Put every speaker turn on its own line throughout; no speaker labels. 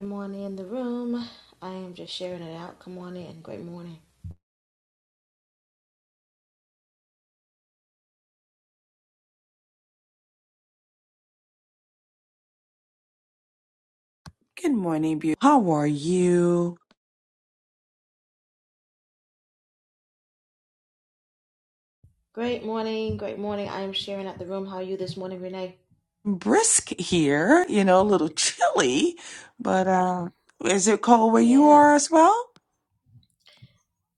Good morning in the room. I am just sharing it out. Come on in. Great morning.
Good morning, beauty. How are you?
Great morning. Great morning. I am sharing out the room. How are you this morning, Renee?
Brisk here, you know, a little chilly, but uh, is it cold where you
Yeah.
are as well?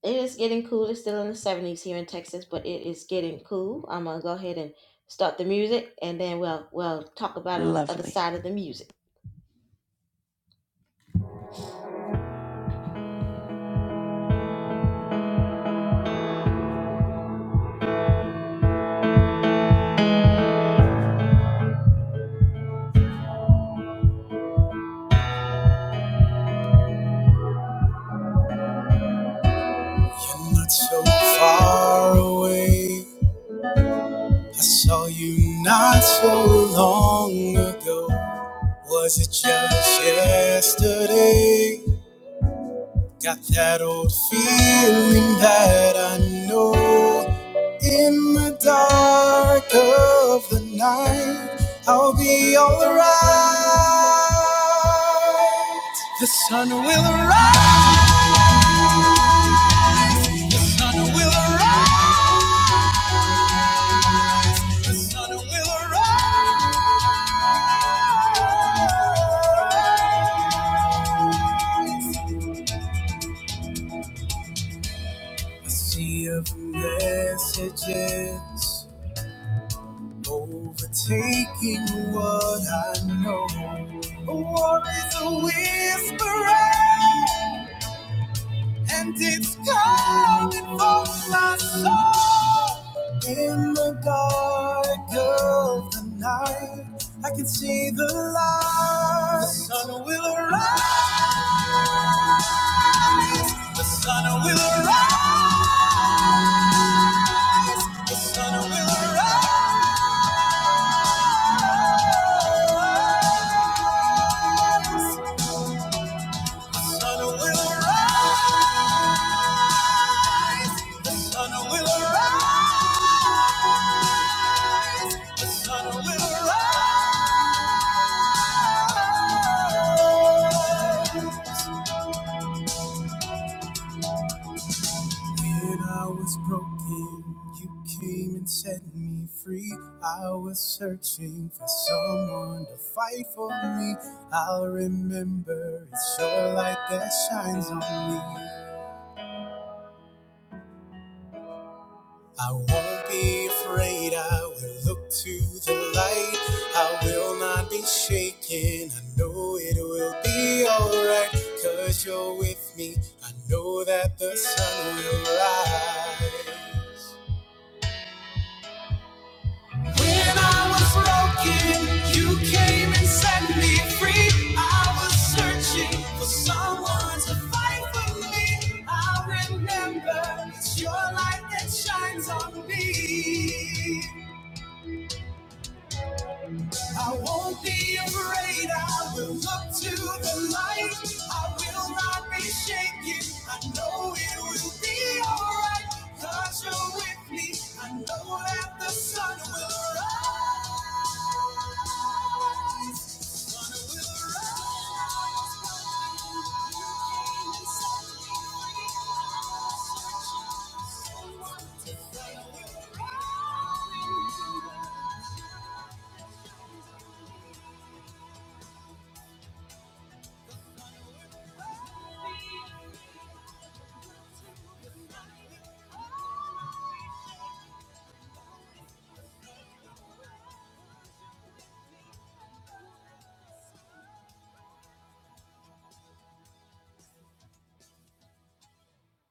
It is getting cool. It's still in the 70s here in Texas, but it is getting cool. I'm gonna go ahead and start the music and then we'll we'll talk about it on the other
Lovely.
side of the music. You're not so far away. I saw you not so long ago. Was it just yesterday? Got that old feeling that I know in the dark of the night I'll be alright. The sun will arise, the sun will arise, the sun will arise. A sea of messages Overtaking what I know. A war is a whisperer, and it's coming for my soul. In the dark of the night, I can see the light. The sun will arise. The sun will arise. The sun will arise. The sun will arise. The sun will arise. When I was broken, you came and set me free. I was searching for someone to fight for me. I'll remember it's your light that shines on me. I won't be afraid. I will look to the light. I will not be shaken. I know it will be alright. Cause you're with me. I know that the sun will rise. When I was broken, you came and set me free. I was searching for someone to fight for me. I remember it's your light that shines on me. I won't be afraid. I will look to the light. I will not be shaken. I know it will be alright. Cause you're with me. I know that the sun will rise.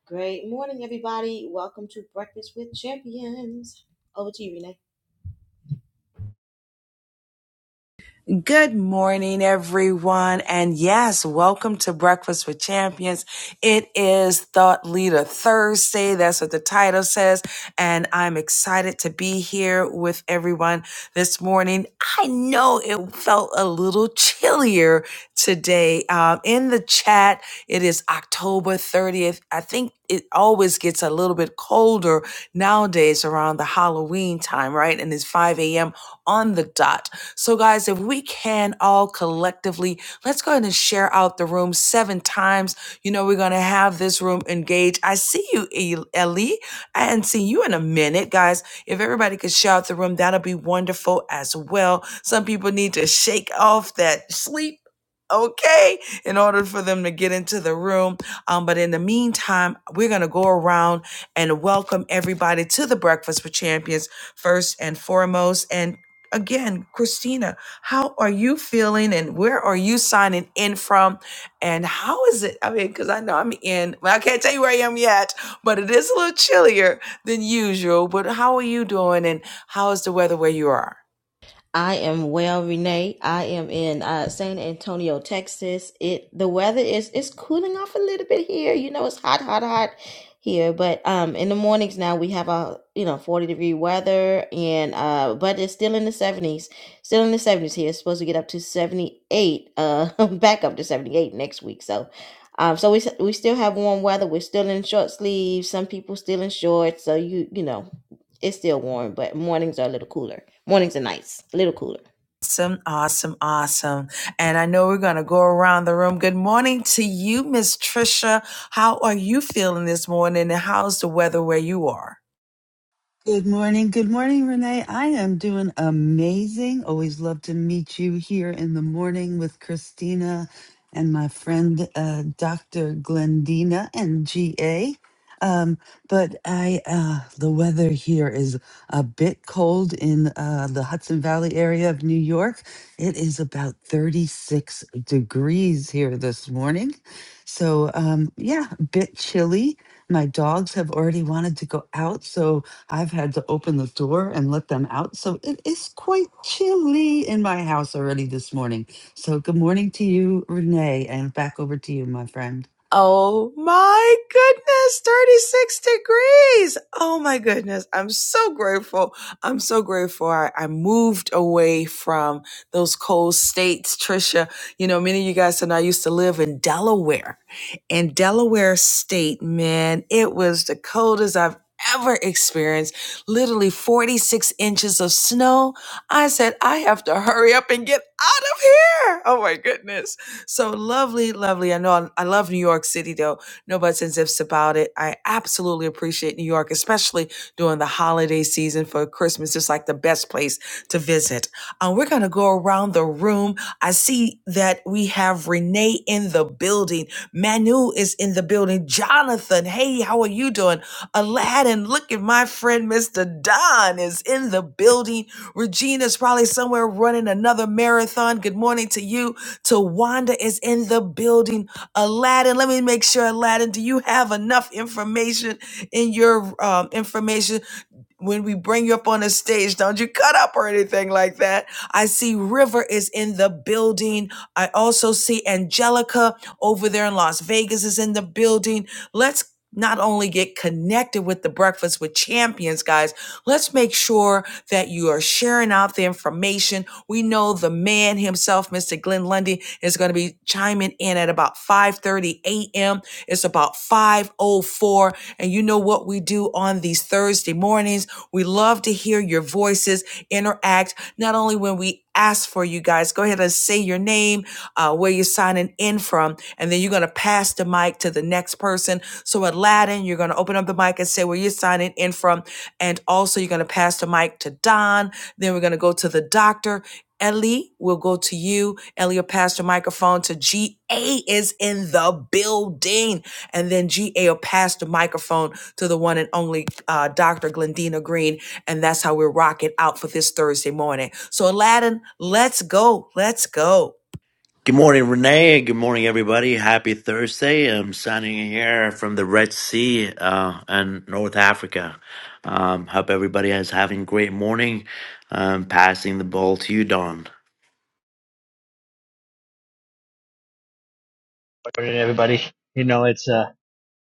Great morning, everybody. Welcome to Breakfast with Champions. Over to you, Renee.
Good morning, everyone. And yes, welcome to Breakfast with Champions. It is Thought Leader Thursday. That's what the title says. And I'm excited to be here with everyone this morning. I know it felt a little chillier today. Um, in the chat, it is October 30th. I think it always gets a little bit colder nowadays around the Halloween time, right? And it's 5 a.m. on the dot. So, guys, if we can all collectively, let's go ahead and share out the room seven times. You know, we're going to have this room engaged. I see you, El- Ellie. I hadn't seen you in a minute, guys. If everybody could share out the room, that'll be wonderful as well. Some people need to shake off that sleep. Okay, in order for them to get into the room. Um, but in the meantime, we're going to go around and welcome everybody to the Breakfast with Champions first and foremost. And again, Christina, how are you feeling and where are you signing in from? And how is it? I mean, because I know I'm in, well, I can't tell you where I am yet, but it is a little chillier than usual. But how are you doing and how is the weather where you are?
I am well, Renee. I am in uh, San Antonio, Texas. It the weather is it's cooling off a little bit here. You know, it's hot, hot, hot here. But um, in the mornings now we have a you know forty degree weather, and uh, but it's still in the seventies, still in the seventies here. It's supposed to get up to seventy eight, uh, back up to seventy eight next week. So. Um, so we s- we still have warm weather. We're still in short sleeves. Some people still in shorts. So you you know, it's still warm, but mornings are a little cooler. Mornings and nights, a little cooler.
Awesome, awesome, awesome. And I know we're going to go around the room. Good morning to you, Miss Trisha. How are you feeling this morning and how's the weather where you are?
Good morning. Good morning, Renee. I am doing amazing. Always love to meet you here in the morning with Christina and my friend, uh, Dr. Glendina and GA. Um, but I, uh, the weather here is a bit cold in uh, the Hudson Valley area of New York. It is about 36 degrees here this morning. So, um, yeah, a bit chilly. My dogs have already wanted to go out. So, I've had to open the door and let them out. So it is quite chilly in my house already this morning. So good morning to you, Renee, and back over to you, my friend.
Oh my goodness, 36 degrees. Oh my goodness. I'm so grateful. I'm so grateful. I, I moved away from those cold states, Trisha. You know, many of you guys said I used to live in Delaware. In Delaware State, man, it was the coldest I've ever experienced. Literally 46 inches of snow. I said, I have to hurry up and get out of here. Oh my goodness so lovely, lovely. I know I, I love New York City though. No buts and ifs about it. I absolutely appreciate New York, especially during the holiday season for Christmas. It's like the best place to visit. Um, we're gonna go around the room. I see that we have Renee in the building. Manu is in the building. Jonathan, hey, how are you doing? Aladdin, look at my friend Mr. Don is in the building. Regina's probably somewhere running another marathon. Good morning to you. Tawanda is in the building. Aladdin, let me make sure, Aladdin, do you have enough information in your um, information? when we bring you up on the stage, don't you cut up or anything like that. I see River is in the building. I also see Angelica over there in Las Vegas is in the building. Let's not only get connected with the Breakfast with Champions, guys, let's make sure that you are sharing out the information. We know the man himself, Mr. Glenn Lundy, is going to be chiming in at about 5.30 a.m. It's about 5.04. And you know what we do on the on these Thursday mornings. We love to hear your voices interact, not only when we ask for you guys, go ahead and say your name, uh, where you're signing in from, and then you're going to pass the mic to the next person. So Aladdin, you're going to open up the mic and say where you're signing in from, and also you're going to pass the mic to Don. Then we're going to go to the doctor. Ellie will go to you. Ellie will pass the microphone to GA is in the building. And then GA will pass the microphone to the one and only uh, Dr. Glendina Green. And that's how we're rocking out for this Thursday morning. So, Aladdin, let's go. Let's go.
Good morning, Renee. Good morning, everybody. Happy Thursday. I'm signing in here from the Red Sea uh, and North Africa. Um, hope everybody is having a great morning. Um, passing the ball to you, Don.
morning, everybody. You know, it's uh,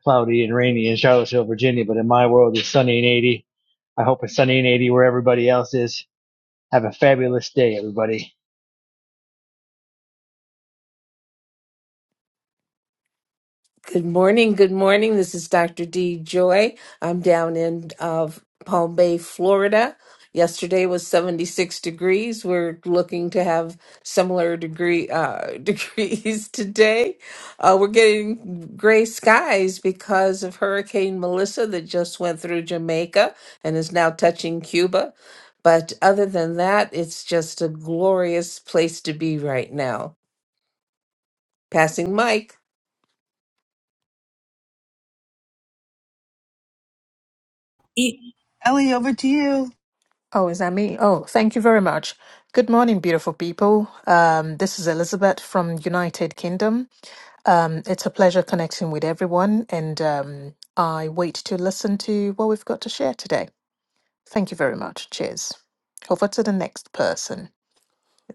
cloudy and rainy in Charlottesville, Virginia, but in my world, it's sunny and 80. I hope it's sunny and 80 where everybody else is. Have a fabulous day, everybody.
Good morning. Good morning. This is Dr. D. Joy. I'm down in uh, Palm Bay, Florida. Yesterday was 76 degrees. We're looking to have similar degree uh, degrees today. Uh, we're getting gray skies because of Hurricane Melissa that just went through Jamaica and is now touching Cuba. But other than that, it's just a glorious place to be right now. Passing Mike.
Eat.
Ellie, over to you.
Oh, is that me? Oh, thank you very much. Good morning, beautiful people. Um, this is Elizabeth from United Kingdom. Um, it's a pleasure connecting with everyone, and um, I wait to listen to what we've got to share today. Thank you very much. Cheers. Over to the next person.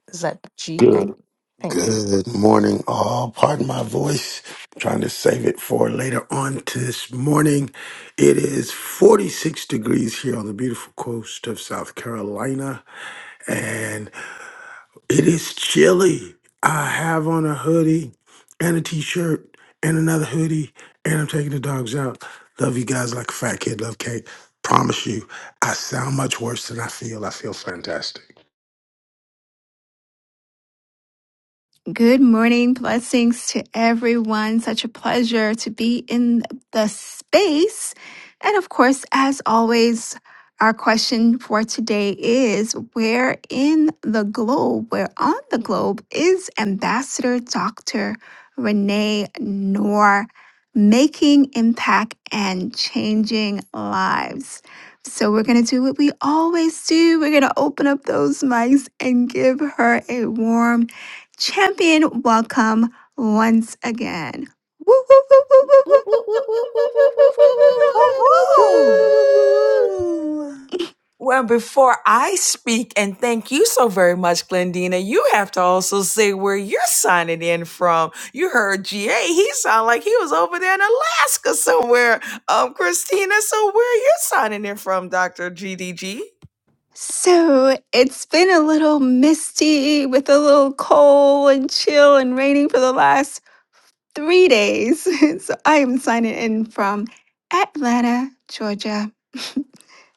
Is that G? A?
Good.
Thank you.
Good morning, all. Pardon my voice. I'm trying to save it for later on this morning. It is 46 degrees here on the beautiful coast of South Carolina, and it is chilly. I have on a hoodie and a t shirt and another hoodie, and I'm taking the dogs out. Love you guys like a fat kid, love cake. Promise you, I sound much worse than I feel. I feel fantastic.
Good morning. Blessings to everyone. Such a pleasure to be in the space. And of course, as always, our question for today is where in the globe, where on the globe is Ambassador Dr. Renee Noor making impact and changing lives? So we're going to do what we always do. We're going to open up those mics and give her a warm Champion, welcome once again. Woo, woo, woo, woo, woo, woo, woo, woo, woo, woo, woo, woo, woo.
Boo, boo, boo,
Woo-woo.
boo, boo, boo.
woo, woo.
Well, before I speak, and thank you so very much, Glendina, you have to also say where you're signing in from. You heard GA. He sounded like he was over there in Alaska somewhere. Um, Christina, so where are you signing in from, Dr. GDG?
So it's been a little misty with a little cold and chill and raining for the last three days. So I am signing in from Atlanta, Georgia.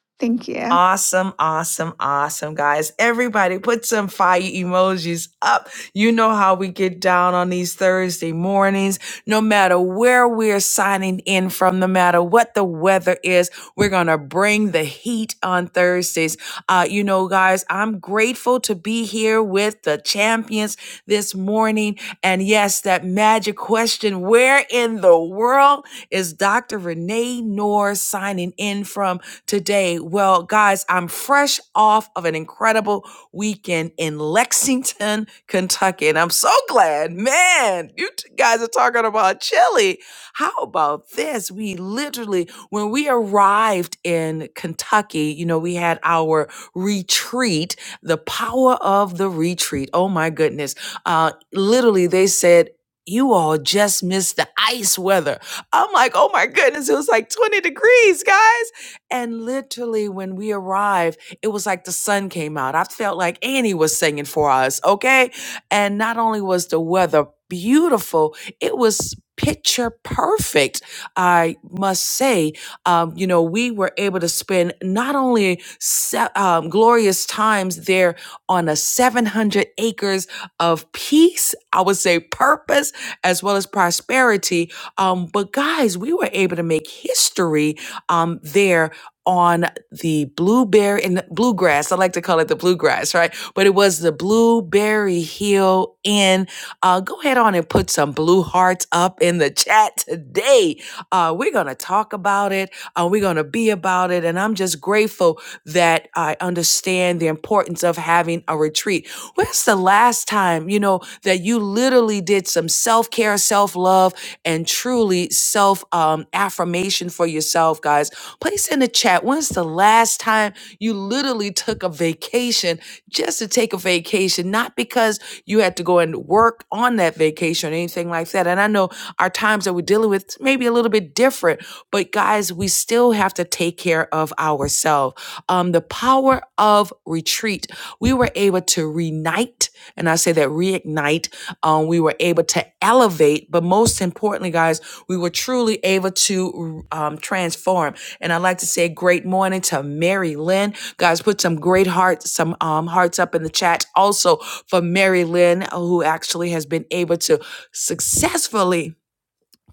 Thank you.
Awesome, awesome, awesome, guys. Everybody put some fire emojis up. You know how we get down on these Thursday mornings. No matter where we're signing in from, no matter what the weather is, we're going to bring the heat on Thursdays. Uh, you know, guys, I'm grateful to be here with the champions this morning. And yes, that magic question where in the world is Dr. Renee Noor signing in from today? Well, guys, I'm fresh off of an incredible weekend in Lexington, Kentucky. And I'm so glad, man, you t- guys are talking about chili. How about this? We literally, when we arrived in Kentucky, you know, we had our retreat, the power of the retreat. Oh my goodness. Uh, literally, they said, you all just missed the ice weather. I'm like, oh my goodness, it was like 20 degrees, guys. And literally, when we arrived, it was like the sun came out. I felt like Annie was singing for us, okay? And not only was the weather beautiful, it was picture perfect. I must say, um, you know, we were able to spend not only se- um, glorious times there on a 700 acres of peace, I would say purpose, as well as prosperity. Um, but guys, we were able to make history um, there. on the blueberry and bluegrass. I like to call it the bluegrass, right? But it was the Blueberry Hill Inn. Uh, go ahead on and put some blue hearts up in the chat today uh, we're going to talk about it. Uh, we're going to be about it. And I'm just grateful that I understand the importance of having a retreat. When's the last time, you know, that you literally did some self care, self love, and truly self um, affirmation for yourself, guys? Place in the chat. When's the last time you literally took a vacation just to take a vacation, not because you had to go and work on that vacation or anything like that? And I know our times that we're dealing with may be a little bit different, but guys, we still have to take care of ourselves. Um, the power of retreat. We were able to reunite, and I say that reignite. Um, we were able to elevate, but most importantly, guys, we were truly able to um, transform. And I'd like to say great morning to Mary Lynn. Guys, put some great hearts, some um, hearts up in the chat also for Mary Lynn, who actually has been able to successfully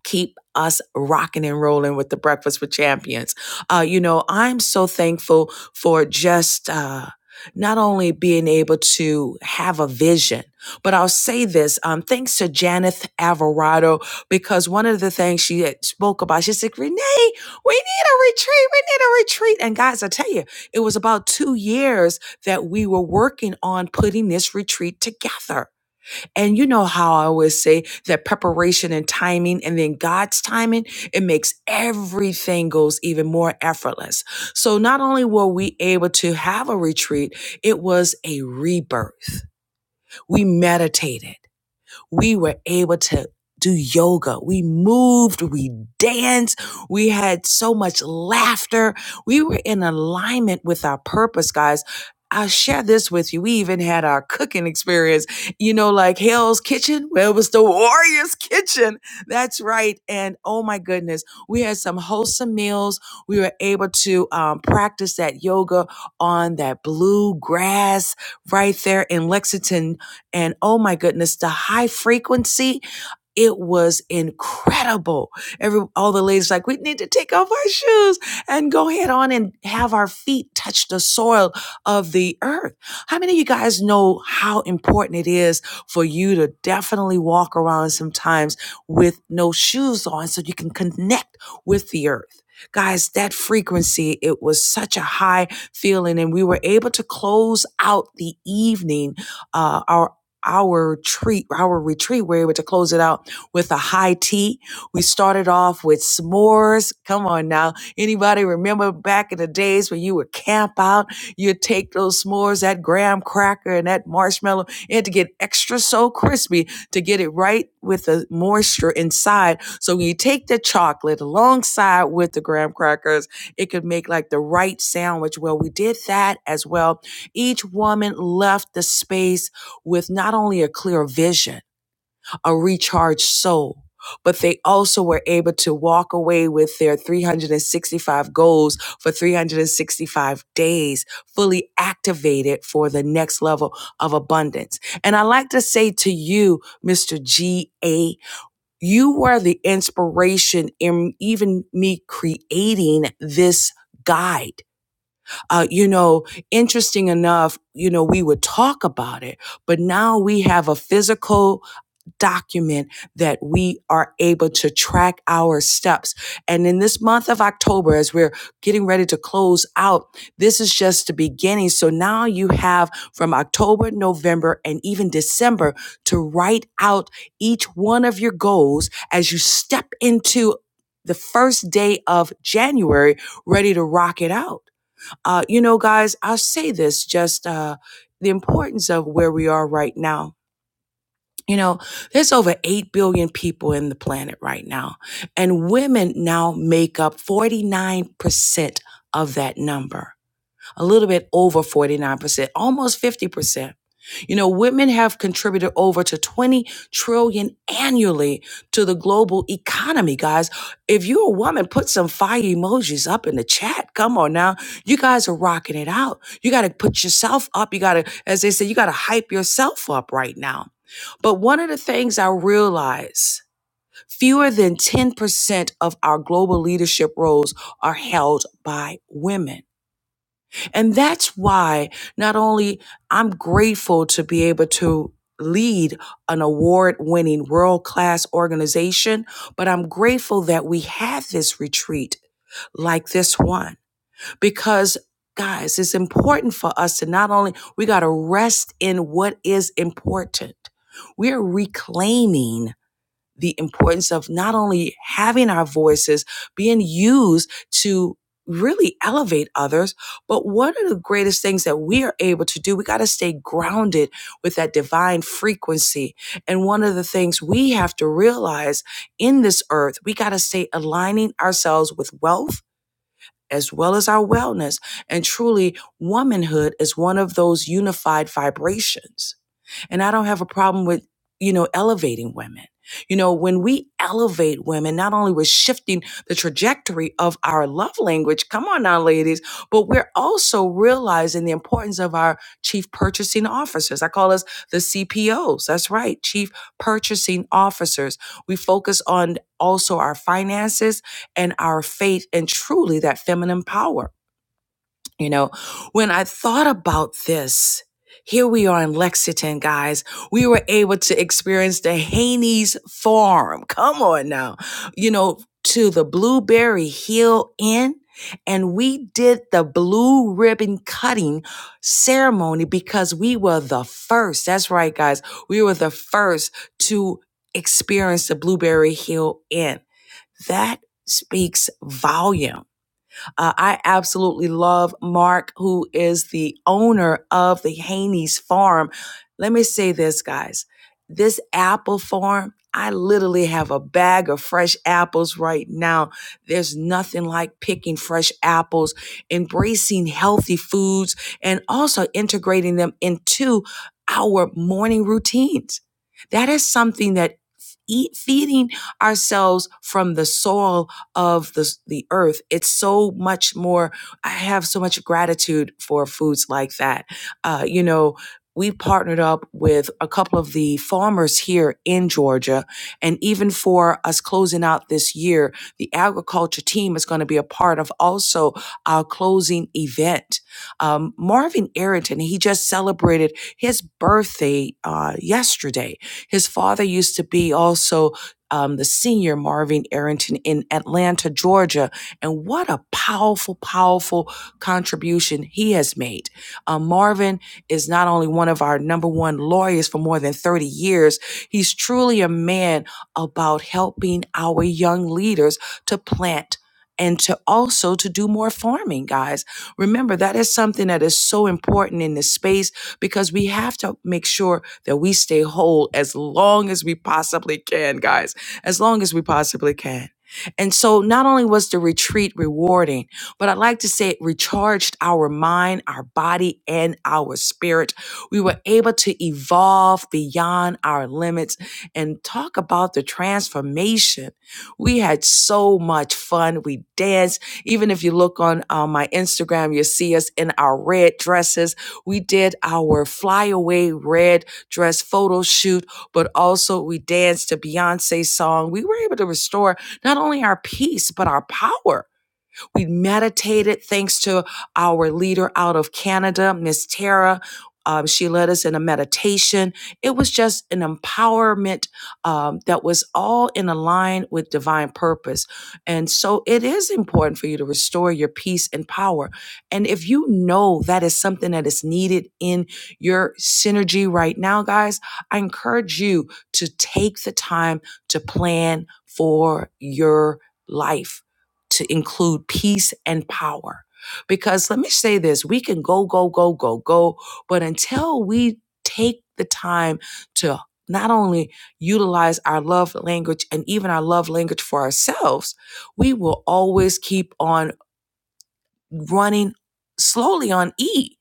keep us rocking and rolling with the breakfast with champions uh, you know i'm so thankful for just uh, not only being able to have a vision but i'll say this um, thanks to janeth alvarado because one of the things she had spoke about she said renee we need a retreat we need a retreat and guys i tell you it was about two years that we were working on putting this retreat together and you know how I always say that preparation and timing and then God's timing, it makes everything goes even more effortless. So not only were we able to have a retreat, it was a rebirth. We meditated we were able to do yoga. We moved, we danced, we had so much laughter. We were in alignment with our purpose, guys. I'll share this with you. We even had our cooking experience, you know, like Hell's Kitchen. Well, it was the Warrior's Kitchen. That's right. And oh my goodness, we had some wholesome meals. We were able to um, practice that yoga on that blue grass right there in Lexington, and oh my goodness, the high frequency it was incredible. Every all the ladies like, we need to take off our shoes and go head on and have our feet touch the soil of the earth. How many of you guys know how important it is for you to definitely walk around sometimes with no shoes on so you can connect with the earth? Guys, that frequency, it was such a high feeling, and we were able to close out the evening, uh, our our retreat, our retreat, we were able to close it out with a high tea. We started off with s'mores. Come on now. Anybody remember back in the days when you would camp out? You'd take those s'mores, that graham cracker and that marshmallow, and to get extra so crispy to get it right with the moisture inside. So when you take the chocolate alongside with the graham crackers, it could make like the right sandwich. Well, we did that as well. Each woman left the space with not only a clear vision, a recharged soul. But they also were able to walk away with their 365 goals for 365 days, fully activated for the next level of abundance. And I like to say to you, Mr. G.A., you were the inspiration in even me creating this guide. Uh, you know, interesting enough, you know, we would talk about it, but now we have a physical document that we are able to track our steps. And in this month of October, as we're getting ready to close out, this is just the beginning. So now you have from October, November, and even December to write out each one of your goals as you step into the first day of January, ready to rock it out. Uh, you know, guys, I'll say this just uh, the importance of where we are right now you know, there's over 8 billion people in the planet right now, and women now make up 49% of that number, a little bit over 49%, almost 50%. You know, women have contributed over to 20 trillion annually to the global economy, guys. If you're a woman, put some fire emojis up in the chat. Come on now. You guys are rocking it out. You got to put yourself up. You got to, as they say, you got to hype yourself up right now. But one of the things I realize fewer than 10% of our global leadership roles are held by women. And that's why not only I'm grateful to be able to lead an award winning world class organization, but I'm grateful that we have this retreat like this one because guys, it's important for us to not only, we got to rest in what is important. We're reclaiming the importance of not only having our voices being used to really elevate others, but what are the greatest things that we are able to do? We got to stay grounded with that divine frequency. And one of the things we have to realize in this earth, we got to stay aligning ourselves with wealth. As well as our wellness. And truly, womanhood is one of those unified vibrations and I don't have a problem with, you know, elevating women. You know, when we elevate women, not only we're shifting the trajectory of our love language, come on now, ladies, but we're also realizing the importance of our chief purchasing officers. I call us the CPOs. That's right, chief purchasing officers. We focus on also our finances and our faith and truly that feminine power. You know, when I thought about this, here we are in Lexington, guys. We were able to experience the Haney's Farm. Come on now. You know, to the Blueberry Hill Inn. And we did the blue ribbon cutting ceremony because we were the first. That's right, guys. We were the first to experience the Blueberry Hill Inn. That speaks volume uh, I absolutely love Mark, who is the owner of the Haney's Farm. Let me say this, guys. This apple farm, I literally have a bag of fresh apples right now. There's nothing like picking fresh apples, embracing healthy foods, and also integrating them into our morning routines. That is something that eat, feeding ourselves from the soil of the, the earth. It's so much more. I have so much gratitude for foods like that. Uh, you know, we partnered up with a couple of the farmers here in Georgia. And even for us closing out this year, the agriculture team is going to be a part of also our closing event. Um, Marvin Arrington, he just celebrated his birthday uh, yesterday. His father used to be also um, the senior Marvin Arrington in Atlanta, Georgia. And what a powerful, powerful contribution he has made. Um, Marvin is not only one of our number one lawyers for more than 30 years, he's truly a man about helping our young leaders to plant and to also to do more farming guys remember that is something that is so important in this space because we have to make sure that we stay whole as long as we possibly can guys as long as we possibly can. And so not only was the retreat rewarding, but I'd like to say it recharged our mind, our body, and our spirit. We were able to evolve beyond our limits and talk about the transformation. We had so much fun. We danced. Even if you look on uh, my Instagram, you'll see us in our red dresses. We did our flyaway red dress photo shoot but also we danced to Beyonce's song. We were able to restore not only our peace, but our power we meditated thanks to our leader out of Canada, Miss Tara. Um, she led us in a meditation. It was just an empowerment um, that was all in align with divine purpose. And so it is important for you to restore your peace and power. And if you know that is something that is needed in your synergy right now, guys, I encourage you to take the time to plan for your life to include peace and power. Because let me say this we can go, go, go, go, go, but until we take the time to not only utilize our love language and even our love language for ourselves, we will always keep on running slowly on E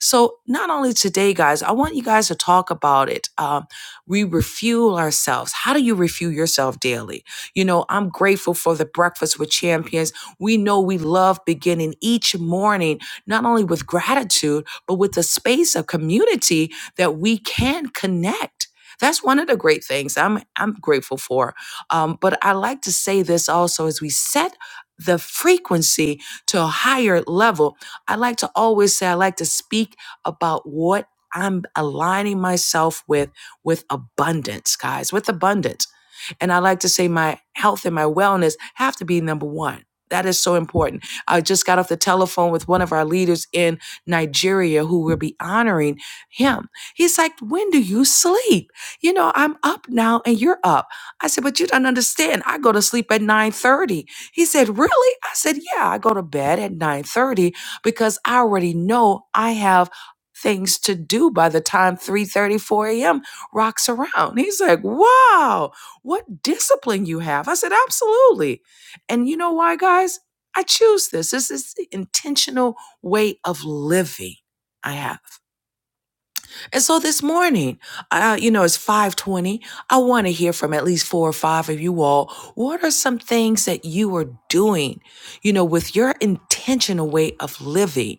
so, not only today, guys, I want you guys to talk about it. Um, we refuel ourselves. How do you refuel yourself daily? You know, I'm grateful for the Breakfast with Champions. We know we love beginning each morning, not only with gratitude, but with the space of community that we can connect. That's one of the great things I'm, I'm grateful for. Um, but I like to say this also as we set the frequency to a higher level I like to always say, I like to speak about what I'm aligning myself with, with abundance, guys, with abundance. And I like to say my health and my wellness have to be number one. That is so important. I just got off the telephone with one of our leaders in Nigeria who will be honoring him. He's like, When do you sleep? You know, I'm up now and you're up. I said, But you don't understand. I go to sleep at 9:30. He said, Really? I said, Yeah, I go to bed at 9:30 because I already know I have things to do by the time three thirty four a.m. rocks around. He's like, Wow what discipline you have. I said, absolutely. And you know why, guys? I choose this. This is the intentional way of living I have. And so this morning, uh, you know, it's 520. I want to hear from at least four or five of you all. What are some things that you are doing, you know, with your intentional way of living?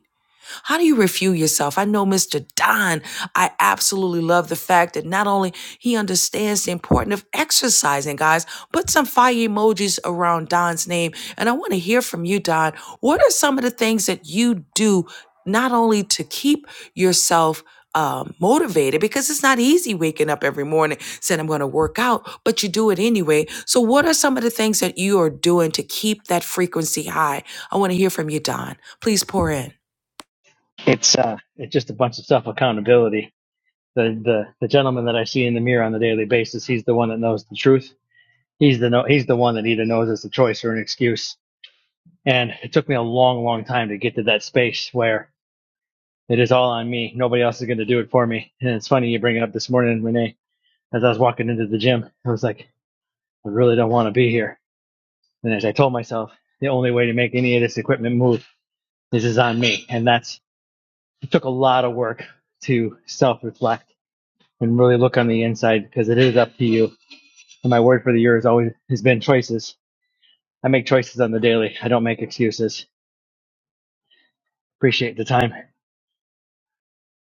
How do you refuel yourself? I know Mr. Don, I absolutely love the fact that not only he understands the importance of exercising, guys, put some fire emojis around Don's name. And I want to hear from you, Don. What are some of the things that you do not only to keep yourself um, motivated because it's not easy waking up every morning saying I'm going to work out, but you do it anyway. So, what are some of the things that you are doing to keep that frequency high? I want to hear from you, Don. Please pour in.
It's uh, it's just a bunch of self accountability. The, the the gentleman that I see in the mirror on a daily basis, he's the one that knows the truth. He's the no, he's the one that either knows it's a choice or an excuse. And it took me a long, long time to get to that space where it is all on me. Nobody else is going to do it for me. And it's funny you bring it up this morning, Renee as I was walking into the gym. I was like, I really don't want to be here. And as I told myself, the only way to make any of this equipment move is is on me. And that's it took a lot of work to self reflect and really look on the inside because it is up to you. And my word for the year has always has been choices. I make choices on the daily. I don't make excuses. Appreciate the time.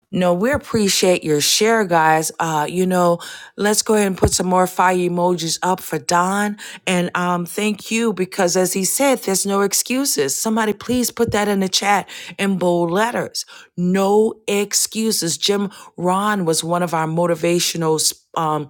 No, we appreciate your share, guys. Uh, you know, let's go ahead and put some more fire emojis up for Don. And um, thank you because, as he said, there's no excuses. Somebody please put that in the chat in bold letters. No excuses. Jim Ron was one of our motivational um,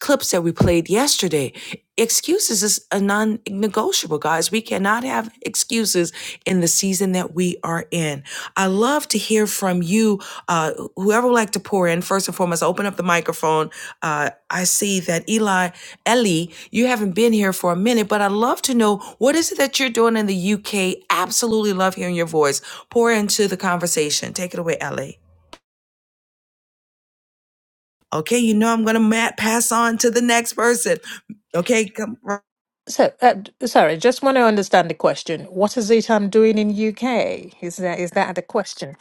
clips that we played yesterday. Excuses is a non negotiable, guys. We cannot have have excuses in the season that we are in. I love to hear from you, uh, whoever would like to pour in. First and foremost, open up the microphone. Uh, I see that Eli, Ellie, you haven't been here for a minute, but I'd love to know what is it that you're doing in the UK. Absolutely love hearing your voice. Pour into the conversation. Take it away, Ellie. Okay, you know I'm gonna pass on to the next person. Okay, come.
So, uh, d- sorry, just want to understand the question. What is it I'm doing in UK? Is that is that the question?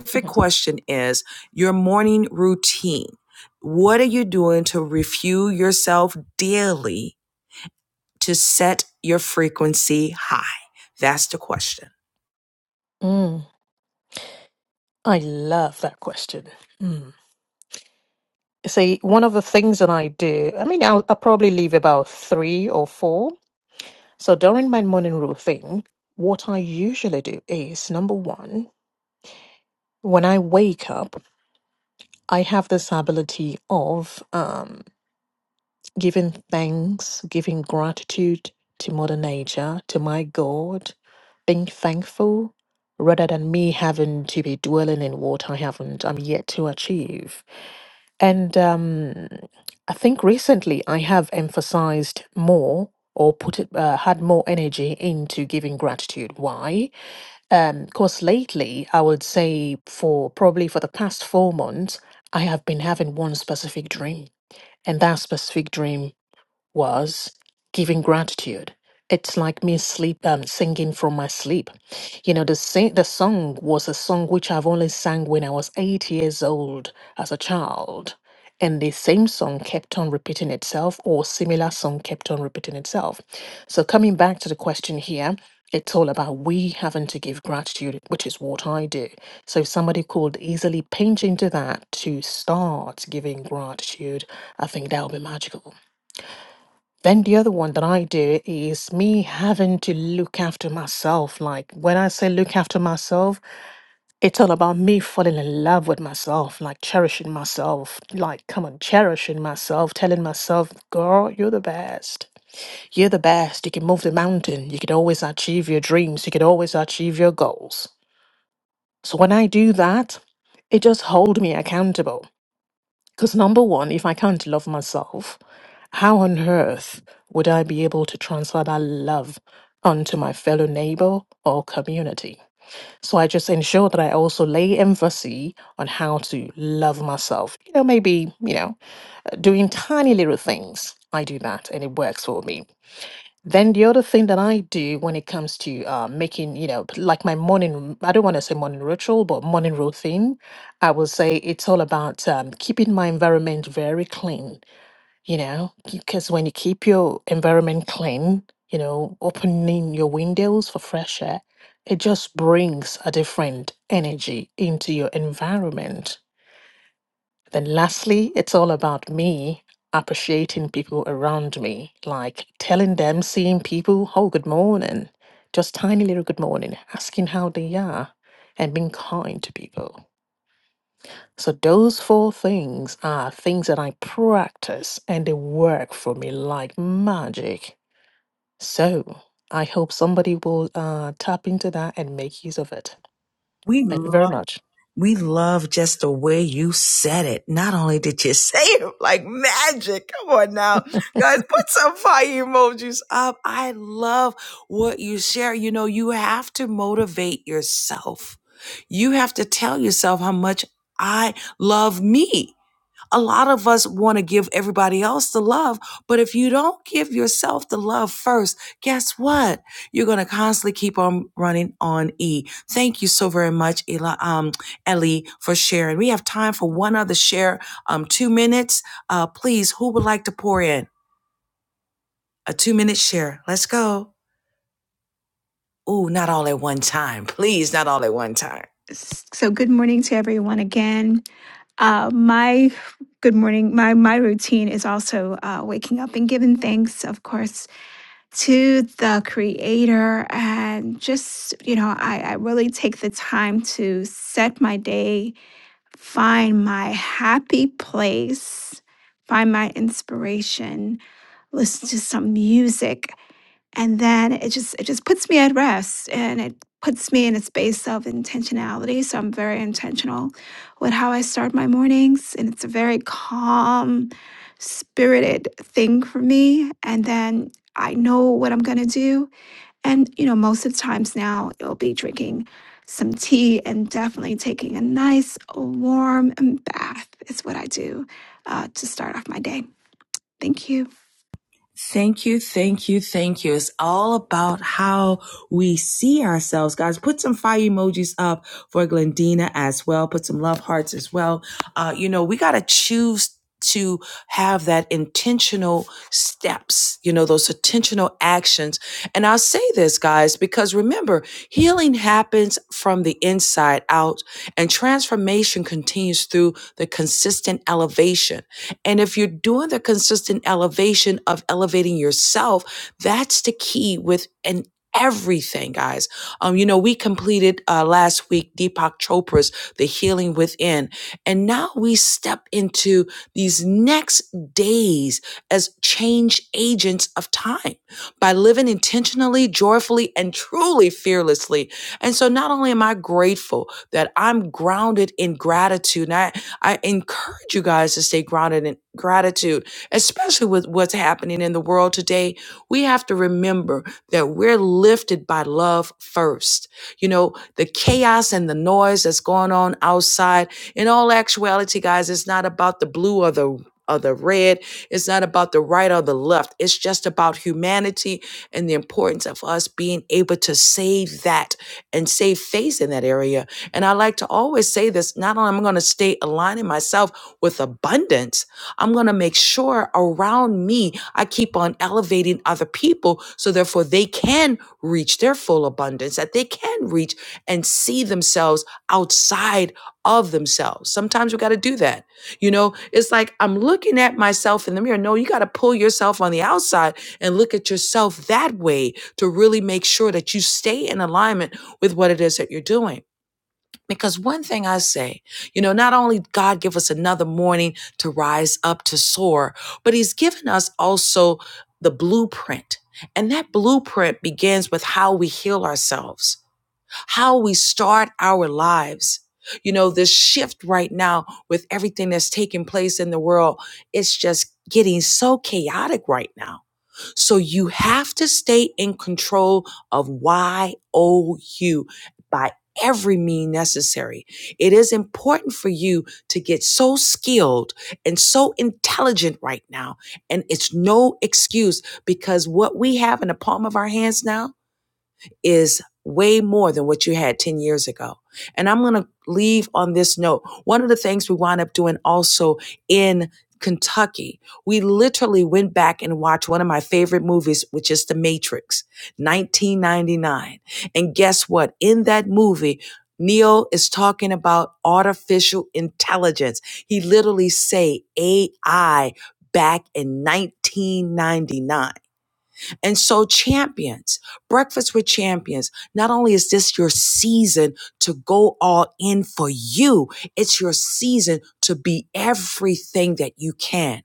specific
Mhm.
question is your morning routine. What are you doing to refuel yourself daily to set your frequency high? That's the question.
Mm, I love that question. Mm. See, one of the things that I do, I mean, I'll, I'll probably leave about three or four. So during my morning routine, what I usually do is number one, when I wake up, I have this ability of um, giving thanks, giving gratitude to Mother Nature, to my God, being thankful rather than me having to be dwelling in what I haven't, I'm yet to achieve And um, I think recently I have emphasized more or put it, uh, had more energy into giving gratitude. Why? Because lately, I would say for probably for the past four months, I have been having one specific dream. And that specific dream was giving gratitude. It's like me sleep um, singing from my sleep. You know, the sing- the song was a song which I've only sang when I was eight years old as a child. And the same song kept on repeating itself, or similar song kept on repeating itself. So coming back to the question here, it's all about we having to give gratitude, which is what I do. So if somebody could easily pinch into that to start giving gratitude, I think that would be magical. Then the other one that I do is me having to look after myself. Like when I say look after myself, it's all about me falling in love with myself, like cherishing myself. Like, come on, cherishing myself, telling myself, girl, you're the best. You're the best. You can move the mountain. You can always achieve your dreams. You can always achieve your goals. So when I do that, it just hold me accountable. Because number one, if I can't love myself, how on earth would I be able to transfer that love onto my fellow neighbor or community? So I just ensure that I also lay emphasis on how to love myself. You know, maybe, you know, doing tiny little things. I do that and it works for me. Then the other thing that I do when it comes to uh, making, you know, like my morning, I don't want to say morning ritual, but morning routine, I will say it's all about um, keeping my environment very clean you know, because when you keep your environment clean, you know, opening your windows for fresh air, it just brings a different energy into your environment. Then, lastly, it's all about me appreciating people around me, like telling them, seeing people, oh, good morning, just tiny little good morning, asking how they are, and being kind to people. So those four things are things that I practice and they work for me like magic. So I hope somebody will uh, tap into that and make use of it.
We
Thank you very
love.
much.
We love just the way you said it. Not only did you say it like magic. Come on now. Guys, put some fire emojis up. I love what you share. You know, you have to motivate yourself. You have to tell yourself how much I love me a lot of us want to give everybody else the love, but if you don't give yourself the love first, guess what? You're going to constantly keep on running on E. Thank you so very much, Eli, um, Ellie, for sharing. We have time for one other share, um, two minutes. Uh, please, who would like to pour in? A two minute share. Let's go. Ooh, not all at one time. Please, not all at one time.
So, good morning to everyone again. Uh, my good morning. My my routine is also uh, waking up and giving thanks, of course, to the Creator, and just you know, I, I really take the time to set my day, find my happy place, find my inspiration, listen to some music and then it just it just puts me at rest and it puts me in a space of intentionality so i'm very intentional with how i start my mornings and it's a very calm spirited thing for me and then i know what i'm going to do and you know most of the times now it'll be drinking some tea and definitely taking a nice warm bath is what i do uh, to start off my day thank you
Thank you, thank you, thank you. It's all about how we see ourselves, guys. Put some fire emojis up for Glendina as well. Put some love hearts as well uh, you know, we got to choose to have that intentional steps, you know, those intentional actions. And I'll say this, guys, because remember, healing happens from the inside out and transformation continues through the consistent elevation. And if you're doing the consistent elevation of elevating yourself, that's the key with an everything guys um you know we completed uh last week deepak chopra's the healing within and now we step into these next days as change agents of time by living intentionally, joyfully, and truly fearlessly. And so not only am I grateful that I'm grounded in gratitude, and I, I encourage you guys to stay grounded in gratitude, especially with what's happening in the world today. We have to remember that we're lifted by love first. You know, the chaos and the noise that's going on outside in all actuality, guys, it's not about the blue or the or the red. It's not about the right or the left. It's just about humanity and the importance of us being able to save that and save face in that area. And I like to always say this: not only am I going to stay aligning myself with abundance, I'm going to make sure around me I keep on elevating other people so therefore they can reach their full abundance, that they can reach and see themselves outside of themselves. Sometimes we got to do that. You know, it's like I'm looking at myself in the mirror. No, you got to pull yourself on the outside and look at yourself that way to really make sure that you stay in alignment with what it is that you're doing. Because one thing I say, you know, not only God give us another morning to rise up to soar, but he's given us also the blueprint. And that blueprint begins with how we heal ourselves how we start our lives. You know, this shift right now with everything that's taking place in the world, it's just getting so chaotic right now. So you have to stay in control of YOU by every means necessary. It is important for you to get so skilled and so intelligent right now. And it's no excuse because what we have in the palm of our hands now is way more than what you had 10 years ago. And I'm going to leave on this note. One of the things we wound up doing also in Kentucky, we literally went back and watched one of my favorite movies, which is The Matrix, 1999. And guess what? In that movie, Neo is talking about artificial intelligence. He literally say AI back in 1999. And so, champions, breakfast with champions, not only is this your season to go all in for you, it's your season to be everything that you can.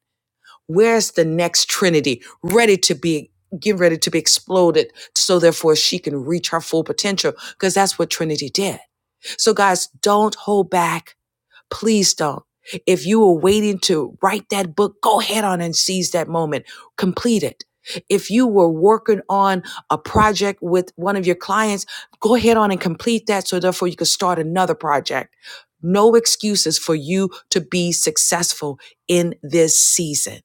Where's the next Trinity ready to be? Get ready to be exploded so therefore she can reach her full potential because that's what Trinity did. So, guys, don't hold back Please don't. If you were waiting to write that book, go ahead on and seize that moment. Complete it. If you were working on a project with one of your clients, go ahead on and complete that so therefore you can start another project. No excuses for you to be successful in this season.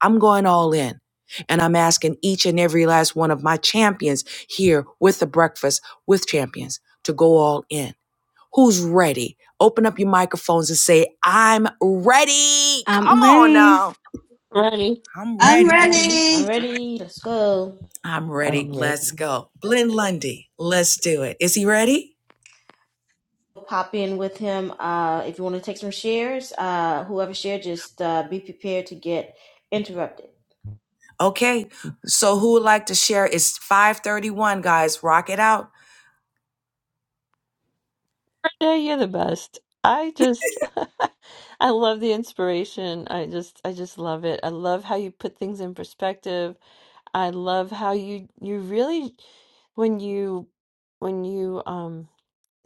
I'm going all in. And I'm asking each and every last one of my champions here with the breakfast with champions to go all in Who's ready? Open up your microphones and say, I'm ready. Come
i'm
on
ready
now.
Ready?
I'm
I'm
ready.
ready.
I'm ready. Let's go.
I'm ready.
I'm ready.
Let's go. Blend Lundy. Let's do it. Is he ready?
Pop in with him. Uh, if you want to take some shares, uh, whoever shared, just uh, be prepared to get interrupted.
Okay. So who would like to share? It's 531, guys. Rock it out.
Yeah, you're the best. I just I love the inspiration. I just I just love it. I love how you put things in perspective. I love how you you really when you when you um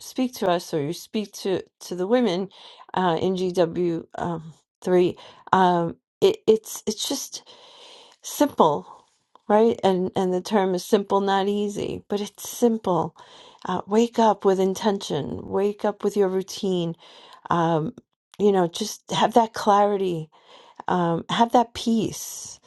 speak to us or you speak to to the women uh in GW um 3 um it it's it's just simple, right? And and the term is simple, not easy, but it's simple. Uh, wake up with intention. Wake up with your routine. Um, you know, just have that clarity. Um, have that peace.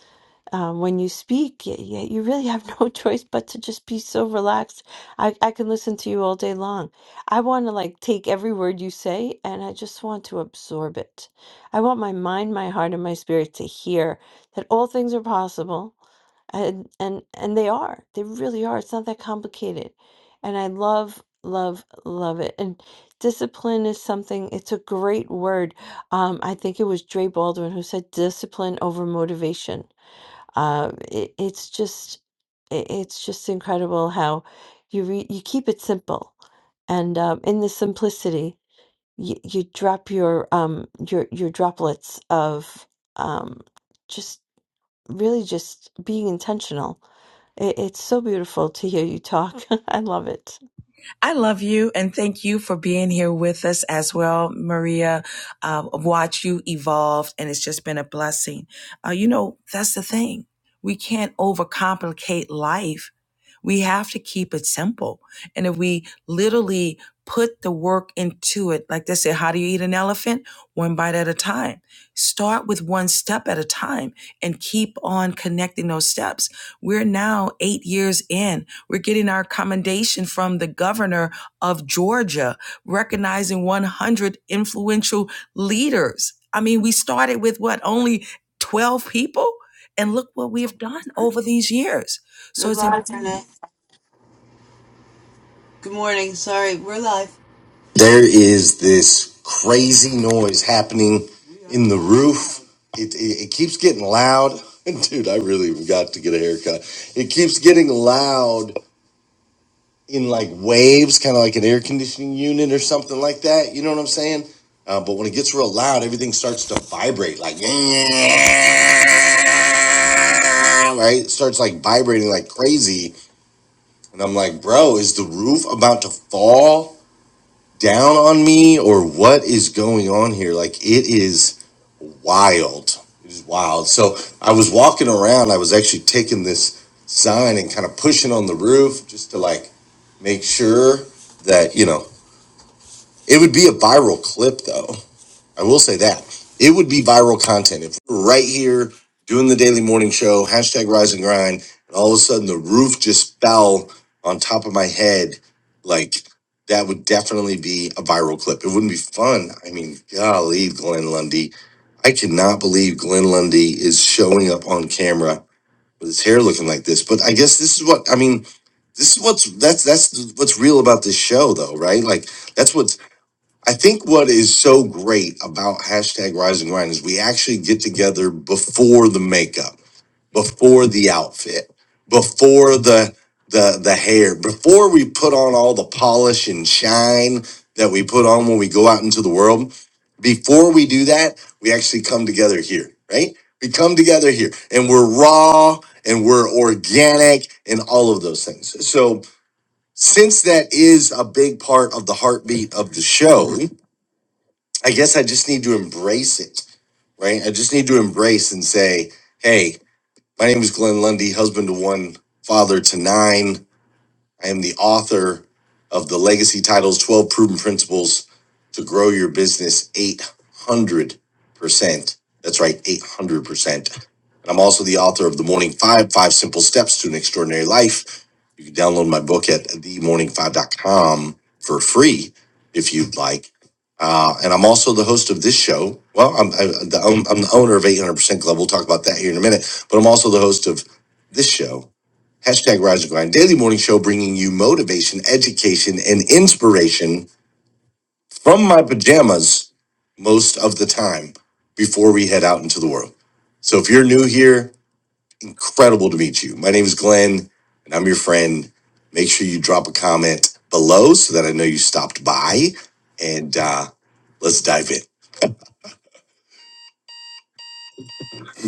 Um, when you speak, you, you really have no choice but to just be so relaxed. I, I can listen to you all day long. I want to like take every word you say and I just want to absorb it. I want my mind, my heart, and my spirit to hear that all things are possible and and and they are they really are it's not that complicated and i love love love it and discipline is something it's a great word um i think it was Dre Baldwin who said discipline over motivation uh it, it's just it, it's just incredible how you re, you keep it simple and um in the simplicity you, you drop your um your your droplets of um just really just being intentional it, it's so beautiful to hear you talk. I love it.
I love you and thank you for being here with us as well, Maria. Uh, watch you evolve, and it's just been a blessing. Uh, you know, that's the thing. We can't overcomplicate life. We have to keep it simple. And if we literally put the work into it, like they say, how do you eat an elephant? One bite at a time. Start with one step at a time and keep on connecting those steps. We're now eight years in we're getting our commendation from the governor of Georgia, recognizing 100 influential leaders. I mean, we started with what, only 12 people? And look what we have done over these years. So
Good
it's important.
morning, Renee. Good morning. Sorry, we're live. There is this crazy noise happening in the roof. It, it, it keeps getting loud. Dude, I really got to get a haircut. It keeps getting loud. in like waves, kind of like an air conditioning unit or something like that. You know what I'm saying? Uh, but when it gets real loud, everything starts to vibrate like, yeah, right? It starts like vibrating like crazy. And I'm like, bro, is the roof about to fall down on me or what is going on here? Like, it is wild. It is wild. So I was walking around. I was actually taking this sign and kind of pushing on the roof just to like make sure that, you know, it would be a viral clip though. I will say that it would be viral content if we were right here doing the daily morning show, hashtag rise and grind, and all of a sudden the roof just fell on top of my head. Like that would definitely be a viral clip. It wouldn't be fun. I mean, golly, Glenn Lundy. I cannot believe Glenn Lundy is showing up on camera with his hair looking like this. But I guess this is what I mean. This is what's that's that's what's real about this show, though, right? Like that's what's. I think what is so great about hashtag rise and grind is we actually get together before the makeup, before the outfit, before the the the hair, before we put on all the polish and shine that we put on when we go out into the world. Before we do that, we actually come together here, right? We come together here and we're raw and we're organic and all of those things. So since that is a big part of the heartbeat of the show, I guess I just need to embrace it, right? I just need to embrace and say, hey, my name is Glenn Lundy, husband to one, father to nine. I am the author of the Legacy Titles 12 Proven Principles to Grow Your Business 800%. That's right, 800%. And I'm also the author of The Morning Five Five Simple Steps to an Extraordinary Life. You can download my book at the Morning Five dot com for free if you'd like. Uh, and I'm also the host of this show. Well, I'm, I, the, I'm the owner of 800% Club. We'll talk about that here in a minute. But I'm also the host of this show Hashtag Roger Klein, daily morning show bringing you motivation, education, and inspiration from my pajamas most of the time before we head out into the world. So if you're new here, incredible to meet you. My name is Glenn, and I'm your friend. Make sure you drop a comment below so that I know you stopped by, and uh, let's dive in.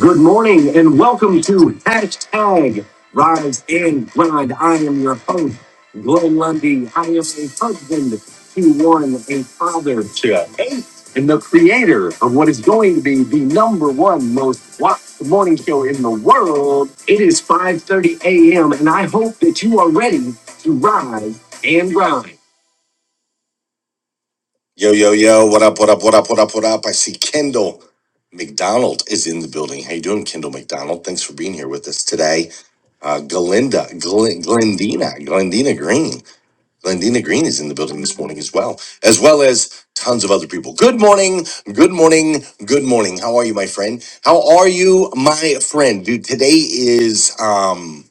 Good morning and welcome to hashtag Rise and Grind. I am your host, Glenn Lundy. I am a husband to one, a father to eight, and the creator of what is going to be the number one most watched morning show in the world. It is 5.30 a.m. and I hope that you are ready to rise and grind. Yo, yo, yo, what up, what up, what up, what up, what up? I see Kendall McDonald is in the building. How you doing, Kendall McDonald? Thanks for being here with us today. Uh, Galinda, Glen, Glendina, Glendina Green. Glendina Green is in the building this morning as well, as well as tons of other people. Good morning, good morning, good morning. How are you, my friend? How are you, my friend? Dude, today is, um.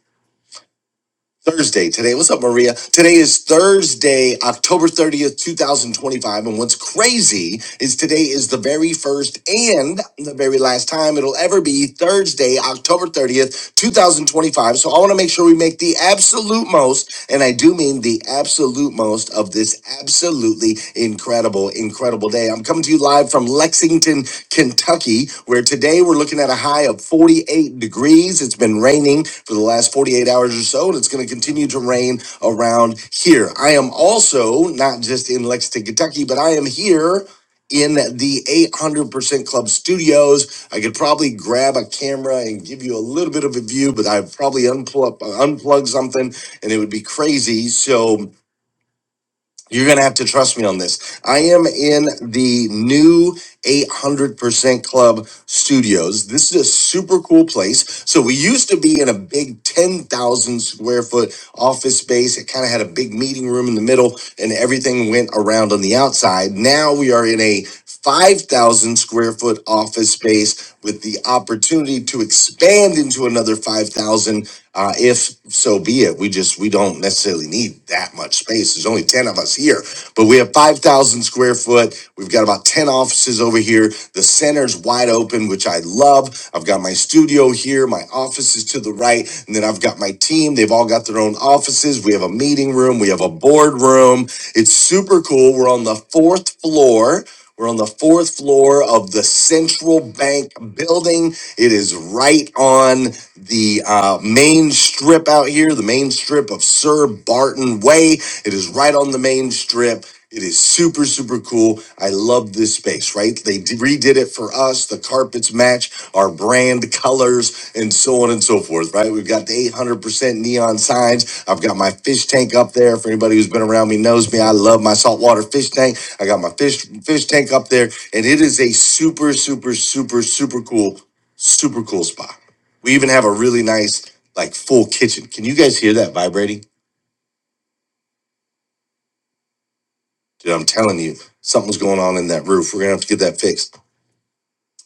Thursday today. What's up, Maria? Today is Thursday, October 30th, 2025. And what's crazy is today is the very first and the very last time it'll ever be Thursday, October 30th, 2025. So I want to make sure we make the absolute most, and I do mean the absolute most most of this absolutely incredible, incredible day. I'm coming to you live from Lexington, Kentucky, where today we're looking at a high of 48 degrees. It's been raining for the last 48 hours or so, and it's going to continue to rain around here. I am also not just in Lexington, Kentucky, but I am here in the 800% Club studios. I could probably grab a camera and give you a little bit of a view, but I'd probably unplug, unplug something and it would be crazy. So, you're going to have to trust me on this. I am in the new 800% Club Studios. This is a super cool place. So, we used to be in a big 10,000 square foot office space. It kind of had a big meeting room in the middle, and everything went around on the outside. Now, we are in a 5,000 square foot office space with the opportunity to expand into another 5,000 uh, if so be it, we just we don't necessarily need that much space. There's only ten of us here, but we have five thousand square foot. We've got about ten offices over here. The center's wide open, which I love. I've got my studio here, my office is to the right, and then I've got my team. They've all got their own offices. We have a meeting room. We have a board room. It's super cool. We're on the fourth floor. We're on the fourth floor of the Central Bank building. It is right on the uh, main strip out here, the main strip of Sir Barton Way. It is right on the main strip. It is super, super cool. I love this space, right? They d- redid it for us the carpets match our brand colors and so on and so forth right we've got the 800% neon signs i've got my fish tank up there for anybody who's been around me knows me i love my saltwater fish tank i got my fish fish tank up there and it is a super super super super cool super cool spot we even have a really nice like full kitchen can you guys hear that vibrating dude i'm telling you something's going on in that roof we're gonna have to get that fixed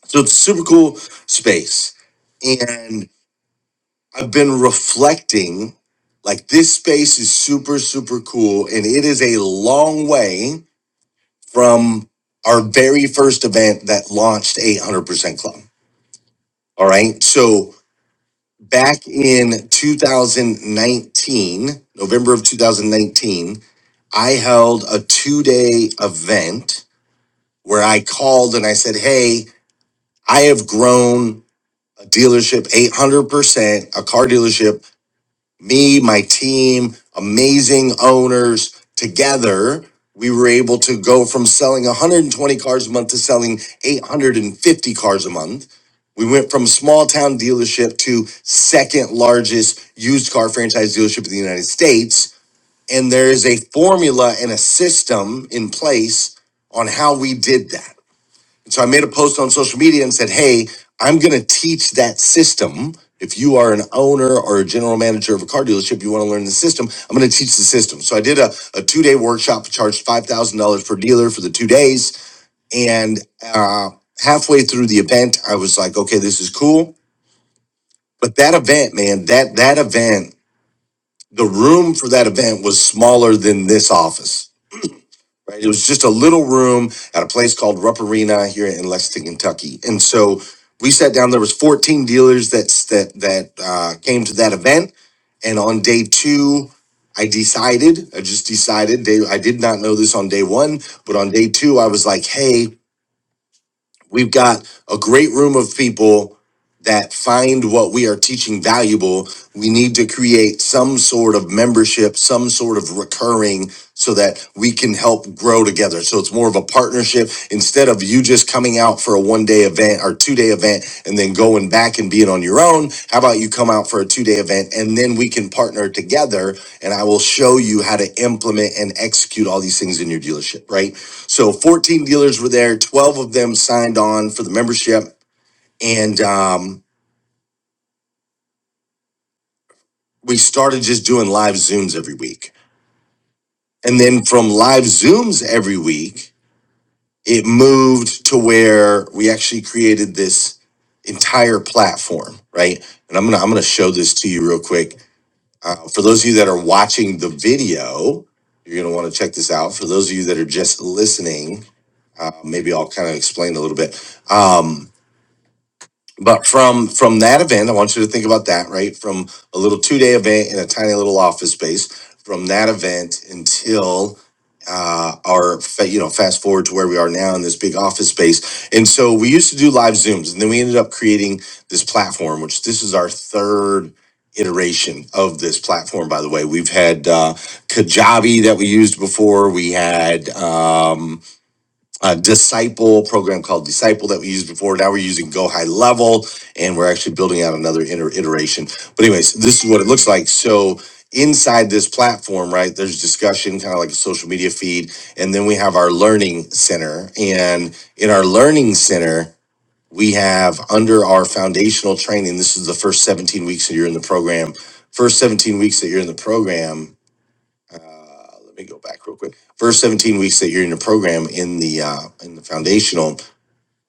so it's a super cool space and I've been reflecting. Like this space is super, super cool. And it is a long way from our very first event that launched 800% Club. All right. So back in 2019, November of 2019, I held a two day event where I called and I said, Hey, I have grown a dealership 800%, a car dealership me, my team, amazing owners together, we were able to go from selling 120 cars a month to selling 850 cars a month. We went from small town dealership to second largest used car franchise dealership in the United States. And there is a formula and a system in place on how we did that. And So I made a post on social media and said, Hey, I'm going to teach that system. If you are an owner or a general manager of a car dealership, you want to learn the system, I'm going to teach the system. So I did a, a two day workshop, charged $5,000 per dealer for the two days. And uh, halfway through the event, I was like, okay, this is cool. But that event, man, that, that event, the room for that event was smaller than this office Right? It was just a little room at a place called Rupp Arena here in Lexington, Kentucky. And so we sat down. There was 14 dealers that's that that uh, came to that event. And on day two, I decided, I just decided. Day, I did not know this on day one, but on day two, I was like, "Hey, we've got a great room of people that find what we are teaching valuable. We need to create some sort of membership, some sort of recurring so that we can help grow together. So it's more of a partnership instead of you just coming out for a one day event or two day event and then going back and being on your own. How about you come out for a two day event and then we can partner together and I will show you how to implement and execute all these things in your dealership, right? So 14 dealers were there. 12 of them signed on for the membership. And um, we started just doing live Zooms every week. And then from live Zooms every week, it moved to where we actually created this entire platform, right? And I'm gonna I'm gonna show this to you real quick. Uh, for those of you that are watching the video, you're gonna want to check this out. For those of you that are just listening, uh, maybe I'll kind of explain a little bit. Um, But from from that event, I want you to think about that, right? From a little two day event in a tiny little office space, from that event until uh, our fa- you know fast forward to where we are now in this big office space. And so we used to do live zooms, and then we ended up creating this platform, which this is our third iteration of this platform. By the way, we've had uh, Kajabi that we used before. We had. Um, uh, disciple program called disciple that we used before now we're using go high level and we're actually building out another inter- iteration but anyways this is what it looks like so inside this platform right there's discussion kind of like a social media feed and then we have our learning center and in our learning center we have under our foundational training this is the first 17 weeks that you're in the program first 17 weeks that you're in the program uh, let me go back real quick. First 17 weeks that you're in the program in the uh, in the foundational,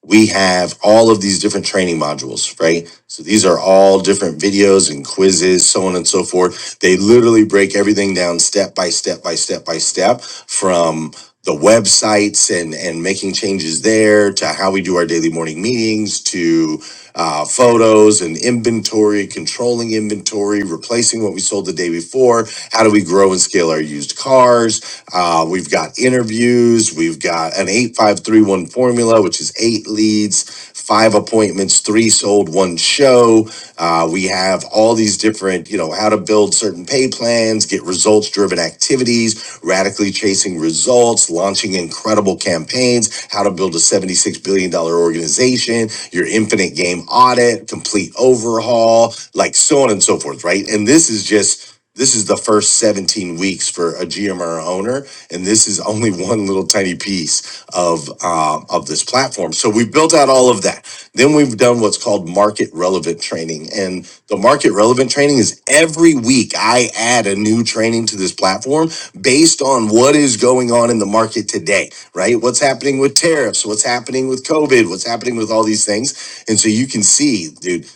we have all of these different training modules, right? So these are all different videos and quizzes, so on and so forth. They literally break everything down step by step by step by step from the websites and and making changes there to how we do our daily morning meetings to uh, photos and inventory, controlling inventory, replacing what we sold the day before. How do we grow and scale our used cars? Uh, we've got interviews. We've got an 8531 formula, which is eight leads, five appointments, three sold, one show. Uh, we have all these different, you know, how to build certain pay plans plans, get results driven activities, radically chasing results, launching incredible campaigns, how to build a $76 billion dollars organization, your infinite game audit, complete overhaul, like so on and so forth, right? And this is just this is the first 17 weeks for a GM or owner, and this is only one little tiny piece of um, of this platform. So we've built out all of that. Then we've done what's called market relevant training, and the market relevant training is every week I add a new training to this platform based on what is going on in the market today, right? What's happening with tariffs? What's happening with COVID? What's happening with all these things? And so you can see, dude,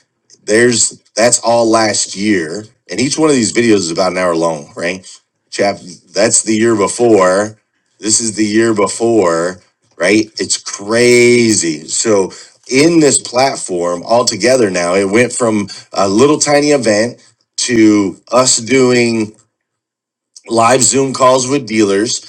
there's that's all last year, and each one of these videos is about an hour long, right? Chap, that's the year before. This is the year before, right? It's crazy. So in this platform altogether now, it went from a little tiny event to us doing live Zoom calls with dealers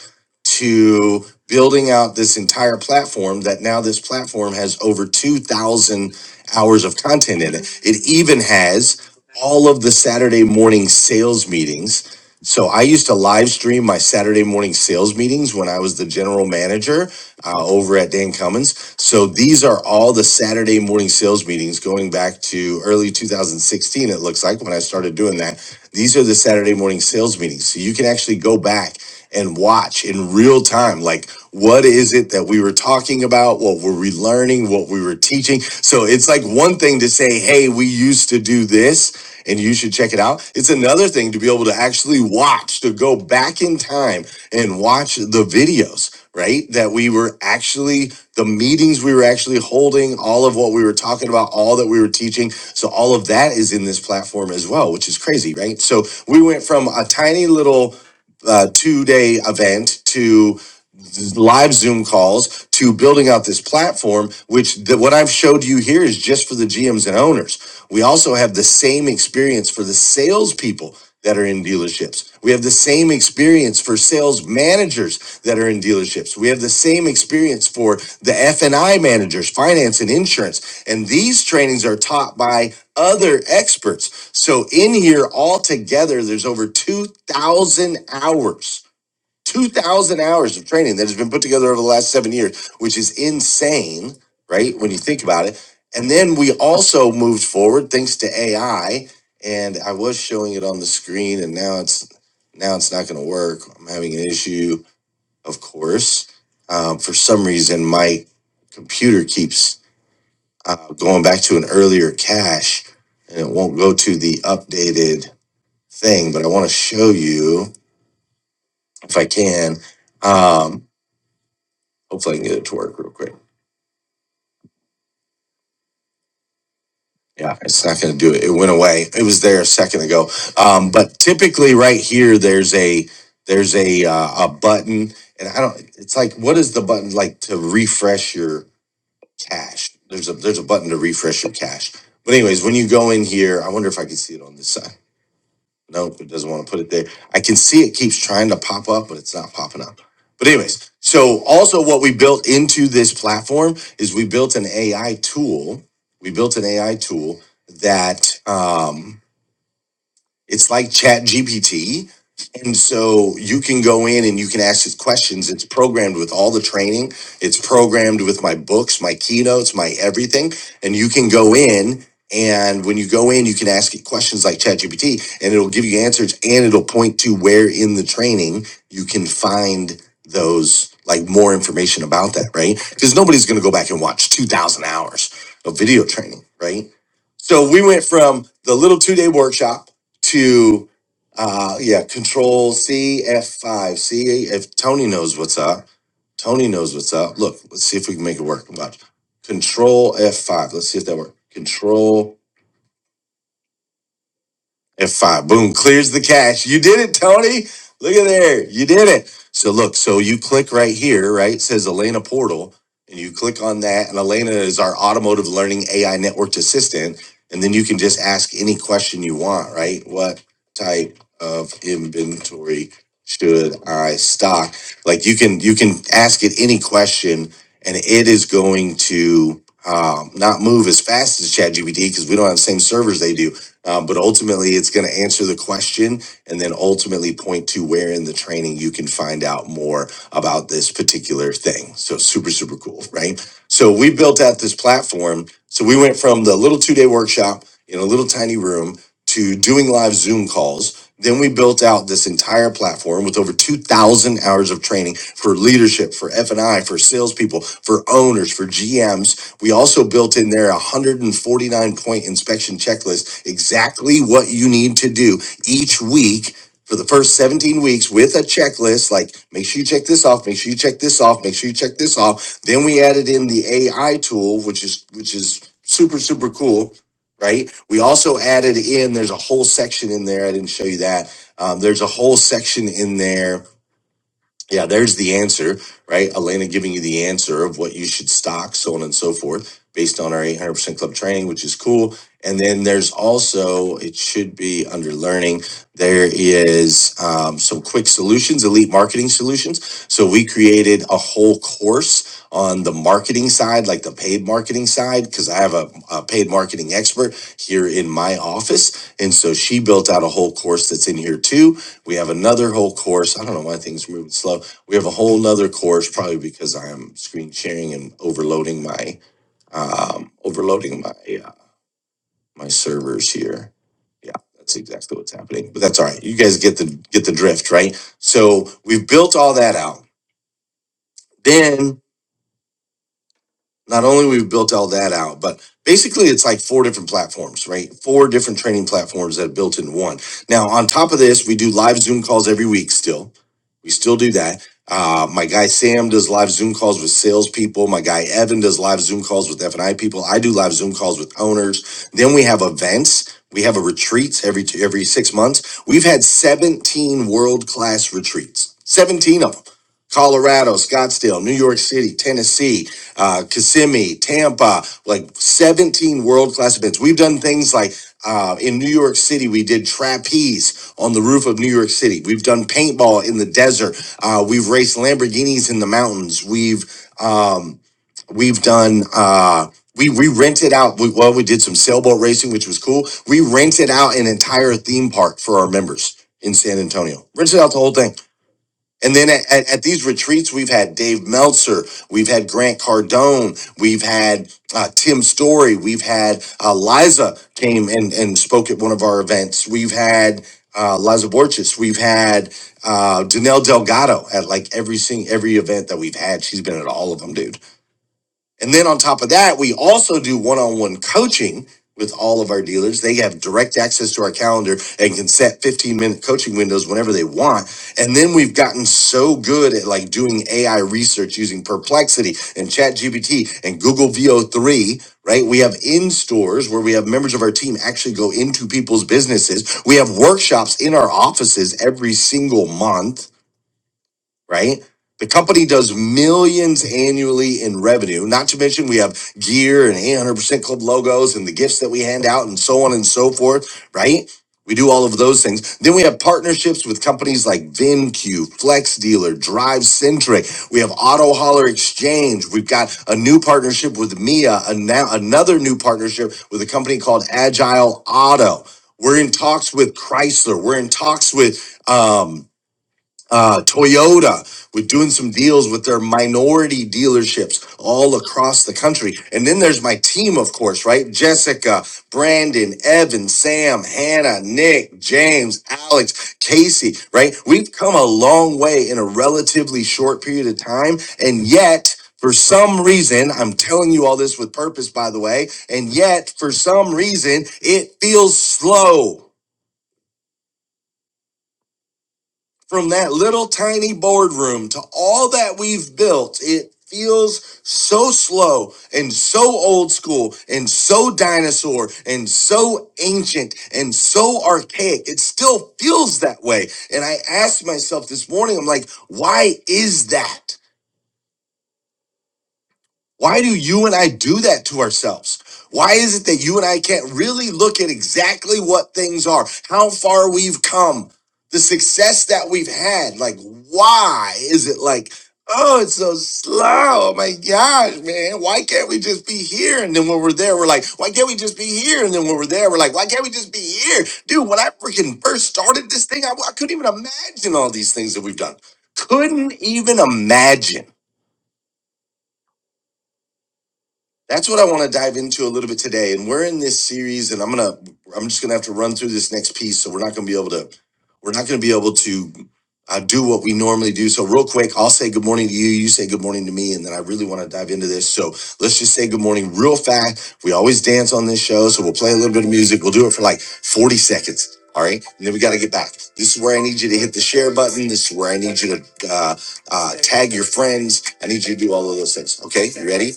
to building out this entire platform that now this platform has over 2000 hours of content in it it even has all of the saturday morning sales meetings so i used to live stream my saturday morning sales meetings when i was the general manager uh, over at dan cummins so these are all the saturday morning sales meetings going back to early 2016 it looks like when i started doing that these are the saturday morning sales meetings so you can actually go back and watch in real time like what is it that we were talking about what were we learning what we were teaching so it's like one thing to say hey we used to do this and you should check it out it's another thing to be able to actually watch to go back in time and watch the videos right that we were actually the meetings we were actually holding all of what we were talking about all that we were teaching so all of that is in this platform as well which is crazy right so we went from a tiny little uh, two day event to live Zoom calls to building out this platform, which the, what I've showed you here is just for the GMs and owners. We also have the same experience for the salespeople that are in dealerships. We have the same experience for sales managers that are in dealerships. We have the same experience for the F&I managers, finance and insurance. And these trainings are taught by other experts. So in here altogether, there's over 2,000 hours 2,000 hours of training that has been put together over the last seven years, which is insane, right? When you think about it. And then we also moved forward thanks to AI. And I was showing it on the screen, and now it's now it's not going to work. I'm having an issue, of course. Um, for some reason, my computer keeps uh, going back to an earlier cache, and it won't go to the updated thing. But I want to show you if I can. Um, Hopefully I can get it to work real quick. Yeah, it's not gonna do it. It went away. It was there a second ago. Um, but typically right here, there's a, there's a, uh, a button and I don't, it's like, what is the button like to refresh your cache? There's a, there's a button to refresh your cache. But anyways, when you go in here, I wonder if I can see it on this side. Nope, it doesn't want to put it there. I can see it keeps trying to pop up, but it's not popping up. But anyways, so also what we built into this platform is we built an AI tool. We built an AI tool that um, it's like Chat GPT. And so you can go in and you can ask it questions. It's programmed with all the training. It's programmed with my books, my keynotes, my everything. And you can go in and when you go in, you can ask it questions like ChatGPT and it'll give you answers and it'll point to where in the training you can find those like more information about that, right? Because nobody's going to go back and watch 2000 hours of video training, right? So we went from the little two day workshop to uh yeah control c f5 see if tony knows what's up tony knows what's up look let's see if we can make it work watch control f5 let's see if that works control and five, boom, clears the cache. You did it, Tony. Look at there. You did it. So look, so you click right here, right? It says Elena Portal, and you click on that. And Elena is our automotive learning AI networked assistant. And then you can just ask any question you want, right? What type of inventory should I stock? Like you can you can ask it any question and it is going to um, not move as fast as ChatGPT because we don't have the same servers they do um, but ultimately, it's going to answer the question and then ultimately point to where in the training you can find out more about this particular thing. So, super, super cool, right? So, we built out this platform. So, we went from the little two day workshop in a little tiny room to doing live Zoom calls then we built out this entire platform with over 2,000 hours of training for leadership, for F&I, for salespeople, for owners, for GMs. We also built in there a 149 point inspection checklist, exactly what you need to do each week for the first 17 weeks with a checklist like make sure you check this off make sure you check this off make sure you check this off then we added in the ai tool which is which is super super cool right? We also added in, there's a whole section in there. I didn't show you that. Um, there's a whole section in there yeah, there's the answer, right? Elena giving you the answer of what you should stock, so on and so forth, based on our 800% club training, which is cool. And then there's also, it should be under learning, there is um, some quick solutions, elite marketing solutions. So we created a whole course on the marketing side, like the paid marketing side, because I have a, a paid marketing expert here in my office. And so she built out a whole course that's in here too we have another whole course. I don't know why things are moving slow. We have a whole nother course, probably because I am screen sharing and overloading my um, overloading my uh, my servers here. Yeah, that's exactly what's happening. But that's all right. You guys get the get the drift, right? So we've built all that out. Then not only we've built all that out, but basically it's like four different platforms, right? Four different training platforms that are built in one. Now, on top of this, we do live Zoom calls every week still. We still do that. Uh, my guy Sam does live Zoom calls with salespeople. My guy Evan does live Zoom calls with F&I people. I do live Zoom calls with owners. Then we have events. We have a retreats every two, every six months. We've had 17 world class retreats, 17 of them. Colorado, Scottsdale, New York City, Tennessee, uh, Kissimmee, Tampa, like 17 world class events. We've done things like uh, in New York City, we did trapeze on the roof of New York City. We've done paintball in the desert. Uh, we've raced Lamborghinis in the mountains. We've um, we've done. Uh, we, we rented out we, well we did some sailboat racing which was cool we rented out an entire theme park for our members in san antonio rented out the whole thing and then at, at, at these retreats, we've had Dave Meltzer, we've had Grant Cardone, we've had uh, Tim Story, we've had uh, Liza came and, and spoke at one of our events. We've had uh, Liza Borges, we've had uh, Danelle Delgado at like every sing, every event that we've had. She's been at all of them, dude and then on top of that, we also do one on one coaching with all of our dealers. They have direct access to our calendar and can set 15 minute coaching windows whenever they want. And then we've gotten so good at like doing AI research using Perplexity and ChatGPT and Google VO3, right? We have in stores where we have members of our team actually go into people's businesses. We have workshops in our offices every single month right? The company does millions annually in revenue, not to mention we have gear and 800% club logos and the gifts that we hand out and so on and so forth, right? We do all of those things. Then we have partnerships with companies like VinQ, Flex Dealer, Drive Centric. We have Auto Hauler Exchange. We've got a new partnership with Mia, and now another new partnership with a company called Agile Auto. We're in talks with Chrysler. We're in talks with um, uh, Toyota, we're doing some deals with their minority dealerships all across the country. And then there's my team, of course, right? Jessica, Brandon, Evan, Sam, Hannah, Nick, James, Alex, Casey, right? We've come a long way in a relatively short period of time. And yet, for some reason, I'm telling you all this with purpose, by the way, and yet, for some reason, it feels slow. from that little tiny boardroom to all that we've built, it feels so slow and so old school and so dinosaur and so ancient and so archaic. It still feels that way. And I asked myself this morning, I'm like, why is that? Why do you and I do that to ourselves? Why is it that you and I can't really look at exactly what things are, how far we've come, the success that we've had? Like, why is it like, oh, it's so slow? Oh my gosh, man. Why can't we just be here? And then when we're there, we're like, why can't we just be here? And then when we're there, we're like, why can't we just be here? Dude, when I freaking first started this thing, I, I couldn't even imagine all these things that we've done. Couldn't even imagine. that's what I want to dive into a little bit today. And we're in this series, and I'm gonna I'm just gonna have to run through this next piece. So we're not gonna be able to we're not gonna be able to uh, do what we normally do. So real quick, I'll say good morning to you. You say good morning to me, and then I really want to dive into this. So let's just say good morning real fast. We always dance on this show, so we'll play a little bit of music. We'll do it for like 40 seconds. All right, and then we got to get back. This is where I need you to hit the share button. This is where I need you to uh, uh, tag your friends. I need you to do all of those things. Okay, you ready?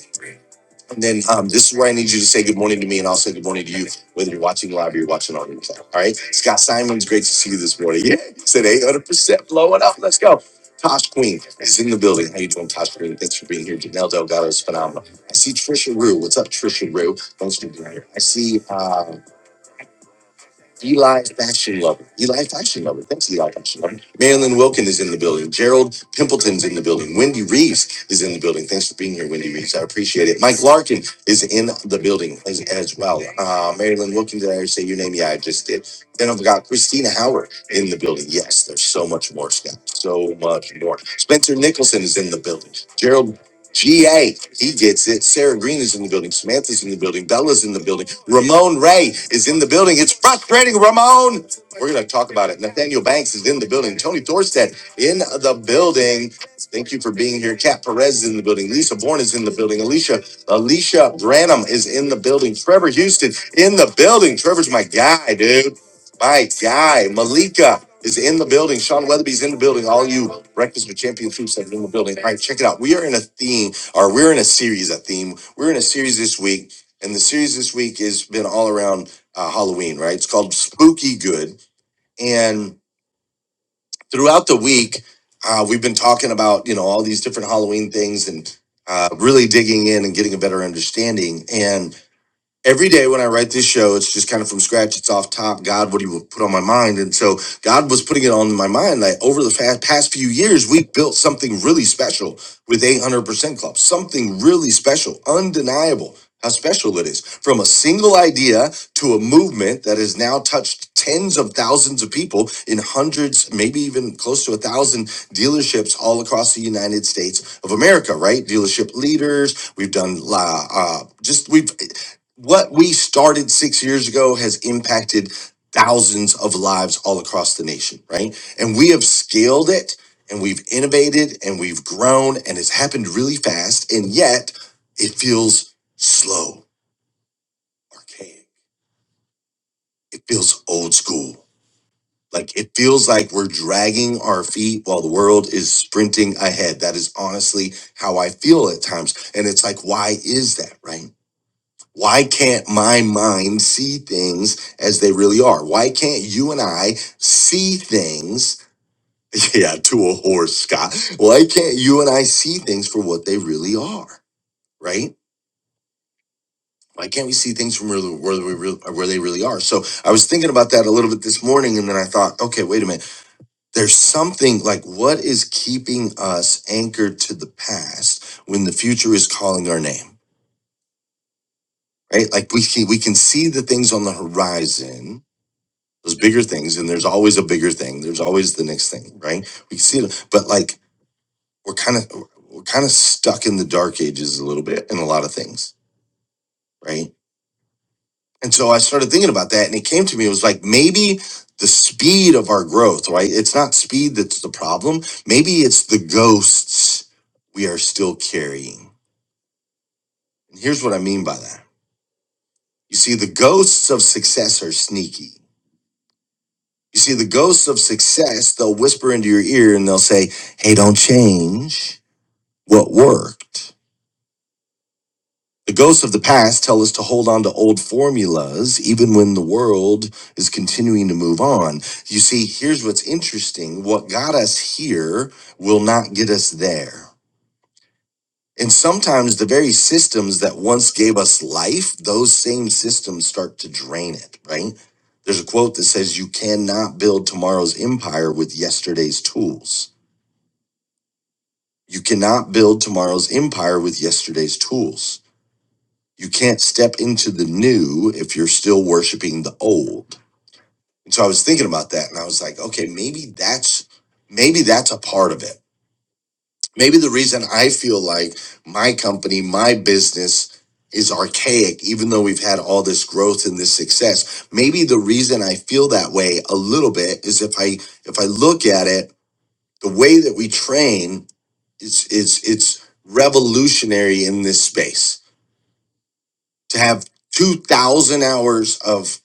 And then um, this is where I need you to say good morning to me, and I'll say good morning to you, whether you're watching live or you're watching on replay. All right, Scott Simons, great to see you this morning. Yeah, said 800 percent blowing up. Let's go. Tosh Queen is in the building. How you doing, Tosh Queen? Thanks for being here. Janelle Delgado is phenomenal. I see Trisha Rue. What's up, Trisha Rue? Thanks for being here. I see. uh, Eli Fashion Lover. Eli Fashion Lover. Thanks, Eli Fashion Lover. Marilyn Wilkin is in the building. Gerald Pimpleton's in the building. Wendy Reeves is in the building. Thanks for being here, Wendy Reeves. I appreciate it. Mike Larkin is in the building as, as well. Uh, Marilyn Wilkin, did I already say your name? Yeah, I just did. Then I've got Christina Howard in the building. Yes, there's so much more, Scott. So much more. Spencer Nicholson is in the building. Gerald. GA, he gets it. Sarah Green is in the building. Samantha's in the building. Bella's in the building. Ramon Ray is in the building. It's frustrating, Ramon. We're going to talk about it. Nathaniel Banks is in the building. Tony Thorstead in the building. Thank you for being here. Kat Perez is in the building. Lisa Bourne is in the building. Alicia Alicia Branham is in the building. Trevor Houston in the building. Trevor's my guy, dude. My guy, Malika is in the building. Sean Weatherby's in the building. All you Breakfast with Champion troops that are in the building. All right, check it out. We are in a theme, or we're in a series, a theme. We're in a series this week, and the series this week has been all around uh, Halloween, right? It's called Spooky Good. And throughout the week, uh, we've been talking about, you know, all these different Halloween things and uh, really digging in and getting a better understanding. and every day when I write this show, it's just kind of from scratch. It's off top. God, what do you put on my mind? And so God was putting it on my mind. Like over the fa- past few years, we built something really special with 800% Club, something really special, undeniable how special it is from a single idea to a movement that has now touched tens of thousands of people in hundreds, maybe even close to a thousand dealerships all across the United States of America, right? Dealership leaders. We've done, la- uh, just, we've what we started six years ago has impacted thousands of lives all across the nation, right? And we have scaled it and we've innovated and we've grown and it's happened really fast. And yet it feels slow, archaic. It feels old school. Like it feels like we're dragging our feet while the world is sprinting ahead. That is honestly how I feel at times. And it's like, why is that, right? Why can't my mind see things as they really are? Why can't you and I see things? Yeah, to a horse, Scott. Why can't you and I see things for what they really are? Right? Why can't we see things from really, where, we real where they really are? So I was thinking about that a little bit this morning, and then I thought, okay, wait a minute. There's something like what is keeping us anchored to the past when the future is calling our name, right? Like we can, we can see the things on the horizon Those bigger things, and there's always a bigger thing. There's always the next thing, right? We can see it, but like we're kind of we're kind of stuck in the dark ages a little bit in a lot of things, right? And so I started thinking about that, and it came to me. It was like maybe the speed of our growth, right? It's not speed that's the problem. Maybe it's the ghosts we are still carrying. And here's what I mean by that. You see, the ghosts of success are sneaky You see, the ghosts of success, they'll whisper into your ear and they'll say, Hey, don't change what worked. The ghosts of the past tell us to hold on to old formulas, even when the world is continuing to move on. You see, here's what's interesting what got us here will not get us there. And sometimes the very systems that once gave us life, those same systems start to drain it, right? There's a quote that says, You cannot build tomorrow's empire with yesterday's tools. You cannot build tomorrow's empire with yesterday's tools. You can't step into the new if you're still worshiping the old. And so I was thinking about that and I was like, okay, maybe that's maybe that's a part of it. Maybe the reason I feel like my company, my business is archaic even though we've had all this growth and this success. Maybe the reason I feel that way a little bit is if I if I look at it the way that we train it's it's it's revolutionary in this space to have 2000 hours of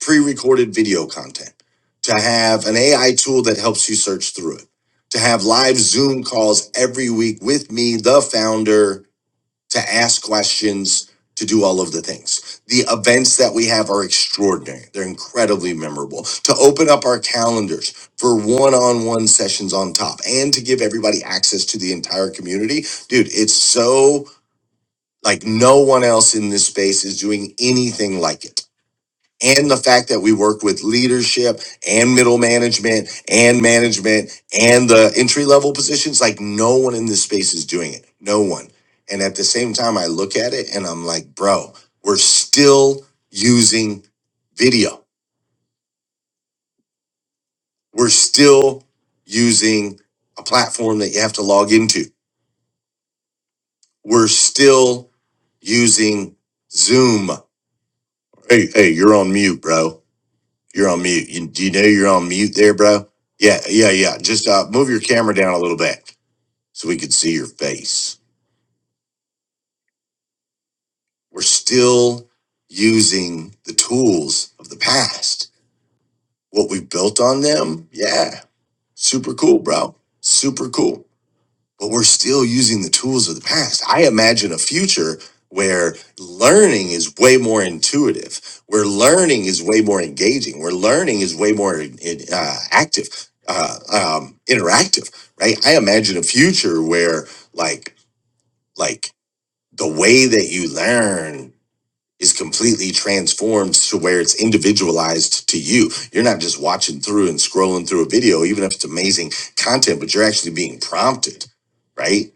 pre-recorded video content to have an ai tool that helps you search through it to have live zoom calls every week with me the founder to ask questions, to do all of the things. The events that we have are extraordinary. They're incredibly memorable. To open up our calendars for one-on-one sessions on top and to give everybody access to the entire community, dude, it's so like no one else in this space is doing anything like it and the fact that we worked with leadership and middle management and management and the entry level positions, like no one in this space is doing it. No one. And at the same time, I look at it and I'm like, bro, we're still using video. We're still using a platform that you have to log into. We're still using Zoom. Hey, hey, you're on mute, bro. You're on mute. You, do you know you're on mute there, bro? Yeah, yeah, yeah. Just uh, move your camera down a little bit so we could see your face. We're still using the tools of the past. What we built on them, yeah, super cool, bro. Super cool. but we're still using the tools of the past. I imagine a future where learning is way more intuitive, where learning is way more engaging, where learning is way more in- in, uh, active, uh, um, interactive, right? I imagine a future where like like the way that you learn is completely transformed to where it's individualized to you. You're not just watching through and scrolling through a video, even if it's amazing content, but you're actually being prompted right?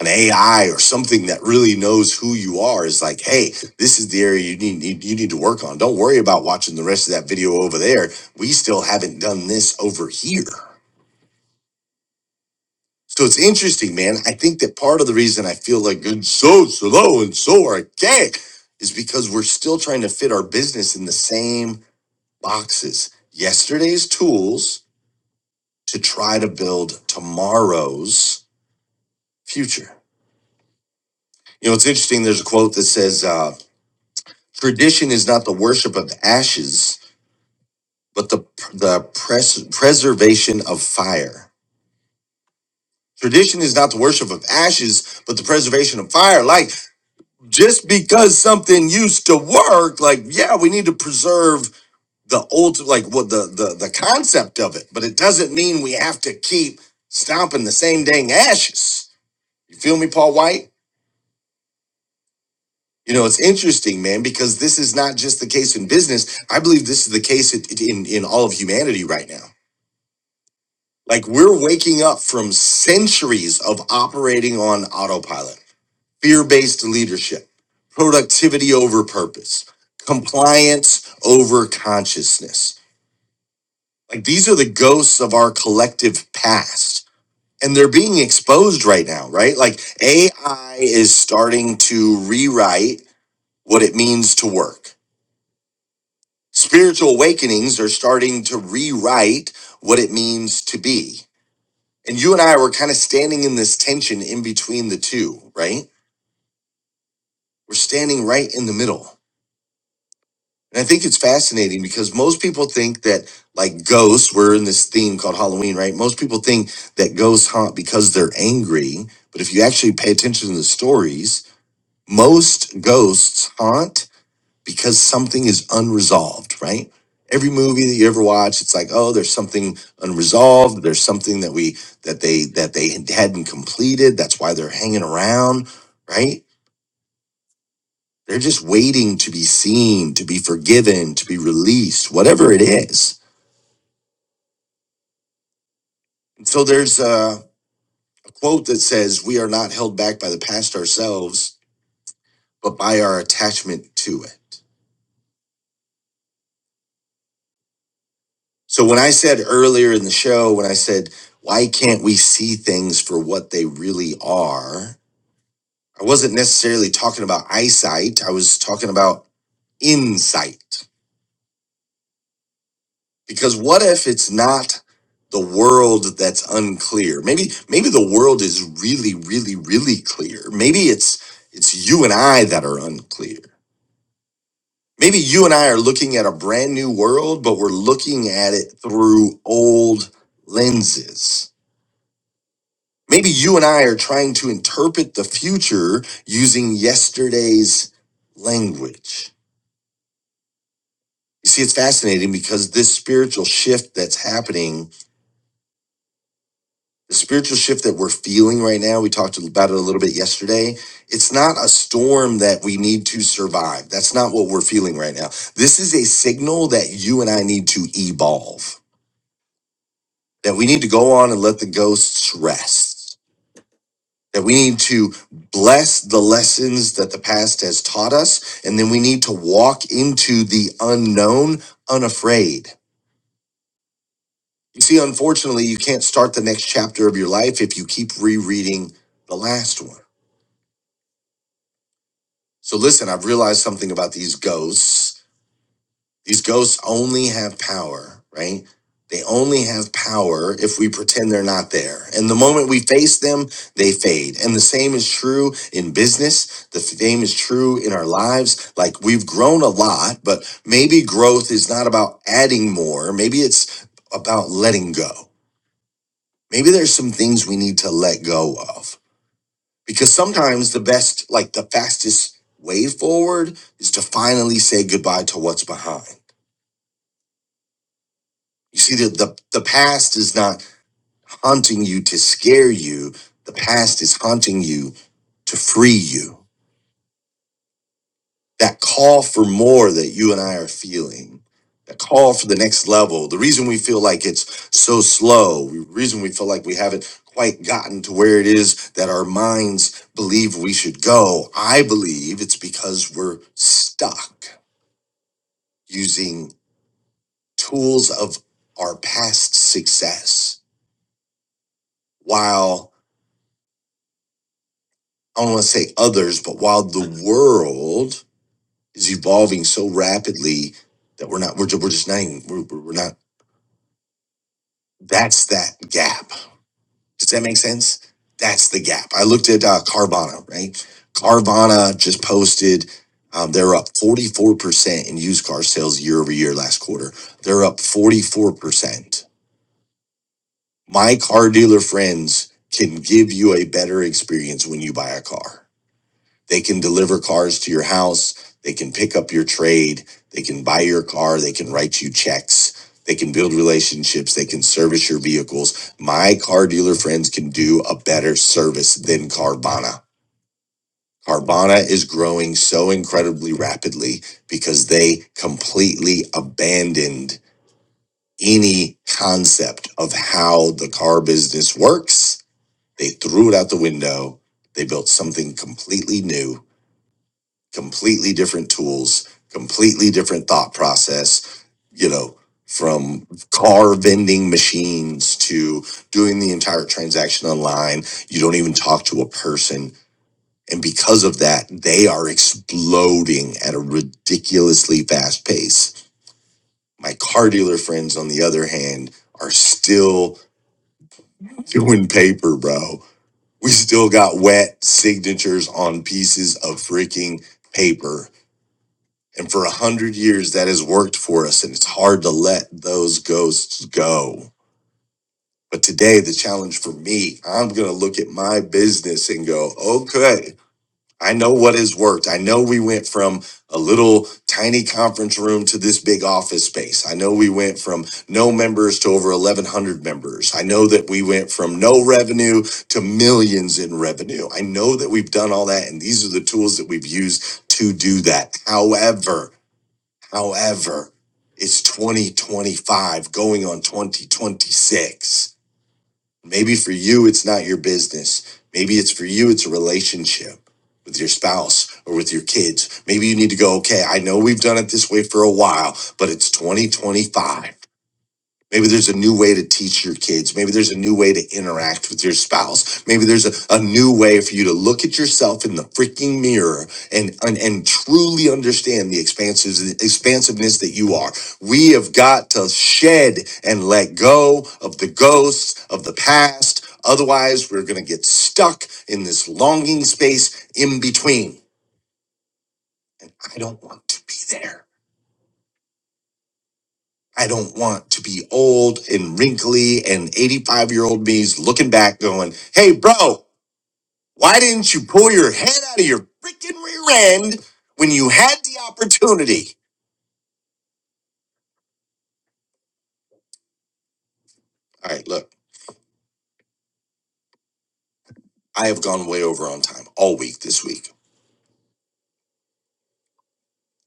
an AI or something that really knows who you are is like, hey, this is the area you need, need you need to work on. Don't worry about watching the rest of that video over there. We still haven't done this over here. So it's interesting, man. I think that part of the reason I feel like it's so slow and so archaic is because we're still trying to fit our business in the same boxes. Yesterday's tools to try to build tomorrow's future. You know, it's interesting. There's a quote that says, uh, Tradition is not the worship of ashes, but the the pres- preservation of fire. Tradition is not the worship of ashes, but the preservation of fire. Like just because something used to work, like yeah, we need to preserve the old, like what the the the concept of it, but it doesn't mean we have to keep stomping the same dang ashes. You feel me, Paul White? You know, it's interesting, man, because this is not just the case in business. I believe this is the case in in, in all of humanity right now. Like we're waking up from centuries of operating on autopilot, fear based leadership, productivity over purpose, compliance over consciousness. Like these are the ghosts of our collective past. And they're being exposed right now, right? Like AI is starting to rewrite what it means to work. Spiritual awakenings are starting to rewrite what it means to be And you and I were kind of standing in this tension in between the two, right? We're standing right in the middle. And I think it's fascinating because most people think that, like ghosts, we're in this theme called Halloween, right? Most people think that ghosts haunt because they're angry. But if you actually pay attention to the stories, most ghosts haunt because something is unresolved, right? Every movie that you ever watch, it's like, oh, there's something unresolved. There's something that we that they that they hadn't completed. That's why they're hanging around, right? They're just waiting to be seen, to be forgiven, to be released, whatever it is. And so there's a quote that says, "We are not held back by the past ourselves, but by our attachment to it." So when I said earlier in the show, when I said, why can't we see things for what they really are? I wasn't necessarily talking about eyesight. I was talking about insight. Because what if it's not the world that's unclear? Maybe, maybe the world is really, really, really clear. Maybe it's, it's you and I that are unclear. Maybe you and I are looking at a brand new world, but we're looking at it through old lenses Maybe you and I are trying to interpret the future using yesterday's language. You see, it's fascinating because this spiritual shift that's happening, the spiritual shift that we're feeling right now, we talked about it a little bit yesterday. It's not a storm that we need to survive. That's not what we're feeling right now. This is a signal that you and I need to evolve, that we need to go on and let the ghosts rest that we need to bless the lessons that the past has taught us, and then we need to walk into the unknown unafraid. You see, unfortunately, you can't start the next chapter of your life if you keep rereading the last one. So, listen, I've realized something about these ghosts These ghosts only have power, right? They only have power if we pretend they're not there. And the moment we face them, they fade. And the same is true in business. The same is true in our lives. Like we've grown a lot, but maybe growth is not about adding more. Maybe it's about letting go. Maybe there's some things we need to let go of. Because sometimes the best, like the fastest way forward is to finally say goodbye to what's behind You see, the, the, the past is not haunting you to scare you, the past is haunting you to free you. That call for more that you and I are feeling, that call for the next level, the reason we feel like it's so slow, the reason we feel like we haven't quite gotten to where it is that our minds believe we should go, I believe it's because we're stuck using tools of our past success while I don't want to say others, but while the world is evolving so rapidly that we're not, we're, ju- we're just not, even, we're, we're we're not, that's that gap. Does that make sense? That's the gap. I looked at uh, Carvana, right? Carvana just posted, um, they're up 44% in used car sales year over year last quarter. They're up 44%. My car dealer friends can give you a better experience when you buy a car They can deliver cars to your house. They can pick up your trade. They can buy your car. They can write you checks. They can build relationships. They can service your vehicles. My car dealer friends can do a better service than Carvana. Carvana is growing so incredibly rapidly because they completely abandoned any concept of how the car business works. They threw it out the window. They built something completely new completely different tools, completely different thought process, you know, from car vending machines to doing the entire transaction online. You don't even talk to a person. And because of that, they are exploding at a ridiculously fast pace. My car dealer friends, on the other hand, are still doing paper, bro. We still got wet signatures on pieces of freaking paper And for a hundred years, that has worked for us, and it's hard to let those ghosts go. But today, the challenge for me, I'm going to look at my business and go, okay, I know what has worked. I know we went from a little tiny conference room to this big office space. I know we went from no members to over 1,100 members. I know that we went from no revenue to millions in revenue. I know that we've done all that, and these are the tools that we've used to do that. However, However, it's 2025 going on 2026. Maybe for you, it's not your business. Maybe it's for you, it's a relationship with your spouse or with your kids. Maybe you need to go, okay, I know we've done it this way for a while, but it's 2025. Maybe there's a new way to teach your kids. Maybe there's a new way to interact with your spouse. Maybe there's a, a new way for you to look at yourself in the freaking mirror and, and, and truly understand the expansives, expansiveness that you are. We have got to shed and let go of the ghosts of the past. Otherwise, we're going to get stuck in this longing space in between. And I don't want to be there. I don't want to be old and wrinkly and 85 year old me's looking back going, Hey, bro, why didn't you pull your head out of your freaking rear end when you had the opportunity? All right, look, I have gone way over on time all week this week.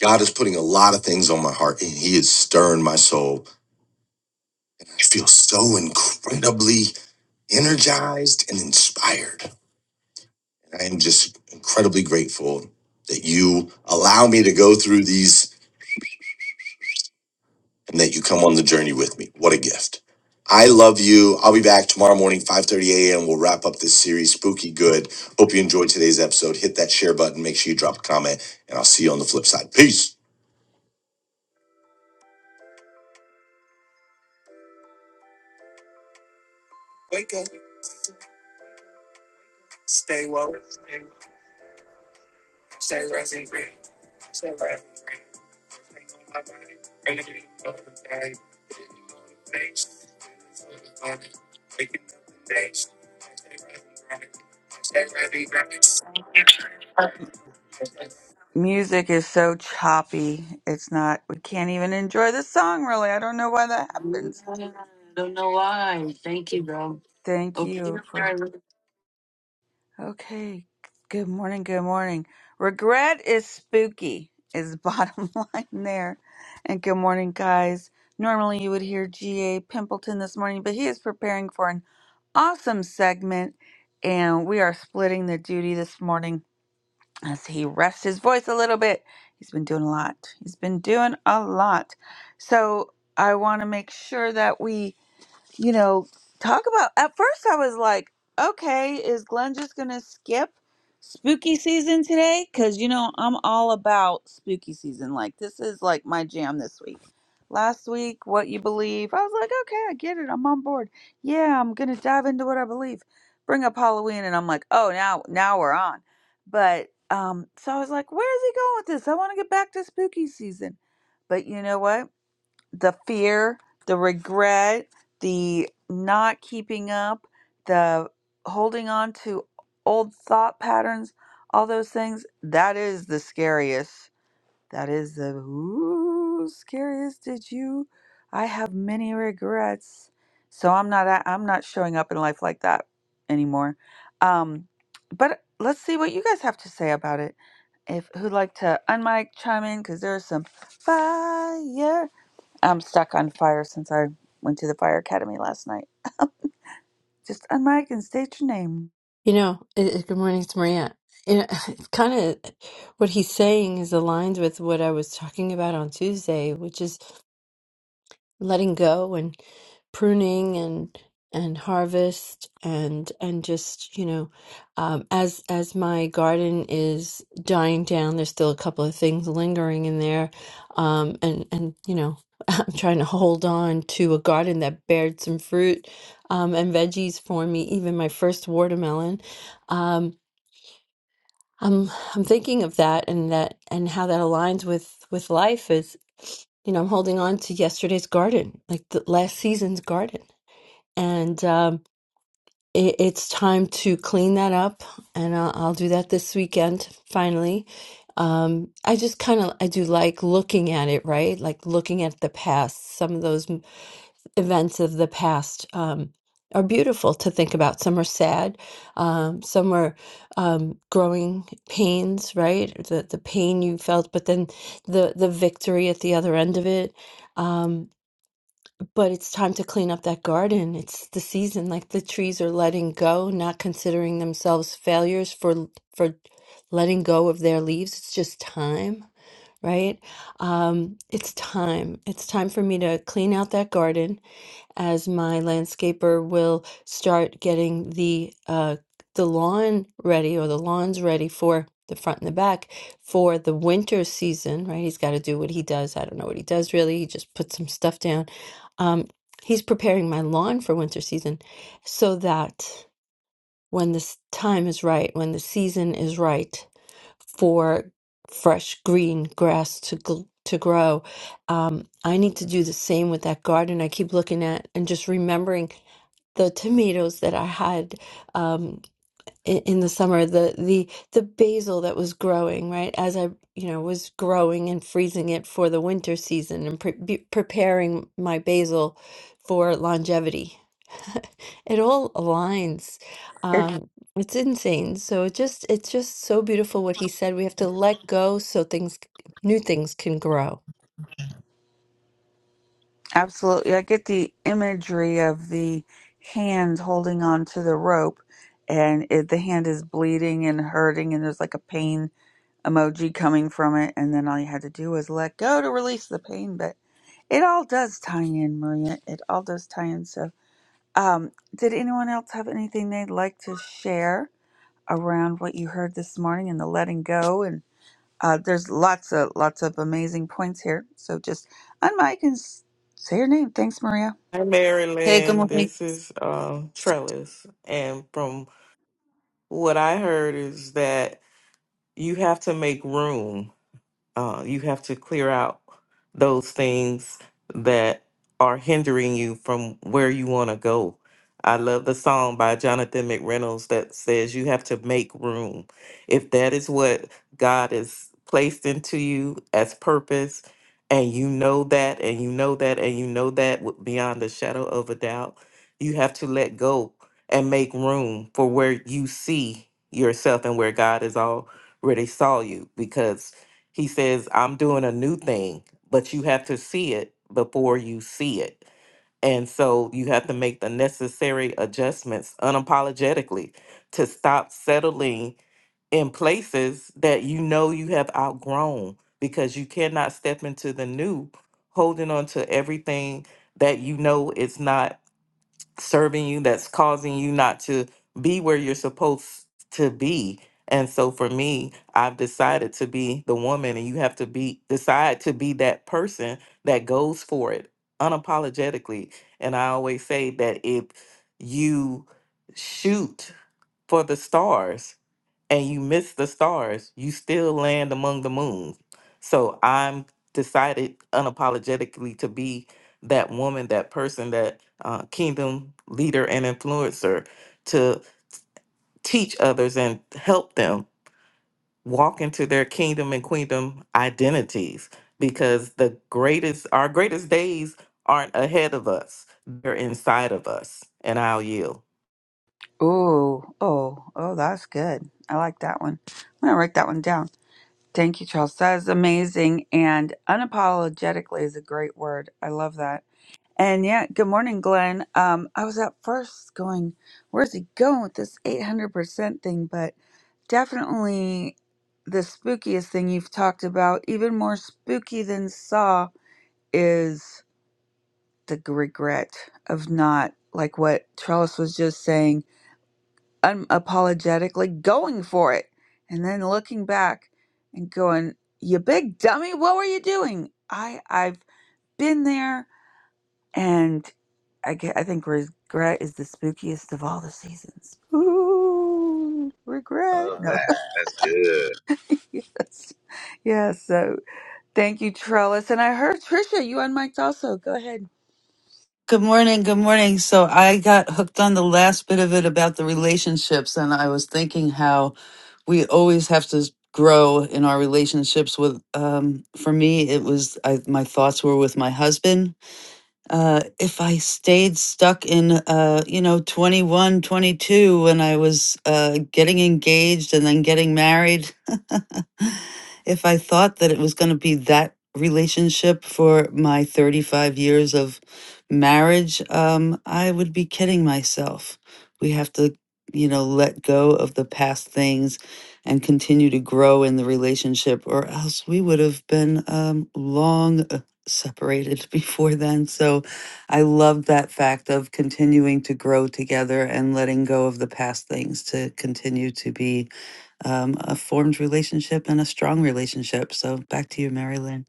God is putting a lot of things on my heart and He is stirring my soul. I feel so incredibly energized and inspired. I am just incredibly grateful that you allow me to go through these and that you come on the journey with me. What a gift. I love you. I'll be back tomorrow morning, 5.30 a.m. We'll wrap up this series, Spooky Good. Hope you enjoyed today's episode. Hit that share button. Make sure you drop a comment, and I'll see you on the flip side. Peace.
music is so choppy. It's not, we can't even enjoy the song really. I don't know why that happens.
I don't know why. Thank you, bro.
Thank
Oh,
you for, okay. Good morning. Good morning. Regret is spooky, is the bottom line there. And good morning, guys. Normally you would hear G.A. Pimpleton this morning, but he is preparing for an awesome segment. And we are splitting the duty this morning. as he rests his voice a little bit. He's been doing a lot. He's been doing a lot. So I want to make sure that we you know, talk about. At first, I was like, okay, is Glenn just going to skip spooky season today? Because, you know, I'm all about spooky season. Like, this is like my jam this week. Last week, what you believe, I was like, okay, I get it. I'm on board. Yeah, I'm going to dive into what I believe. Bring up Halloween, and I'm like, oh, now, now we're on. But, um, so I was like, where is he going with this? I want to get back to spooky season. But you know what? the fear, the regret, the not keeping up, the holding on to old thought patterns, all those things, that is the scariest. That is the ooh, scariest. Did you? I have many regrets. So I'm not a- I'm not showing up in life like that anymore. Um, but let's see what you guys have to say about it. If who'd like to unmic chime in because there's some fire I'm stuck on fire since I went to the fire academy last night. Just unmic and state your name.
You know, it, it- good morning, it's Maria. You know, it's kind of what he's saying is aligned with what I was talking about on Tuesday, which is letting go and pruning and and harvest and and just you know um, as as my garden is dying down there's still a couple of things lingering in there um, and and you know I'm trying to hold on to a garden that bared some fruit um, and veggies for me even my first watermelon um, I'm I'm thinking of that and that and how that aligns with with life is you know I'm holding on to yesterday's garden like the last season's garden and um it, it's time to clean that up and I'll, I'll do that this weekend finally um I just kind of I do like looking at it right like looking at the past some of those events of the past um, are beautiful to think about. Some are sad, um, some are um, growing pains, right? The the pain you felt, but then the the victory at the other end of it. Um, but it's time to clean up that garden. It's the season, like the trees are letting go, not considering themselves failures for for letting go of their leaves. It's just time, right? Um, it's time. It's time for me to clean out that garden as my landscaper will start getting the uh the lawn ready or the lawns ready for the front and the back for the winter season, right? He's got to do what he does. I don't know what he does really. He just puts some stuff down. Um, he's preparing my lawn for winter season so that when this time is right, when the season is right for fresh green grass to gl- to grow, um, I need to do the same with that garden I keep looking at and just remembering the tomatoes that I had um, in, in the summer, the the the basil that was growing, right? As I, you know, was growing and freezing it for the winter season and pre be preparing my basil for longevity. It all aligns.
It,
Um, it's insane. So it just it's just so beautiful what he said. We have to let go so things, new things can grow.
absolutely. I get the imagery of the hand holding on to the rope and it, the hand is bleeding and hurting and there's like a pain emoji coming from it and then all you had to do was let go to release the pain but it all does tie in maria it all does tie in so um did anyone else have anything they'd like to share around what you heard this morning and the letting go and Uh, there's lots of lots of amazing points here. So just unmic and s- say your name. Thanks, Maria.
Hi,
Hey, good
Marilyn.
morning.
This is um, Trellis. And from what I heard is that you have to make room uh, you have to clear out those things that are hindering you from where you want to go. I love the song by Jonathan McReynolds that says you have to make room. If that is what God has placed into you as purpose, and you know that, and you know that, and you know that with- beyond a shadow of a doubt, you have to let go and make room for where you see yourself and where God has already saw you because he says, I'm doing a new thing, but you have to see it before you see it. And so you have to make the necessary adjustments unapologetically to stop settling in places that you know you have outgrown because you cannot step into the new holding on to everything that you know is not serving you that's causing you not to be where you're supposed to be and so for me i've decided to be the woman and you have to be decide to be that person that goes for it unapologetically and i always say that if you shoot for the stars and you miss the stars, you still land among the moons. So I'm decided unapologetically to be that woman, that person, that uh, kingdom leader and influencer to teach others and help them walk into their kingdom and queendom identities because the greatest, our greatest days aren't ahead of us, they're inside of us. And I'll yield.
Oh, oh, oh, that's good. I like that one. I'm gonna write that one down. Thank you, Charles. That is amazing. And unapologetically is a great word. I love that. And yeah, good morning, Glenn. Um, I was at first going, where's he going with this 800% thing? But definitely the spookiest thing you've talked about, even more spooky than Saw, is the regret of not like what Charles was just saying, unapologetically going for it and then looking back and going, "You big dummy, what were you doing?" I I've been there and I, ge- I think regret is the spookiest of all the seasons. Ooh, regret.
Love
No.
that. That's good.
yes. Yes. So thank you, Trellis. And I heard Trisha, you on mic also. Go ahead.
Good morning. Good morning. So I got hooked on the last bit of it about the relationships, and I was thinking how we always have to grow in our relationships with um for me it was I my thoughts were with my husband uh, if I stayed stuck in, uh, you know, 21, 22, when I was uh, getting engaged and then getting married, if I thought that it was going to be that relationship for my 35 years of marriage, um, I would be kidding myself. We have to, you know, let go of the past things and continue to grow in the relationship, or else we would have been um, long separated before then. So I love that fact of continuing to grow together and letting go of the past things to continue to be um, a formed relationship and a strong relationship. So back to you, Mary Lynn.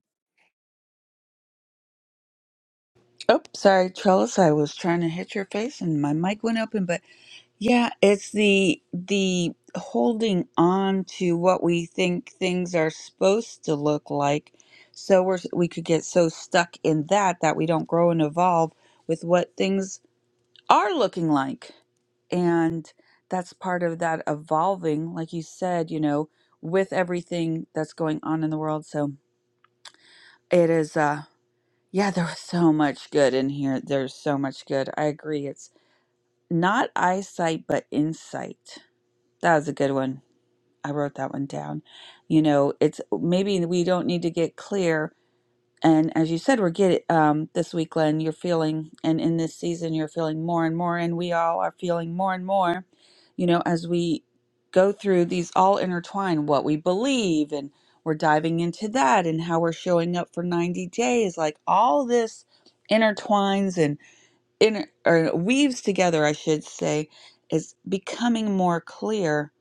Oh, sorry, Trellis. I was trying to hit your face and my mic went open, but yeah, it's the the holding on to what we think things are supposed to look like. So we're we could get so stuck in that that we don't grow and evolve with what things are looking like. And that's part of that evolving, like you said, you know, with everything that's going on in the world. So it is uh, yeah, there was so much good in here. There's so much good. I agree. It's not eyesight, but insight. That was a good one. I wrote that one down. You know, it's maybe we don't need to get clear and as you said, we're getting um, this week, Glenn, you're feeling, and in this season, you're feeling more and more, and we all are feeling more and more, you know, as we go through these all intertwine what we believe, and we're diving into that, and how we're showing up for 90 days. Like all this intertwines and inter- or weaves together, I should say, is becoming more clear.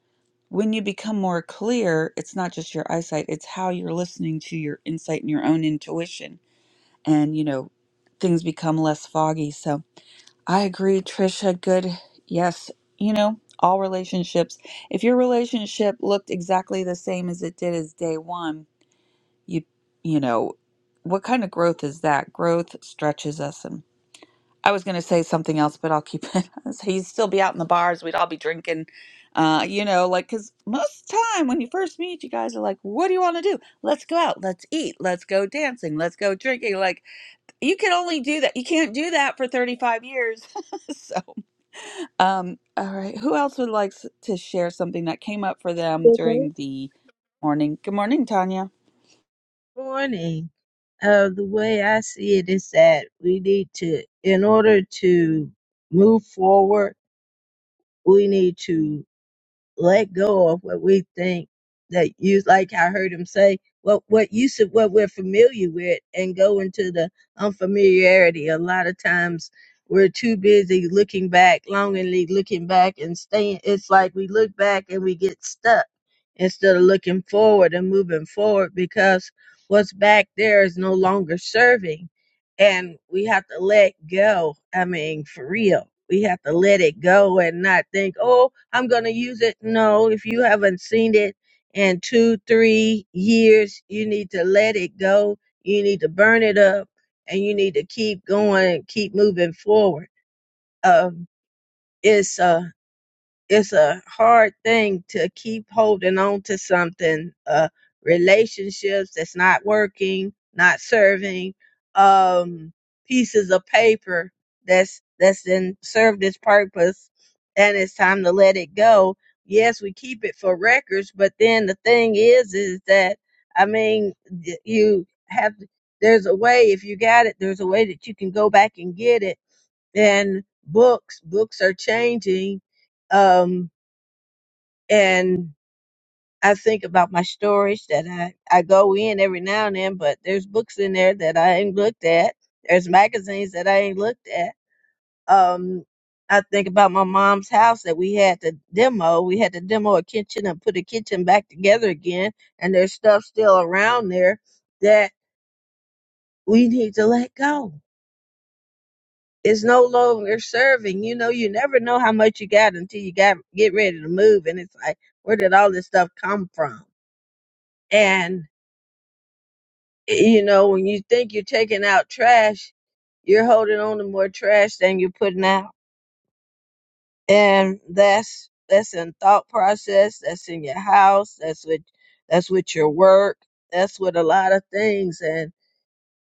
When you become more clear, it's not just your eyesight, it's how you're listening to your insight and your own intuition and you know things become less foggy so i agree trisha good yes you know all relationships if your relationship looked exactly the same as it did as day one you you know what kind of growth is that growth stretches us and i was going to say something else but i'll keep it so you'd still be out in the bars we'd all be drinking uh, you know like because most of the time when you first meet you guys are like what do you want to do let's go out let's eat let's go dancing let's go drinking like you can only do that. You can't do that for 35 years. so, um, all right. Who else would like s- to share something that came up for them
The
during the morning? Good morning, Tanya.
warning, Uh, the way I see it is that we need to, in order to move forward, we need to let go of what we think that you like I heard him say what what you said what we're familiar with and go into the unfamiliarity. A lot of times we're too busy looking back, longingly looking back and staying it's like we look back and we get stuck instead of looking forward and moving forward because what's back there is no longer serving and we have to let go. I mean, for real, we have to let it go and not think, oh, I'm going to use it. No, if you haven't seen it in two, three years, you need to let it go. You need to burn it up and you need to keep going and keep moving forward. Um, it's, uh, it's a hard thing to keep holding on to something uh relationships that's not working not serving um pieces of paper that's that's then served its purpose and it's time to let it go yes we keep it for records but then the thing is is that i mean y- you have there's a way if you got it there's a way that you can go back and get it and books books are changing um and i think about my storage that i i go in every now and then but there's books in there that i ain't looked at there's magazines that i ain't looked at um i think about my mom's house that we had to demo we had to demo a kitchen and put a kitchen back together again and there's stuff still around there that we need to let go is no longer serving. You know, you never know how much you got until you got get ready to move, and it's like, where did all this stuff come from? And you know, when you think you're taking out trash, you're holding on to more trash than you're putting out, and that's that's in thought process. That's in your house. That's with that's with your work. That's with a lot of things, And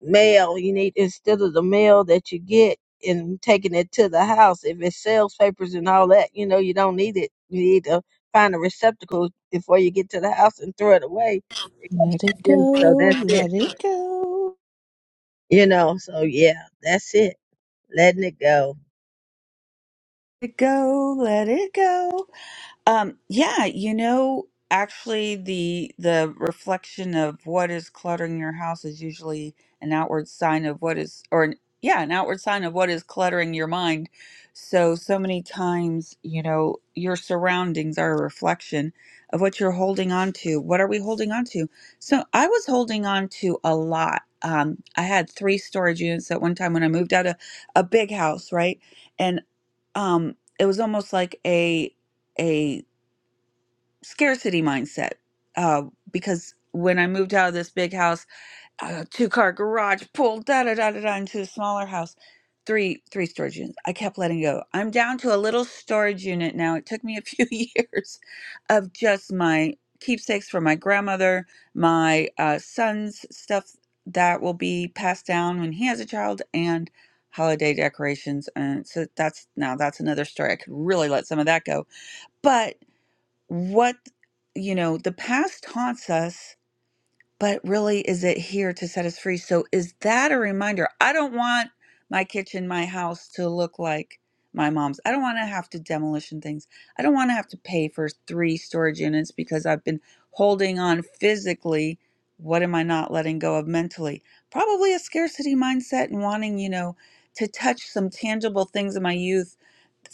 mail you need instead of the mail that you get and taking it to the house if it's sales papers and all that you know you don't need it you need to find a receptacle before you get to the house and throw it away
Let it
And so
go,
that's it
let it go,
you know so yeah that's it letting it go
let it go, let it go. Um, yeah, you know, actually the the reflection of what is cluttering your house is usually an outward sign of what is or an, yeah, an outward sign of what is cluttering your mind. So so many times, you know, your surroundings are a reflection of what you're holding on to. What are we holding on to? So I was holding on to a lot. Um, I had three storage units at one time when I moved out of a big house, right? And um it was almost like a a scarcity mindset uh, because when I moved out of this big house, uh, two car garage, pulled da da da da da into a smaller house, three three storage units. I kept letting go. I'm down to a little storage unit now. It took me a few years of just my keepsakes from my grandmother, my uh, son's stuff that will be passed down when he has a child, and holiday decorations. And so that's now that's another story. I could really let some of that go, but what you know the past haunts us but really is it here to set us free so is that a reminder i don't want my kitchen my house to look like my mom's i don't want to have to demolition things i don't want to have to pay for three storage units because i've been holding on physically what am i not letting go of mentally probably a scarcity mindset and wanting you know to touch some tangible things in my youth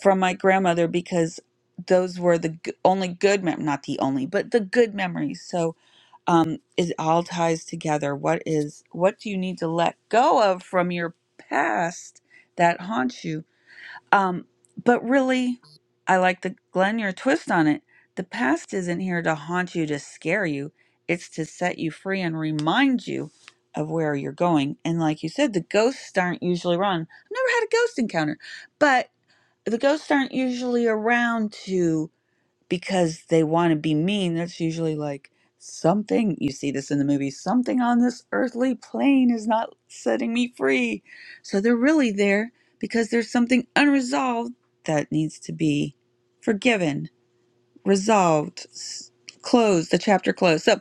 from my grandmother because those were the g- only good mem not the only but the good memories so um it all ties together what is what do you need to let go of from your past that haunts you um but really i like the glenn your twist on it the past isn't here to haunt you to scare you it's to set you free and remind you of where you're going and like you said the ghosts aren't usually wrong i've never had a ghost encounter but the ghosts aren't usually around to because they want to be mean. That's usually like something you see this in the movie something on this earthly plane is not setting me free. So they're really there because there's something unresolved that needs to be forgiven resolved s- closed the chapter closed so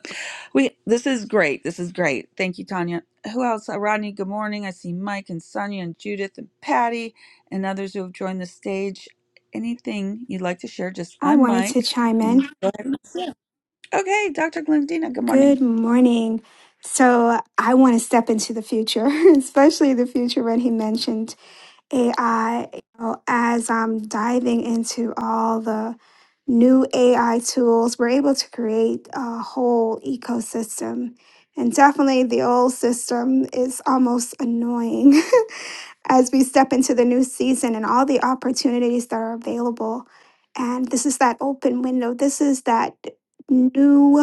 we this is great this is great thank you tanya who else Uh, rodney good morning i see mike and sonia and judith and patty and others who have joined the stage anything you'd like to share just
i wanted
unmic
to chime
and
in
go ahead and share. okay dr glendina good morning
Good morning. So I want to step into the future, especially the future when he mentioned AI. You know, as I'm diving into all the new AI tools, we're able to create a whole ecosystem. And definitely the old system is almost annoying as we step into the new season and all the opportunities that are available. And this is that open window. This is that new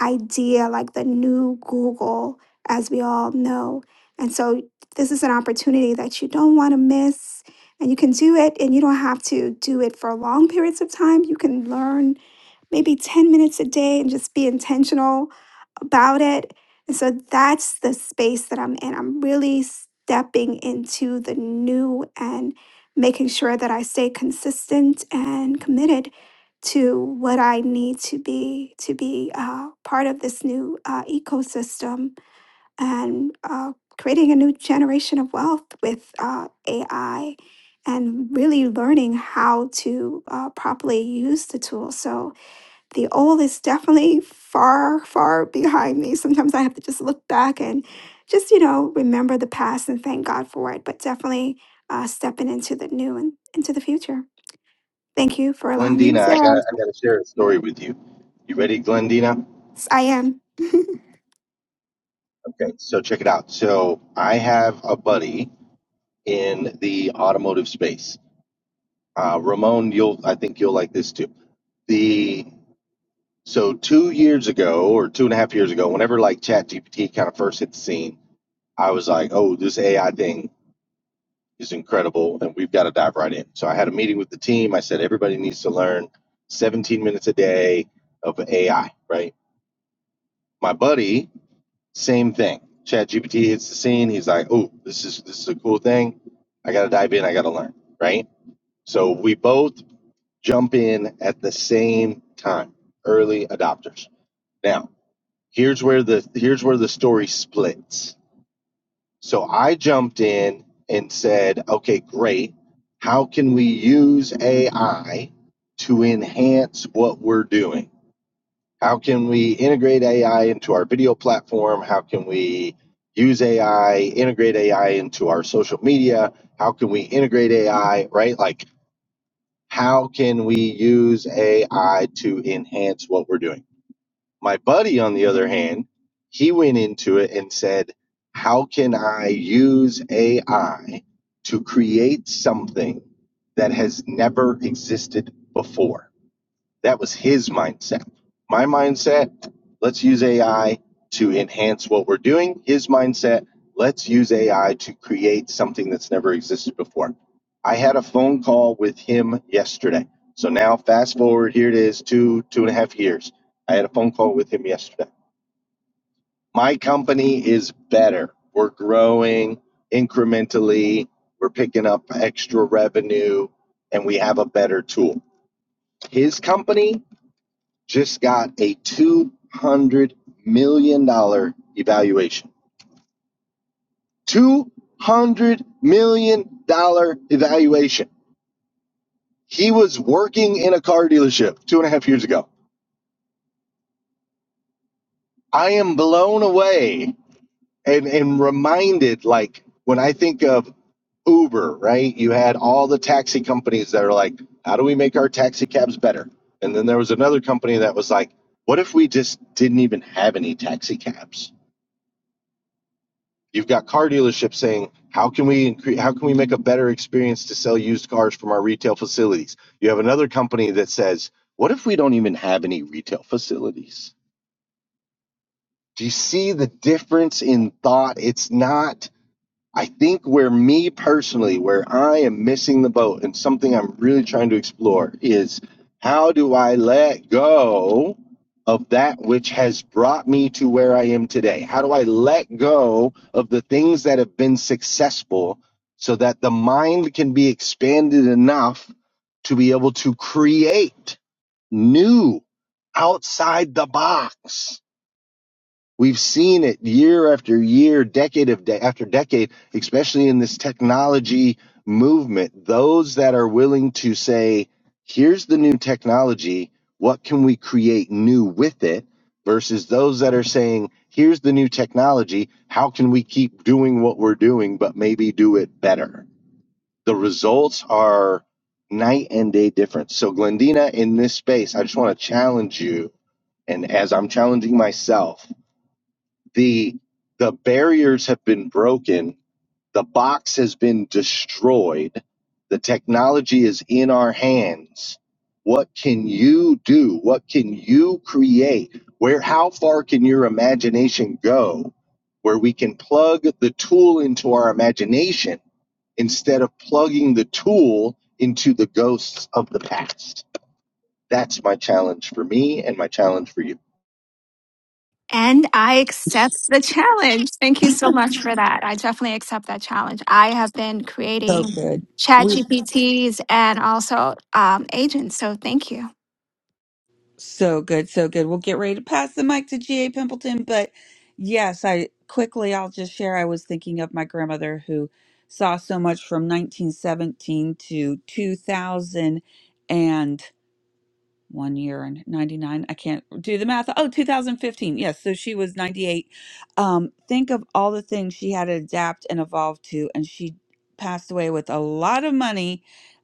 idea, like the new Google, as we all know. And so this is an opportunity that you don't want to miss. And you can do it, and you don't have to do it for long periods of time. You can learn maybe 10 minutes a day and just be intentional about it. And so that's the space that I'm in. I'm really stepping into the new and making sure that I stay consistent and committed to what I need to be to be uh, part of this new uh, ecosystem and uh, creating a new generation of wealth with uh, AI and really learning how to uh, properly use the tool. So the old is definitely far, far behind me. Sometimes I have to just look back and just, you know, remember the past and thank God for it, but definitely uh, stepping into the new and into the future. Thank you for allowing me to
Glendina, I
share.
got I got to share a story with you. You ready, Glendina?
Yes, I am.
Okay, so check it out. So I have a buddy in the automotive space. Uh, Ramon, you'll I think you'll like this too. the so two years ago or two and a half years ago, whenever like ChatGPT kind of first hit the scene, I was like, oh, this AI thing. is incredible, and we've got to dive right in. So I had a meeting with the team. I said everybody needs to learn 17 minutes a day of AI, right? My buddy, same thing. Chat GPT hits the scene. He's like, "Oh, this is this is a cool thing. I got to dive in. I got to learn." Right? So we both jump in at the same time, early adopters. Now, here's where the here's where the story splits So I jumped in and said, okay, great. How can we use AI to enhance what we're doing? How can we integrate AI into our video platform? How can we use AI, integrate AI into our social media? How can we integrate AI, right? Like, how can we use AI to enhance what we're doing? My buddy, on the other hand, he went into it and said, How can I use AI to create something that has never existed before? That was his mindset. My mindset, let's use AI to enhance what we're doing. His mindset, let's use AI to create something that's never existed before. I had a phone call with him yesterday. So now, fast forward, here it is two, two and a half years. I had a phone call with him yesterday. My company is better. We're growing incrementally, we're picking up extra revenue, and we have a better tool. His company just got a $200 million dollars evaluation. $200 million dollars evaluation. He was working in a car dealership two and a half years ago. I am blown away and, and reminded like when I think of Uber, right? You had all the taxi companies that are like, how do we make our taxi cabs better? And then there was another company that was like, what if we just didn't even have any taxi cabs? You've got car dealerships saying, "How can we increase? How can we make a better experience to sell used cars from our retail facilities?" You have another company that says, "What if we don't even have any retail facilities?" Do you see the difference in thought? It's not I think where me personally, where I am missing the boat and something I'm really trying to explore is how do I let go of that which has brought me to where I am today? How do I let go of the things that have been successful so that the mind can be expanded enough to be able to create new outside the box? We've seen it year after year, decade of de- after decade, especially in this technology movement. Those that are willing to say, here's the new technology, what can we create new with it? Versus those that are saying, here's the new technology, how can we keep doing what we're doing, but maybe do it better? The results are night and day difference. So, Glendina, in this space, I just want to challenge you. And as I'm challenging myself, the the barriers have been broken the box has been destroyed the technology is in our hands what can you do what can you create where how far can your imagination go where we can plug the tool into our imagination instead of plugging the tool into the ghosts of the past that's my challenge for me and my challenge for you
And I accept the challenge. Thank you so much for that. I definitely accept that challenge. I have been
so
creating
good
chat
We
GPTs and also um, agents. So thank you.
So good, so good. We'll get ready to pass the mic to G.A. Pimpleton. But yes, I quickly, I'll just share. I was thinking of my grandmother who saw so much from 1917 to 2000 one year and 99 i can't do the math oh 2015 yes so she was 98 um think of all the things she had to adapt and evolve to and she passed away with a lot of money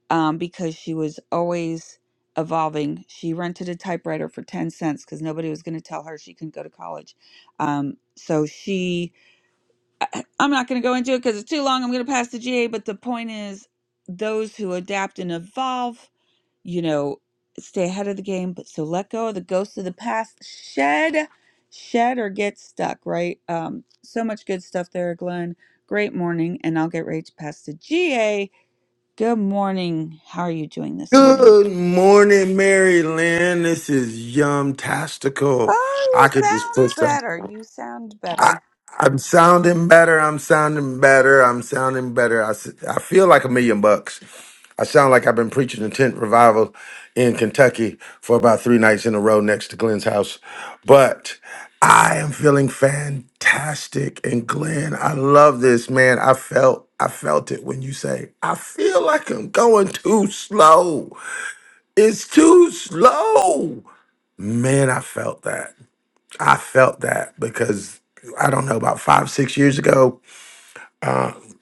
um because she was always evolving she rented a typewriter for 10 cents because nobody was going to tell her she couldn't go to college um so she I, i'm not going to go into it because it's too long i'm going to pass the ga but the point is those who adapt and evolve you know, stay ahead of the game, but so let go of the ghosts of the past. Shed, shed or get stuck, right? Um, so much good stuff there, Glenn. Great morning, and I'll get right to pass to GA. Good morning. How are you doing this morning?
Good morning, Maryland. This is Yum Tastical.
Oh,
I
you
could just put
sound
some.
better. You sound better.
I'm sounding better. I'm sounding better. I'm sounding better. I, s- I feel like a million bucks. I sound like I've been preaching a tent revival in Kentucky for about three nights in a row next to Glenn's house. But I am feeling fantastic. And Glenn, I love this, man. I felt I felt it when you say, I feel like I'm going too slow. It's too slow. Man, I felt that. I felt that because I don't know about 5 6 years ago,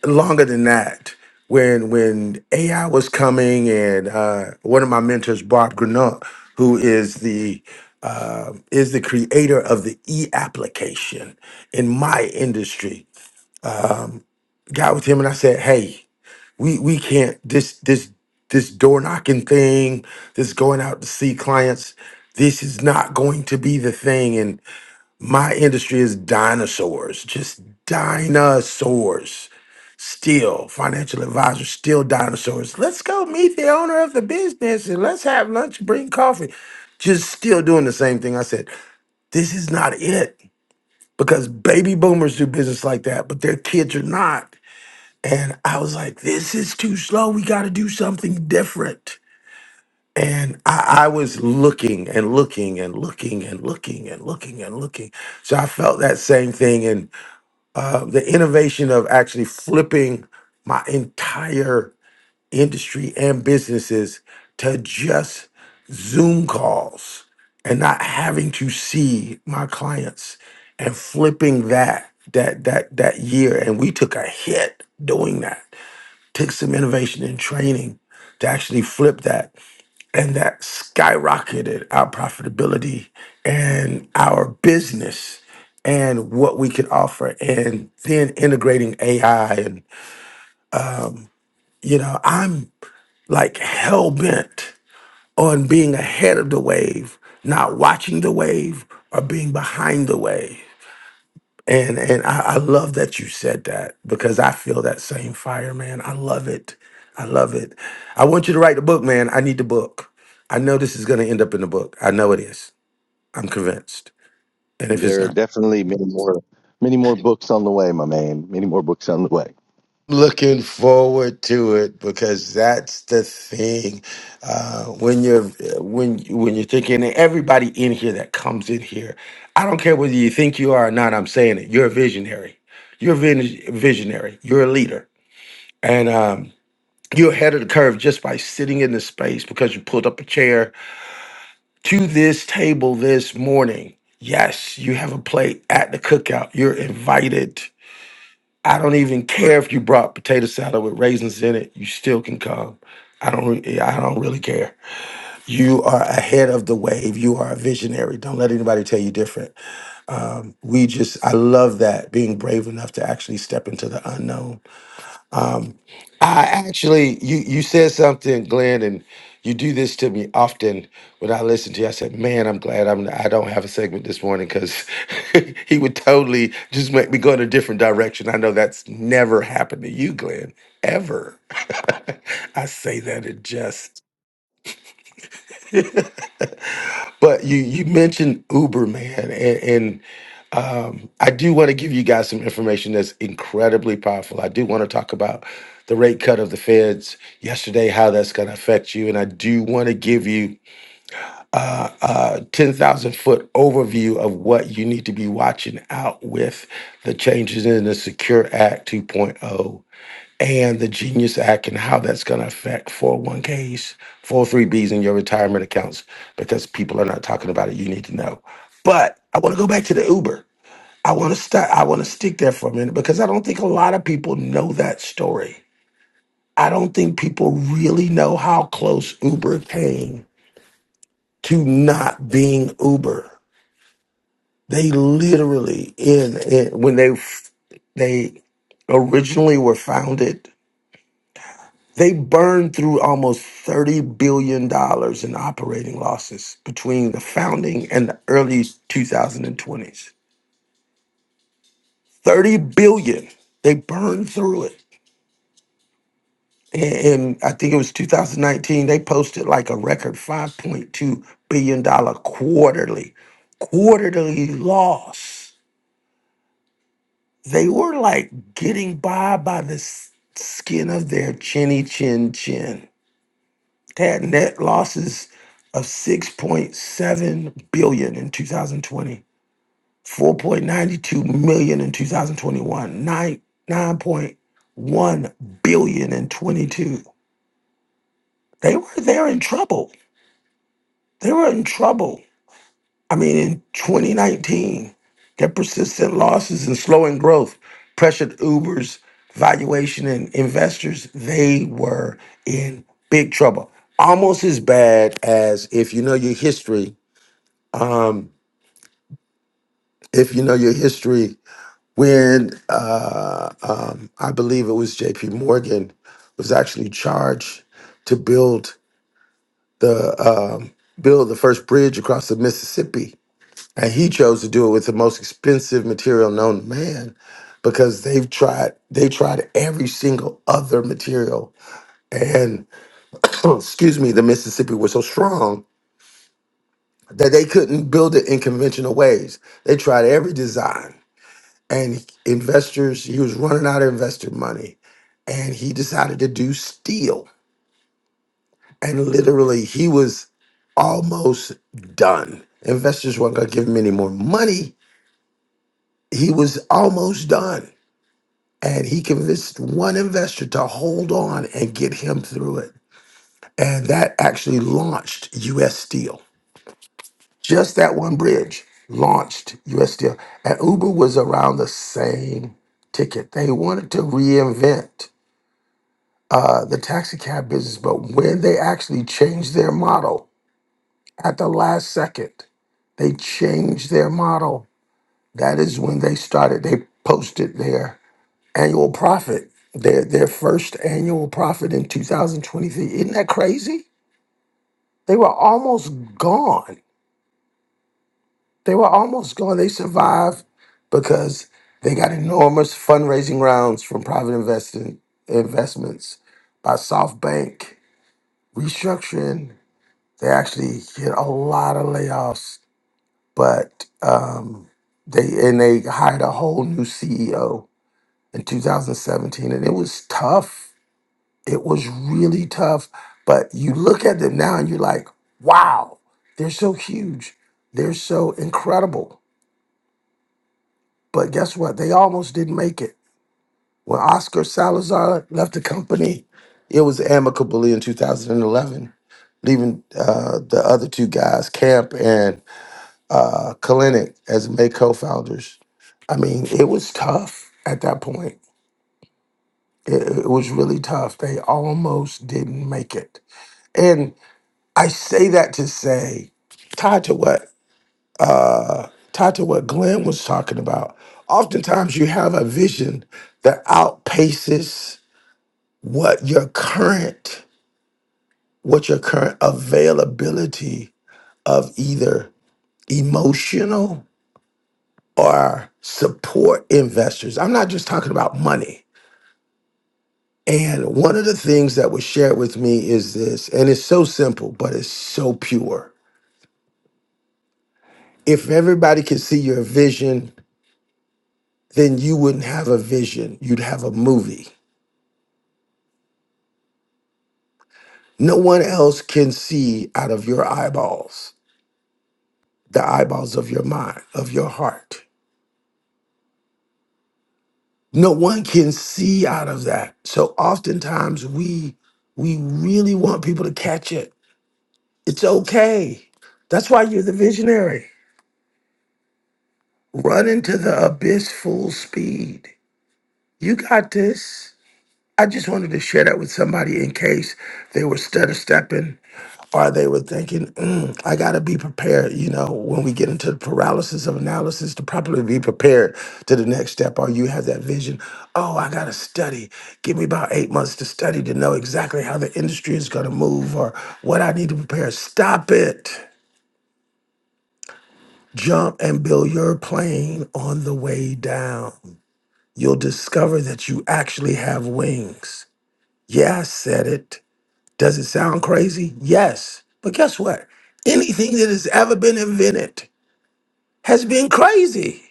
longer than that, when when AI was coming and uh one of my mentors Bob Grenant, who is the uh, is the creator of the e application in my industry. Got with him and I said, "Hey, we we can't this this this door knocking thing this going out to see clients this is not going to be the thing and my industry is dinosaurs just dinosaurs still financial advisors still dinosaurs let's go meet the owner of the business and let's have lunch bring coffee just still doing the same thing i said this is not it because baby boomers do business like that but their kids are not and I was like, this is too slow. We got to do something different. And I, I was looking and looking and looking and looking and looking and looking. So I felt that same thing. And uh, the innovation of actually flipping my entire industry and businesses to just Zoom calls and not having to see my clients and flipping that that that that year and we took a hit doing that Take some innovation and training to actually flip that. And that skyrocketed our profitability and our business and what we could offer. And then integrating AI. And, you know, I'm like hell bent on being ahead of the wave, not watching the wave or being behind the wave And and I, I love that you said that because I feel that same fire, man. I love it. I love it. I want you to write the book, man. I need the book. I know this is gonna end up in the book. I know it is. I'm convinced. And if it's not looking forward to it because that's the thing uh when you're when when you're thinking and everybody in here that comes in here i don't care whether you think you are or not i'm saying it you're a visionary you're a vis- visionary you're a leader and um You're ahead of the curve just by sitting in this space because you pulled up a chair to this table this morning. Yes, you have a plate at the cookout. You're invited. I don't even care if you brought potato salad with raisins in it. You still can come. I don't. re- I don't really care. You are ahead of the wave. You are a visionary. Don't let anybody tell you different. We just. I love that being brave enough to actually step into the unknown I actually, you you said something, Glenn, and you do this to me often when I listen to you. I said, "Man, I'm glad I'm I don't have a segment this morning because he would totally just make me go in a different direction." I know that's never happened to you, Glenn, ever. I say that it just. but you you mentioned Uber, man, and, and Um, I do want to give you guys some information that's incredibly powerful. I do want to talk about the rate cut of the feds yesterday, how that's going to affect you. And I do want to give you a 10,000 foot overview of what you need to be watching out with the changes in the Secure Act 2.0 and the Genius Act and how that's going to affect 401ks, 403bs, and your retirement accounts because people are not talking about it. You need to know. But I want to go back to the Uber. I want to start. I want to stick there for a minute because I don't think a lot of people know that story. I don't think people really know how close Uber came to not being Uber. They literally in, in when they f- they originally were founded, they burned through almost thirty billion dollars in operating losses between the founding and the early 2020s. Thirty billion. They burned through it and I think it was 2019, they posted like a record $5.2 billion dollar quarterly, quarterly loss. They were like getting by by the s- skin of their chinny chin chin. They had net losses of 6.7 billion in 2020, 4.92 million in 2021, 9, 9.1 billion in 22. They were, they were they're in trouble They were in trouble. I mean, in 2019, their persistent losses and slowing growth pressured Uber's valuation and investors. They were in big trouble. Almost as bad as if you know your history. Um, if you know your history, when uh, um, I believe it was J.P. Morgan was actually charged to build the um, build the first bridge across the Mississippi And he chose to do it with the most expensive material known to man because they've tried they tried every single other material. And excuse me, the Mississippi was so strong that they couldn't build it in conventional ways. They tried every design. And investors, he was running out of investor money. And he decided to do steel. And literally he was almost done. Investors weren't gonna give him any more money. He was almost done and he convinced one investor to hold on and get him through it. And that actually launched US Steel. Just that one bridge launched US Steel. And Uber was around the same ticket. They wanted to reinvent uh, the taxi cab business, but when they actually changed their model at the last second, they changed their model. That is when they started, they posted there. annual profit, their their first annual profit in 2023. Isn't that crazy? They were almost gone. They were almost gone. They survived because they got enormous fundraising rounds from private investing investments by SoftBank restructuring. They actually hit a lot of layoffs, but um, they and they hired a whole new CEO in 2017, and it was tough It was really tough, but you look at them now and you're like, wow, they're so huge. They're so incredible. But guess what? They almost didn't make it. When Oscar Salazar left the company, it was amicably in 2011, leaving uh, the other two guys, Camp and uh, Kalinick, as May co founders. I mean, it was tough at that point. It, it was really tough. They almost didn't make it. I say that to say, tied to what tied to what Glenn was talking about. Oftentimes you have a vision that outpaces what your current what your current availability of either emotional or support investors. I'm not just talking about money. And one of the things that was shared with me is this, and it's so simple, but it's so pure. If everybody can see your vision, then you wouldn't have a vision. You'd have a movie. No one else can see out of your eyeballs, the eyeballs of your mind, of your heart. No one can see out of that. So oftentimes we we really want people to catch it. It's okay. That's why you're the visionary. Run into the abyss full speed. You got this. I just wanted to share that with somebody in case they were stutter stepping or they were thinking, mm, I got to be prepared. You know, when we get into the paralysis of analysis, to properly be prepared to the next step, or you have that vision, oh, I got to study. Give me about eight months to study to know exactly how the industry is going to move or what I need to prepare. Stop it. Jump and build your plane on the way down. You'll discover that you actually have wings. Yeah, I said it. Does it sound crazy? Yes. But guess what? Anything that has ever been invented has been crazy.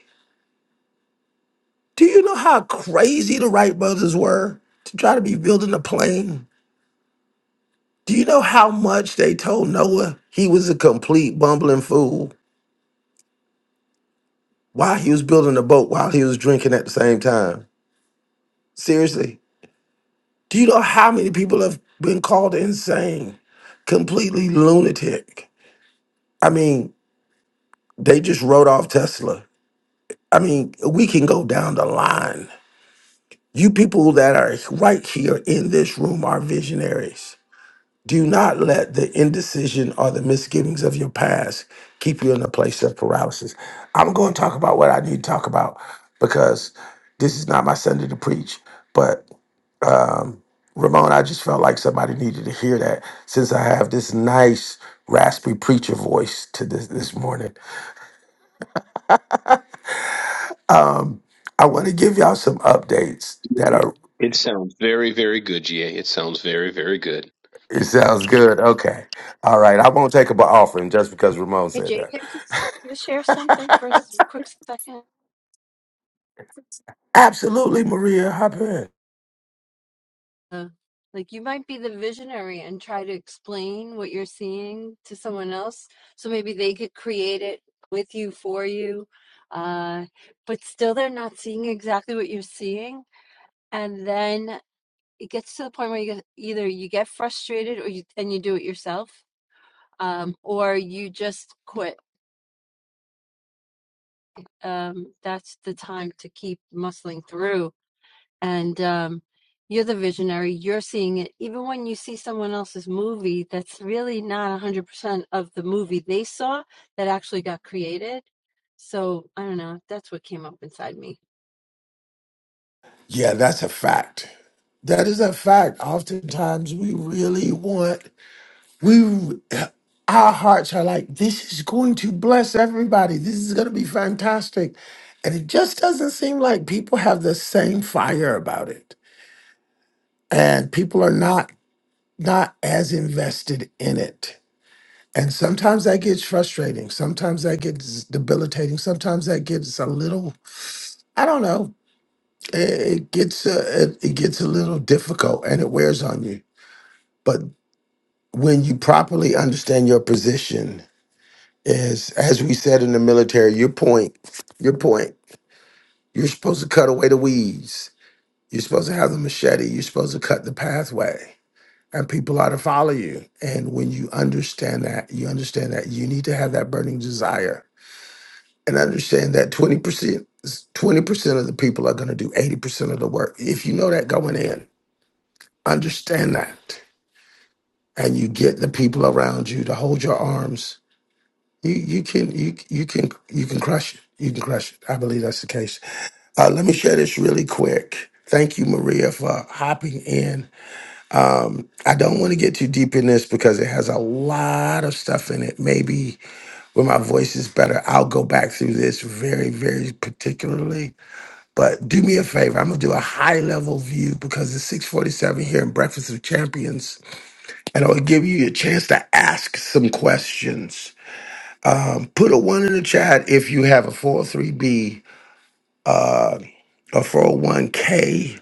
Do you know how crazy the Wright brothers were to try to be building a plane? Do you know how much they told Noah he was a complete bumbling fool while he was building a boat while he was drinking at the same time? Seriously. Do you know how many people have been called insane, completely lunatic? I mean, they just wrote off Tesla I mean, we can go down the line. You people that are right here in this room are visionaries. Do not let the indecision or the misgivings of your past keep you in a place of paralysis. I'm going to talk about what I need to talk about because this is not my Sunday to preach. But um, Ramon, I just felt like somebody needed to hear that since I have this nice, raspy preacher voice to this this morning. Um, I want to give y'all some updates that are
It sounds very, very good, GA. It sounds very, very good.
It sounds good. Okay. All right. I won't take up an offering just because Ramon
Hey
said
Jay,
that.
can I just can I share something for a s- quick second?
Absolutely, Maria. Hop in.
uh, like you might be the visionary and try to explain what you're seeing to someone else so maybe they could create it with you for you uh, but still they're not seeing exactly what you're seeing and then it gets to the point where you get, either you get frustrated or you and you do it yourself um, or you just quit um, that's the time to keep muscling through and um, you're the visionary. You're seeing it, even when you see someone else's movie that's really not 100% of the movie they saw that actually got created. So I don't know. That's what came up inside me.
Yeah, that's a fact. That is a fact. Oftentimes we really want we our hearts are like, this is going to bless everybody. This is gonna be fantastic. And it just doesn't seem like people have the same fire about it. And people are not not as invested in it. And sometimes that gets frustrating. Sometimes that gets debilitating. Sometimes that gets a little, I don't know, it, it gets a, it, it gets a little difficult and it wears on you. But when you properly understand your position is, as we said in the military, your point, your point, you're supposed to cut away the weeds. You're supposed to have the machete. You're supposed to cut the pathway and people are to follow you. And when you understand that, you understand that you need to have that burning desire and understand that 20% is 20% of the people are going to do 80% of the work. If you know that going in, understand that and you get the people around you to hold your arms, you you can you you can you can crush it. You can crush it. I believe that's the case. Uh, let me share this really quick. Thank you, Maria, for hopping in. I don't want to get too deep in this because it has a lot of stuff in it. Maybe when my voice is better, I'll go back through this very, very particularly But do me a favor. I'm gonna do a high level view because it's 647 here in Breakfast of Champions, and I'll give you a chance to ask some questions. Put a one in the chat if you have a 403b, uh, a 401 a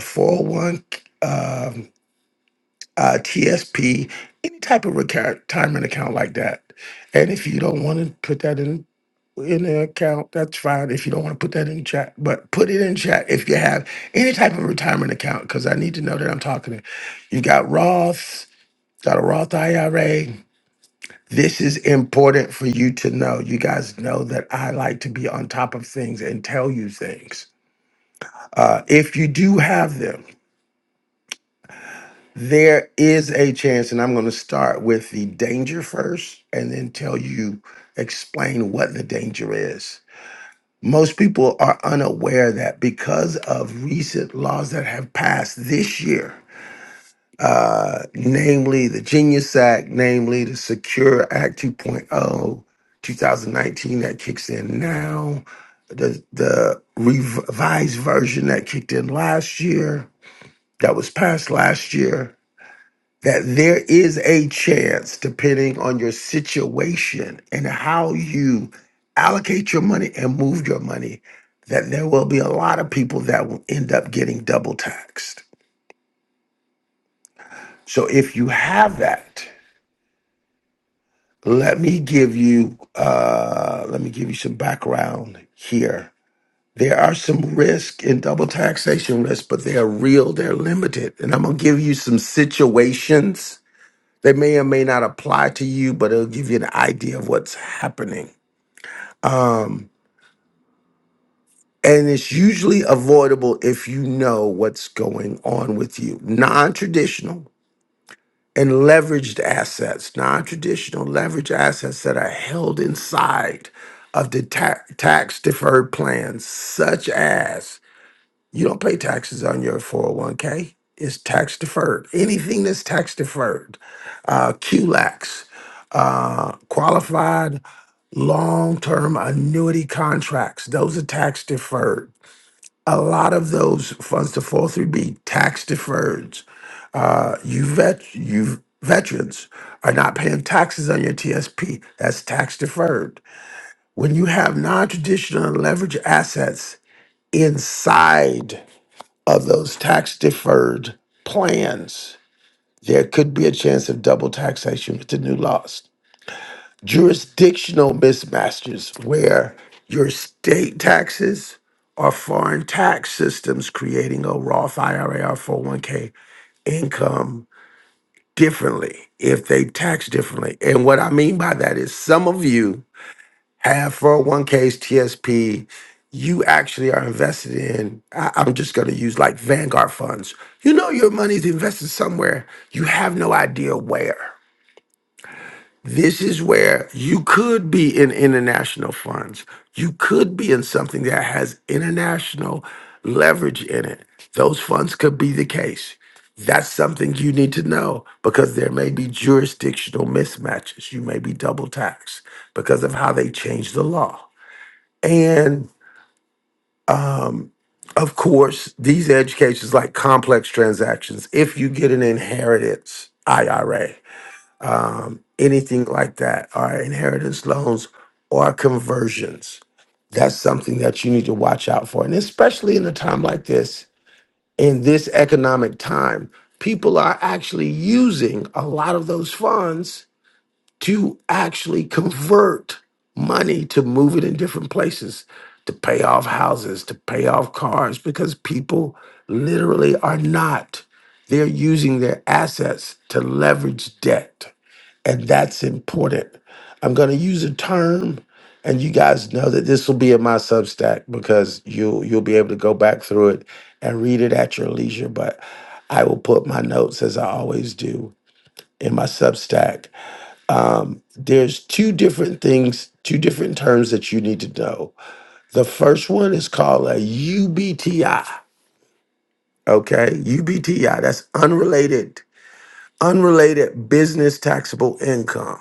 401 um, uh, TSP, any type of retirement account like that. And if you don't want to put that in in the account. That's fine if you don't want to put that in chat, but put it in chat if you have any type of retirement account because I need to know that I'm talking to you. Got Roths, got a Roth IRA. This is important for you to know. You guys know that I like to be on top of things and tell you things. Uh, if you do have them, there is a chance, and I'm going to start with the danger first and then tell you, explain what the danger is Most people are unaware that because of recent laws that have passed this year, uh, namely the Genius Act, namely the Secure Act 2.0, 2019 that kicks in now, the, the revised version that kicked in last year, that was passed last year, that there is a chance, depending on your situation and how you allocate your money and move your money, that there will be a lot of people that will end up getting double taxed. So if you have that, let me give you uh, let me give you some background here. There are some risk in double taxation risk, but they are real. They're limited, and I'm gonna give you some situations They may or may not apply to you, but it'll give you an idea of what's happening. And it's usually avoidable if you know what's going on with you. Non traditional and leveraged assets, non traditional leveraged assets that are held inside of the ta- tax deferred plans, such as you don't pay taxes on your 401k, it's tax deferred. Anything that's tax deferred, uh, QLACs, uh, qualified long-term annuity contracts. Those are tax deferred. A lot of those funds to 403b tax deferred. Uh, you vet you veterans are not paying taxes on your TSP. That's tax deferred. When you have non-traditional leverage assets inside of those tax deferred plans, there could be a chance of double taxation with the new laws. jurisdictional mismatches where your state taxes or foreign tax systems creating a Roth IRA or 401k income differently if they tax differently. And what I mean by that is some of you have 401ks, TSP, you actually are invested in, I- I'm just going to use like Vanguard funds. You know your money's invested somewhere, you have no idea where this is where you could be in international funds. You could be in something that has international leverage in it. Those funds could be the case. That's something you need to know because there may be jurisdictional mismatches. You may be double taxed because of how they change the law. And um, of course, these educations like complex transactions, if you get an inheritance IRA, um, anything like that are inheritance loans or conversions. That's something that you need to watch out for. And especially in a time like this, in this economic time, people are actually using a lot of those funds to actually convert money to move it in different places, to pay off houses, to pay off cars, because people literally are not. They're using their assets to leverage debt and that's important. I'm going to use a term, and you guys know that this will be in my Substack because you'll you'll be able to go back through it and read it at your leisure. But I will put my notes as I always do in my Substack. Um, there's two different things, two different terms that you need to know. The first one is called a UBTI. Okay, UBTI. That's unrelated, unrelated business taxable income.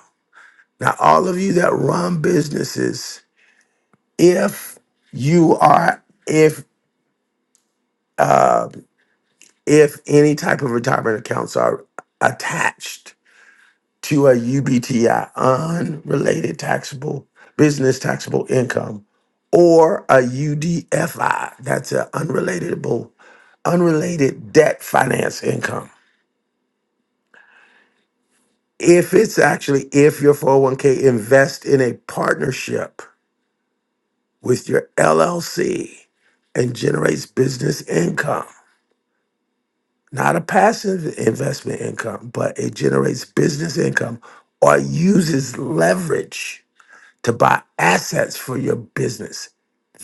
Now, all of you that run businesses, if you are, if uh, if any type of retirement accounts are attached to a UBTI, unrelated taxable business taxable income, or a UDFI, that's an unrelatable, unrelated debt finance income. If it's actually if your 401k invest in a partnership with your LLC and generates business income, not a passive investment income, but it generates business income or uses leverage to buy assets for your business.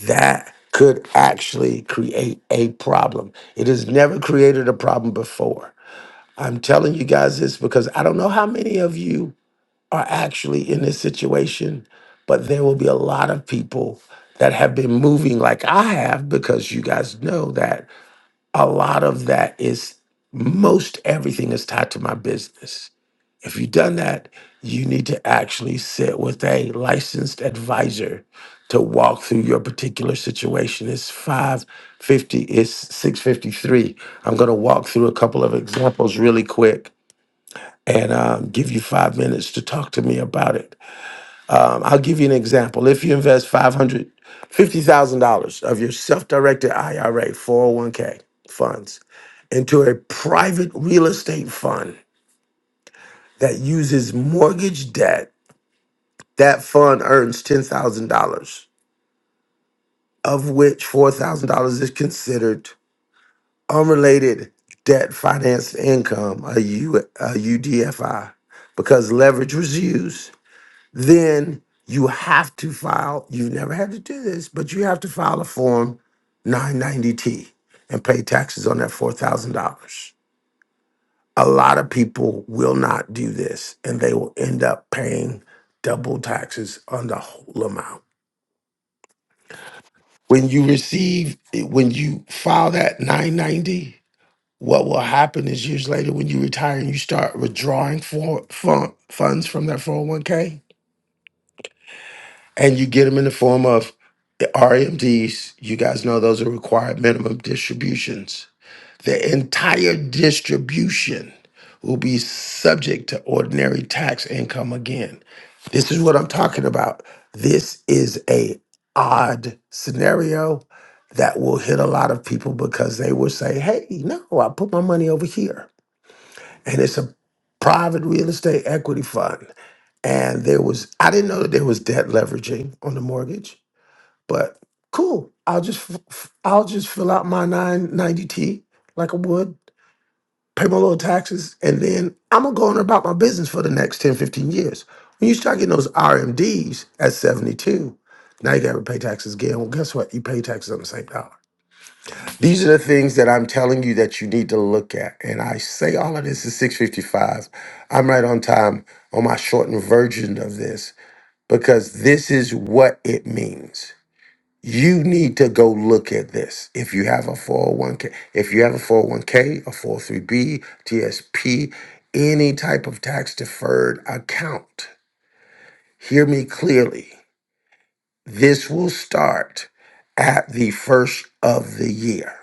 That could actually create a problem. It has never created a problem before. I'm telling you guys this because I don't know how many of you are actually in this situation, but there will be a lot of people that have been moving like I have because you guys know that a lot of that is most everything is tied to my business. If you've done that, you need to actually sit with a licensed advisor to walk through your particular situation. It's 550, it's 653. I'm going to walk through a couple of examples really quick and um, give you five minutes to talk to me about it um, I'll give you an example. If you invest five hundred fifty thousand dollars of your self-directed IRA, four hundred one k funds into a private real estate fund that uses mortgage debt, that fund earns ten thousand dollars, of which four thousand dollars is considered unrelated debt financed income, a, U, a UDFI, because leverage was used then you have to file, you've never had to do this, but you have to file a Form 990T and pay taxes on that $4,000. A lot of people will not do this and they will end up paying double taxes on the whole amount. When you receive, when you file that 990, what will happen is years later when you retire and you start withdrawing for, fun, funds from that 401k, and you get them in the form of RMDs. You guys know those are required minimum distributions. The entire distribution will be subject to ordinary tax income again. This is what I'm talking about. This is a odd scenario that will hit a lot of people because they will say, "Hey, no, I put my money over here." And it's a private real estate equity fund and there was I didn't know that there was debt leveraging on the mortgage. But cool. I'll just f- f- I'll just fill out my 990T like I would, pay my little taxes, and then I'm gonna go on about my business for the next 10 15 years. When you start getting those RMDs at 72, now you gotta pay taxes again. Well, guess what? You pay taxes on the same dollar. These are the things that I'm telling you that you need to look at. And I say all of this is 655. I'm right on time on my shortened version of this because this is what it means. You need to go look at this. If you have a 401k, if you have a 401k, a 403b, TSP, any type of tax deferred account, hear me clearly. This will start at the first of the year.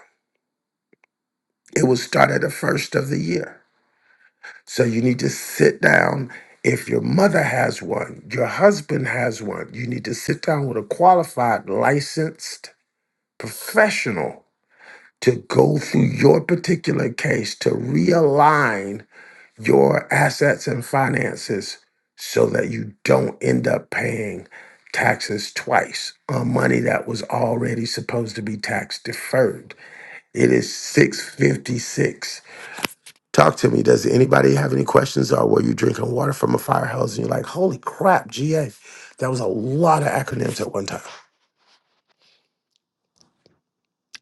It will start at the first of the year. So you need to sit down. If your mother has one, your husband has one, you need to sit down with a qualified, licensed professional to go through your particular case to realign your assets and finances so that you don't end up paying taxes twice on money that was already supposed to be tax deferred. It is 656. Talk to me. Does anybody have any questions or were you drinking water from a fire hose and you're like, holy crap, GA, that was a lot of acronyms at one time.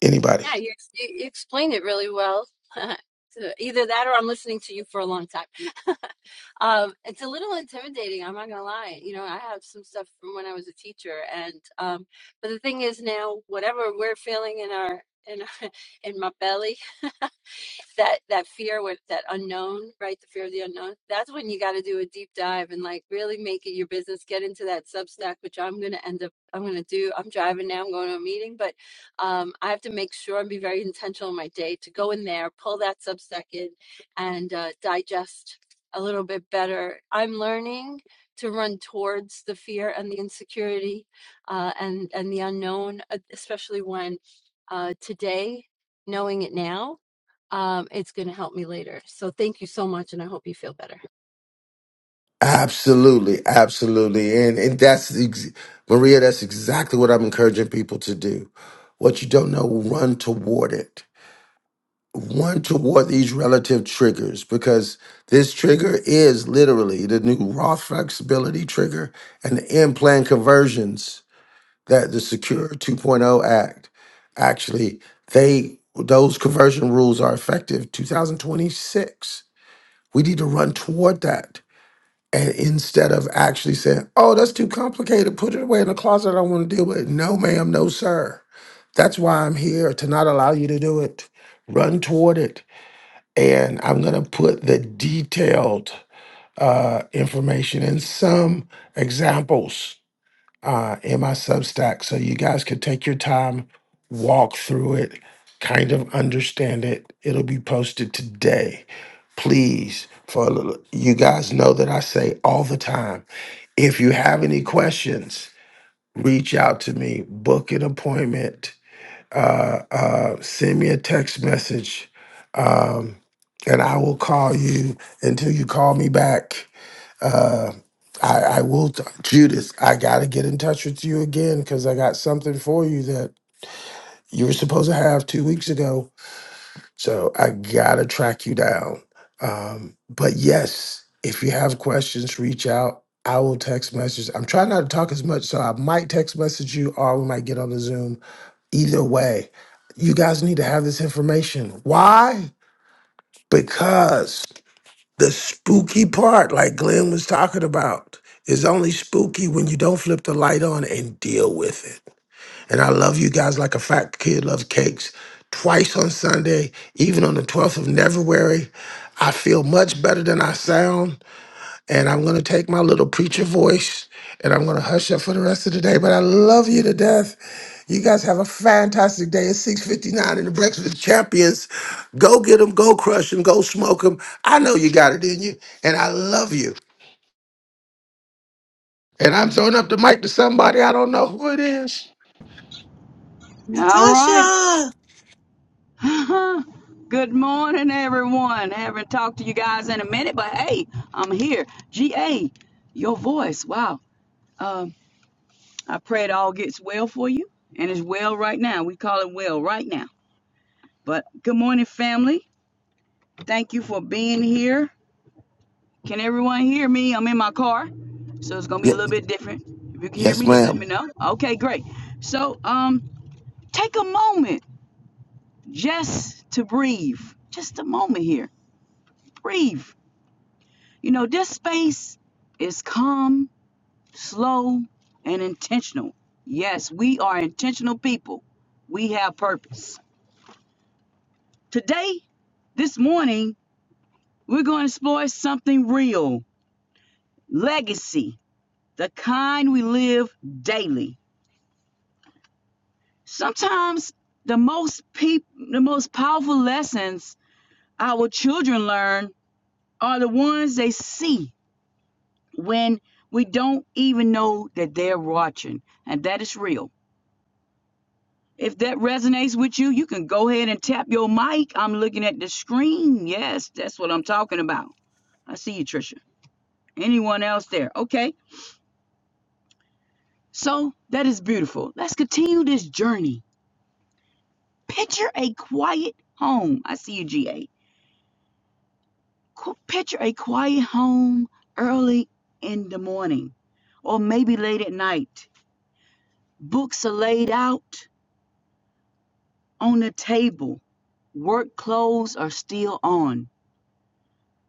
Anybody?
Yeah, you, ex- you you explained it really well. So Either that, or I'm listening to you for a long time. um, it's a little intimidating. I'm not gonna lie. You know, I have some stuff from when I was a teacher, and um, but the thing is now, whatever we're feeling in our in in my belly that that fear with that unknown right the fear of the unknown that's when you got to do a deep dive and like really make it your business get into that substack which i'm going to end up i'm going to do i'm driving now i'm going to a meeting but um, i have to make sure and be very intentional in my day to go in there pull that substack in and uh, digest a little bit better i'm learning to run towards the fear and the insecurity uh, and and the unknown uh, especially when uh, today knowing it now um, it's going to help me later. So thank you so much, and I hope you feel better.
Absolutely, absolutely, and and that's ex- Maria. That's exactly what I'm encouraging people to do. What you don't know, run toward it. Run toward these relative triggers because this trigger is literally the new raw flexibility trigger and the in-plan conversions that the Secure 2.0 Act actually they those conversion rules are effective 2026. We need to run toward that and instead of actually saying, oh, that's too complicated, put it away in the closet, I don't want to deal with it. No, ma'am, no, sir. That's why I'm here to not allow you to do it. Run toward it. And I'm going to put the detailed uh, information and some examples uh, in my Substack so you guys can take your time, walk through it, kind of understand it. It'll be posted today. Please, for a little, you guys know that I say all the time if you have any questions, reach out to me, book an appointment, uh, uh, send me a text message, um, and I will call you until you call me back. Uh, I, I will, t- Judith, I got to get in touch with you again because I got something for you that you were supposed to have two weeks ago. So I got to track you down. Um, but yes, if you have questions, reach out. I will text message. I'm trying not to talk as much, so I might text message you or we might get on the Zoom. Either way, you guys need to have this information. Why? Because the spooky part, like Glenn was talking about, is only spooky when you don't flip the light on and deal with it. And I love you guys like a fat kid loves cakes. Twice on Sunday, even on the 12th of February, I feel much better than I sound. And I'm going to take my little preacher voice and I'm going to hush up for the rest of the day. But I love you to death. You guys have a fantastic day. It's 6.59 in the Breakfast with Champions. Go get them, go crush them, go smoke them. I know you got it in you. And I love you. And I'm throwing up the mic to somebody. I don't know who it is.
All right.
Natasha!
Good morning, everyone. Haven't talked to you guys in a minute, but hey, I'm here. GA, your voice. Wow. Um, I pray it all gets well for you, and it's well right now. We call it well right now. But good morning, family. Thank you for being here. Can everyone hear me? I'm in my car, so it's gonna be
Yeah,
a little bit different. If you can hear
yes,
me, just let me
ma'am.
know. Okay, great. So, um, take a moment just to breathe. Just a moment here. Breathe You know, this space is calm, slow, and intentional. Yes, we are intentional people. We have purpose. Today, this morning, we're going to explore something real legacy, the kind we live daily. Sometimes the most peop- the most powerful lessons our children learn are the ones they see when we don't even know that they're watching, and that is real. If that resonates with you, you can go ahead and tap your mic. I'm looking at the screen. Yes, that's what I'm talking about. I see you, Trisha. Anyone else there? Okay. So that is beautiful. Let's continue this journey. Picture a quiet home. I see you, GA. Qu- Picture a quiet home early in the morning or maybe late at night. Books are laid out on the table. Work clothes are still on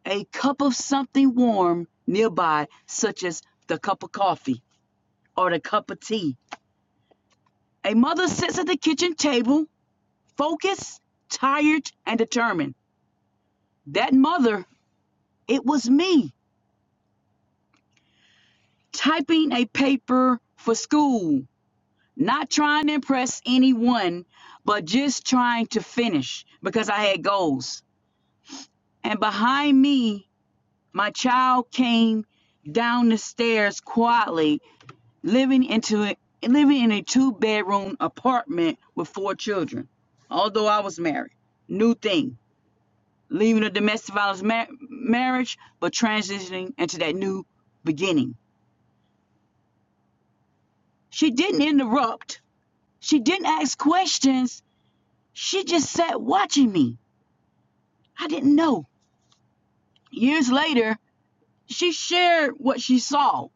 A cup of something warm nearby, such as the cup of coffee or the cup of tea. A mother sits at the kitchen table, focused, tired, and determined. That mother, it was me, typing a paper for school, not trying to impress anyone, but just trying to finish because I had goals. And behind me, my child came down the stairs quietly living into it living in a two bedroom apartment with four children although i was married new thing leaving a domestic violence ma- marriage but transitioning into that new beginning she didn't interrupt she didn't ask questions she just sat watching me i didn't know years later she shared what she saw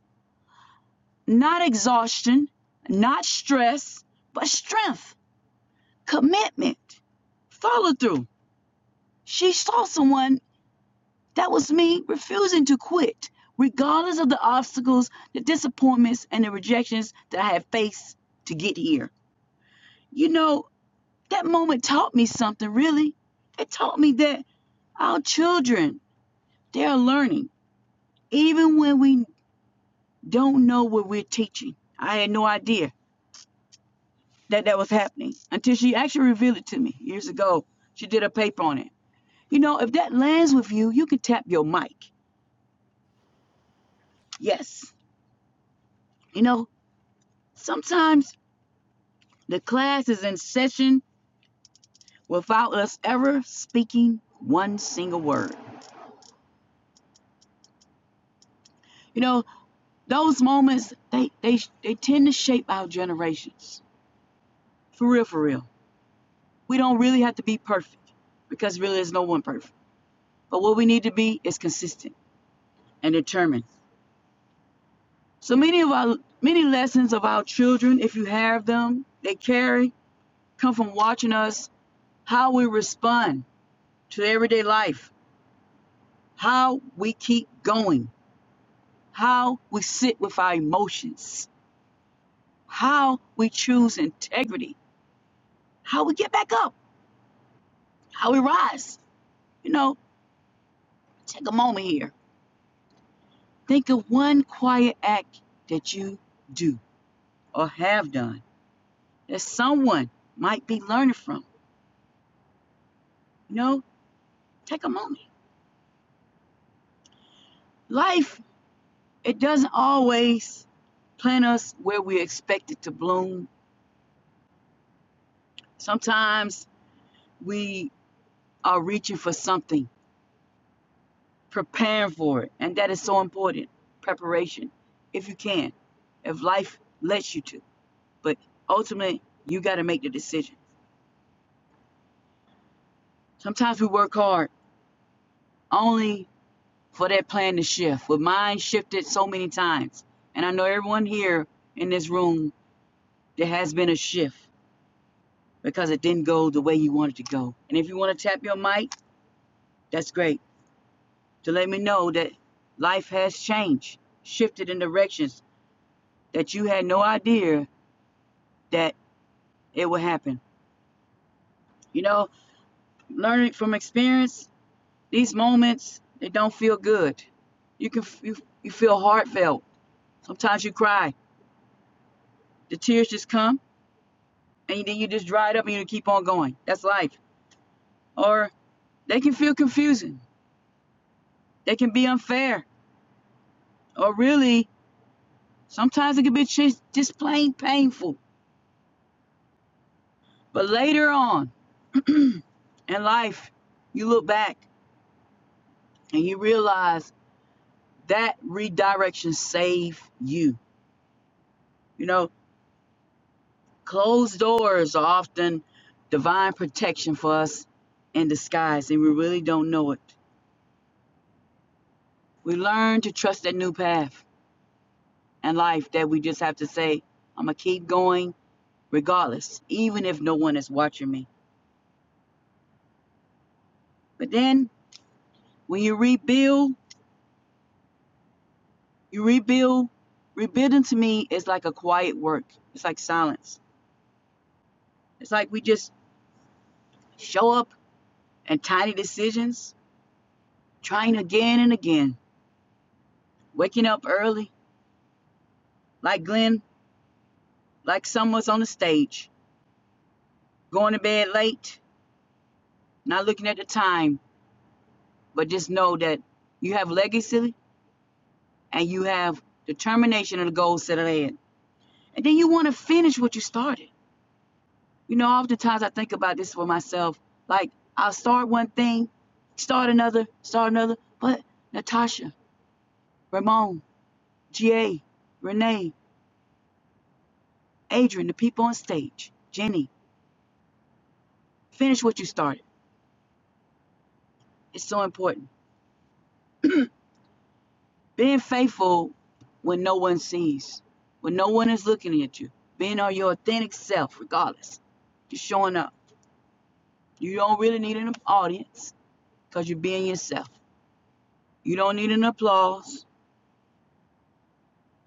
not exhaustion not stress but strength commitment follow through She saw someone that was me refusing to quit, regardless of the obstacles, the disappointments, and the rejections that I had faced to get here. You know, that moment taught me something, really. It taught me that our children, they are learning, even when we don't know what we're teaching. I had no idea that that was happening until she actually revealed it to me years ago. She did a paper on it. You know, if that lands with you, you can tap your mic. Yes. You know, Sometimes the class is in session without us ever speaking one single word. You know, those moments they they they tend to shape our generations. For real, for real. We don't really have to be perfect because really there's no one perfect. But what we need to be is consistent and determined. So many of our many lessons of our children, if you have them, they carry come from watching us how we respond to everyday life, how we keep going how we sit with our emotions, how we choose integrity, how we get back up, how we rise. You know, take a moment here. Think of one quiet act that you do or have done that someone might be learning from. You know, take a moment. Life, it doesn't always plant us where we expect it to bloom. Sometimes we are reaching for something preparing for it. And that is so important. Preparation, if you can, if life lets you to. But ultimately, you got to make the decision. Sometimes we work hard only for that plan to shift. Well, mine shifted so many times. And I know everyone here in this room, there has been a shift because it didn't go the way you wanted to go. And if you want to tap your mic, that's great to let me know that life has changed, shifted in directions that you had no idea that it will happen. You know, learning from experience, these moments they don't feel good. You can you, you feel heartfelt. Sometimes you cry. The tears just come, and then you just dry it up, and you keep on going. That's life. Or they can feel confusing. They can be unfair. Or really, sometimes it can be just, just plain painful. But later on in life, you look back and you realize that redirection saved you. You know, Closed doors are often divine protection for us in disguise, and we really don't know it. We learn to trust that new path and life that we just have to say, I'm going to keep going regardless, even if no one is watching me. But then when you rebuild, you rebuild. Rebuilding to me is like a quiet work, it's like silence. It's like we just show up and tiny decisions, trying again and again, waking up early, like Glenn like some was on the stage, going to bed late, not looking at the time, but just know that you have legacy and you have determination and the goals set ahead. And then you want to finish what you started. You know, oftentimes I think about this for myself. Like, I'll start one thing, start another, start another. But Natasha, Ramon, GA, Renee, Adrian, the people on stage, Jenny, finish what you started. It's so important. Being faithful when no one sees, when no one is looking at you, being on your authentic self, regardless. You're showing up. You don't really need an audience because you're being yourself. You don't need an applause.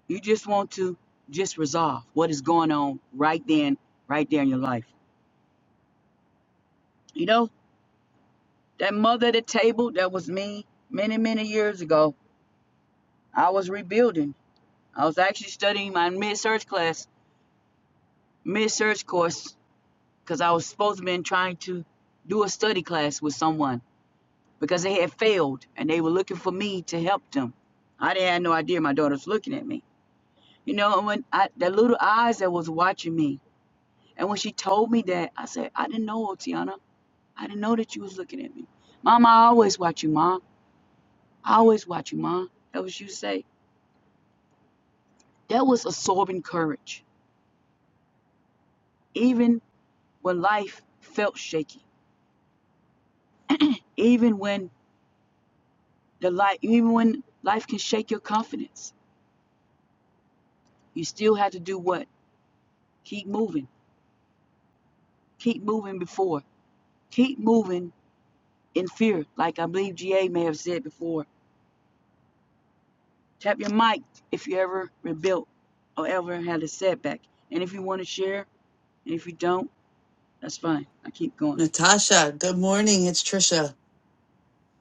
You just want to just resolve what is going on right then, right there in your life. You know, that mother at the table, that was me many, many years ago. I was rebuilding. I was actually studying my mid-search class, mid-search course because I was supposed to been trying to do a study class with someone because they had failed and they were looking for me to help them. I didn't have no idea my daughter was looking at me. You know, and when I, that little eyes that was watching me, and when she told me that, I said, I didn't know, Tiana. I didn't know that you was looking at me. Mom, I always watch you, Mom. I always watch you, Mom. That was you say. That was absorbing courage. Even when life felt shaky, even when the life, even when life can shake your confidence You still have to do what? Keep moving. Keep moving before. Keep moving in fear, like I believe GA may have said before. Tap your mic if you ever rebuilt or ever had a setback. And if you want to share, and if you don't, that's fine. I keep going.
Natasha, good morning. It's Trisha.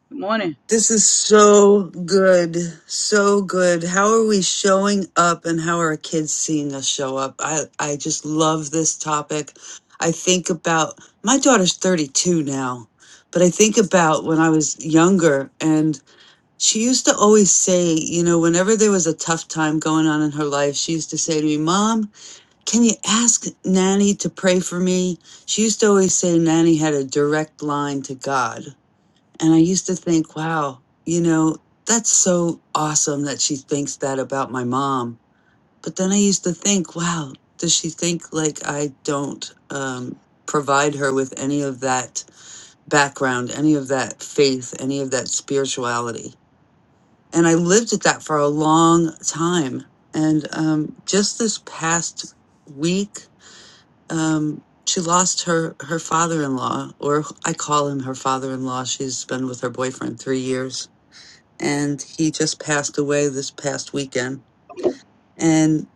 Good morning.
This is so good. So good. How are we showing up and how are our kids seeing us show up? I, I just love this topic. I think about my daughter's 32 now, but I think about when I was younger and she used to always say, you know, whenever there was a tough time going on in her life, she used to say to me, Mom, can you ask Nanny to pray for me? She used to always say Nanny had a direct line to God and I used to think, wow, you know, that's so awesome that she thinks that about my mom. But then I used to think, wow, does she think like I don't um, provide her with any of that background, any of that faith, any of that spirituality? And I lived at that for a long time. And um, just this past week, um, she lost her, her father in law, or I call him her father in law. She's been with her boyfriend three years and he just passed away this past weekend. And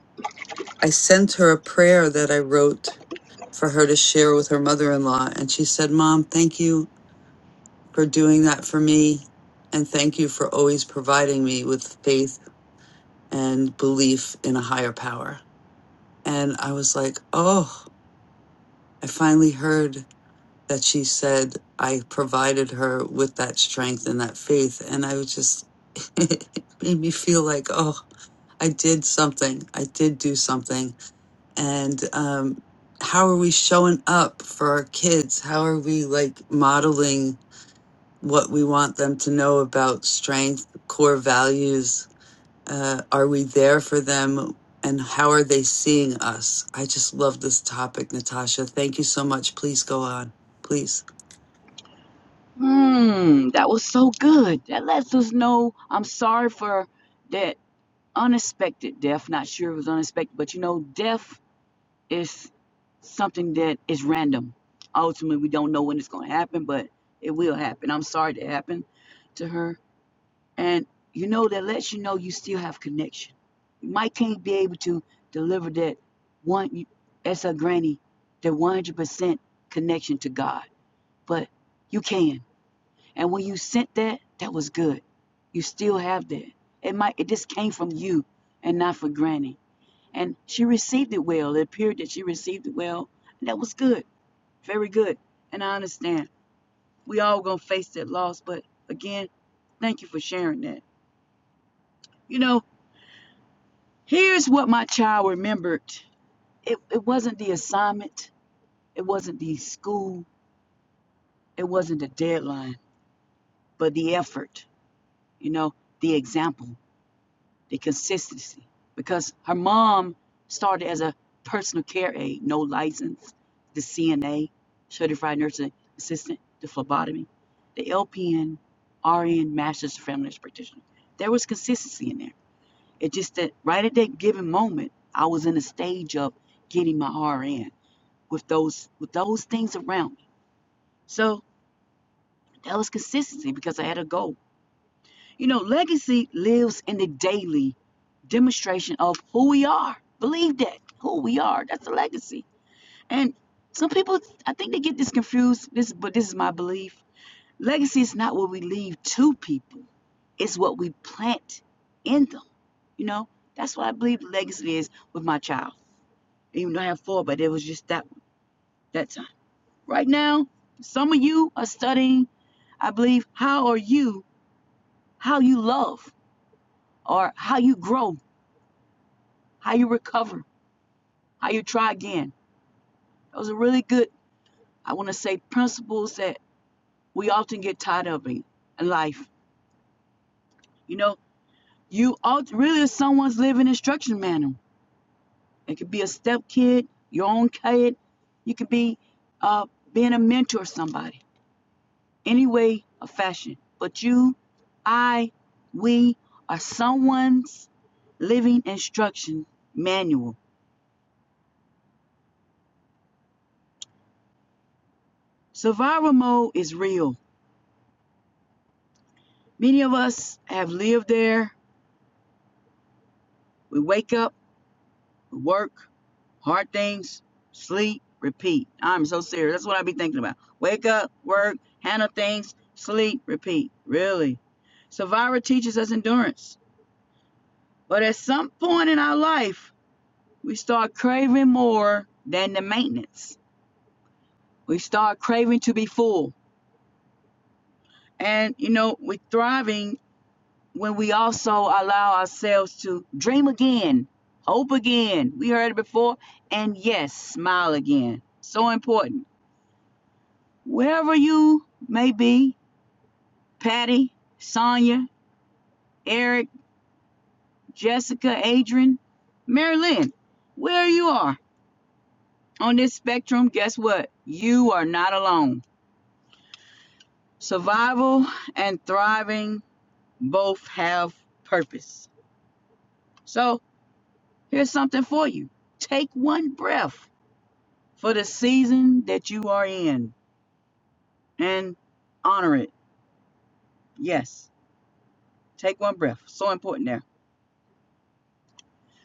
I sent her a prayer that I wrote for her to share with her mother in law. And she said, Mom, thank you for doing that for me. And thank you for always providing me with faith and belief in a higher power. And I was like, oh, I finally heard that she said I provided her with that strength and that faith. And I was just, it made me feel like, oh, I did something. I did do something. And um, how are we showing up for our kids? How are we like modeling what we want them to know about strength, core values? Uh, are we there for them? And how are they seeing us? I just love this topic, Natasha. Thank you so much. Please go on. Please.
Hmm, that was so good. That lets us know I'm sorry for that unexpected death. Not sure it was unexpected, but you know, death It's something that is random. Ultimately, we don't know when it's going to happen, but it will happen. I'm sorry that happened to her. And you know, that lets you know you still have connection. You might can't be able to deliver that one, as a granny, that 100% connection to God, but you can. And when you sent that, that was good. You still have that. It might, it just came from you and not for granny and she received it well. It appeared that she received it well, and that was good, very good. And I understand we all gonna face that loss, but again, thank you for sharing that. You know, here's what my child remembered. It it wasn't the assignment, it wasn't the school, it wasn't the deadline, but the effort. You know, the example. the consistency because her mom started as a personal care aide, no license, the CNA, certified nursing assistant, the phlebotomy, the LPN, RN, master's of family nurse practitioner. There was consistency in there. It just that right at that given moment, I was in a stage of getting my RN with those with those things around me. So that was consistency because I had a goal. You know, legacy lives in the daily demonstration of who we are. Believe that, who we are. That's the legacy. And some people, I think they get this confused, This, but this is my belief. Legacy is not what we leave to people, it's what we plant in them. You know, that's what I believe legacy is with my child. Even though I have four, but it was just that that time. Right now, some of you are studying, I believe, how are you, how you love, or how you grow how you recover, how you try again. Those are really good, I want to say, principles that we often get tired of in in life. You know, you really are someone's living instruction manual. It could be a step kid, your own kid. You could be uh, being a mentor to somebody, any way or fashion. But you, I, we are someone's living instruction manual. Survival mode is real. Many of us have lived there We wake up, we work, hard things, sleep, repeat. I'm so serious. That's what I be thinking about. Wake up, work, handle things, sleep, repeat. Really. Savara teaches us endurance. But at some point in our life, we start craving more than the maintenance. We start craving to be full. And, you know, we're thriving when we also allow ourselves to dream again, hope again. We heard it before. And yes, smile again. So important. Wherever you may be, Patty, Sonia, Eric, Jessica, Adrian, Mary Lynn, where you are on this spectrum, guess what? You are not alone. Survival and thriving both have purpose. So here's something for you. Take one breath for the season that you are in and honor it. Yes. Take one breath. So important there.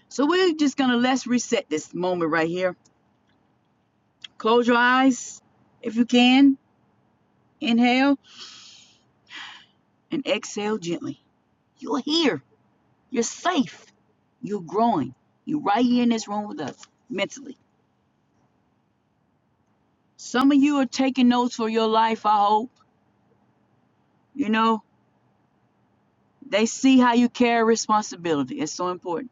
So we're just going to let's reset this moment right here. Close your eyes if you can. Inhale and exhale gently. You're here. You're safe. You're growing. You're right here in this room with us mentally. Some of you are taking notes for your life, I hope. You know, they see how you carry responsibility. It's so important.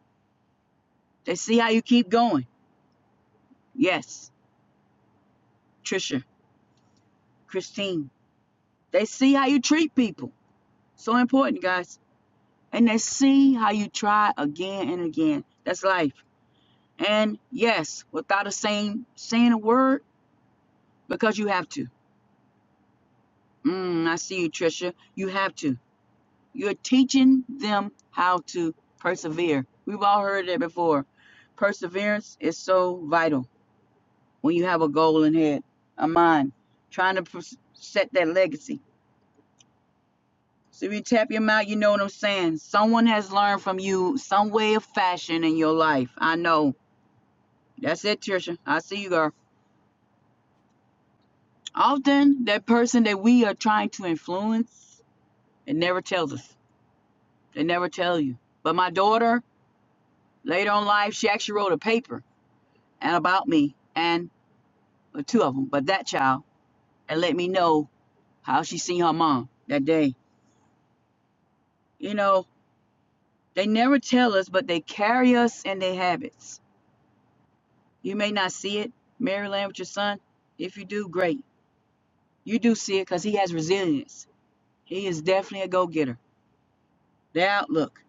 They see how you keep going. Yes, Trisha. Christine. They see how you treat people. So important, guys. And they see how you try again and again. That's life. And yes, without a saying saying a word, because you have to. Mm, I see you, Trisha. You have to. You're teaching them how to persevere. We've all heard that before. Perseverance is so vital when you have a goal in head, a mind, trying to set that legacy. So if you tap your mouth, you know what I'm saying. Someone has learned from you some way of fashion in your life. I know. That's it, Trisha. I see you, girl. Often, that person that we are trying to influence, it never tells us. They never tell you. But my daughter, later on in life, she actually wrote a paper and about me and well, two of them, but that child, and let me know how she seen her mom that day. You know, they never tell us, but they carry us in their habits. You may not see it, Maryland, with your son. If you do, great. You do see it because he has resilience. He is definitely a go getter. The outlook,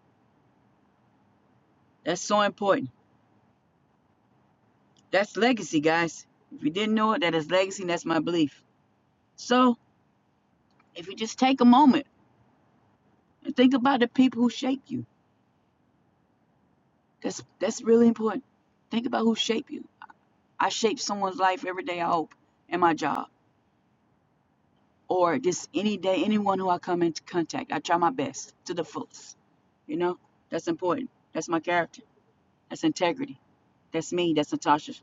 that's so important. That's legacy, guys. If you didn't know it, that is legacy, and that's my belief. So, if you just take a moment and think about the people who shape you, that's, that's really important. Think about who shaped you. I shape someone's life every day, I hope, in my job. or just any day, anyone who I come into contact. I try my best to the fullest. You know, that's important. That's my character. That's integrity. That's me. That's Natasha.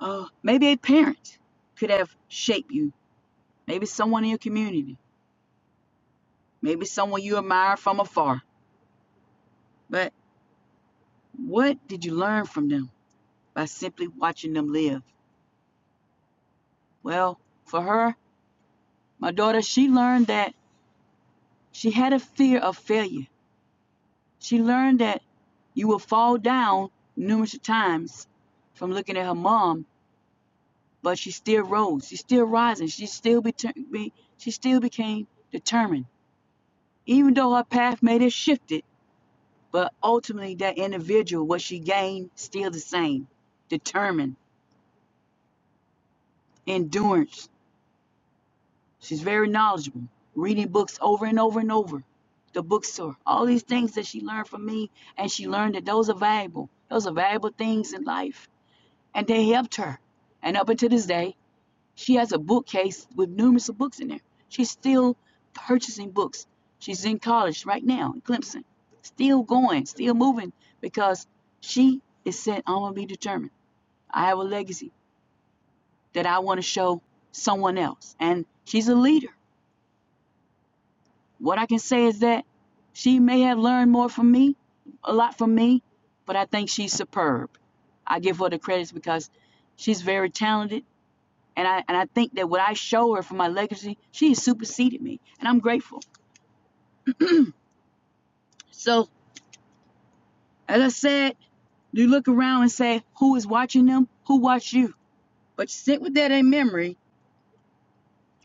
Oh, maybe a parent could have shaped you. Maybe someone in your community. Maybe someone you admire from afar. But what did you learn from them by simply watching them live? Well, for her, my daughter, she learned that she had a fear of failure She learned that you will fall down numerous times from looking at her mom, but she still rose. She's still rising. She still be, be she still became determined, even though her path may have shifted. But ultimately, that individual, what she gained, still the same: determined, endurance. She's very knowledgeable, reading books over and over and over. The bookstore, all these things that she learned from me, and she learned that those are valuable. Those are valuable things in life and they helped her. And up until this day, she has a bookcase with numerous books in there. She's still purchasing books. She's in college right now in Clemson, still going, still moving because she is said, I'm going to be determined. I have a legacy that I want to show someone else. And she's a leader. What I can say is that she may have learned more from me, a lot from me, but I think she's superb. I give her the credits because she's very talented And I and I think that what I show her for my legacy, she has superseded me, and I'm grateful. So as I said, you look around and say, who is watching them? Who watched you? But sit with that in memory.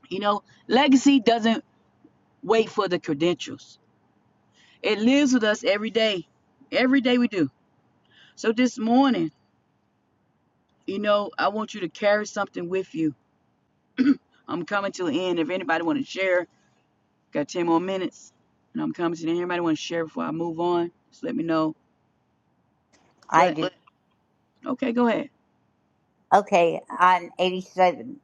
You know, legacy doesn't wait for the credentials. It lives with us every day, every day we do. So this morning, you know, I want you to carry something with you. I'm coming to the end. If anybody want to share, got 10 more minutes, and I'm coming to the end. Anybody want to share before I move on? Just let me know.
I
But
do.
okay, go ahead.
Okay, I'm 87.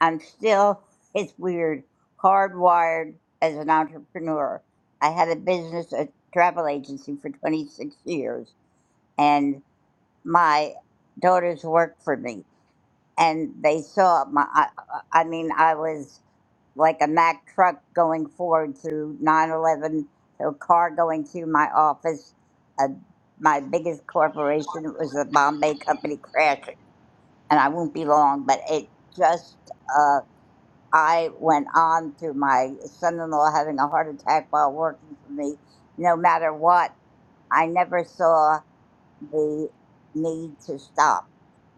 I'm still, it's weird, hardwired as an entrepreneur. I had a business, a travel agency for 26 years, and my daughters worked for me. And they saw my, I, I I mean, I was like a Mack truck going forward through 9 11, a car going through my office. Uh, my biggest corporation was the Bombay Company crashing and I won't be long, but it just, uh, I went on to my son in law having a heart attack while working for me. No matter what, I never saw the need to stop,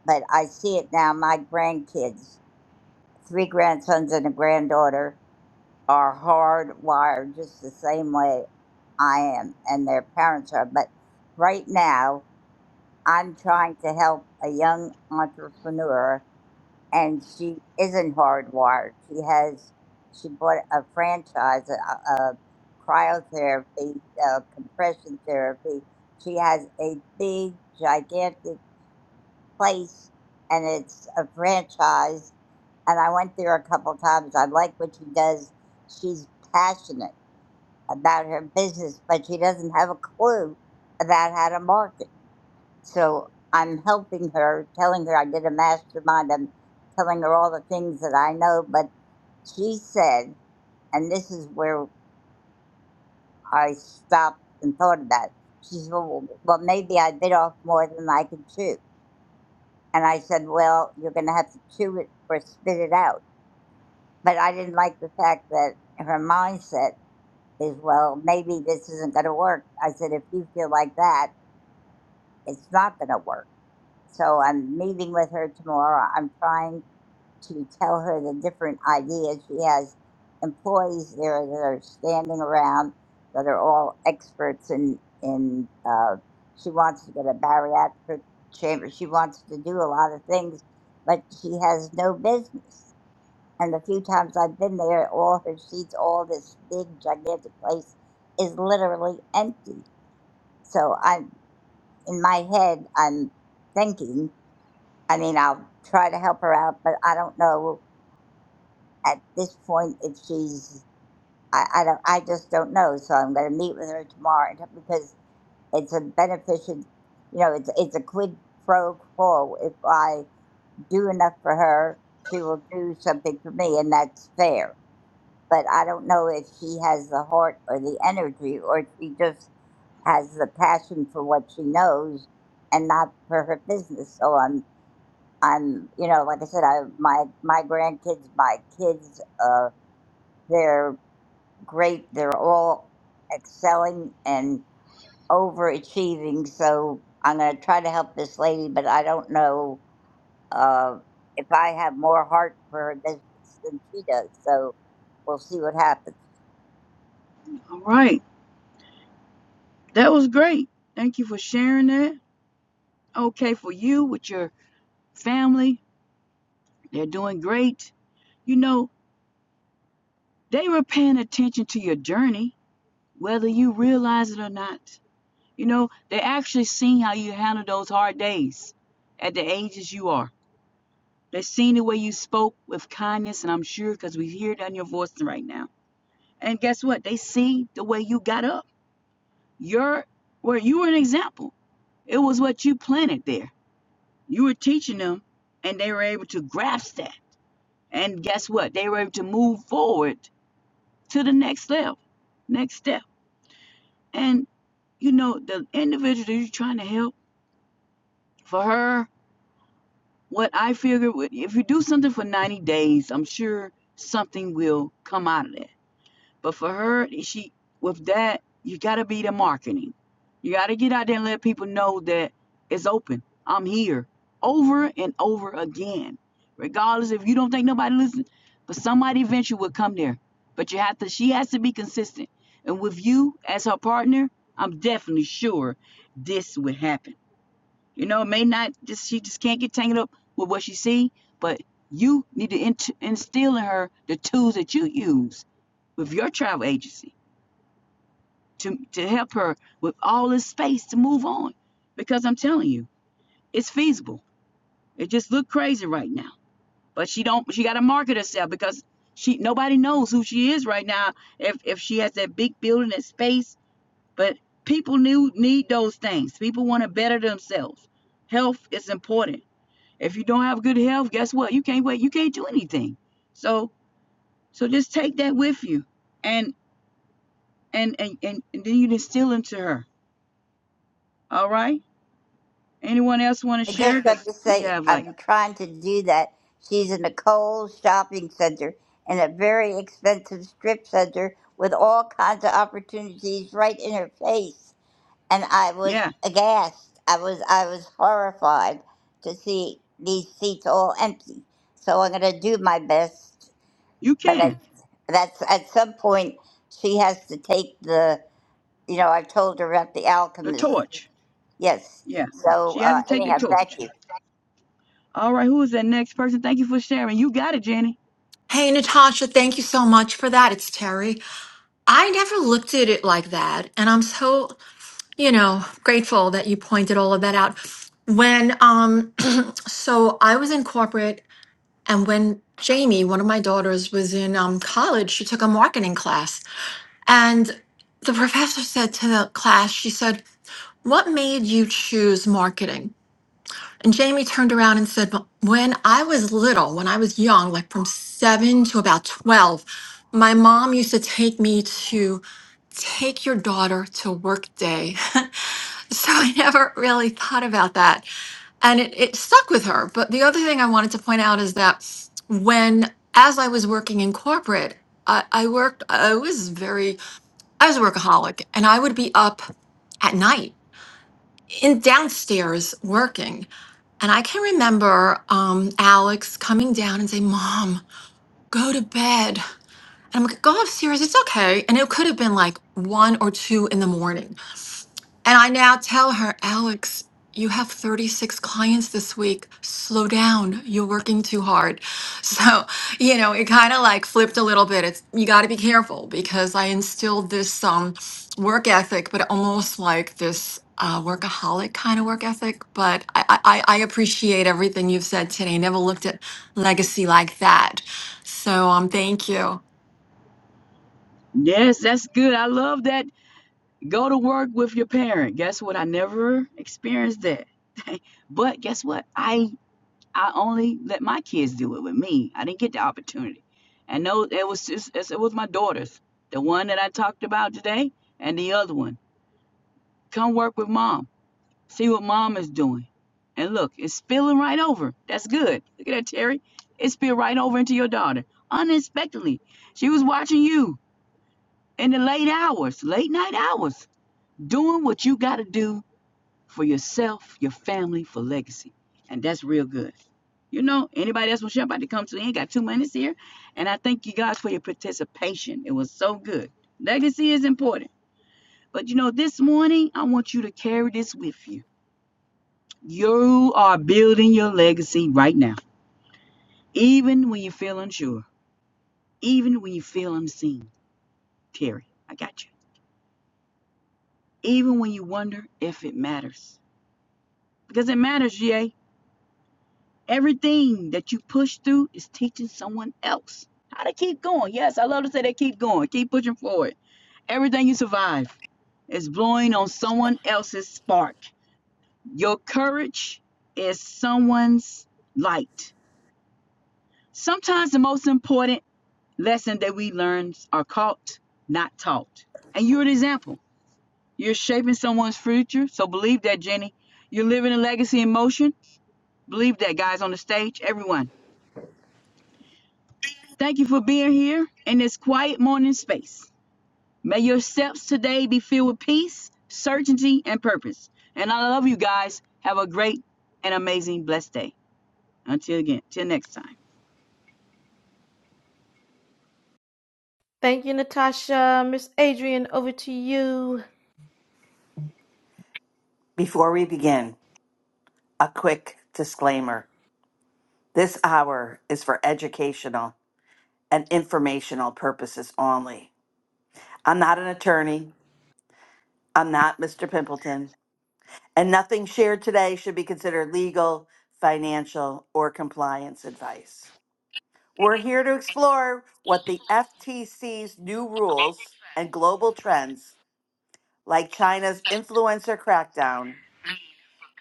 but I see it now. My grandkids, three grandsons and a granddaughter, are hardwired just the same way I am, and their parents are. But right now, I'm trying to help a young entrepreneur and she isn't hardwired. She has she bought a franchise a, a cryotherapy, uh compression therapy. She has a big gigantic place, and it's a franchise. And I went there a couple times. I like what she does. She's passionate about her business, but she doesn't have a clue about how to market. So I'm helping her, telling her I did a mastermind. I'm telling her all the things that I know. But she said, and this is where I stopped and thought about it. She said, well, well, maybe I bit off more than I could chew. And I said, well, you're going to have to chew it or spit it out. But I didn't like the fact that her mindset is, well, maybe this isn't going to work. I said, if you feel like that, it's not going to work. So I'm meeting with her tomorrow. I'm trying to tell her the different ideas. She has employees there that are standing around that are all experts in in. Uh, she wants to get a bariatric chamber. She wants to do a lot of things, but she has no business. And the few times I've been there, all her seats, all this big gigantic place, is literally empty. So I'm in my head. I'm thinking. I mean, I'll try to help her out, but I don't know at this point if she's I, I don't I just don't know. So I'm gonna meet with her tomorrow and- because it's a beneficent you know, it's it's a quid pro quo. If I do enough for her, she will do something for me and that's fair. But I don't know if she has the heart or the energy or if she just has the passion for what she knows and not for her business. So I'm I'm you know, like I said, I my my grandkids, my kids, uh they're. great. They're all excelling and overachieving. So I'm going to try to help this lady, but I don't know uh, if I have more heart for her business than she does. So we'll see what happens.
All right. That was great. Thank you for sharing that. Okay, for you with your family, they're doing great. You know, they were paying attention to your journey, whether you realize it or not. You know, they actually seen how you handled those hard days at the ages you are. They seen the way you spoke with kindness, and I'm sure because we hear it on your voice right now. And guess what? They see the way you got up. You're well, you were an example. It was what you planted there You were teaching them, and they were able to grasp that. And guess what? They were able to move forward to the next level, next step. And you know, the individual that you're trying to help, for her, what I figure, if you do something for 90 days, I'm sure something will come out of that But for her, she with that, you gotta be the marketing. You gotta get out there and let people know that it's open. I'm here over and over again. Regardless if you don't think nobody listens. but somebody eventually will come there. But you have to she has to be consistent. And with you as her partner, I'm definitely sure this would happen. You know, it may not just she just can't get tangled up with what she see, but you need to instill in her the tools that you use with your travel agency to, to help her with all this space to move on. Because I'm telling you, it's feasible. It just look crazy right now. But she don't she gotta market herself because she nobody knows who she is right now if if she has that big building that space. But people need need those things. People want to better themselves. Health is important. If you don't have good health, guess what? You can't wait, you can't do anything. So so just take that with you and and and, and, and then you distill into her All right. Anyone else want to
I just
share?
have
Because
to
we
say,
have like,
I'm trying to do that. She's in a Kohl's shopping center in a very expensive strip center with all kinds of opportunities right in her face. and I was
yeah,
Yeah. aghast. I was I was horrified to see these seats all empty. So I'm going to do my best,
you
but at,
can.
that's at some point she has to take the. You know, I told her about the
The
alchemist.
torch.
Yes.
Yeah.
So
She has
uh,
to take the
anyhow,
torch.
thank you.
All right. Who is that next person? Thank you for sharing. You got it, Jenny.
Hey, Natasha, thank you so much for that. It's Terry. I never looked at it like that. And I'm so, you know, grateful that you pointed all of that out. When, um, so I was in corporate, and when Jamie, one of my daughters, was in um, college, she took a marketing class. And the professor said to the class, she said, What made you choose marketing? And Jamie turned around and said, "Well, When I was little, when I was young, like from seven to about 12, my mom used to take me to take your daughter to work day. so I never really thought about that. And it, it stuck with her. But the other thing I wanted to point out is that when, as I was working in corporate, I, I worked, I was very, I was a workaholic and I would be up at night in downstairs working and I can remember um, Alex coming down and saying, Mom, go to bed. And I'm like, go upstairs. It's okay. And it could have been like one or two in the morning. And I now tell her, Alex, you have 36 clients this week. Slow down. You're working too hard. So, you know, it kind of like flipped a little bit. It's you got to be careful because I instilled this um work ethic, but almost like this uh, workaholic kind of work ethic. But I, I, I I appreciate everything you've said today. Never looked at legacy like that. So um, thank you.
Yes, that's good. I love that. Go to work with your parent. Guess what? I never experienced that. but guess what? I I only let my kids do it with me. I didn't get the opportunity. And no, it was just, it was my daughters. The one that I talked about today and the other one. Come work with mom See what mama's doing. And look, it's spilling right over. That's good. Look at that, Terry. It spilled right over into your daughter unexpectedly. She was watching you in the late hours, late night hours, doing what you got to do for yourself, your family, for legacy. And that's real good. You know, anybody else was about to come to the end, got two minutes here. And I thank you guys for your participation. It was so good. Legacy is important. But you know, this morning, I want you to carry this with you You are building your legacy right now, even when you feel unsure, even when you feel unseen. Terry, I got you. Even when you wonder if it matters. Because it matters, GA. Everything that you push through is teaching someone else how to keep going. Yes, I love to say that keep going, keep pushing forward. Everything you survive is blowing on someone else's spark. Your courage is someone's light. Sometimes the most important Lesson that we learn are caught, not taught. And you're an example. You're shaping someone's future. So believe that, Jenny. You're living a legacy in motion. Believe that, guys, on the stage, everyone. Thank you for being here in this quiet morning space. May your steps today be filled with peace, certainty, and purpose. And I love you guys. Have a great and amazing, blessed day. Until again, till next time.
Thank you, Natasha. Miss Adrian, over to you.
Before we begin, a quick disclaimer. This hour is for educational and informational purposes only. I'm not an attorney. I'm not Mr. Pimpleton. And nothing shared today should be considered legal, financial, or compliance advice. We're here to explore what the
global
FTC's new rules and
trends,
global trends, like
influencer
China's
tech,
influencer crackdown,
green.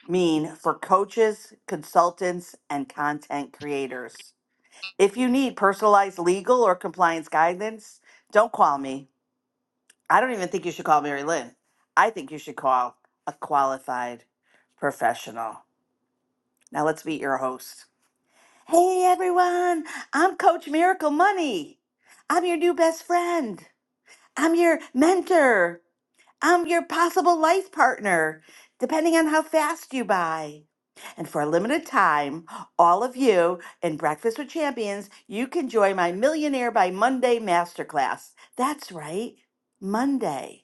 mean for coaches, consultants, and content creators. If you need personalized legal or compliance guidance, don't call me. I don't even think you should call Mary Lynn. I think you should call a qualified professional. Now let's meet your host. Hey everyone, I'm Coach Miracle Money. I'm your new best friend. I'm your mentor. I'm your possible life partner, depending on how fast you buy. And for a limited time, all of you in Breakfast with Champions, you can join my Millionaire by Monday masterclass. That's right, Monday.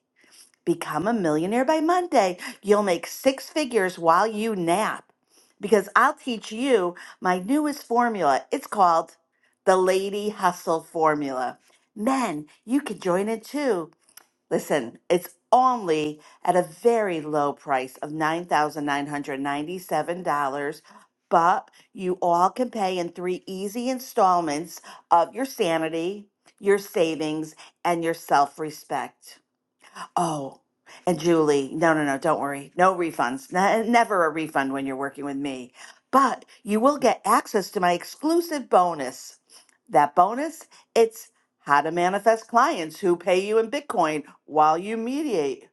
Become a millionaire by Monday. You'll make six figures while you nap because I'll teach you my newest formula. It's called the Lady Hustle Formula. Men, you can join it too Listen, it's only at a very low price of $9,997, but you all can pay in three easy installments of your sanity, your savings, and your self respect. Oh, and Julie, no, no, no, don't worry. No refunds. Ne- never a refund when you're working with me. But you will get access to my exclusive bonus. That bonus, it's how to manifest clients who pay you in Bitcoin while you mediate.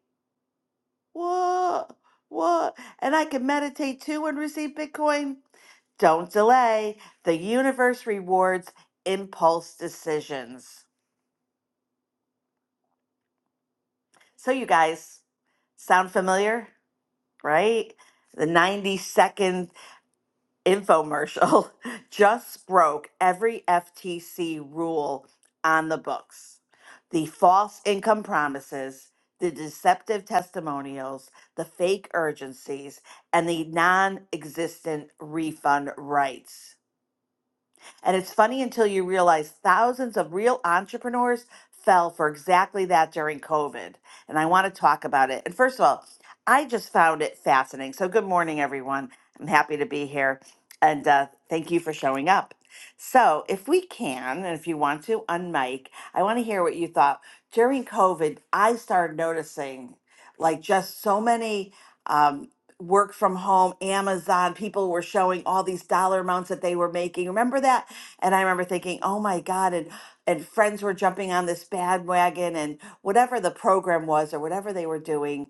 What? What? And I can meditate too and receive Bitcoin? Don't delay. The universe rewards impulse decisions. So, you guys, sound familiar? right? The 90 second infomercial just broke every FTC rule on the books. The false income promises, the deceptive testimonials, the fake urgencies, and the non existent refund rights. And it's funny until you realize thousands of real entrepreneurs fell for exactly that during COVID. And I want to talk about it. And first of all, I just found it fascinating. So, good morning, everyone. I'm happy to be here. And uh, thank you for showing up. So, if we can, and if you want to, unmic, I want to hear what you thought. During COVID, I started noticing like just so many um, work from home, Amazon, people were showing all these dollar amounts that they were making. Remember that? And I remember thinking, oh my God, and and friends were jumping on this bandwagon and whatever the program was or whatever they were doing,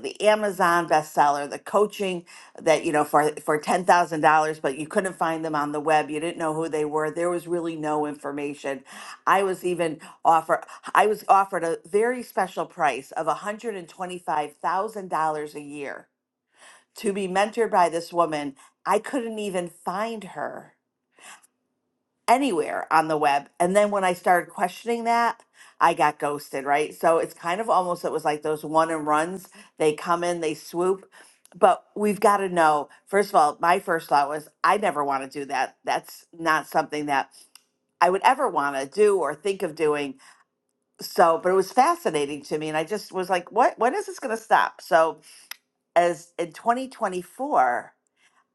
the Amazon bestseller, the coaching that, you know, for for ten thousand dollars, but you couldn't find them on the web. You didn't know who they were. There was really no information. I was even offered I was offered a very special price of $125,000 a year to be mentored by this woman. I couldn't even find her anywhere on the web. And then when I started questioning that, I got ghosted, right? So it's kind of almost, it was like those one and runs. They come in, they swoop. But we've got to know, first of all, my first thought was, I never want to do that. That's not something that I would ever want to do or think of doing. So, but it was fascinating to me. And I just was like, what, when is this going to stop? So, as in 2024,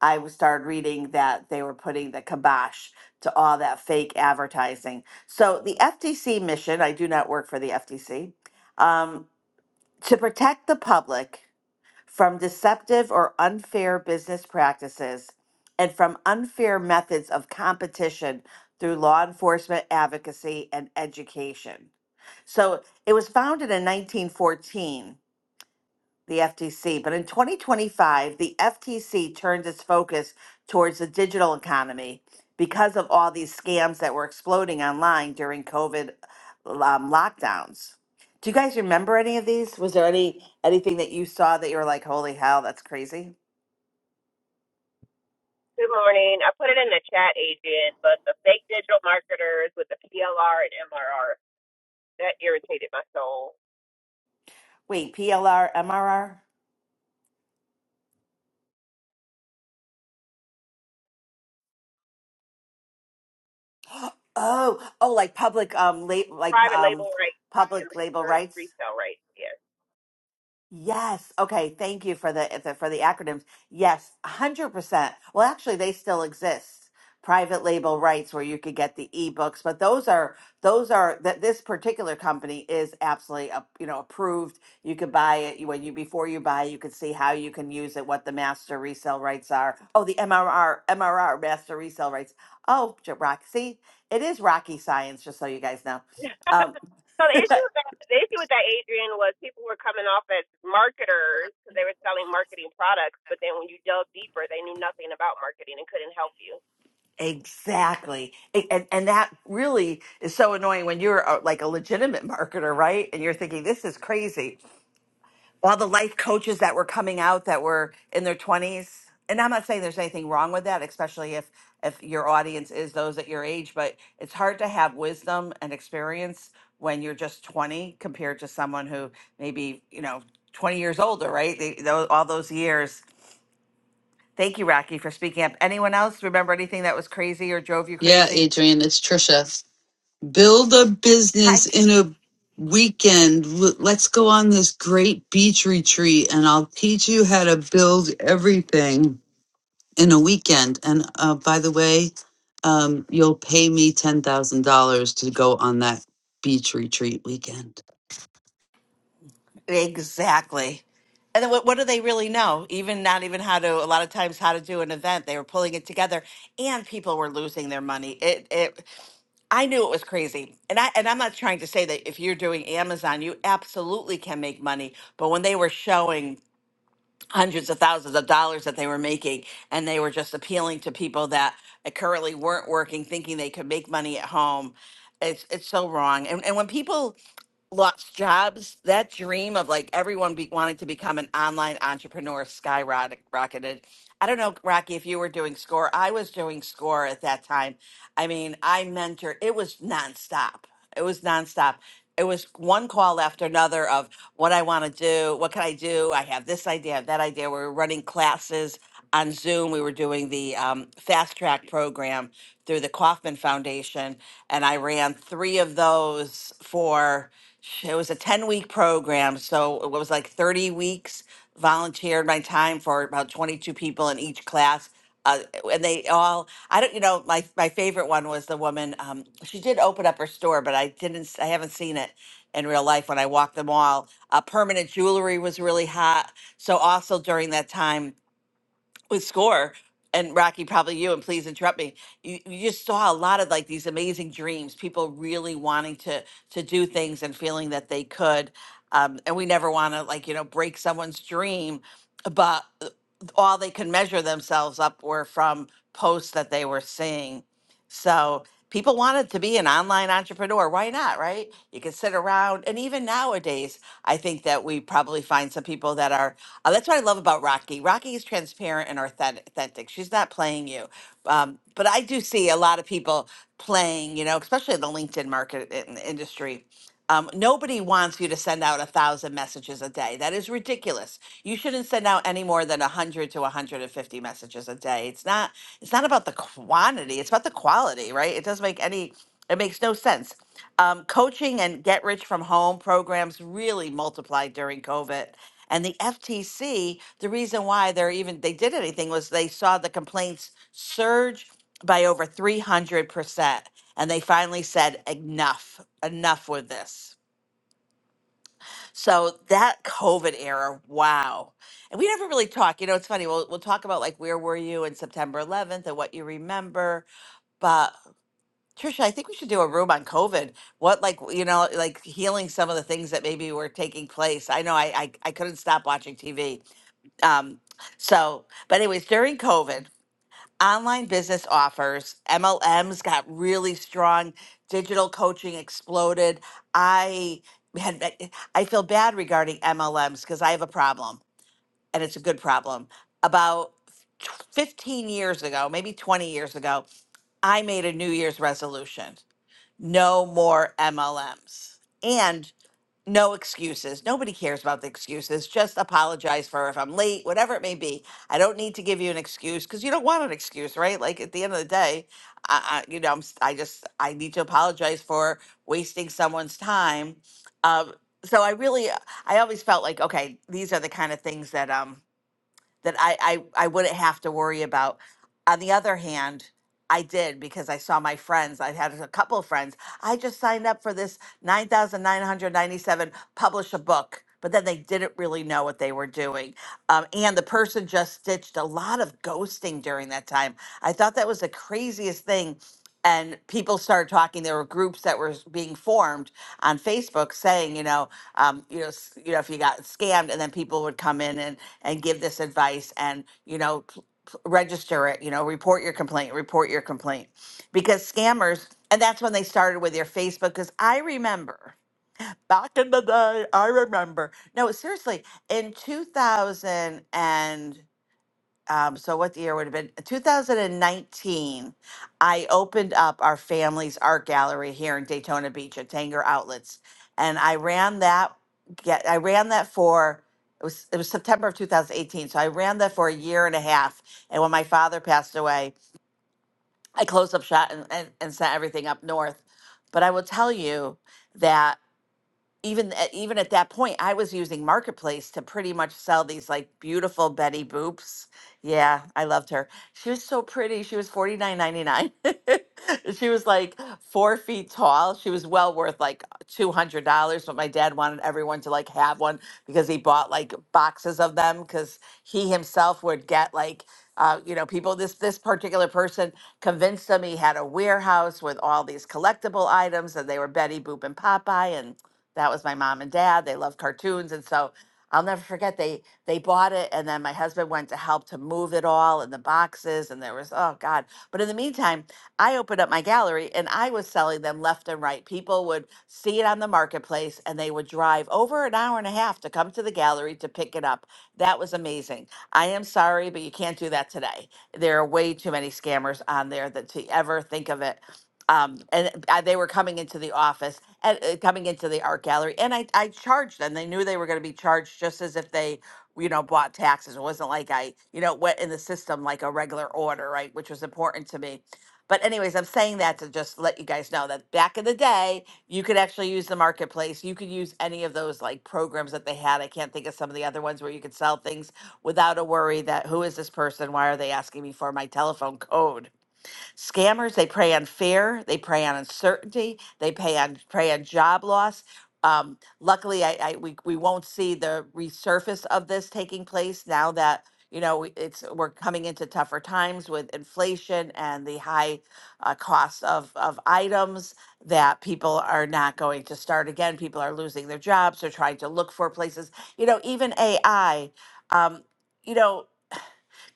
I was- started reading that they were putting the kibosh to all that fake advertising. So the FTC mission, I do not work for the FTC, um, to protect the public from deceptive or unfair business practices and from unfair methods of competition through law enforcement advocacy and education. So it was founded in 1914 the FTC. But in 2025, the FTC turned its focus towards the digital economy because of all these scams that were exploding online during COVID um, lockdowns. Do you guys remember any of these? Was there any anything that you saw that you were like, "Holy hell, that's crazy"?
Good morning. I put it in the chat, Adrian, but the fake digital marketers with the PLR and MRR, that irritated my soul.
Wait, PLR, MRR? Oh, oh, like public, um, la- like
Private label
um,
rights and
public label
for
rights.
resale rights, yes.
Yes. Okay. Thank you for the the- for the acronyms. Yes, one hundred percent. Well, actually, they still exist. Private label rights, where you could get the ebooks, but those are those are that this particular company is absolutely uh, you know approved. You could buy it you- when you before you buy, you could see how you can use it, what the master resale rights are. Oh, the MRR MRR master resale rights. Oh, Rocky, see, it is rocky science. Just so you guys know.
Yeah.
Um,
So the issue with that, the issue with that, Adrian, was people were coming off as marketers because they were selling marketing products, but then when you dug deeper, they knew nothing about marketing and couldn't help you.
Exactly. A- And and that really is so annoying when you're uh, like a legitimate marketer, right? And you're thinking this is crazy. All the life coaches that were coming out that were in their 20s. And I'm not saying there's anything wrong with that, especially if if your audience is those at your age, but it's hard to have wisdom and experience when you're just 20 compared to someone who maybe, you know, 20 years older, right? They, tho- all those years. Thank you, Rocky, for speaking up. Anyone else remember anything that was crazy or drove you
Yeah,
crazy?
Adrian, it's Trisha. Build a
Hi,
business in
Trish.
a weekend. L- Let's go on this great beach retreat and I'll teach you how to build everything in a weekend. And uh, by the way, um, you'll pay me $10,000 to go on that beach retreat weekend.
Exactly. And then what, what do they really know? Even not even how to, a lot of times, how to do an event. They were pulling it together and people were losing their money. It, it, I knew it was crazy. And I, and I'm not trying to say that if you're doing Amazon, you absolutely can make money. But when they were showing hundreds of thousands of dollars that they were making and they were just appealing to people that currently weren't working, thinking they could make money at home, it's, it's so wrong. And, and when people, lost jobs that dream of like everyone be- wanting to become an online entrepreneur skyrocketed i don't know rocky if you were doing score i was doing score at that time i mean i mentor it was nonstop it was nonstop it was one call after another of what I want to do, what can I do? I have this idea, I have that idea. We were running classes on Zoom. We were doing the um, fast track program through the Kauffman Foundation, and I ran three of those for. It was a ten week program, so it was like thirty weeks. Volunteered my time for about twenty two people in each class. Uh, and they all, I don't, you know, my my favorite one was the woman. Um, she did open up her store, but I didn't, s- I haven't seen it in real life when I walked the mall. Uh, permanent jewelry was really hot. So also during that time with score and rocky probably you and please interrupt me you, you just saw a lot of like these amazing dreams people really wanting to to do things and feeling that they could um, and we never want to like you know break someone's dream but uh, all they could measure themselves up were from posts that they were seeing so people wanted to be an online entrepreneur why not right you can sit around and even nowadays I think that we probably find some people that are. Uh, that's what I love about Rocky. Rocky is transparent and authentic. authentic. She's not playing you. Um, but I do see a lot of people playing, you know, especially in the LinkedIn market in, industry. Um, nobody wants you to send out a thousand messages a day. That is ridiculous. You shouldn't send out any more than 100 to 150 messages a day. It's not. It's not about the quantity. It's about the quality, right? It doesn't make any. It makes no sense. Um, coaching and get rich from home programs really multiplied during COVID. And the FTC, the reason why they're even they did anything was they saw the complaints surge by over 300%. And they finally said, enough, enough with this. So that COVID era, wow. And we never really talk. You know, it's funny. We'll, we'll talk about like where were you in September 11th and what you remember. but. Trisha, I think we should do a room on COVID. What like you know, like healing some of the things that maybe were taking place. I know I I, I couldn't stop watching TV. Um, so but anyways, during COVID, online business offers, MLMs got really strong, digital coaching exploded. I had eh, eh, I feel bad regarding MLMs because I have a problem and it's a good problem. About 15 years ago, maybe 20 years ago, I made a New Year's resolution no more MLMs and no excuses. Nobody cares about the excuses. Just apologize for if I'm late, whatever it may be. I don't need to give you an excuse because you don't want an excuse, right? Like at the end of the day, I, I you know, I'm, s- I just I need to apologize for wasting someone's time. Um, so I really, I always felt like, okay, these are the kind of things that um that I, I I wouldn't have to worry about. On the other hand, I did because I saw my friends. I had a couple of friends. I just signed up for this 9,997 publish a book, but then they didn't really know what they were doing. Um, and the person just stitched a lot of ghosting during that time. I thought that was the craziest thing. And people started talking. There were groups that were being formed on Facebook saying, you know, um, you know, s- you know, if you got scammed, and then people would come in and and give this advice and you know p- p- register it you know report your complaint report your complaint because scammers and that's when they started with your facebook because i remember back in the day i remember no seriously in 2000 and um, so what the year would have been 2019 i opened up our family's art gallery here in daytona beach at tanger outlets and i ran that get i ran that for it was it was september of 2018 so i ran that for a year and a half and when my father passed away i closed up shop and, and, and sent everything up north but i will tell you that even at, even at that point, I was using Marketplace to pretty much sell these like beautiful Betty Boops. Yeah, I loved her. She was so pretty. She was forty nine ninety nine. She was like four feet tall. She was well worth like two hundred dollars, but my dad wanted everyone to like have one because he bought like boxes of them because he himself would get like. Uh, you know, people. This this particular person convinced him he had a warehouse with all these collectible items, and they were Betty Boop and Popeye, and that was my mom and dad. They loved cartoons, and so I'll never forget they they bought it, and then my husband went to help to move it all in the boxes, and there was oh god. But in the meantime, I opened up my gallery, and I was selling them left and right. People would see it on the marketplace, and they would drive over an hour and a half to come to the gallery to pick it up. That was amazing. I am sorry, but you can't do that today. There are way too many scammers on there that to ever think of it um, and uh, they were coming into the office at, uh, coming into the art gallery. And I, I charged them. They knew they were going to be charged just as if they, you know, bought taxes. It wasn't like I, you know, went in the system like a regular order, right? Which was important to me. But, anyways, I'm saying that to just let you guys know that back in the day, you could actually use the marketplace. You could use any of those like programs that they had. I can't think of some of the other ones where you could sell things without a worry that who is this person? Why are they asking me for my telephone code? Scammers, they prey on fear, they prey on uncertainty, they pay on prey on job loss. Um, luckily, I, I we, we won't see the resurface of this taking place now that you know we- it's we're coming into tougher times with inflation and the high uh, cost of of items that people are not going to start again. People are losing their jobs. They're trying to look for places. You know, even AI. Um, you know,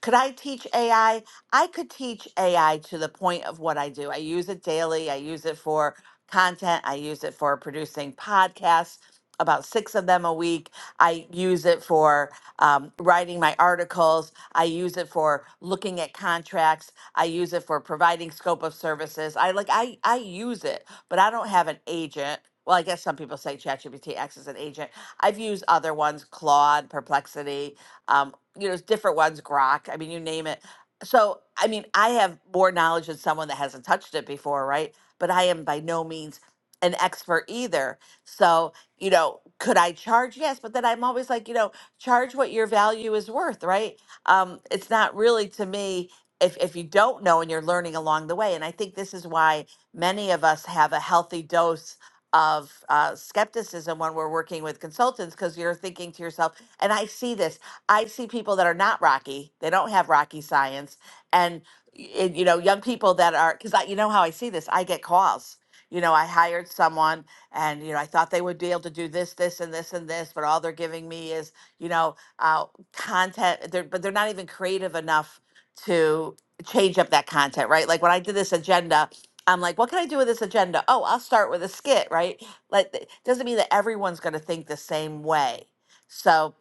could I teach AI? I I could teach AI to the point of what I do. I use it daily. I use it for content. I use it for producing podcasts, about six of them a week. I use it for um, writing my articles. I use it for looking at contracts. I use it for providing scope of services. I like I I use it, but I don't have an agent. Well, I guess some people say ChatGPT acts as an agent. I've used other ones, Claude, Perplexity, um, you know, it's different ones, grok. I mean, you name it. So, I mean, I have more knowledge than someone that hasn't touched it before, right? But I am by no means an expert either. So, you know, could I charge? Yes, but then I'm always like, you know, charge what your value is worth, right? Um, it's not really to me if if you don't know and you're learning along the way. And I think this is why many of us have a healthy dose of uh, skepticism when we're working with consultants because you're thinking to yourself, and I see this. I see people that are not rocky. They don't have rocky science, and, y- and you know, young people that are because I, you know how I see this. I get calls. You know, I hired someone, and you know, I thought they would be able to do this, this, and this, and this, but all they're giving me is, you know, uh, content. They're, but they're not even creative enough to change up that content, right? Like when I did this agenda, I'm like, what can I do with this agenda? Oh, I'll start with a skit, right? Like, it doesn't mean that everyone's going to think the same way. So,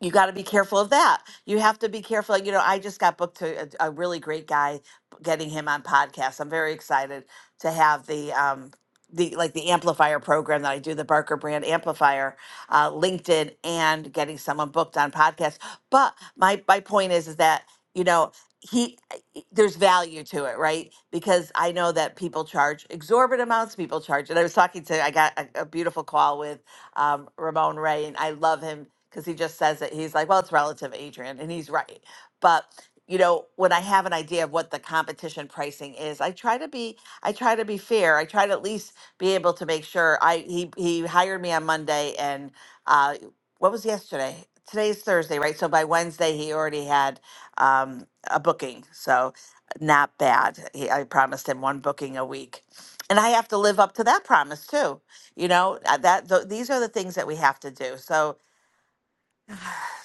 you got to be careful of that. You have to be careful. You know, I just got booked to a, a really great guy, getting him on podcasts. I'm very excited to have the um the like the amplifier program that I do, the Barker Brand Amplifier, uh, LinkedIn, and getting someone booked on podcasts. But my my point is is that you know he eh, eh, there's value to it right because i know that people charge exorbitant amounts people charge and i was talking to i got a, a beautiful call with um, ramon ray and i love him because he just says it. He's like, well, it's relative, Adrian, and he's right. But you know, when I have an idea of what the competition pricing is, I try to be I try to be fair. I try to at least be able to make sure I he he hired me on Monday and uh what was yesterday? Today's Thursday, right? So by Wednesday he already had um a booking. So not bad. He, I promised him one booking a week. And I have to live up to that promise too. You know, uh, that th- these are the things that we have to do. So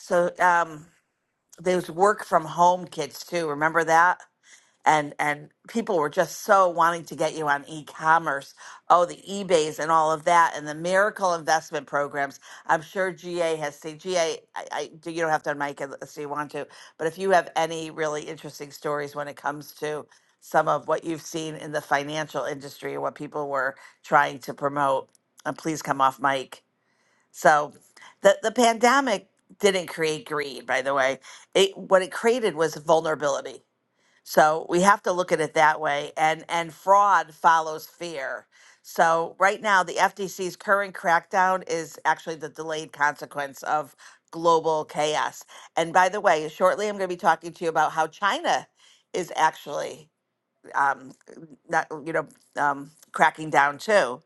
so um, there's work from home kits too. Remember that? And and people were just so wanting to get you on e-commerce. Oh, the eBays and all of that, and the miracle investment programs. I'm sure GA has seen GA. do. You don't have to unmic it unless you want to. But if you have any really interesting stories when it comes to some of what you've seen in the financial industry and what people were trying to promote, uh, please come off mic. So the the pandemic didn't create greed, by the way. It what it created was vulnerability. So we have to look at it that way and and fraud follows fear. So right now the FTC's current crackdown is actually the delayed consequence of global chaos. And by the way, shortly I'm going to be talking to you about how China is actually um not you know um cracking down too.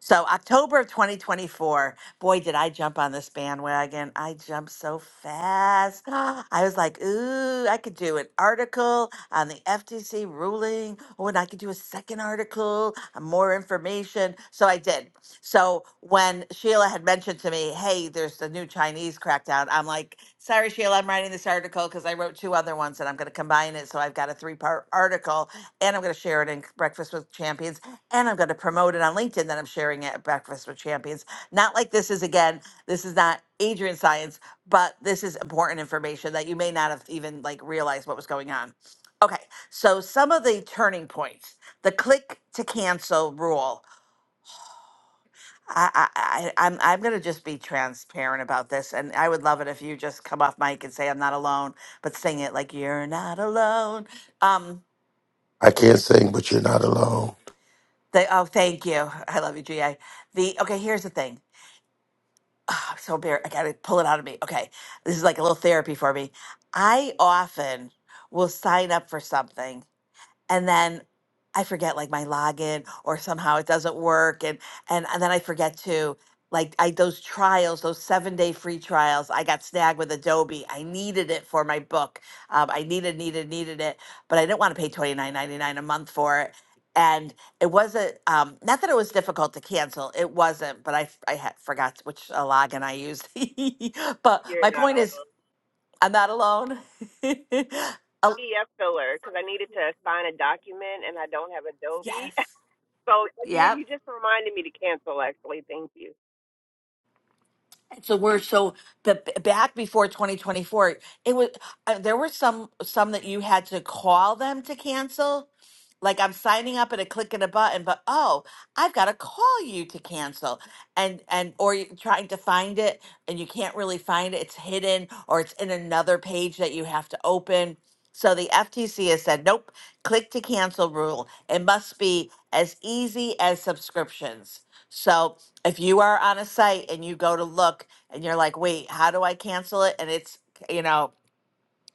So October of 2024, boy, did I jump on this bandwagon. I jumped so fast. I was like, ooh, I could do an article on the FTC ruling. Oh, and I could do a second article on more information. So I did. So when Sheila had mentioned to me, hey, there's the new Chinese crackdown, I'm like, sorry, Sheila, I'm writing this article because I wrote two other ones and I'm going to combine it. So I've got a three part article and I'm going to share it in Breakfast with Champions and I'm going to promote it on LinkedIn that I'm sharing it at Breakfast with Champions. Not like this is again, this is not Adrian science, but this is important information that you may not have even like realized what was going on. Okay, so some of the turning points, the click to cancel rule. I, I, I I'm I'm gonna just be transparent about this, and I would love it if you just come off mic and say I'm not alone, but sing it like you're not alone. Um,
I can't sing, but you're not alone.
the oh, thank you, I love you, GA. The okay, here's the thing oh, I'm so embarrassed. I gotta pull it out of me. Okay. This is like a little therapy for me. I often will sign up for something and then I forget like my login or somehow it doesn't work and and, and then I forget to like I those trials, those seven day free trials, I got snagged with Adobe. I needed it for my book. Um, I needed, needed, needed it, but I didn't want to pay twenty nine ninety nine a month for it. And it wasn't um, not that it was difficult to cancel. It wasn't, but I f- I had, forgot which uh, login I used. but
You're
my
not
point is,
alone.
I'm not alone. Oh,
PDF filler because I needed to sign a document and I don't have Adobe.
yes.
So you
Yep.
you just reminded me to cancel. Actually, thank you.
So we're so but back before 2024, it was uh, there were some some that you had to call them to cancel. Like I'm signing up at a click and a button, but oh, I've got to call you to cancel, and and or you're trying to find it and you can't really find it. It's hidden or it's in another page that you have to open. So the FTC has said, nope, click to cancel rule. It must be as easy as subscriptions. So if you are on a site and you go to look and you're like, wait, how do I cancel it? And it's, you know,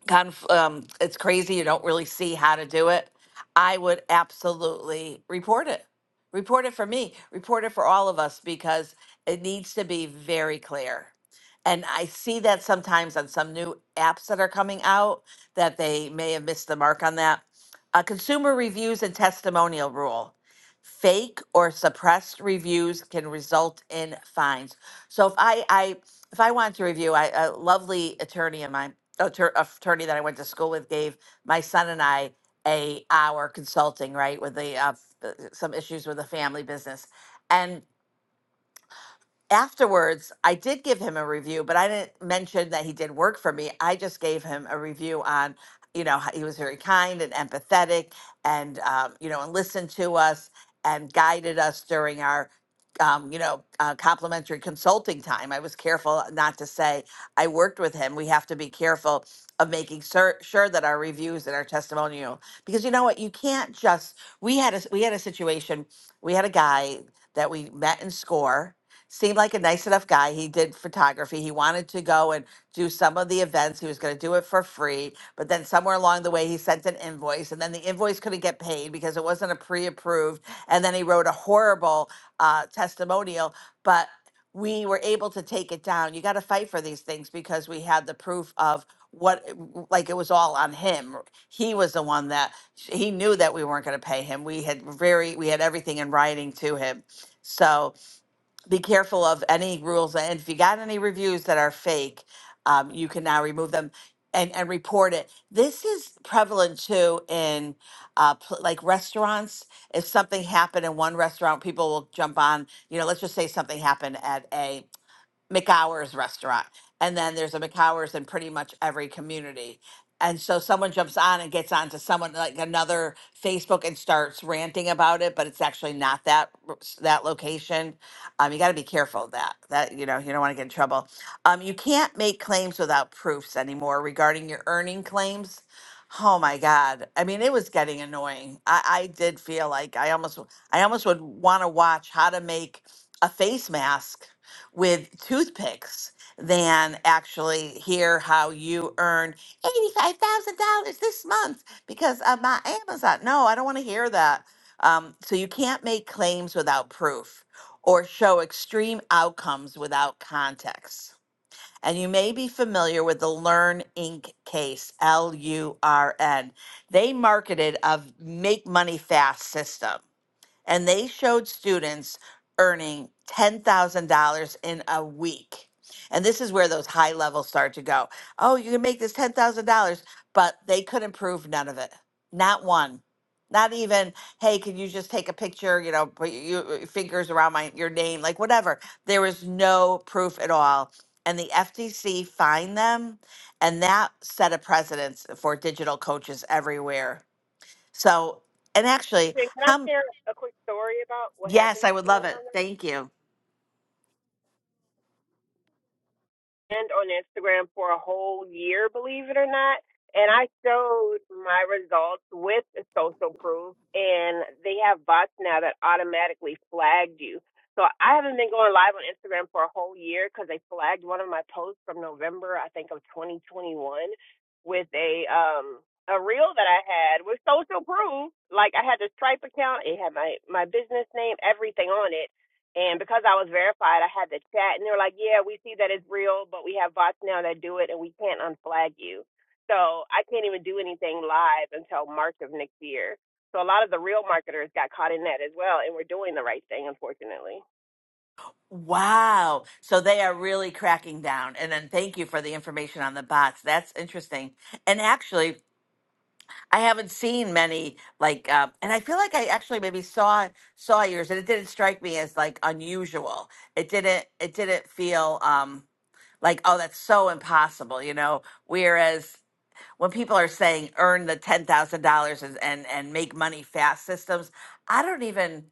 conf- um, it's crazy. You don't really see how to do it. I would absolutely report it. Report it for me. Report it for all of us because it needs to be very clear. And I see that sometimes on some new apps that are coming out that they may have missed the mark on that. Uh, consumer reviews and testimonial rule. Fake or suppressed reviews can result in fines. So if I, I if I want to review, I, a lovely attorney of mine atter- attorney that I went to school with gave my son and I a hour consulting right with the uh, f- uh, some issues with the family business, and afterwards, I did give him a review, but I didn't mention that he did work for me. I just gave him a review on, you know, how he was very kind and empathetic and, um, you know, and listened to us and guided us during our. Um, you know, uh, complimentary consulting time. I was careful not to say I worked with him. We have to be careful of making sur- sure that our reviews and our testimonial, because you know what, you can't just. We had a we had a situation. We had a guy that we met in SCORE, seemed like a nice enough guy. He did photography. He wanted to go and do some of the events. He was going to do it for free. But then somewhere along the way, he sent an invoice, and then the invoice couldn't get paid because it wasn't a pre approved. And then he wrote a horrible uh, testimonial. But we were able to take it down. You got to fight for these things because we had the proof of what like it was all on him he was the one that he knew that we weren't going to pay him we had very we had everything in writing to him so be careful of any rules. And if you got any reviews that are fake, um, you can now remove them and, and report it. This is prevalent too in uh, pl- like restaurants. If something happened in one restaurant, people will jump on, you know, let's just say something happened at a McHours restaurant. And then there's a McHours in pretty much every community. And so someone jumps on and gets onto someone like another Facebook and starts ranting about it, but it's actually not that r- s- that location. Um, you got to be careful of that that you know you don't want to get in trouble. Um, you can't make claims without proofs anymore regarding your earning claims. Oh my God! I mean, it was getting annoying. I, I did feel like I almost w- I almost would want to watch how to make a face mask with toothpicks than actually hear how you earned $85,000 this month because of my Amazon. No, I don't want to hear that. Um, so you can't make claims without proof or show extreme outcomes without context. And you may be familiar with the Learn Inc. case, L U R N. They marketed a make money fast system and they showed students earning $10,000 in a week. And this is where those high levels start to go. Oh, you can make this $10,000, but they couldn't prove none of it. Not one. Not even, hey, can you just take a picture, you know, put your your fingers around my your name, like whatever. There was no proof at all. And the FTC fined them, and that set a precedence for digital coaches everywhere. So, and actually,
Listen, Can I
how?
share a quick story about what
Yes,
happened
I
to
would
me
love it.
on that?
Thank you.
And on Instagram for a whole year, believe it or not. And I showed my results with the social proof, and they have bots now that automatically flagged you. So I haven't been going live on Instagram for a whole year because they flagged one of my posts from November, I think, of 2021, with a um a reel that I had with social proof. Like I had the Stripe account, it had my my business name, everything on it And because I was verified, I had the chat, and they were like, "Yeah, we see that it's real, but we have bots now that do it, and we can't unflag you." So I can't even do anything live until March of next year. So a lot of the real marketers got caught in that as well, and we're doing the right thing, unfortunately.
Wow. So they are really cracking down. And then thank you for the information on the bots. That's interesting. And actually, I haven't seen many like uh, and I feel like I actually maybe saw saw yours and it didn't strike me as like unusual. It didn't it didn't feel um like oh that's so impossible, you know. Whereas when people are saying earn the ten thousand dollars and and and make money fast systems, I don't even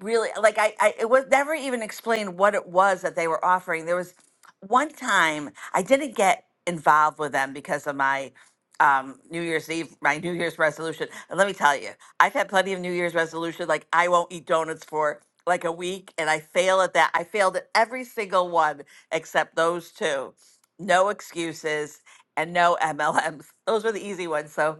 really like I, I it was never even explained what it was that they were offering. There was one time I didn't get involved with them because of my um, New Year's Eve, my New Year's resolution. And let me tell you, I've had plenty of New Year's resolution. Like I won't eat donuts for like a week, and I fail at that. I failed at every single one except those two. No excuses and no MLMs. Those were the easy ones. So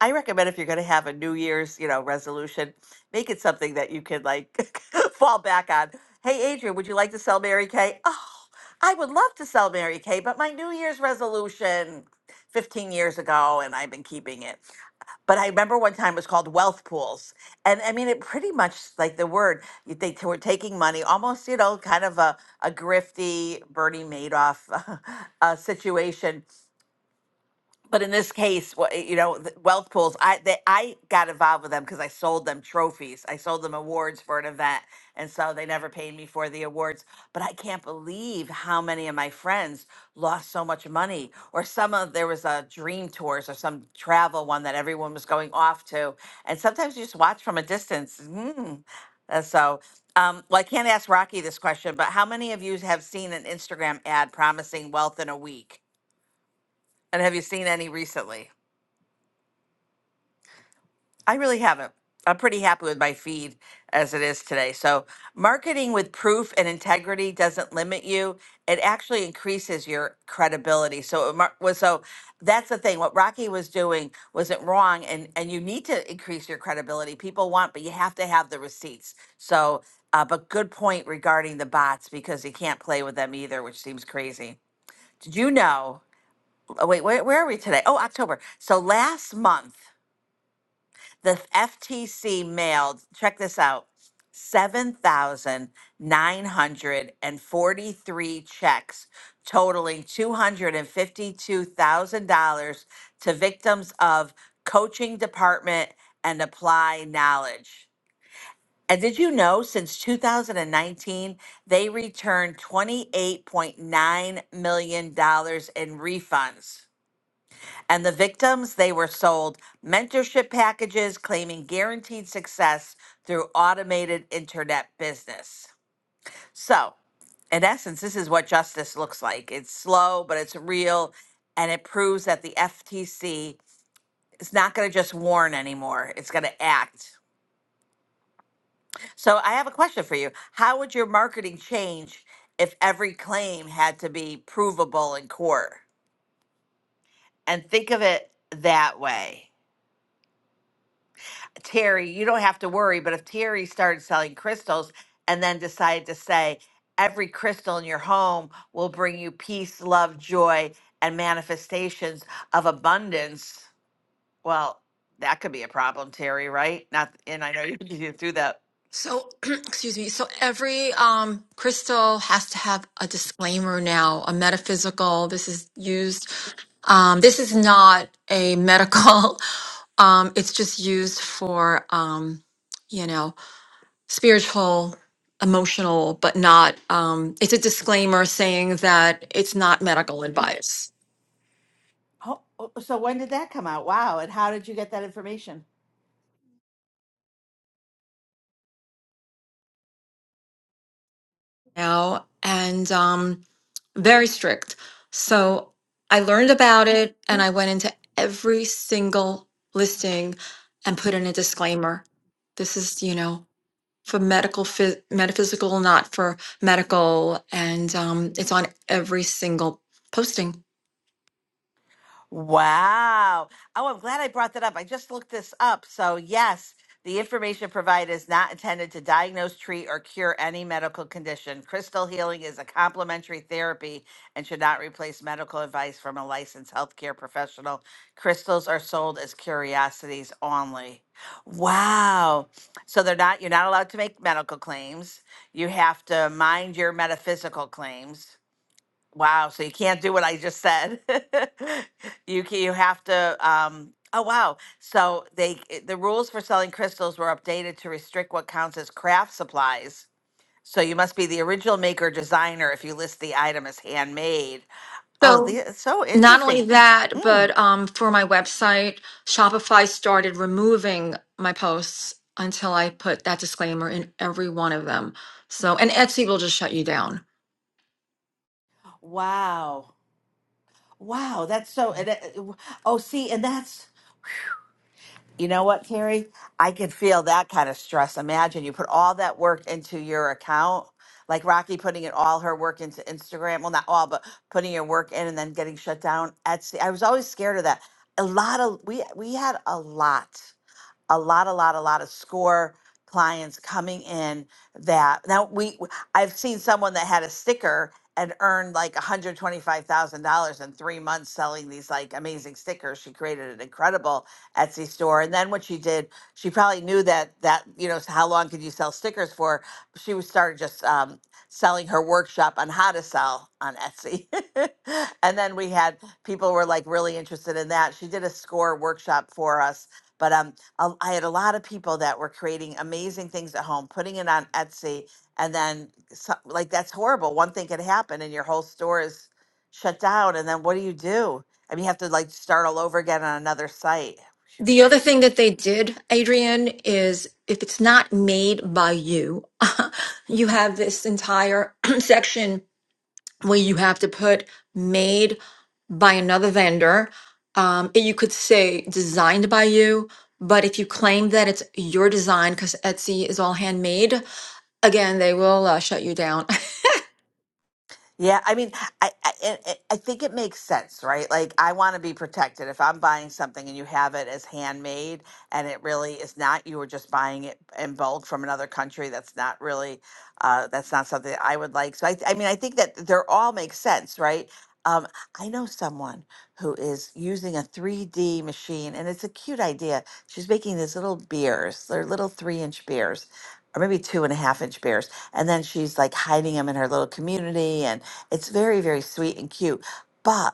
I recommend if you're going to have a New Year's, you know, resolution, make it something that you can like fall back on. Hey, Adrian, would you like to sell Mary Kay? Oh, I would love to sell Mary Kay, but my New Year's resolution 15 years ago, and I've been keeping it. But I remember one time it was called wealth pools. And I mean, it pretty much like the word, you- they t- were taking money, almost, you know, kind of a, a grifty Bernie Madoff uh, situation but in this case, wha- you know, th- wealth pools. I they, I got involved with them because I sold them trophies. I sold them awards for an event, and so they never paid me for the awards. But I can't believe how many of my friends lost so much money. Or some of there was a dream tours or some travel one that everyone was going off to, and sometimes you just watch from a distance. Mm. Uh, So, um, well, I can't ask Rocky this question, but how many of you have seen an Instagram ad promising wealth in a week? And have you seen any recently? I really haven't. I'm pretty happy with my feed as it is today. So, marketing with proof and integrity doesn't limit you. It actually increases your credibility. So, it mar- was so that's the thing. What Rocky was doing wasn't wrong, and and you need to increase your credibility. People want, but you have to have the receipts. So, uh, but good point regarding the bots because you can't play with them either, which seems crazy. Did you know? Oh, wait, where, where are we today? Oh, October. So last month the FTC mailed, check this out, 7,943 checks totaling $252,000 to victims of coaching department and apply knowledge. And did you know since 2019, they returned $28.9 million dollars in refunds? And the victims, they were sold mentorship packages claiming guaranteed success through automated internet business. So, in essence, this is what justice looks like. It's slow, but it's real, and it proves that the FTC is not going to just warn anymore, it's going to act. So, I have a question for you. How would your marketing change if every claim had to be provable in court? And think of it that way. Terry, you don't have to worry, but if Terry started selling crystals and then decided to say, every crystal in your home will bring you peace, love, joy, and manifestations of abundance, well, that could be a problem, Terry, right? Not, and I know you you do that.
So, excuse me. So every um, crystal has to have a disclaimer now, a metaphysical. This is used. Um, this is not a medical. Um, it's just used for, um, you know, spiritual, emotional, but not. Um, it's a disclaimer saying that it's not medical advice.
Oh, oh, so when did that come out? Wow. And how did you get that information?
now and um, very strict. So I learned about it and I went into every single listing and put in a disclaimer. This is, you know, for medical, phys- metaphysical, not for medical. And um, it's on every single posting.
Wow. Oh, I'm glad I brought that up. I just looked this up. So, yes, the information provided is not intended to diagnose, treat, or cure any medical condition. Crystal healing is a complementary therapy and should not replace medical advice from a licensed healthcare professional. Crystals are sold as curiosities only. Wow. So they're not you're not allowed to make medical claims. You have to mind your metaphysical claims. Wow, so you can't do what I just said. You can, you have to um oh wow. So they i- the rules for selling crystals were updated to restrict what counts as craft supplies. So you must be the original maker or designer if you list the item as handmade. Oh,
So
the, it's so
Not only
interesting.
that,
Mm.
but um, for my website, Shopify started removing my posts until I put that disclaimer in every one of them. So, and Etsy will just shut you down.
Wow. Wow, that's so and, uh, w- oh see, and that's You know what, Carrie? I can feel that kind of stress. Imagine you put all that work into your account, like Rocky putting it all her work into Instagram. Well, not all, but putting your work in and then getting shut down. Etsy. I was always scared of that. A lot of we we had a lot a lot, a lot, a lot of score clients coming in that now we i I've seen someone that had a sticker and earned like $125,000 in three months selling these like amazing stickers. She created an incredible Etsy store. And then what she did, she probably knew that, that, you know, how long could you sell stickers for? She was started just um, selling her workshop on how to sell on Etsy. and then we had people were like really interested in that. She did a score workshop for us but um a- I had a lot of people that were creating amazing things at home, putting it on Etsy, and then so, like that's horrible. One thing could happen, and your whole store is shut down. And then what do you do? I mean, you have to like start all over again on another site.
The other thing that they did, Adrian, is if it's not made by you, you have this entire section where you have to put made by another vendor. Um, you could say designed by you, but if you claim that it's your design because Etsy is all handmade, again, they will uh, shut you down.
Yeah, I mean, I I, I I think it makes sense, right? Like, I want to be protected. If I'm buying something and you have it as handmade, and it really is not, you were just buying it in bulk from another country. That's not really, uh, that's not something that I would like. So, I, I mean, I think that they're all make sense, right? Um, I know someone who is using a 3D machine, and it's a cute idea. She's making these little beers. They're little three-inch beers, or maybe two and a half inch beers and then she's like hiding them in her little community and it's very, very sweet and cute, but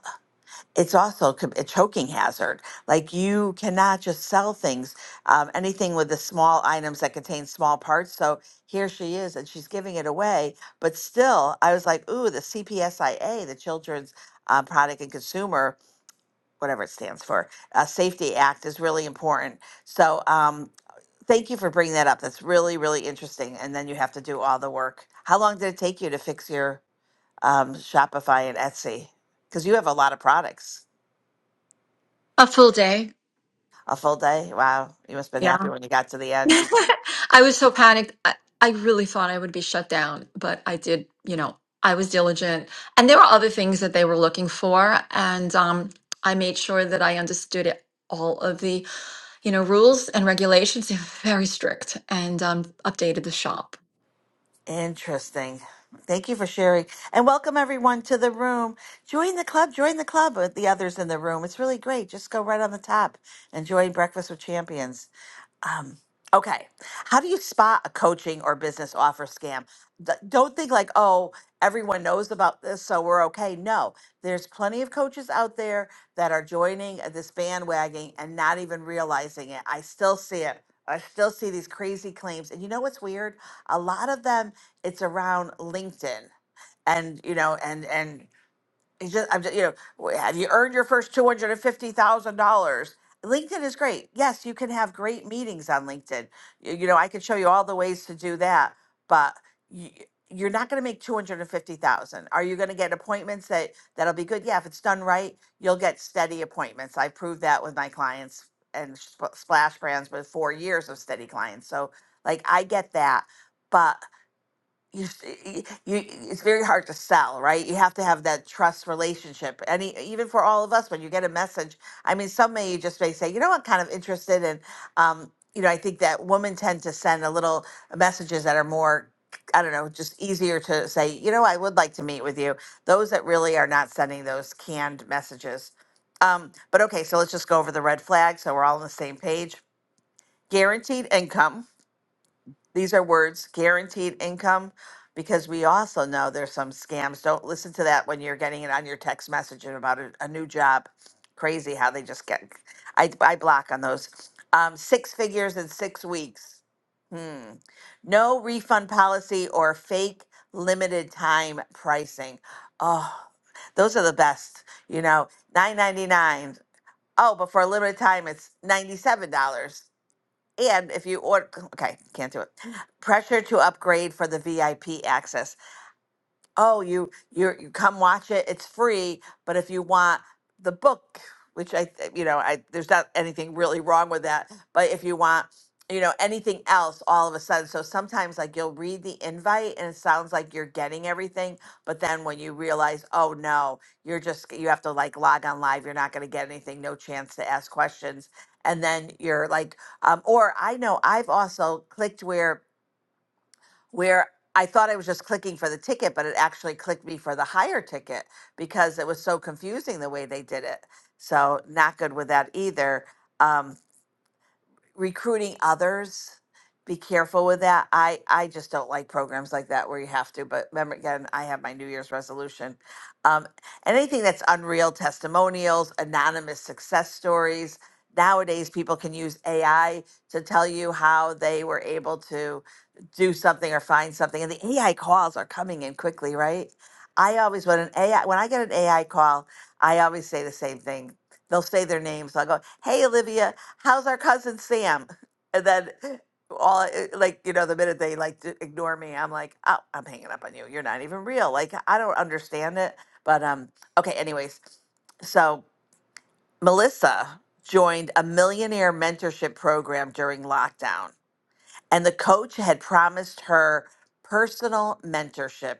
it's also co- a choking hazard. Like you cannot just sell things, um, anything with the small items that contain small parts. So here she is, and she's giving it away. But still, I was like, ooh, the CPSIA, the Children's uh, Product and Consumer, whatever it stands for, uh, Safety Act is really important. So um, thank you for bringing that up. That's really, really interesting. And then you have to do all the work. How long did it take you to fix your? um, Shopify and Etsy? Because you have a lot of products.
A full day.
A full day? Wow. You must have been
Yeah.
happy when you got to the end.
I was so panicked. I, I really thought I would be shut down, but I did, you know, I was diligent. And there were other things that they were looking for. And um, I made sure that I understood it, all of the you know, rules and regulations, they're very strict and um, updated the shop.
Interesting. Thank you for sharing. And welcome everyone to the room. Join the club, join the club with the others in the room. It's really great. Just go right on the top and join Breakfast with Champions. Um, okay. How do you spot a coaching or business offer scam? Th- Don't think like, oh, everyone knows about this, so we're okay. No, there's plenty of coaches out there that are joining this bandwagon and not even realizing it. I still see it. I still see these crazy claims. And you know what's weird? A lot of them, it's around LinkedIn and you know and and it's just, I'm just, you know, have you earned your first two hundred and fifty thousand dollars? LinkedIn is great. Yes, you can have great meetings on LinkedIn. You, you know, I could show you all the ways to do that, but you, you're not going to make two hundred and fifty thousand. Are you going to get appointments that that'll be good? Yeah, if it's done right, you'll get steady appointments. I proved that with my clients and Sp- Splash Brands with four years of steady clients. So, like, I get that, but you, s- y- you it's very hard to sell right you have to have that trust relationship any even for all of us when you get a message i mean some may just may say you know i'm kind of interested in um you know i think that women tend to send a little messages that are more i don't know just easier to say you know i would like to meet with you those that really are not sending those canned messages um but okay so let's just go over the red flag so we're all on the same page guaranteed income these are words guaranteed income because we also know there's some scams. Don't listen to that when you're getting it on your text message and about a, a new job. Crazy how they just get. I, I block on those. Um, six figures in six weeks. Hmm. No refund policy or fake limited time pricing. Oh, those are the best. You know, nine ninety nine. Oh, but for a limited time, it's ninety seven dollars. And if you order, okay, can't do it. Pressure to upgrade for the VIP access oh you you you come watch it it's free but if you want the book which i th- you know i there's not anything really wrong with that but if you want you know anything else all of a sudden so sometimes like you'll read the invite and it sounds like you're getting everything but then when you realize oh no you're just you have to like log on live you're not going to get anything no chance to ask questions and then you're like um or i know i've also clicked where where I thought I was just clicking for the ticket, but it actually clicked me for the higher ticket because it was so confusing the way they did it. So not good with that either. Um, recruiting others be careful with that i i just don't like programs like that where you have to but remember again i have my new year's resolution um, anything that's unreal testimonials anonymous success stories nowadays people can use ai to tell you how they were able to do something or find something and the ai calls are coming in quickly right i always when an ai when i get an ai call i always say the same thing they'll say their names i'll go hey olivia how's our cousin Sam? And then all eh, like you know the minute they like d- ignore me, I'm like, oh, I'm hanging up on you. You're not even real. Like I don't understand it. But um, okay. Anyways, so Melissa joined a millionaire mentorship program during lockdown, and the coach had promised her personal mentorship.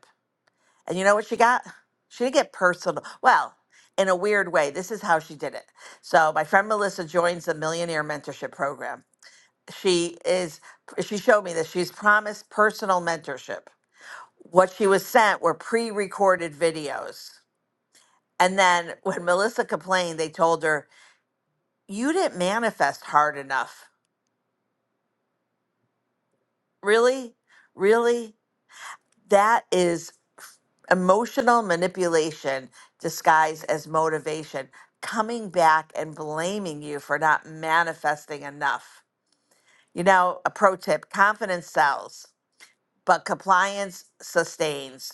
And you know what she got? She didn't get personal. Well, in a weird way, this is how she did it. So my friend Melissa joins the Millionaire Mentorship Program she is she showed me that she's promised personal mentorship what she was sent were pre-recorded videos and then when melissa complained they told her you didn't manifest hard enough really really that is f- emotional manipulation disguised as motivation coming back and blaming you for not manifesting enough you know a pro tip confidence sells but compliance sustains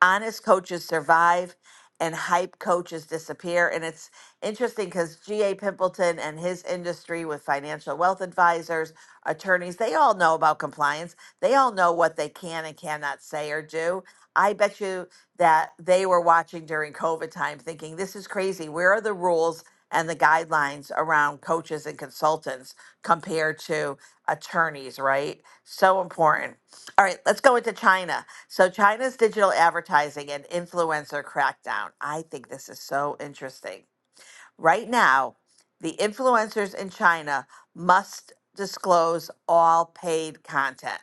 honest coaches survive and hype coaches disappear. And it's interesting because G.A. Pimpleton and his industry with financial wealth advisors, attorneys, they all know about compliance. They all know what they can and cannot say or do. I bet you that they were watching during COVID time thinking, this is crazy. Where are the rules and the guidelines around coaches and consultants compared to attorneys, right? So important. All right, let's go into China. So, China's digital advertising and influencer crackdown. I think this is so interesting. Right now, the influencers in China must disclose all paid content,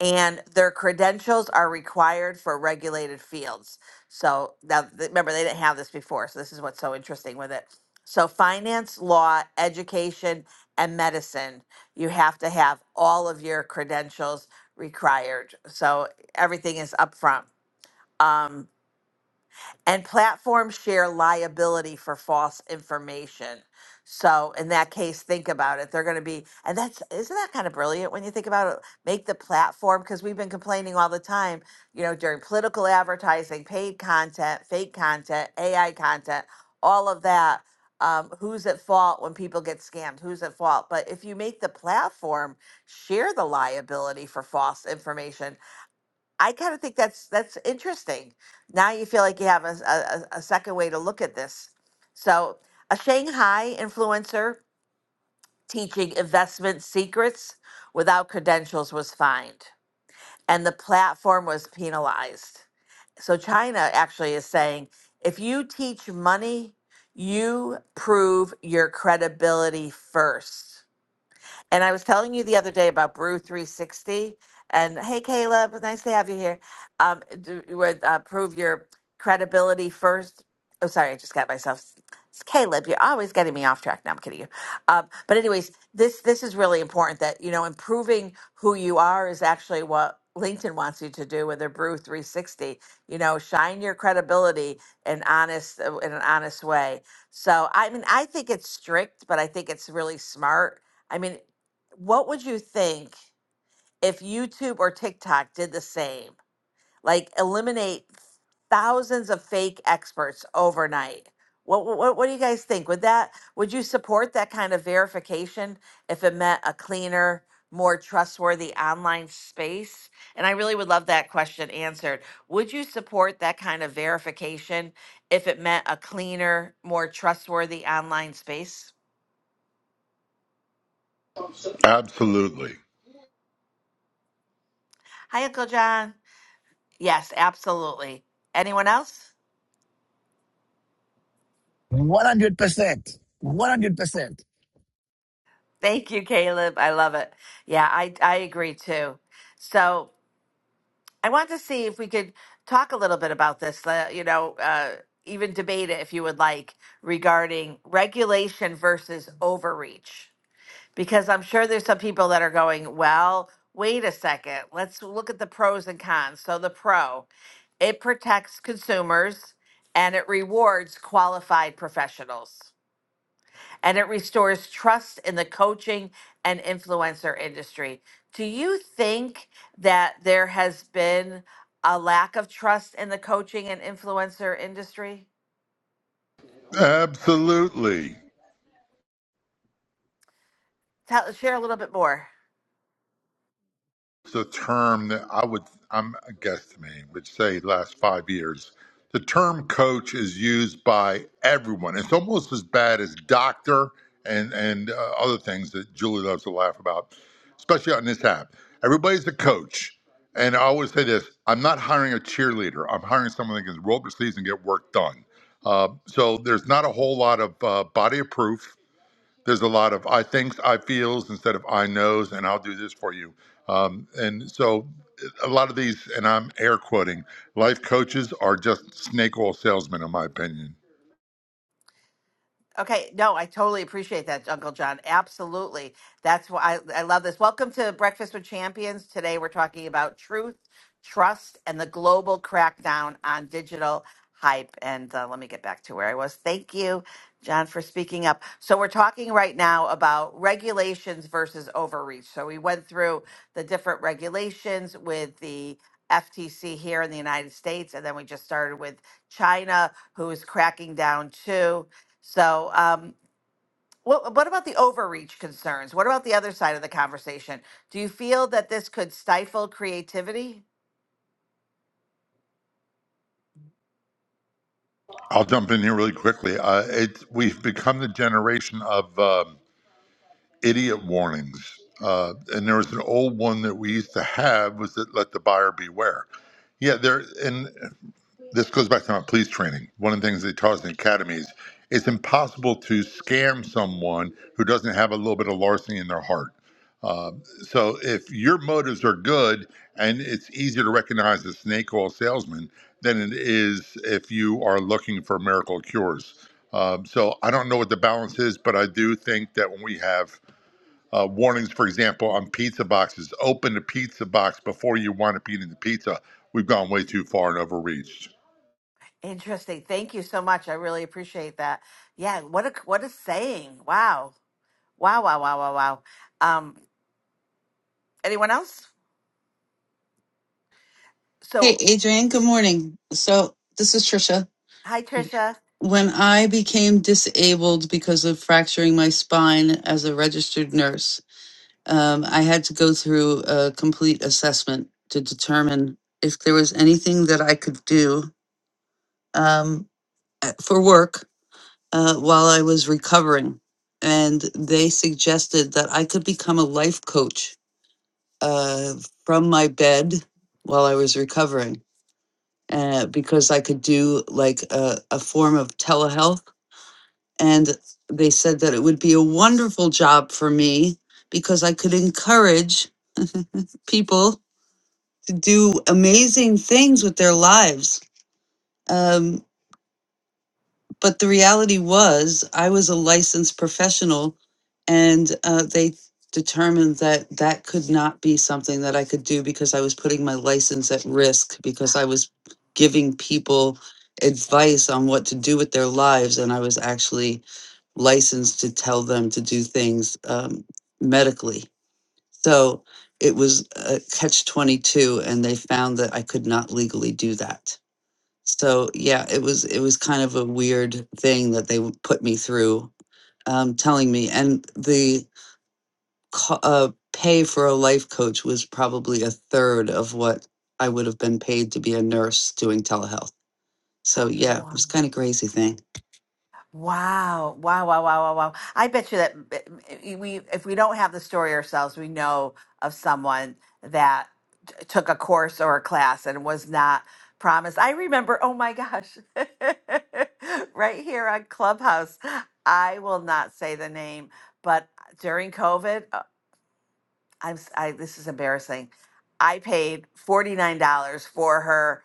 and their credentials are required for regulated fields. So, now th- remember, they didn't have this before. So, this is what's so interesting with it. So, finance, law, education, and medicine, you have to have all of your credentials required. So, everything is upfront um, and platforms share liability for false information. So in that case, think about it. They're going to be, and that's isn't that kind of brilliant when you think about it. Make the platform because we've been complaining all the time, you know, during political advertising, paid content, fake content, AI content, all of that. Um, who's at fault when people get scammed? Who's at fault? But if you make the platform share the liability for false information, I kind of think that's that's interesting. Now you feel like you have a, s- a- a- a second way to look at this. So, a Shanghai influencer teaching investment secrets without credentials was fined, and the platform was penalized. So, China actually is saying if you teach money, you prove your credibility first. And I was telling you the other day about Brew 360. And hey, Caleb, nice to have you here. Um, do, would uh, prove your credibility first. Oh, sorry, I just got myself. It's Caleb, you're always getting me off track. Now I'm kidding you. Um, but anyways, this this is really important that you know improving who you are is actually what LinkedIn wants you to do with their Brew 360. You know, shine your credibility in honest uh, in an honest way. So I mean, I think it's strict, but I think it's really smart. I mean, what would you think if YouTube or TikTok did the same? Like eliminate thousands of fake experts overnight. What, what what do you guys think? Would that would you support that kind of verification if it meant a cleaner, more trustworthy online space? And I really would love that question answered. Would you support that kind of verification if it meant a cleaner, more trustworthy online space?
Absolutely.
Hi, Uncle John. Yes, absolutely. Anyone else?
100%. 100%.
Thank you, Caleb. I love it. Yeah, I I agree too. So I want to see if we could talk a little bit about this. uh, You know, uh, even debate it if you would like regarding regulation versus overreach, because I'm sure there's some people that are going, well, wait a second, let's look at the pros and cons. So the pro, it protects consumers and it rewards qualified professionals and it restores trust in the coaching and influencer industry. Do you think that there has been a lack of trust in the coaching and influencer industry?
Absolutely.
Tell, share a little bit more.
It's a term that I would, I'm a guesstimate, would say last five years. The term coach is used by everyone. It's almost as bad as doctor and, and uh, other things that Julie loves to laugh about, especially on this app. Everybody's a coach. And I always say this I'm not hiring a cheerleader, I'm hiring someone that can roll up their sleeves and get work done. Uh, so there's not a whole lot of uh, body of proof there's a lot of I thinks, I feels instead of I knows, and I'll do this for you. Um, and so a lot of these, and I'm air quoting, life coaches are just snake oil salesmen, in my opinion.
Okay, no, I totally appreciate that, Uncle John. Absolutely. That's why I, I love this. Welcome to Breakfast with Champions. Today we're talking about truth, trust, and the global crackdown on digital hype. And uh, let me get back to where I was. Thank you, John, for speaking up. So we're talking right now about regulations versus overreach. So we went through the different regulations with the FTC here in the United States, and then we just started with China, who is cracking down too so, um, what, what about the overreach concerns? What about the other side of the conversation? Do you feel that this could stifle creativity?
I'll jump in here really quickly. Uh, it, we've become the generation of um, idiot warnings. Uh, and there was an old one that we used to have was that let the buyer beware. Yeah, there and this goes back to my police training. One of the things they taught us in academies, it's impossible to scam someone who doesn't have a little bit of larceny in their heart. Uh, so if your motives are good and it's easier to recognize a snake oil salesman than it is if you are looking for miracle cures. Um, so I don't know what the balance is, but I do think that when we have uh, warnings, for example, on pizza boxes, open the pizza box before you wind up eating the pizza, we've gone way too far and overreached.
Interesting. Thank you so much. I really appreciate that. Yeah. What a what a saying. Wow. Wow. Wow. Wow. Wow. Wow. Um, anyone else?
Hey,
So,
Adrian, good morning. So, this is Trisha.
hi, Trisha.
When I became disabled because of fracturing my spine as a registered nurse, Um, I had to go through a complete assessment to determine if there was anything that I could do um, uh, for work uh, while I was recovering. And they suggested that I could become a life coach uh, from my bed while I was recovering uh, because I could do like a, a form of telehealth. And they said that it would be a wonderful job for me because I could encourage people do amazing things with their lives. Um, but the reality was, I was a licensed professional, and uh, they determined that that could not be something that I could do because I was putting my license at risk because I was giving people advice on what to do with their lives, and I was actually licensed to tell them to do things um, medically. So it was a catch 22 and they found that I could not legally do that. So yeah, it was it was kind of a weird thing that they w- put me through um, telling me and the co- uh, pay for a life coach was probably a third of what I would have been paid to be a nurse doing telehealth. So yeah, it
Wow.
was kind of crazy thing.
Wow. Wow, wow, wow, wow, wow. I bet you that eh, we if we don't have the story ourselves, we know of someone that t- took a course or a class and was not promised. I remember, oh my gosh. right here on Clubhouse. I will not say the name, but during COVID. I'm s- I this is embarrassing. I paid $49 for her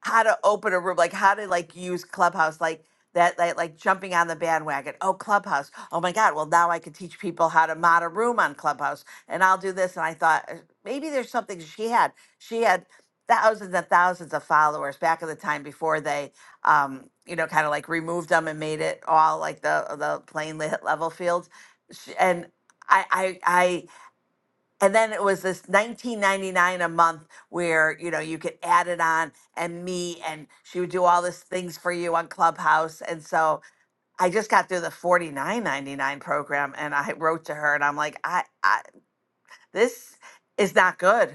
how to open a room, like how to like use Clubhouse, like that like, like jumping on the bandwagon. Oh, Clubhouse. Oh my God. Well, now I can teach people how to mod a room on Clubhouse and I'll do this. And I thought "Uh, maybe there's something she had. She had thousands and thousands of followers back in the time before they um you know kind of like removed them and made it all like the the plain le- level fields Sh- and I, I I, and then it was this 19.99 a month where you know you could add it on and meet and she would do all these things for you on clubhouse and so i just got through the 49.99 program and i wrote to her and i'm like i, I this is not good.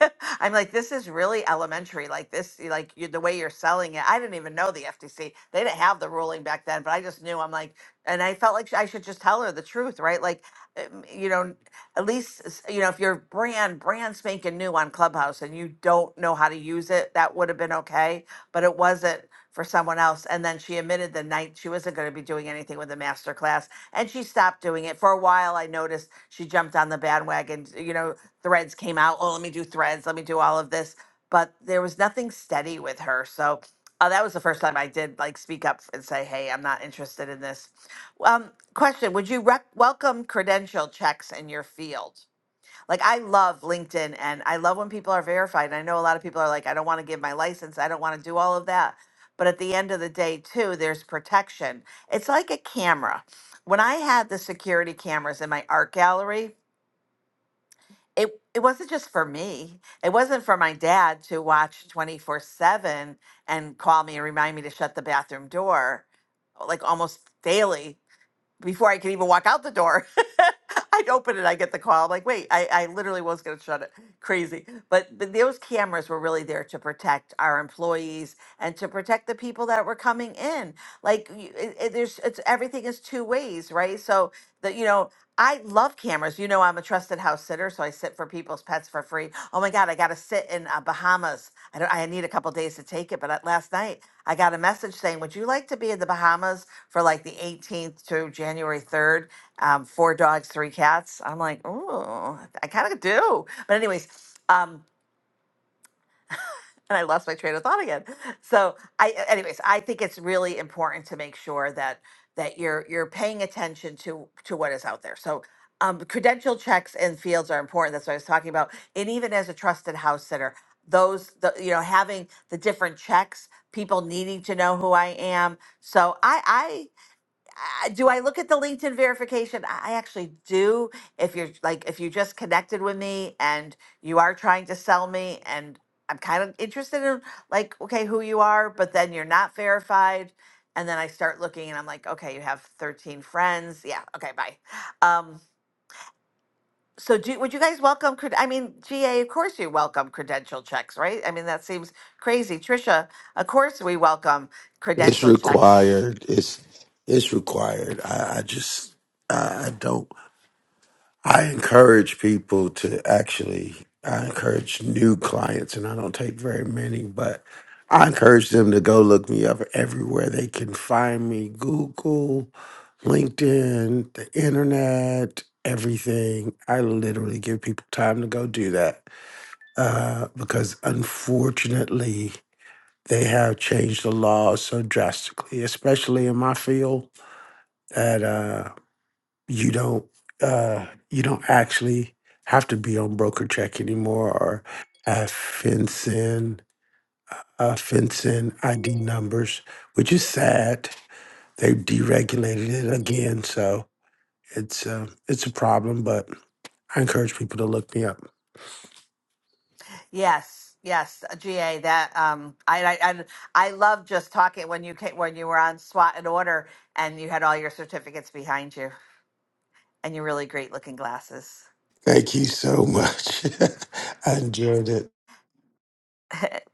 I'm like, this is really elementary. Like this, like you, the way you're selling it. I didn't even know the FTC. They didn't have the ruling back then, but I just knew. I'm like, and I felt like I should just tell her the truth, right? Like, um, you know, at least s- you know if your brand brand spanking new on Clubhouse and you don't know how to use it, that would have been okay. But it wasn't for someone else. And then she admitted the night she wasn't going to be doing anything with the masterclass and she stopped doing it. For a while, I noticed she jumped on the bandwagon. You know, threads came out. Oh, let me do threads. Let me do all of this. But there was nothing steady with her. So uh, that was the first time I did like speak up and say, hey, I'm not interested in this. Um, question Would you rec- welcome credential checks in your field? Like I love LinkedIn and I love when people are verified. And I know a lot of people are like, I don't want to give my license. I don't want to do all of that. But at the end of the day, too, there's protection. It's like a camera. When I had the security cameras in my art gallery, it, it wasn't just for me. It wasn't for my dad to watch 24 7 and call me and remind me to shut the bathroom door like almost daily before I could even walk out the door, I'd open it, I get the call. I'm like, wait, I, I literally was gonna shut it. Crazy. But but those cameras were really there to protect our employees and to protect the people that were coming in. Like you- it, it, there's it's everything is two ways, right? So that you know. I love cameras. You know, I'm a trusted house sitter, so I sit for people's pets for free. Oh my God, I got to sit in uh, Bahamas. I don't. I need a couple days to take it, but uh, last night I got a message saying, "Would you like to be in the Bahamas for like the 18th to January 3rd? Um, four dogs, three cats." I'm like, "Ooh, I kind of do." But anyways. Um, and I lost my train of thought again. So I, anyways, I think it's really important to make sure that that you're you're paying attention to to what is out there. So um, credential checks and fields are important. That's what I was talking about. And even as a trusted house sitter, those the, you know having the different checks, people needing to know who I am. So I uh, do I look at the LinkedIn verification? I I actually do. If you're like, if you just connected with me and you are trying to sell me, and I'm kind of interested in like, okay, who you are, but then you're not verified. And then I start looking and I'm like, okay, you have 13 friends. Yeah. Okay. Bye. Um, so do, would you guys welcome, cred- I mean, GA, of course you welcome credential checks, right? I mean, that seems crazy. Trisha, of course we welcome
It's
credential checks.
required. It's it's required. I, I just I, I don't. I encourage people to actually, I encourage new clients, and I don't take very many, but I encourage them to go look me up everywhere they can find me Google, LinkedIn, the internet, everything. I literally give people time to go do that uh, because unfortunately, they have changed the laws so drastically, especially in my field, that. Uh, you don't uh you don't actually have to be on broker check anymore or have FinCEN uh FinCEN ID numbers, which is sad. They've deregulated it again, so it's uh, it's a problem, but I encourage people to look me up.
Yes, yes, GA. That um, I, I I I love just talking when you came, when you were on SWAT and order and you had all your certificates behind you and your really great looking glasses.
Thank you so much. I enjoyed it.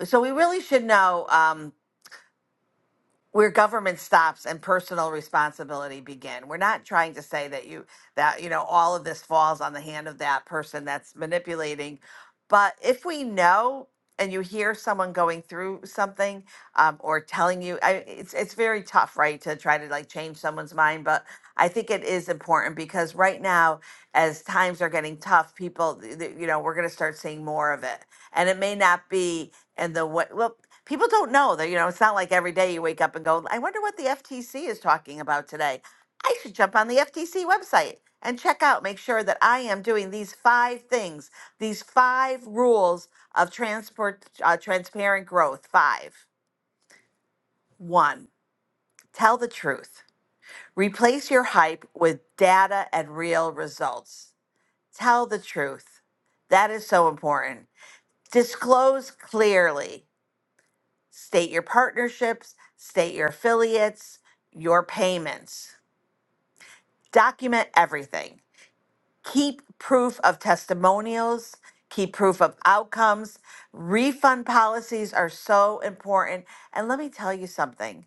So we really should know. Um, where government stops and personal responsibility begin. We're not trying to say that you that you know all of this falls on the hand of that person that's manipulating, but if we know and you hear someone going through something um, or telling you, I, it's it's very tough, right, to try to like change someone's mind. But I think it is important because right now, as times are getting tough, people, th- th- you know, we're going to start seeing more of it, and it may not be in the way well people don't know that you know it's not like every day you wake up and go i wonder what the ftc is talking about today i should jump on the ftc website and check out make sure that i am doing these five things these five rules of transport uh, transparent growth five one tell the truth replace your hype with data and real results tell the truth that is so important disclose clearly State your partnerships, state your affiliates, your payments. Document everything. Keep proof of testimonials, keep proof of outcomes. Refund policies are so important. And let me tell you something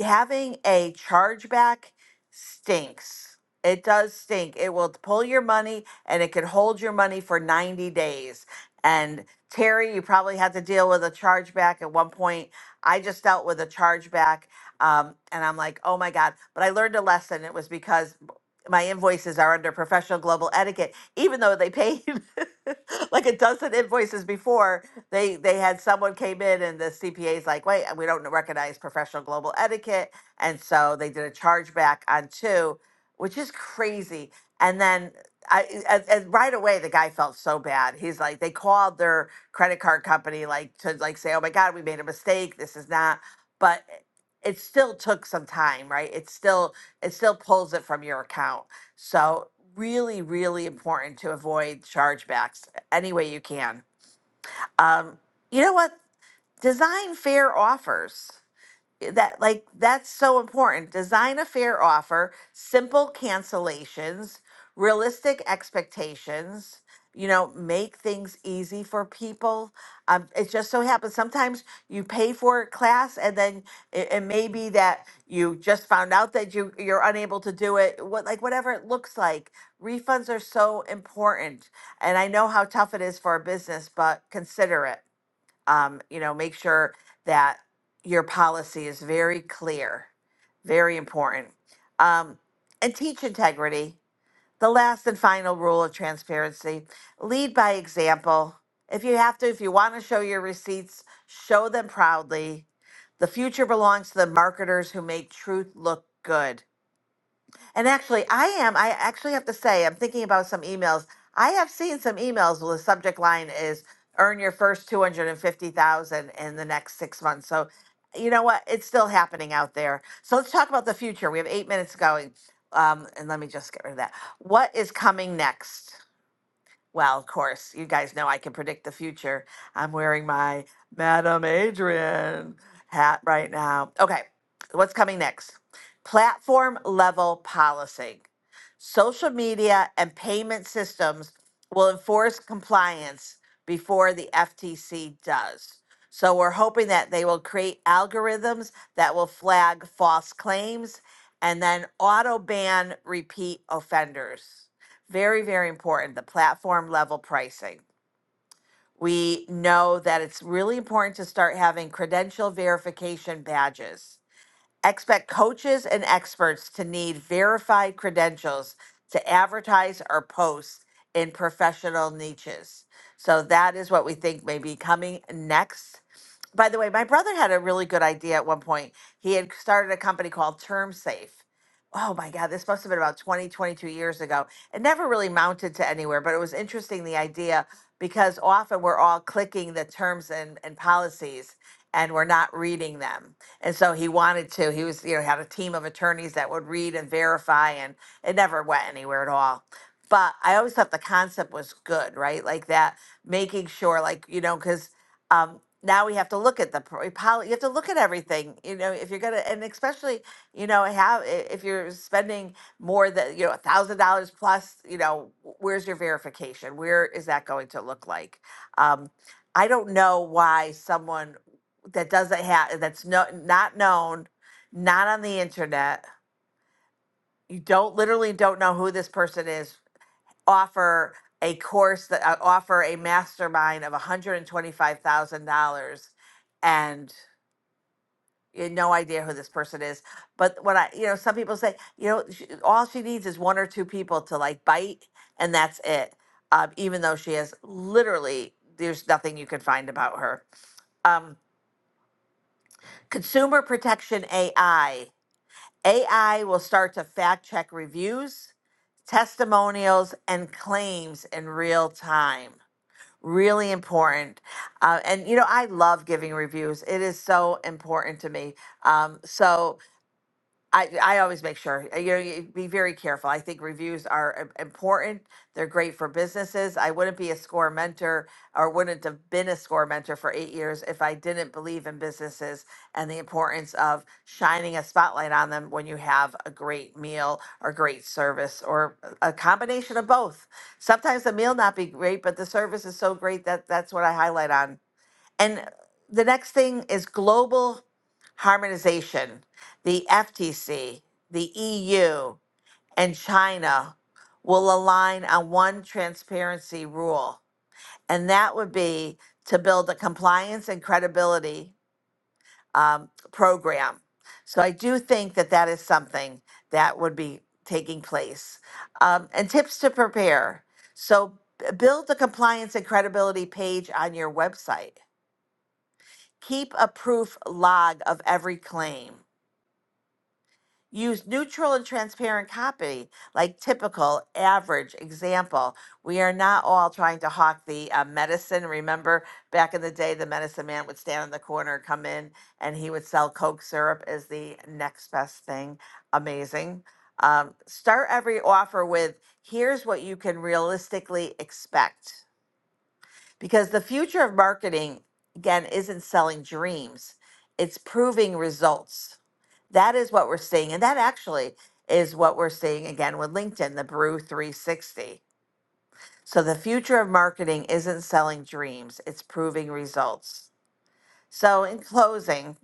having a chargeback stinks. It does stink. It will pull your money and it can hold your money for 90 days. And Terry, you probably had to deal with a chargeback at one point. I just dealt with a chargeback um, and I'm like, oh my God. But I learned a lesson. It was because my invoices are under professional global etiquette, even though they paid like a dozen invoices before they they had someone came in and the CPA's like, wait, we don't recognize professional global etiquette, and so they did a chargeback on two, which is crazy. And then I and, and right away the guy felt so bad. He's like, they called their credit card company like to like say, oh my god, we made a mistake. This is not, but it still took some time, right? It still it still pulls it from your account. So really, really important to avoid chargebacks any way you can. Um, you know what? Design fair offers. That like that's so important. Design a fair offer, simple cancellations, realistic expectations, you know, make things easy for people. Um, it just so happens sometimes you pay for a class and then it, it may be that you just found out that you you're unable to do it. What like whatever it looks like. Refunds are so important. And I know how tough it is for a business, but consider it um, you know, make sure that your policy is very clear, very important. Um, and teach integrity. The last and final rule of transparency lead by example. If you have to, if you want to show your receipts, show them proudly. The future belongs to the marketers who make truth look good. And actually, I am. I actually have to say, I'm thinking about some emails. I have seen some emails where the subject line is earn your first 250,000 in the next 6 months. So, you know what? It's still happening out there. So, let's talk about the future. We have 8 minutes going. Um, and let me just get rid of that. What is coming next? Well, of course, you guys know I can predict the future. I'm wearing my Madame Adrian hat right now. Okay, what's coming next? Platform level policy. Social media and payment systems will enforce compliance before the FTC does. So we're hoping that they will create algorithms that will flag false claims and then auto ban repeat offenders very, very important the platform level pricing. We know that it's really important to start having credential verification badges Expect coaches and experts to need verified credentials to advertise or post in professional niches. So that is what we think may be coming next. By the way, my brother had a really good idea at one point. He had started a company called Term Safe. Oh my God, this must have been about 20, 22 years ago. It never really mounted to anywhere, but it was interesting the idea because often we're all clicking the terms and, and policies and we're not reading them. And so he wanted to. He was, you know, had a team of attorneys that would read and verify, and it never went anywhere at all. But I always thought the concept was good, right? Like that, making sure, like you know, because um, now we have to look at the pro- poli- you have to look at everything, you know, if you're gonna, and especially, you know, have i- if you're spending more than you know a thousand dollars plus, you know, w- where's your verification? Where is that going to look like? Um, I don't know why someone that doesn't have that's no not known, not on the internet. You don't literally don't know who this person is. Offer a course that uh, offer a mastermind of one hundred and twenty five thousand dollars, and you have no idea who this person is. But when I, you know, some people say, you know, sh all she needs is one or two people to like bite, and that's it. Um, even though she has literally, there's nothing you can find about her. Um, Consumer Protection AI AI will start to fact check reviews, testimonials, and claims in real time. Really important. Uh, and, you know, I love giving reviews, it is so important to me. Um, so, I, I always make sure uh, you know you be very careful. I think reviews are im- important. They're great for businesses. I wouldn't be a score mentor or wouldn't have been a score mentor for eight years if I didn't believe in businesses and the importance of shining a spotlight on them when you have a great meal or great service or a a combination of both. Sometimes the meal not be great, but the service is so great that that's what I highlight on and the next thing is global harmonization. The FTC, the EU, and China will align on one transparency rule. And that would be to build a compliance and credibility um, program. So I do think that that is something that would be taking place. Um, and tips to prepare. So b- build the compliance and credibility page on your website Keep a proof log of every claim. Use neutral and transparent copy, like typical, average, example. We are not all trying to hawk the uh, medicine. Remember back in the day, the medicine man would stand in the corner, come in, and he would sell Coke syrup as the next best thing. Amazing. Um, start every offer with here's what you can realistically expect because the future of marketing again isn't selling dreams it's proving results that is what we're seeing and that actually is what we're seeing again with linkedin the brew 360 so the future of marketing isn't selling dreams it's proving results so in closing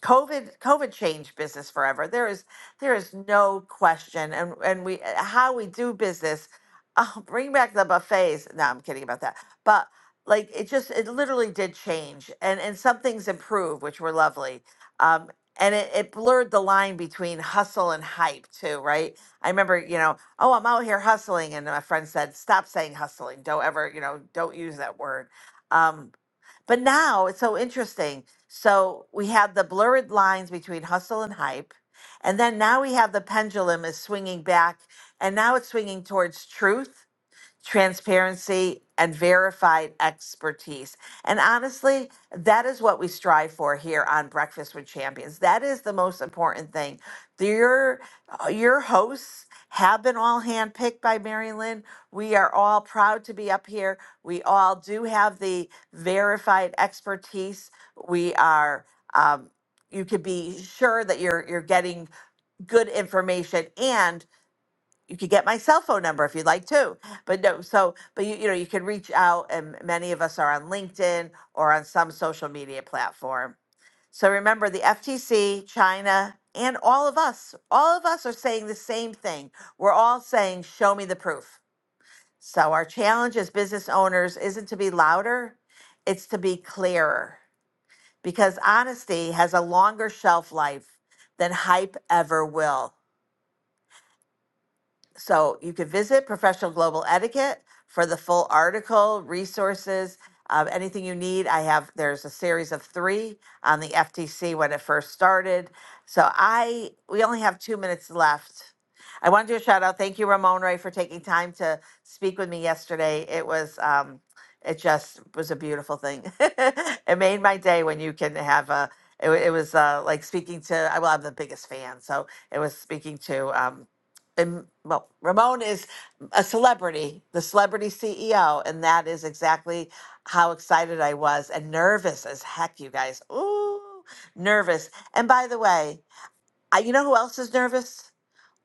COVID COVID changed business forever. There is there is no question, and and we uh, how we do business. Oh, bring back the buffets. No, I'm kidding about that. But like it just it literally did change, and and some things improved, which were lovely. Um, and it, it blurred the line between hustle and hype too, right? I remember, you know, oh, I'm out here hustling, and my friend said, stop saying hustling. Don't ever, you know, don't use that word. Um, but now it's so interesting. So we have the blurred lines between hustle and hype. And then now we have the pendulum is swinging back and now it's swinging towards truth transparency, and verified expertise. And honestly, that is what we strive for here on Breakfast with Champions. That is the most important thing. Your uh, your hosts have been all handpicked by Mary Lynn. We are all proud to be up here. We all do have the verified expertise. We are um, you could be sure that you're you're getting good information and you could get my cell phone number if you'd like to. But no, so but you you know you can reach out, and many of us are on LinkedIn or on some social media platform. So remember, the FTC, China, and all of us, all of us are saying the same thing. We're all saying, "Show me the proof." So our challenge as business owners isn't to be louder; it's to be clearer, because honesty has a longer shelf life than hype ever will. so you could visit Professional Global Etiquette for the full article, resources, uh, anything you need. I have, there's a series of three on the FTC when it first started. So I, we only have two minutes left. I want to do a shout out. Thank you, Ramon Ray, for taking time to speak with me yesterday. It was, um, it just was a beautiful thing. it made my day when you can have a, it, wa- it was uh, like speaking to, I will have the biggest fan. So it was speaking to, um, and well, Ramon is a celebrity, the celebrity CEO, and that is exactly how excited I was and nervous as heck, you guys. Ooh, nervous. And by the way, I, you know who else is nervous?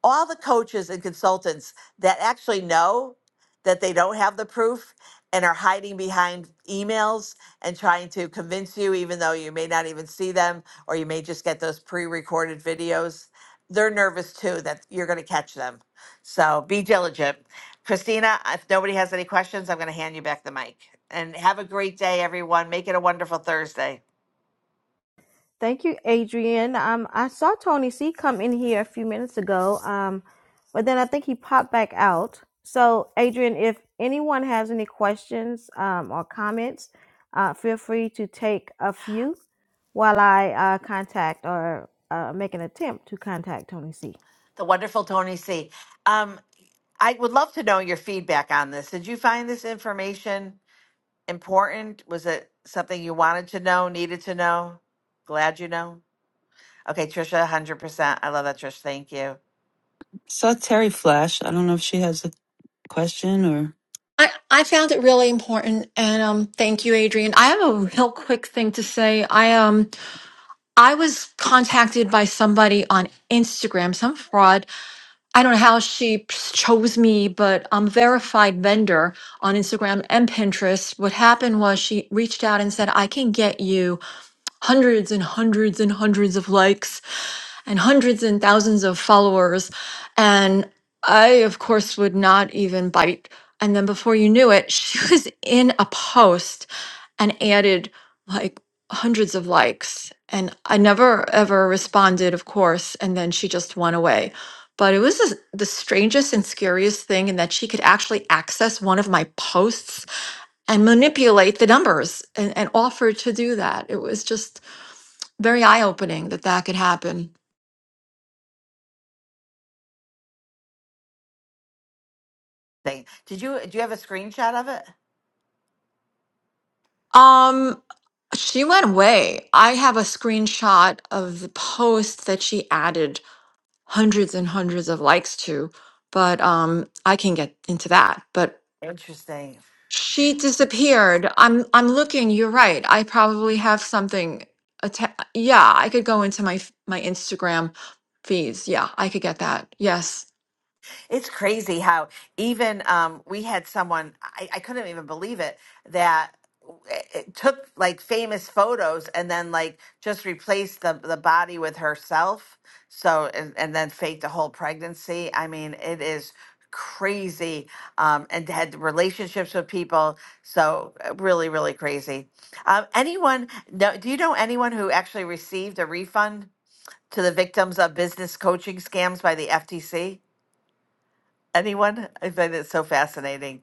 all the coaches and consultants that actually know that they don't have the proof and are hiding behind emails and trying to convince you, even though you may not even see them, or you may just get those pre recorded videos, they're nervous too that you're going to catch them. So be diligent. Christina, if nobody has any questions, I'm going to hand you back the mic. And have a great day, everyone. Make it a wonderful Thursday.
Thank you, Adrian. Um, I saw Tony C come in here a few minutes ago, um, but then I think he popped back out. So, Adrian, if anyone has any questions um, or comments, uh, feel free to take a few while I uh, contact or uh, make an attempt to contact Tony C.
The wonderful Tony C. Um, I would love to know your feedback on this. Did you find this information important? Was it something you wanted to know, needed to know? Glad you know. Okay, Trisha, one hundred percent. I love that, Trish. Thank you.
Saw Terry Flash. I don't know if she has a question or
I, I found it really important and um, thank you, Adrian. I have a real quick thing to say. I um I was contacted by somebody on Instagram, some fraud. I don't know how she chose me, but I'm a verified vendor on Instagram and Pinterest. What happened was she reached out and said, I can get you hundreds and hundreds and hundreds of likes and hundreds and thousands of followers. And I, of course, would not even bite. And then before you knew it, she was in a post and added like hundreds of likes. And I never ever responded, of course. And then she just went away. But it was the the strangest and scariest thing, in that she could actually access one of my posts and manipulate the numbers and, and offer to do that. It was just very eye opening that that could happen.
Thank. Did you do you have a screenshot of it?
Um, She went away. I have a screenshot of the post that she added hundreds and hundreds of likes to, but um I can get into that. But
Interesting.
she disappeared. I'm I'm looking, you're right. I probably have something atta- yeah, I could go into my f- my Instagram feeds. Yeah, I could get that. Yes.
It's crazy how even um, we had someone, I, I couldn't even believe it, that it it took like famous photos and then like just replaced the, the body with herself. So, and, and then faked a whole pregnancy. I mean, it is crazy. Um, and had relationships with people. So, uh, really, really crazy. Um, anyone, no, do you know anyone who actually received a refund to the victims of business coaching scams by the FTC? Anyone? I find it so fascinating.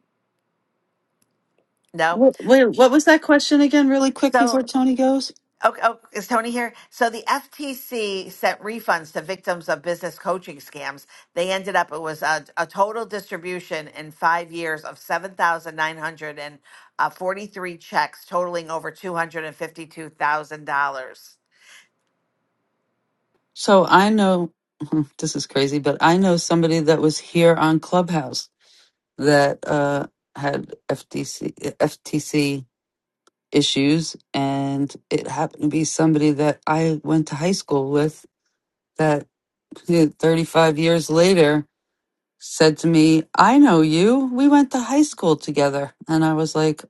No?
what, Wait, what was that question again really quick before
So,
Tony goes?
oh, oh, is Tony here? So the FTC sent refunds to victims of business coaching scams. They ended up, it was a, a total distribution in five years of 7,943 checks totaling over $252,000.
So I know this is crazy, but I know somebody that was here on Clubhouse that uh, had FTC FTC issues, and it happened to be somebody that I went to high school with. That you know, 35 years later said to me, "I know you. We went to high school together," and I was like,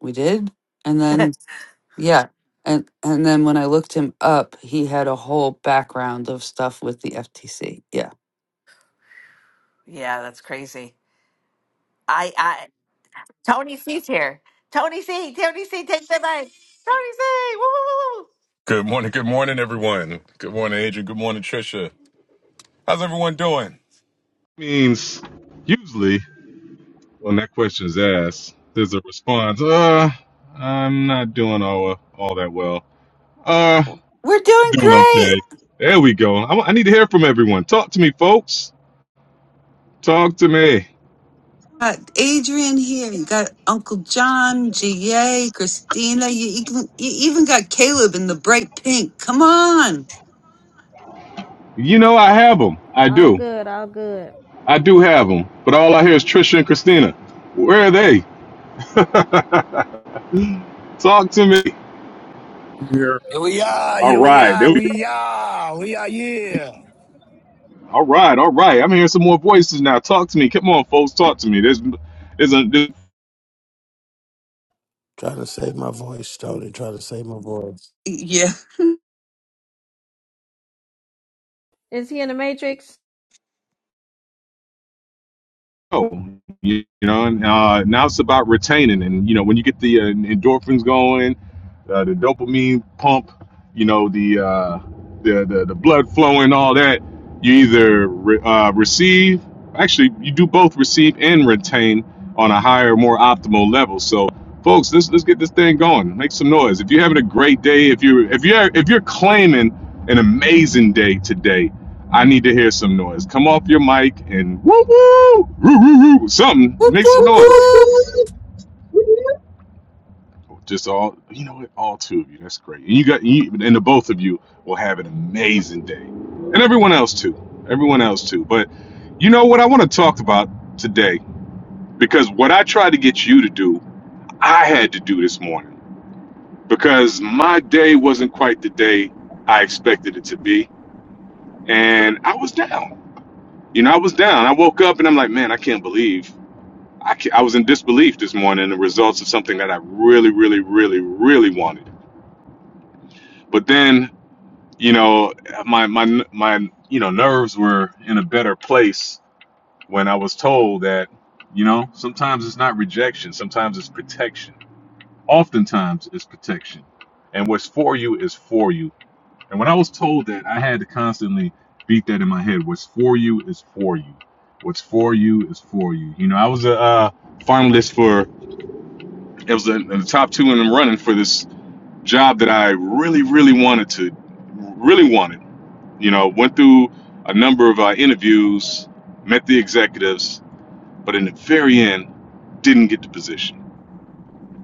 "We did." And then yeah. And, and then when I looked him up, he had a whole background of stuff with the FTC. Yeah.
Yeah, that's crazy. I, I, Tony C's here. Tony C, Tony C, take the mic. Tony C, woo, woo, woo. woo.
Good morning, good morning, everyone. Good morning, Adrian. Good morning, Trisha. How's everyone doing? means usually when that question is asked, there's a response. Uh, I'm not doing all all that well. Uh,
We're doing
doing
great.
okay. There we go. I, I need to hear from everyone. Talk to me, folks. Talk to me.
Got Adrian here. You got Uncle John, GA, Christina. You even, you even got Caleb in the bright pink. Come on.
You know I have them. I
All
do.
good, all good.
I do have them. But all I hear is Trisha and Christina. Where are they? Talk to me.
You're
Here we are.
All
Here we
right. There
are.
we
We are. We are here.
All right, all right. I'm hearing some more voices now. Talk to me. Come on, folks. Talk to me. There's, there's, a, there's
Trying to save my voice, Tony. Trying to save my voice.
Yeah.
Is he in the Matrix?
go, you, you know, and uh, now it's about retaining. And, you know, when you get the uh, endorphins going, uh, the dopamine pump, you know, the, uh, the, the, the blood flowing, all that, you either re- uh, receive, actually, you do both receive and retain on a higher, more optimal level. So, folks, let's, let's get this thing going. Make some noise. If you're having a great day, if you're, if you're, if you're claiming an amazing day today, I need to hear some noise. Come off your mic and woo woo, woo woo woo, something.
Whoop,
Make some
whoop,
noise.
whoop.
Just all, you know what? All two of you. That's great. And you got, you, and the both of you will have an amazing day, and everyone else too. Everyone else too. But you know what? I want to talk about today because what I tried to get you to do, I had to do this morning because my day wasn't quite the day I expected it to be, and I was down. You know, I was down. I woke up and I'm like, man, I can't believe I, I was in disbelief this morning the results of something that I really, really, really, really wanted. But then, you know, my my my you know nerves were in a better place when I was told that, you know, sometimes it's not rejection, sometimes it's protection. Oftentimes it's protection, and what's for you is for you. And when I was told that, I had to constantly beat that in my head. What's for you is for you. What's for you is for you. You know, I was a uh, finalist for It was in in the top two in the running for this job that I really, really wanted to, really wanted. You know, went through a number of uh, interviews, met the executives, but in the very end, didn't get the position.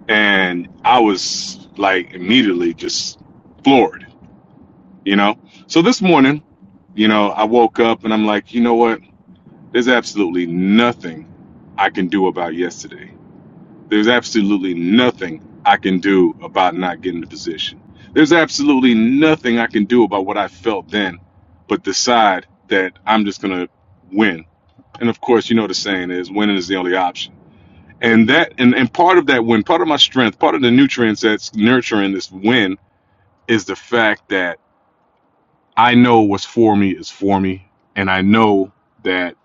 And I was like immediately just floored, you know? So this morning, you know, I woke up and I'm like, you know what? There's absolutely nothing I can do about yesterday. There's absolutely nothing I can do about not getting the position. There's absolutely nothing I can do about what I felt then, but decide that I'm just going to win. And of course, you know the saying is winning is the only option. And that and, and part of that win, part of my strength, part of the nutrients that's nurturing this win is the fact that I know what's for me is for me. And I know that,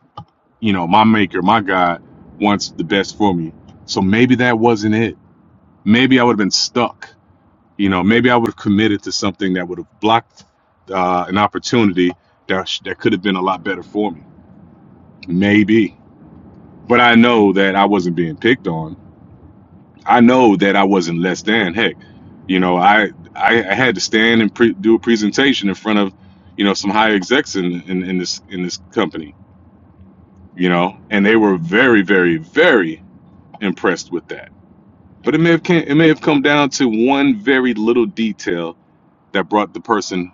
you know, my maker, my God wants the best for me. So maybe that wasn't it. Maybe I would have been stuck you know maybe i would have committed to something that would have blocked uh, an opportunity that, sh- that could have been a lot better for me maybe but i know that i wasn't being picked on i know that i wasn't less than heck you know i i, I had to stand and pre- do a presentation in front of you know some high execs in, in in this in this company you know and they were very very very impressed with that but it may have came, it may have come down to one very little detail that brought the person,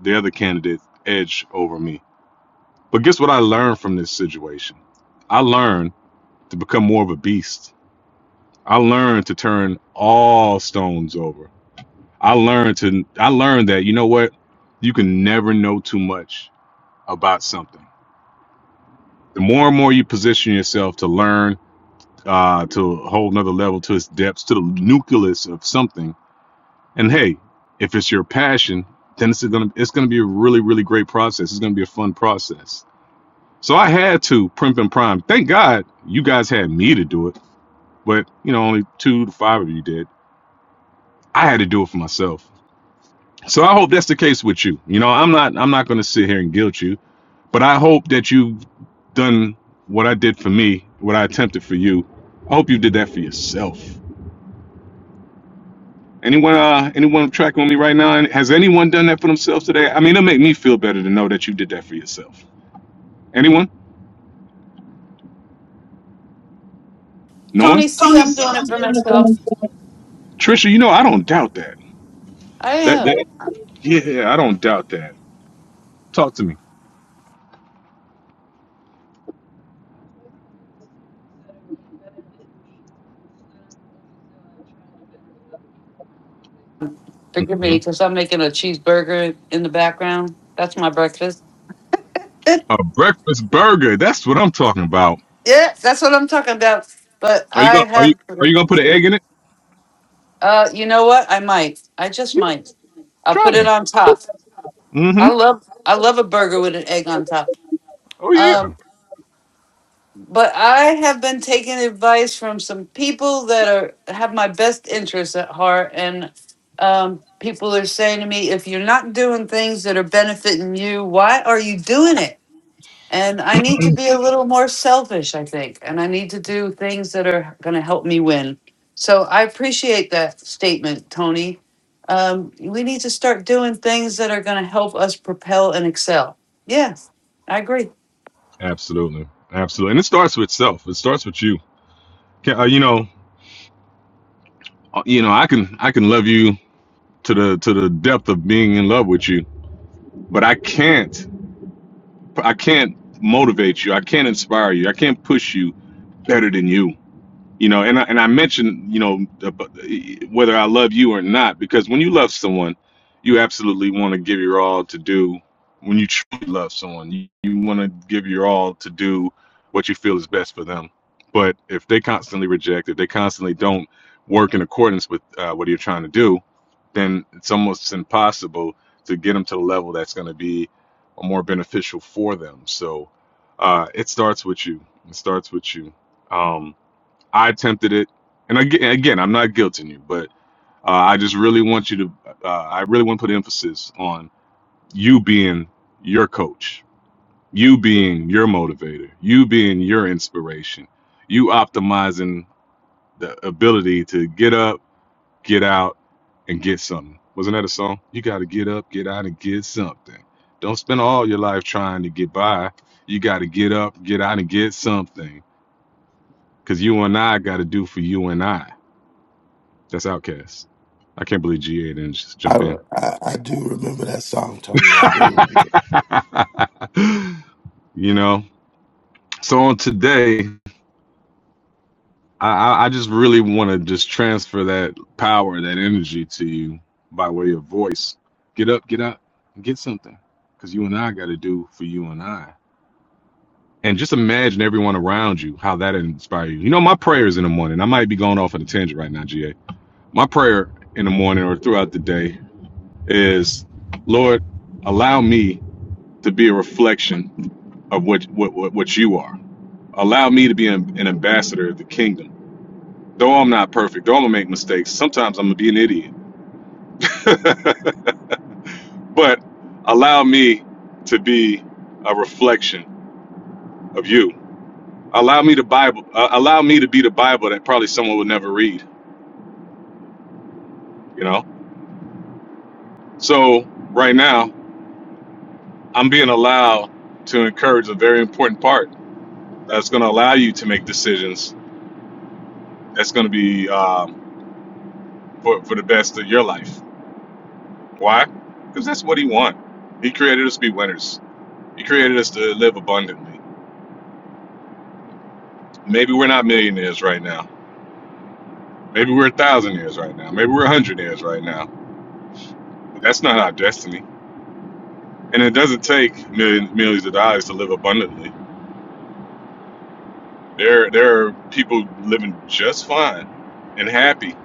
the other candidate, edge over me. But guess what I learned from this situation? I learned to become more of a beast. I learned to turn all stones over. I learned to I learned that you know what? You can never know too much about something. The more and more you position yourself to learn uh, to a whole nother level, to its depths, to the nucleus of something, And hey, if it's your passion, then it's gonna it's gonna be a really really great process. It's gonna be a fun process. So I had to primp and prime. Thank God you guys had me to do it, but you know only two to five of you did. I had to do it for myself. So I hope that's the case with you. You know I'm not I'm not gonna sit here and guilt you, but I hope that you've done what I did for me, what I attempted for you. I hope you did that for yourself. Anyone, uh, anyone tracking with me right now? Has anyone done that for themselves today? I mean, it'll make me feel better to know that you did that for yourself. Anyone? No one?
Tony C, I'm doing it for myself.
Trisha, you know I don't doubt that.
I
That, that
am.
yeah, I don't doubt that. Talk to me.
Forgive
Hmm?
me because I'm making a cheeseburger in the background. That's my breakfast.
A breakfast burger. That's what I'm talking about.
Yeah, that's what I'm talking about. But
Are you
I
gonna are you
have,
are you gonna put an egg in it?
uh, you know what? I might. I just
Yeah,
might. I'll
try
put it
that.
on top.
Mm-hmm.
I love, I love a burger with an egg on top.
Oh
Um.
yeah,
But I have been taking advice from some people that are have my best interests at heart, and um, people are saying to me, "If you're not doing things that are benefiting you, why are you doing it?" And I need to be a little more selfish, I think, and I need to do things that are going to help me win. So I appreciate that statement, Tony. Um, we need to start doing things that are going to help us propel and excel. Yeah, I agree.
absolutely, absolutely. And it starts with self. It starts with you. Can, uh, you know, uh, you know, I can I can love you to the to the depth of being in love with you, but I can't. I can't motivate you. I can't inspire you. I can't push you better than you you know and I, and I mentioned you know ab- whether I love you or not because when you love someone you absolutely want to give your all to do when you truly love someone you, you want to give your all to do what you feel is best for them but if they constantly reject if they constantly don't work in accordance with uh, what you're trying to do then it's almost impossible to get them to the level that's going to be more beneficial for them so uh, it starts with you it starts with you Um, I attempted it, and again, again, I'm not guilting you, but uh, I just really want you to, uh, I really want to put emphasis on you being your coach, you being your motivator, you being your inspiration, you optimizing the ability to get up, get out, and get something. Wasn't that a song? You got to get up, get out, and get something. Don't spend all your life trying to get by. You got to get up, get out, and get something. Because you and I got to do for you and I. That's Outcast. I can't believe GA didn't just
I,
jump in.
I I do remember that song, Tony. I do.
you know? So on today, I, I just really want to just transfer that power, that energy to you by way of voice. Get up, get up, and get something. Because you and I got to do for you and I. And just imagine everyone around you, how that inspires you. You know, my prayers in the morning, I might be going off on a tangent right now, GA. My prayer in the morning or throughout the day is, Lord, allow me to be a reflection of what what what, what you are. Allow me to be an, an ambassador of the kingdom. Though I'm not perfect, though I'm gonna make mistakes. Sometimes I'm gonna be an idiot, but allow me to be a reflection of you. Allow me to Bible. Uh, allow me to be the Bible that probably someone would never read. You know. So right now, I'm being allowed to encourage a very important part that's gonna allow you to make decisions. That's gonna be um, for for the best of your life Why? Because that's what he wants. He created us to be winners. He created us to live abundantly. Maybe we're not millionaires right now. Maybe we're a thousandaires right now. Maybe we're a hundredaires right now. But that's not our destiny. And it doesn't take million, millions of dollars to live abundantly. There, there are people living just fine and happy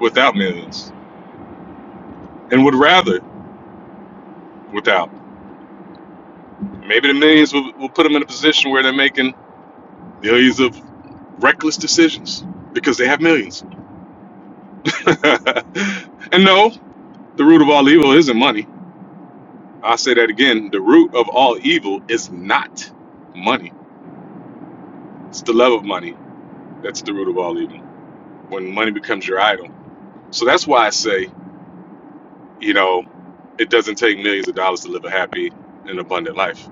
without millions and would rather without. Maybe the millions will, will put them in a position where they're making millions of reckless decisions because they have millions and no, the root of all evil isn't money. I'll say that again. The root of all evil is not money. It's the love of money that's the root of all evil. When money becomes your idol. So that's why I say, you know, it doesn't take millions of dollars to live a happy and abundant life.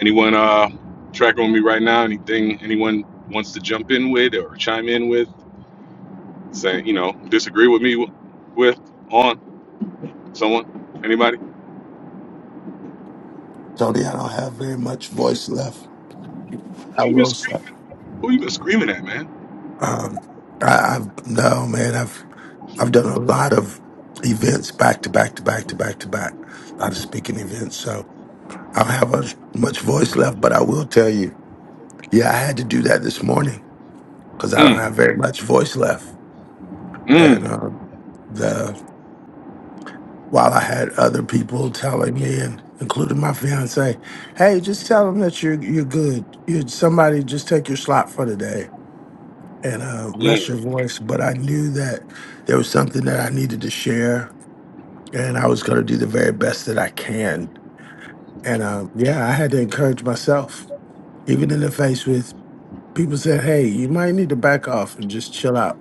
Anyone uh tracking with me right now? Anything anyone wants to jump in with or chime in with? Saying, you know, disagree with me w- with on someone? Anybody?
Tony, I don't have very much voice left. I
Who you been
will say.
screaming? Who you been screaming at, man?
Um, I, I've no man. I've I've done a lot of events back to back to back to back to back. A lot of speaking events, so I don't have as much voice left. But I will tell you, yeah, I had to do that this morning because I don't
Mm,
have very much voice left. And
mm,
um, the while I had other people telling me, and including my fiance, hey, just tell them that you're you're good. You somebody just take your slot for today and uh, rest
mm.
your voice. But I knew that there was something that I needed to share, and I was going to do the very best that I can. And uh, yeah, I had to encourage myself, even in the face with people said, "Hey, you might need to back off and just chill out."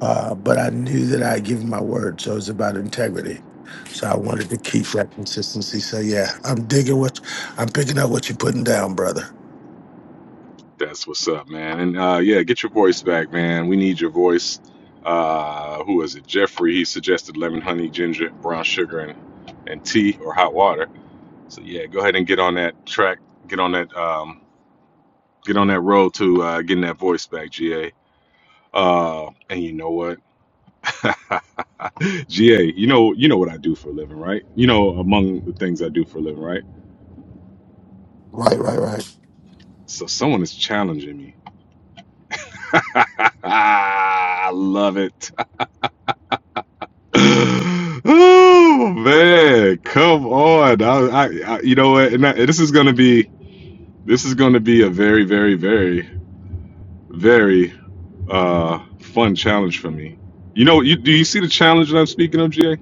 Uh, but I knew that I had given my word, so it's about integrity. So I wanted to keep that consistency. So yeah, I'm digging what I'm picking up what you're putting down, brother.
That's what's up, man. And uh, yeah, get your voice back, man. We need your voice. Uh, who is it? Jeffrey. He suggested lemon, honey, ginger, brown sugar, and and tea or hot water. So yeah, go ahead and get on that track. Get on that. Um, get on that road to uh, getting that voice back, GA. Uh, and you know what, GA, you know you know what I do for a living, right? You know among the things I do for a living, right?
Right, right, right.
So someone is challenging me. I love it. oh man, come on! I, I, I you know what? And I, this is gonna be this is gonna be a very, very, very, very uh fun challenge for me. You know, you do you see the challenge that I'm speaking of, GA?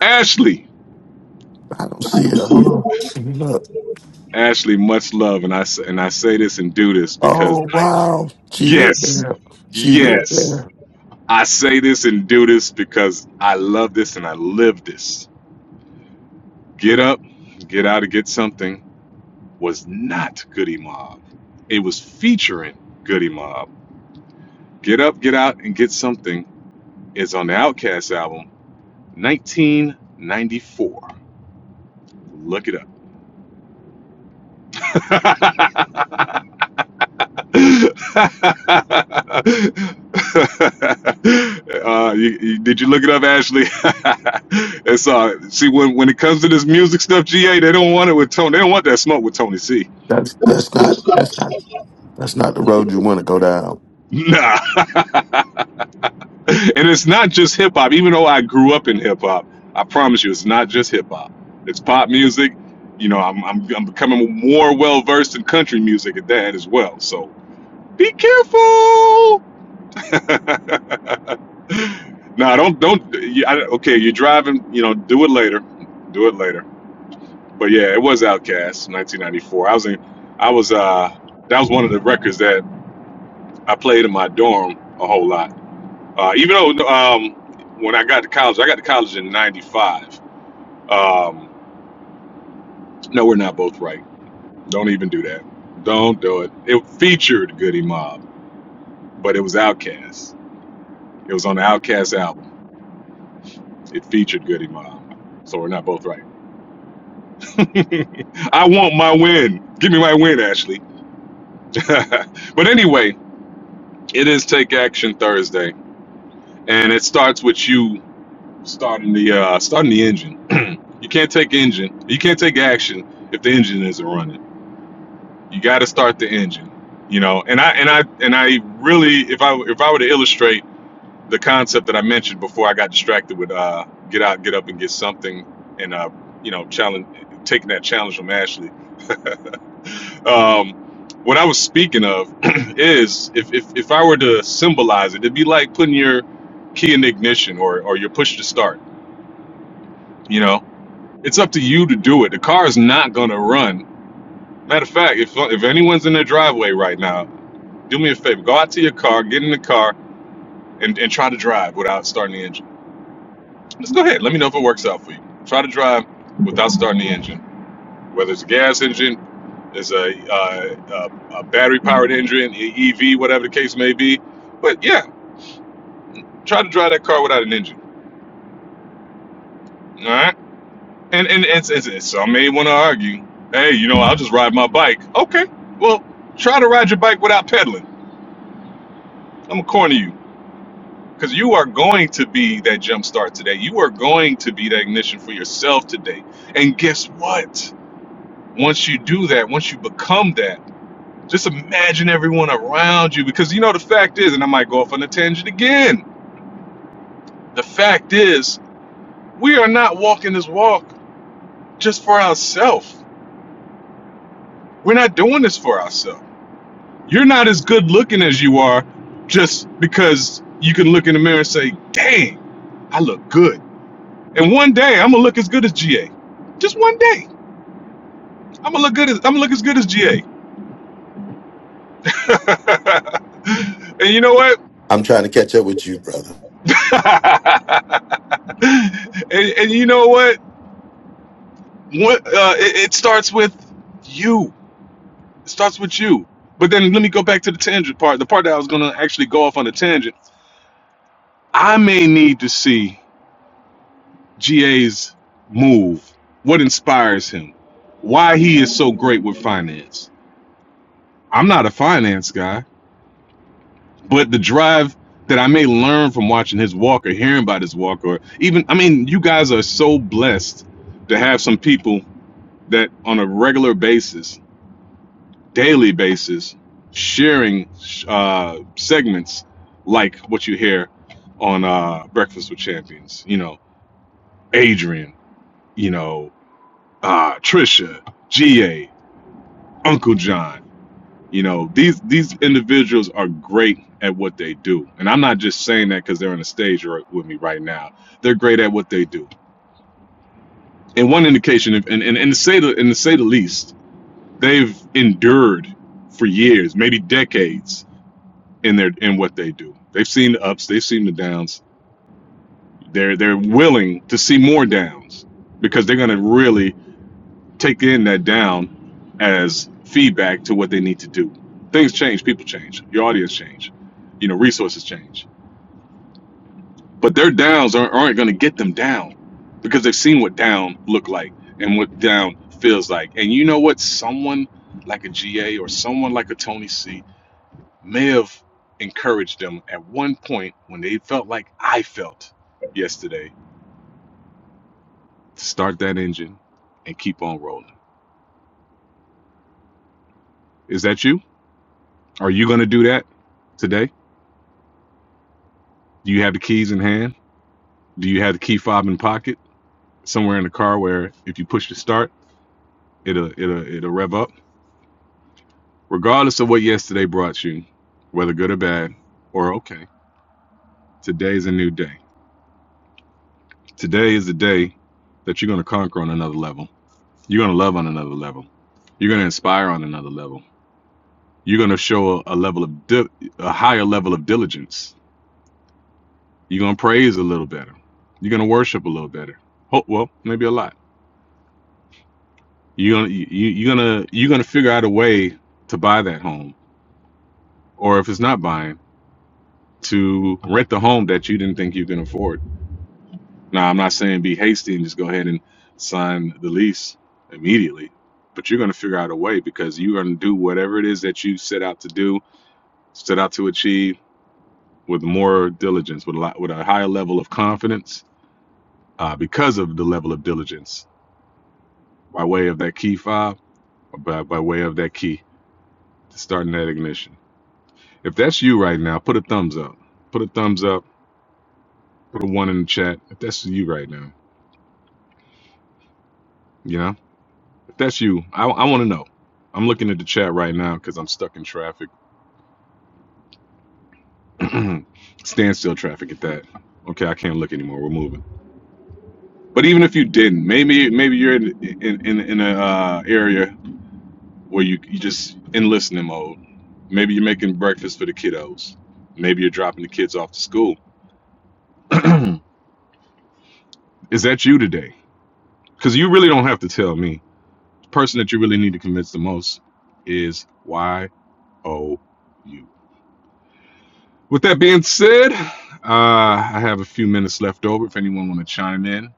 Ashley,
I don't see it. Hold on. Let me Look.
Ashley, much love, and I s- and I say this and do this because
Oh wow, she went
yes,
there. She went
yes,
there.
I say this and do this because I love this and I live this. Get up, get out, and get something was not Goody Mob. It was featuring Goody Mob. Get Up, Get Out, and Get Something is on the Outcast album, 1994. Look it up. uh, you, you- did you look it up, Ashley? it's uh, see when when it comes to this music stuff, GA, they don't want it with Tony. They don't want that smoke with Tony C.
That's that's not that's not that's not the road you want to go down.
Nah. and it's not just hip hop. Even though I grew up in hip hop, I promise you, it's not just hip hop. It's pop music. You know, I'm I'm, I'm becoming more well versed in country music at that as well. So be careful. no, don't don't. You, I, okay, you're driving. You know, do it later. Do it later. But yeah, it was Outkast, 1994. I was in. I was uh. That was one of the records that I played in my dorm a whole lot Uh, even though um, when I got to college, I got to college in '95. Um, no, we're not both right. Don't even do that. Don't do it. It featured Goody Mob, but it was Outkast. It was on the Outkast album. It featured Goody Mob. So we're not both right. I want my win. Give me my win, Ashley. but anyway, it is Take Action Thursday, and it starts with you starting the uh, starting the engine. you can't take engine. You can't take action if the engine isn't running. you got to start the engine you know and i and i and i really if i if i were to illustrate the concept that i mentioned before i got distracted with uh get out get up and get something and uh you know challenge taking that challenge from ashley um what i was speaking of is if, if if i were to symbolize it it'd be like putting your key in the ignition or or your push to start you know it's up to you to do it the car is not going to run matter of fact if if anyone's in their driveway right now do me a favor. Go out to your car, get in the car, and, and try to drive without starting the engine. Just go ahead. Let me know if it works out for you. Try to drive without starting the engine. Whether it's a gas engine, it's a, uh, a, a battery powered engine, e- EV, whatever the case may be. But yeah, try to drive that car without an engine. All right? And, and, and, and, and some may want to argue hey, you know, I'll just ride my bike. Okay. Well, try to ride your bike without pedaling. I'm going to corner you. Because you are going to be that jump start today. You are going to be that ignition for yourself today. And guess what? Once you do that, once you become that, just imagine everyone around you. Because you know, the fact is, and I might go off on a tangent again, the fact is, we are not walking this walk just for ourselves. We're not doing this for ourselves. You're not as good looking as you are just because you can look in the mirror and say, dang, I look good And one day I'm gonna look as good as GA. Just one day. I'm gonna look good as I'm gonna look as good as GA. and you know what?
I'm trying to catch up with you, brother.
and, and you know what? What uh, it, it starts with you. It starts with you. But then let me go back to the tangent part. The part that I was gonna actually go off on a tangent. I may need to see GA's move. What inspires him? Why he is so great with finance? I'm not a finance guy. but the drive that I may learn from watching his walk or hearing about his walk, or even, I mean, you guys are so blessed to have some people that on a regular basis, daily basis, sharing uh, segments like what you hear on uh, Breakfast with Champions. You know, Adrian, you know, uh, Trisha, GA, Uncle John You know, these these individuals are great at what they do, and I'm not just saying that because they're on the stage or with me right now. They're great at what they do. And one indication, and, and and to say the and to say the least, they've endured for years, maybe decades, in their in what they do. They've seen the ups, they've seen the downs. They're they're willing to see more downs because they're going to really take in that down as feedback to what they need to do. Things change, people change, your audience change, you know, resources change. But their downs aren't, aren't going to get them down because they've seen what down look like and what down feels like. And you know what? Someone like a GA or someone like a Tony C may have encouraged them at one point when they felt like I felt yesterday. Start that engine and keep on rolling. Is that you? Are you going to do that today? Do you have the keys in hand? Do you have the key fob in pocket somewhere in the car where if you push the start, it'll it'll it'll rev up? Regardless of what yesterday brought you, whether good or bad or okay, today's a new day. Today is the day that you're gonna conquer on another level. You're gonna love on another level. You're gonna inspire on another level. You're gonna show a, a level of di- a higher level of diligence. You're gonna praise a little better. You're gonna worship a little better. Ho- well, maybe a lot You're gonna you, you're gonna you're gonna figure out a way to buy that home, or if it's not buying, to rent the home that you didn't think you can afford. Now, I'm not saying be hasty and just go ahead and sign the lease immediately, but you're gonna figure out a way because you're gonna do whatever it is that you set out to do, set out to achieve with more diligence, with a lot, with a higher level of confidence, uh, because of the level of diligence by way of that key fob, by by way of that key to starting that ignition. If that's you right now, put a thumbs up. Put a thumbs up. Put a one in the chat. If that's you right now, you know, if that's you, I, I want to know. I'm looking at the chat right now because I'm stuck in traffic, standstill traffic at that. Okay, I can't look anymore. We're moving. But even if you didn't, maybe maybe you're in in in, in a uh, area where you you just in listening mode. Maybe you're making breakfast for the kiddos. Maybe you're dropping the kids off to school. Is that you today? Because you really don't have to tell me. person that you really need to convince the most is you. With that being said, uh, I have a few minutes left over. If anyone want to chime in,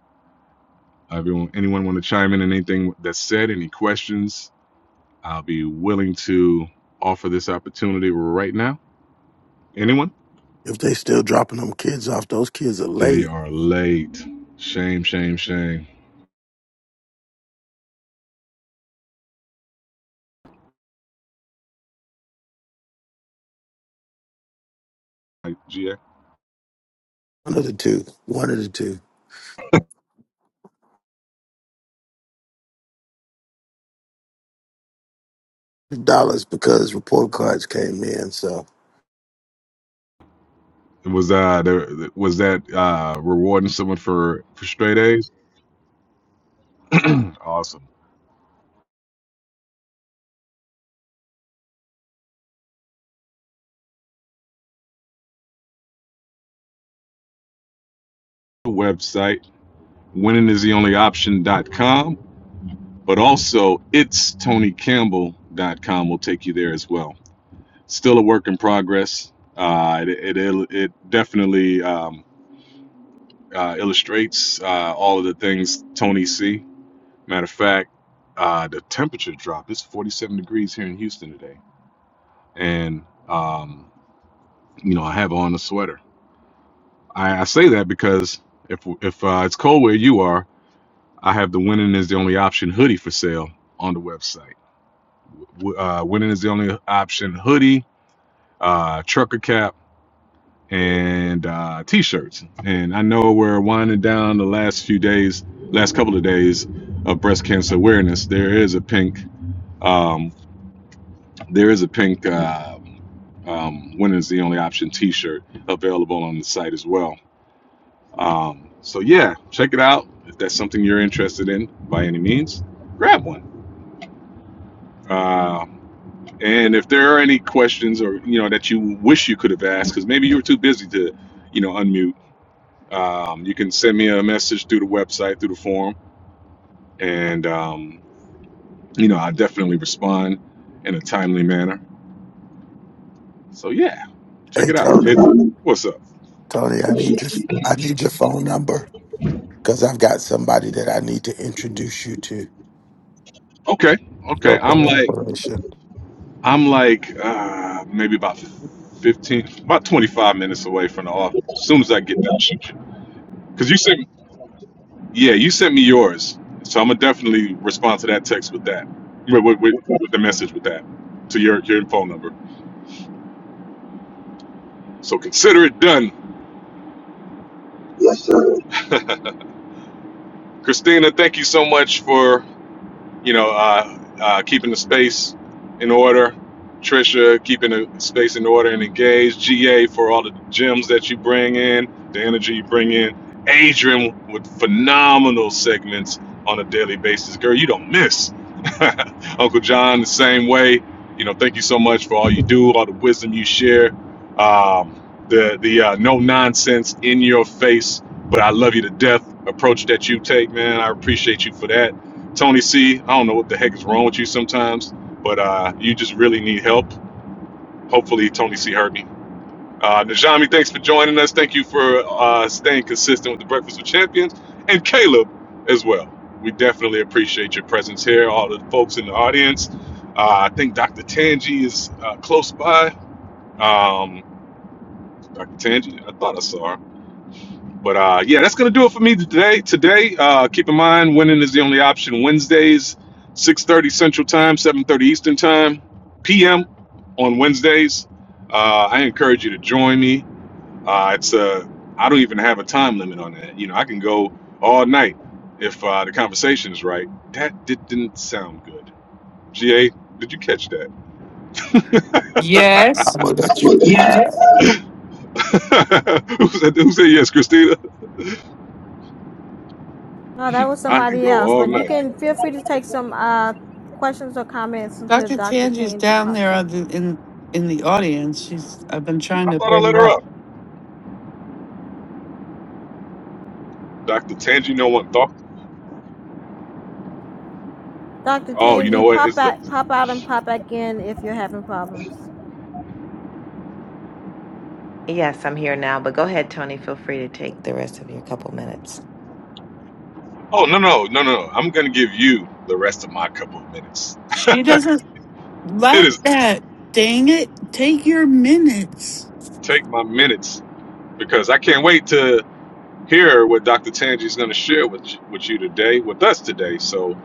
uh, everyone, anyone want to chime in on anything that's said, any questions, I'll be willing to offer this opportunity right now. Anyone?
If they still dropping them kids off, those kids are
They
late.
are late. Shame, shame, shame. Like, GA.
One of the two. One of the two. Dollars because report cards came in. So
Was uh there, was that uh rewarding someone for for straight A's? awesome. Website winningistheonlyoption.com, but also it's tonycampbell.com will take you there as well. Still a work in progress. Uh, it, it, it definitely um, uh, illustrates uh, all of the things Tony see. Matter of fact, uh, the temperature dropped. It's 47 degrees here in Houston today. And, um, you know, I have on a sweater. I, I say that because if, if uh, it's cold where you are, I have the winning is the only option hoodie for sale on the website. Uh, winning is the only option. Hoodie, uh, trucker cap, and uh, t-shirts. And I know we're winding down the last few days, last couple of days of breast cancer awareness. There is a pink. Um, there is a pink. Uh, um, winning is the only option t-shirt available on the site as well um, so yeah check it out if that's something you're interested in by any means grab one Uh, And if there are any questions or you know that you wish you could have asked, because maybe you were too busy to, you know, unmute, um, you can send me a message through the website, through the forum, and um, you know I definitely respond in a timely manner. So yeah, check
hey
it out. It,
Tony,
what's up?
Tony, I need your I need your phone number because I've got somebody that I need to introduce you to.
Okay,
for
okay. I'm like
collaboration.
I'm like uh, maybe about fifteen, about twenty five minutes away from the office. As soon as I get done, because you sent Yeah, you sent me yours, so I'm gonna definitely respond to that text with that, with, with, with, with the message with that, to your your phone number. So consider it done, Christina. Thank you so much for you know, uh, uh, keeping the space in order. Trisha keeping the space in order and engaged. GA for all the gems that you bring in, the energy you bring in. Adrian with phenomenal segments on a daily basis. Girl, you don't miss. Uncle John, the same way. You know, thank you so much for all you do, all the wisdom you share, um, the the uh, no nonsense in your face, but I love you to death approach that you take, man. I appreciate you for that Tony C, I don't know what the heck is wrong with you sometimes, but uh, you just really need help. Hopefully, Tony C heard me. Uh, Najami, thanks for joining us. Thank you for uh, staying consistent with the Breakfast with Champions and Caleb as well. We definitely appreciate your presence here, all the folks in the audience. Uh, I think Dr. Tanji is uh, close by. Um, Dr. Tanji, I thought I saw her. But uh, yeah, that's gonna do it for me today. Today, uh, keep in mind, winning is the only option. Wednesdays, six thirty Central Time, seven thirty Eastern Time, PM on Wednesdays. Uh, I encourage you to join me. Uh, it's a I don't even have a time limit on that. You know, I can go all night if uh, the conversation is right. That did, not sound good. Ga, did you catch that?
Yes.
I will let you fly.
who, said, who said yes, Christina?
No, that was
I can
somebody
go
else.
all
But you
night.
can feel free to take some uh, questions or comments until
Dr.
Dr.
Tangi's
Tangi
down
pops
there
in.
on the, in in the audience. She's I've been trying
I
to
thought I
bring
let
her
her
up.
up. Dr. Tangi, no one thought.
Dr.
Oh, you know
Tangi,
what?
pop
It's the.
out, pop out, and pop back in if you're having problems.
Yes, I'm here now, but go ahead, Tony. Feel free to take the rest of your couple minutes.
Oh, no, no, no, no. no. I'm going to give you the rest of my couple of minutes. It is take my minutes because I can't wait to hear what Dr. Tangi is going to share with, you- with you today, with us today. So,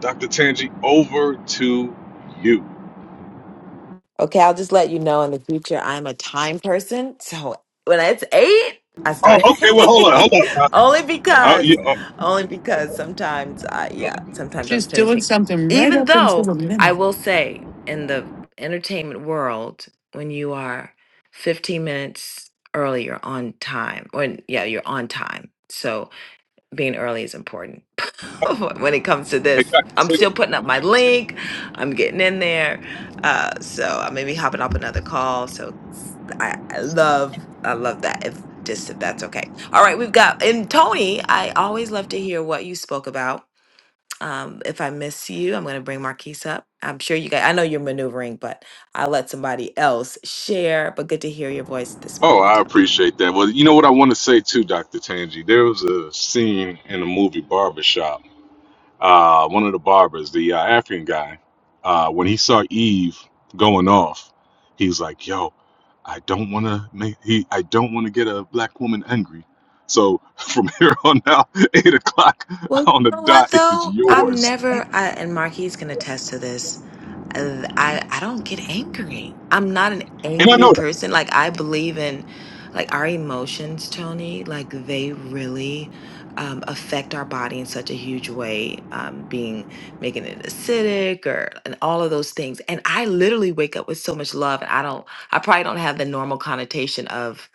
Dr. Tangi, over to you.
Okay, I'll just let you know in the future I'm a time person. So when it's eight, I
Oh,
start
okay. Well, hold on. Hold
eight.
on. Uh,
only
uh,
because,
you- uh,
only because sometimes I, yeah, sometimes I'm
She's doing
finishing.
something right
Even
up until
though
the
I
minute.
will say in the entertainment world, when you are 15 minutes earlier on time, when, yeah, you're on time. So, being early is important when it comes to
hey,
this.
Dr.
I'm
Tangi.
still putting up my link. I'm getting in there. Uh, so I may be hopping up another call. So s- I, I love, I love that. If just if that's okay. All right, we've got and Tony. I always love to hear what you spoke about. Um, if I miss you, I'm going to bring Marquise up. I'm sure you guys. I know you're maneuvering, but I'll let somebody else share. But good to hear your voice this
Oh,
morning,
I
Tony.
appreciate that. Well, you know what I want to say too, Dr. Tangi? There was a scene in the movie Barbershop uh, one of the barbers, the uh, African guy, uh, when he saw Eve going off, he's like, "Yo, I don't want to make he I don't want to get a black woman angry." So from here on out, eight o'clock
Well, you
on the
know what
dot is
though? I'm
yours,
never, I, and Marquis can attest to this. I, I I don't get angry. I'm not an
and I
angry
know that
person. Like I believe in, like our emotions, Tony. Like they really um, affect our body in such a huge way, um, being making it acidic or and all of those things. And I literally wake up with so much love, and I don't. I probably don't have the normal connotation of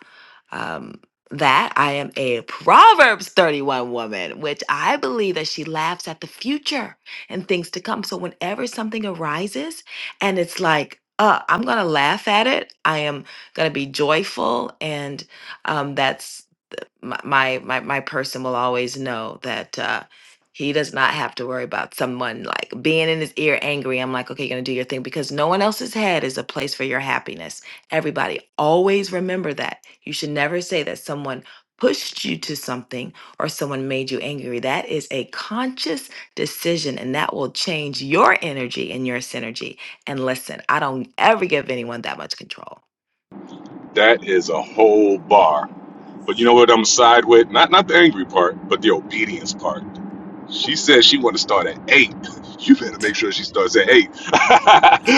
um, that I am a Proverbs 31 woman, which I believe that she laughs at the future and things to come. So whenever something arises and it's like, uh, I'm going to laugh at it, I am going to be joyful. And um, that's my my my my person will always know that uh he does not have to worry about someone like being in his ear angry. I'm like, okay, you're gonna do your thing because no one else's head is a place for your happiness. Everybody, always remember that. You should never say that someone pushed you to something or someone made you angry. That is a conscious decision and that will change your energy and your synergy. And listen, I don't ever give anyone that much control.
that is a whole bar. But you know what? I'm gonna side with not not the angry part, but the obedience part. She said she want to start at eight. You better make sure she starts at eight.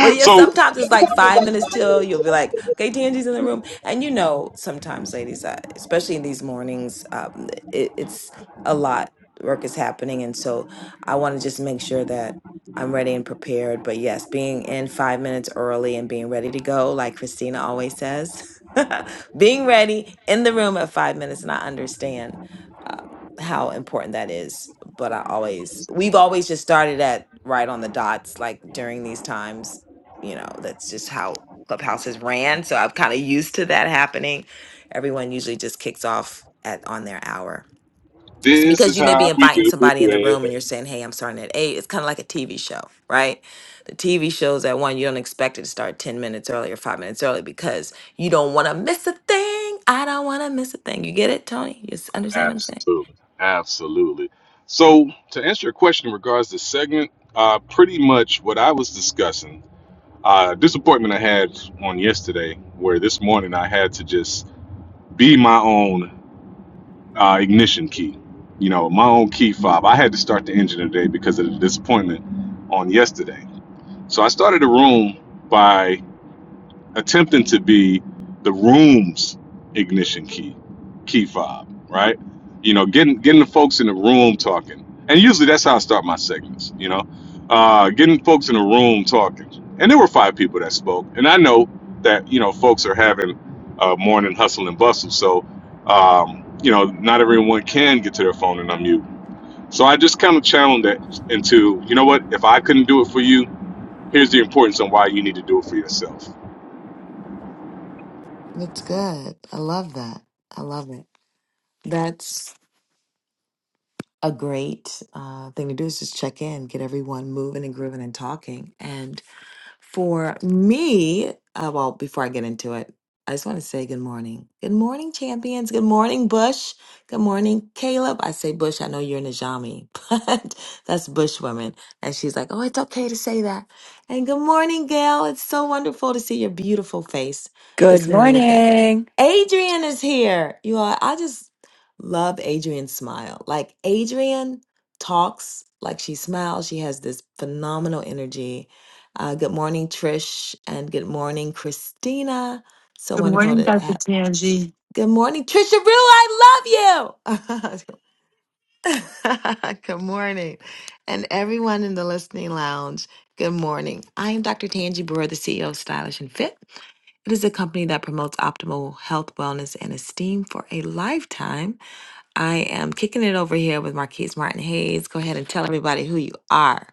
Well, yeah,
so
sometimes it's like five minutes till you'll be like, okay, Tangi's in the room. And you know, sometimes, ladies, uh, especially in these mornings, um, it, it's a lot. Work is happening. And so I want to just make sure that I'm ready and prepared. But yes, being in five minutes early and being ready to go, like Christina always says, being ready in the room at five minutes. And I understand um, how important that is. But I always, we've always just started at right on the dots, like during these times you know, that's just how Clubhouse is ran. So I'm kind of used to that happening. Everyone usually just kicks off at on their hour. It's
This
because
is
you may be
how we
inviting
do
somebody in the room and
it.
you're saying, Hey, I'm starting at eight." It's kind of like a TV show, right? The TV shows at one, you don't expect it to start 10 minutes early or five minutes early because you don't want to miss a thing. I don't want to miss a thing. You get it, Tony? You s- understand what I'm saying?
Absolutely. Absolutely. So, to answer your question in regards to segment, uh, pretty much what I was discussing, uh, disappointment I had on yesterday, where this morning I had to just be my own uh, ignition key, you know, my own key fob. I had to start the engine today because of the disappointment on yesterday. So, I started the room by attempting to be the room's ignition key, key fob, right? You know, getting getting the folks in the room talking, and usually that's how I start my segments. You know, uh, getting folks in the room talking, and there were five people that spoke, and I know that you know folks are having uh, morning hustle and bustle, so um, you know not everyone can get to their phone and unmute. So I just kind of channeled that into, you know what, if I couldn't do it for you, Here's the importance on why you need to do it for yourself.
That's good. I love that. I love it. That's a great uh, thing to do is just check in, get everyone moving and grooving and talking. And for me, uh, well, before I get into it, I just want to say good morning. Good morning, champions. Good morning, Bush. Good morning, Caleb. I say Bush. I know you're Najami, but that's Bush woman. And she's like, oh, it's okay to say that. And good morning, Gail. It's so wonderful to see your beautiful face this
Good
morning. We've got
morning.
Adrian is here. You all, I just love Adrian's smile. Like, Adrian talks like she smiles. She has this phenomenal energy uh, good morning, Trish, and good morning, Christina. So
Good
wonderful
morning,
to
Dr.
have.
Tangi.
Good morning, Trisha Rue. I love you. good morning, and everyone in the listening lounge. Good morning. I am Dr. Tanji Brewer, the CEO of Stylish and Fit. It is a company that promotes optimal health, wellness, and esteem for a lifetime. I am kicking it over here with Marquise Martin Hayes. Go ahead and tell everybody who you are.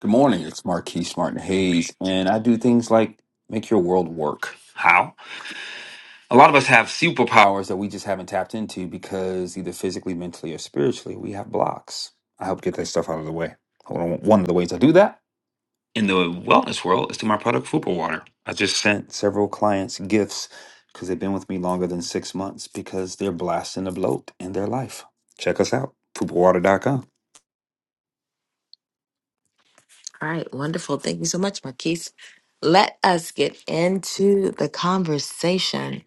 Good morning. It's Marquise Martin Hayes, and I do things like make your world work. How? A lot of us have superpowers that we just haven't tapped into because either physically, mentally, or spiritually, we have blocks. I help get that stuff out of the way. Hold on. One of the ways I do that in the wellness world is through my product, Fupa Water. I just sent several clients gifts because they've been with me longer than six months because they're blasting the bloat in their life. Check us out, FupaWater.com.
All right, wonderful. Thank you so much, Marquise. Let us get into the conversation.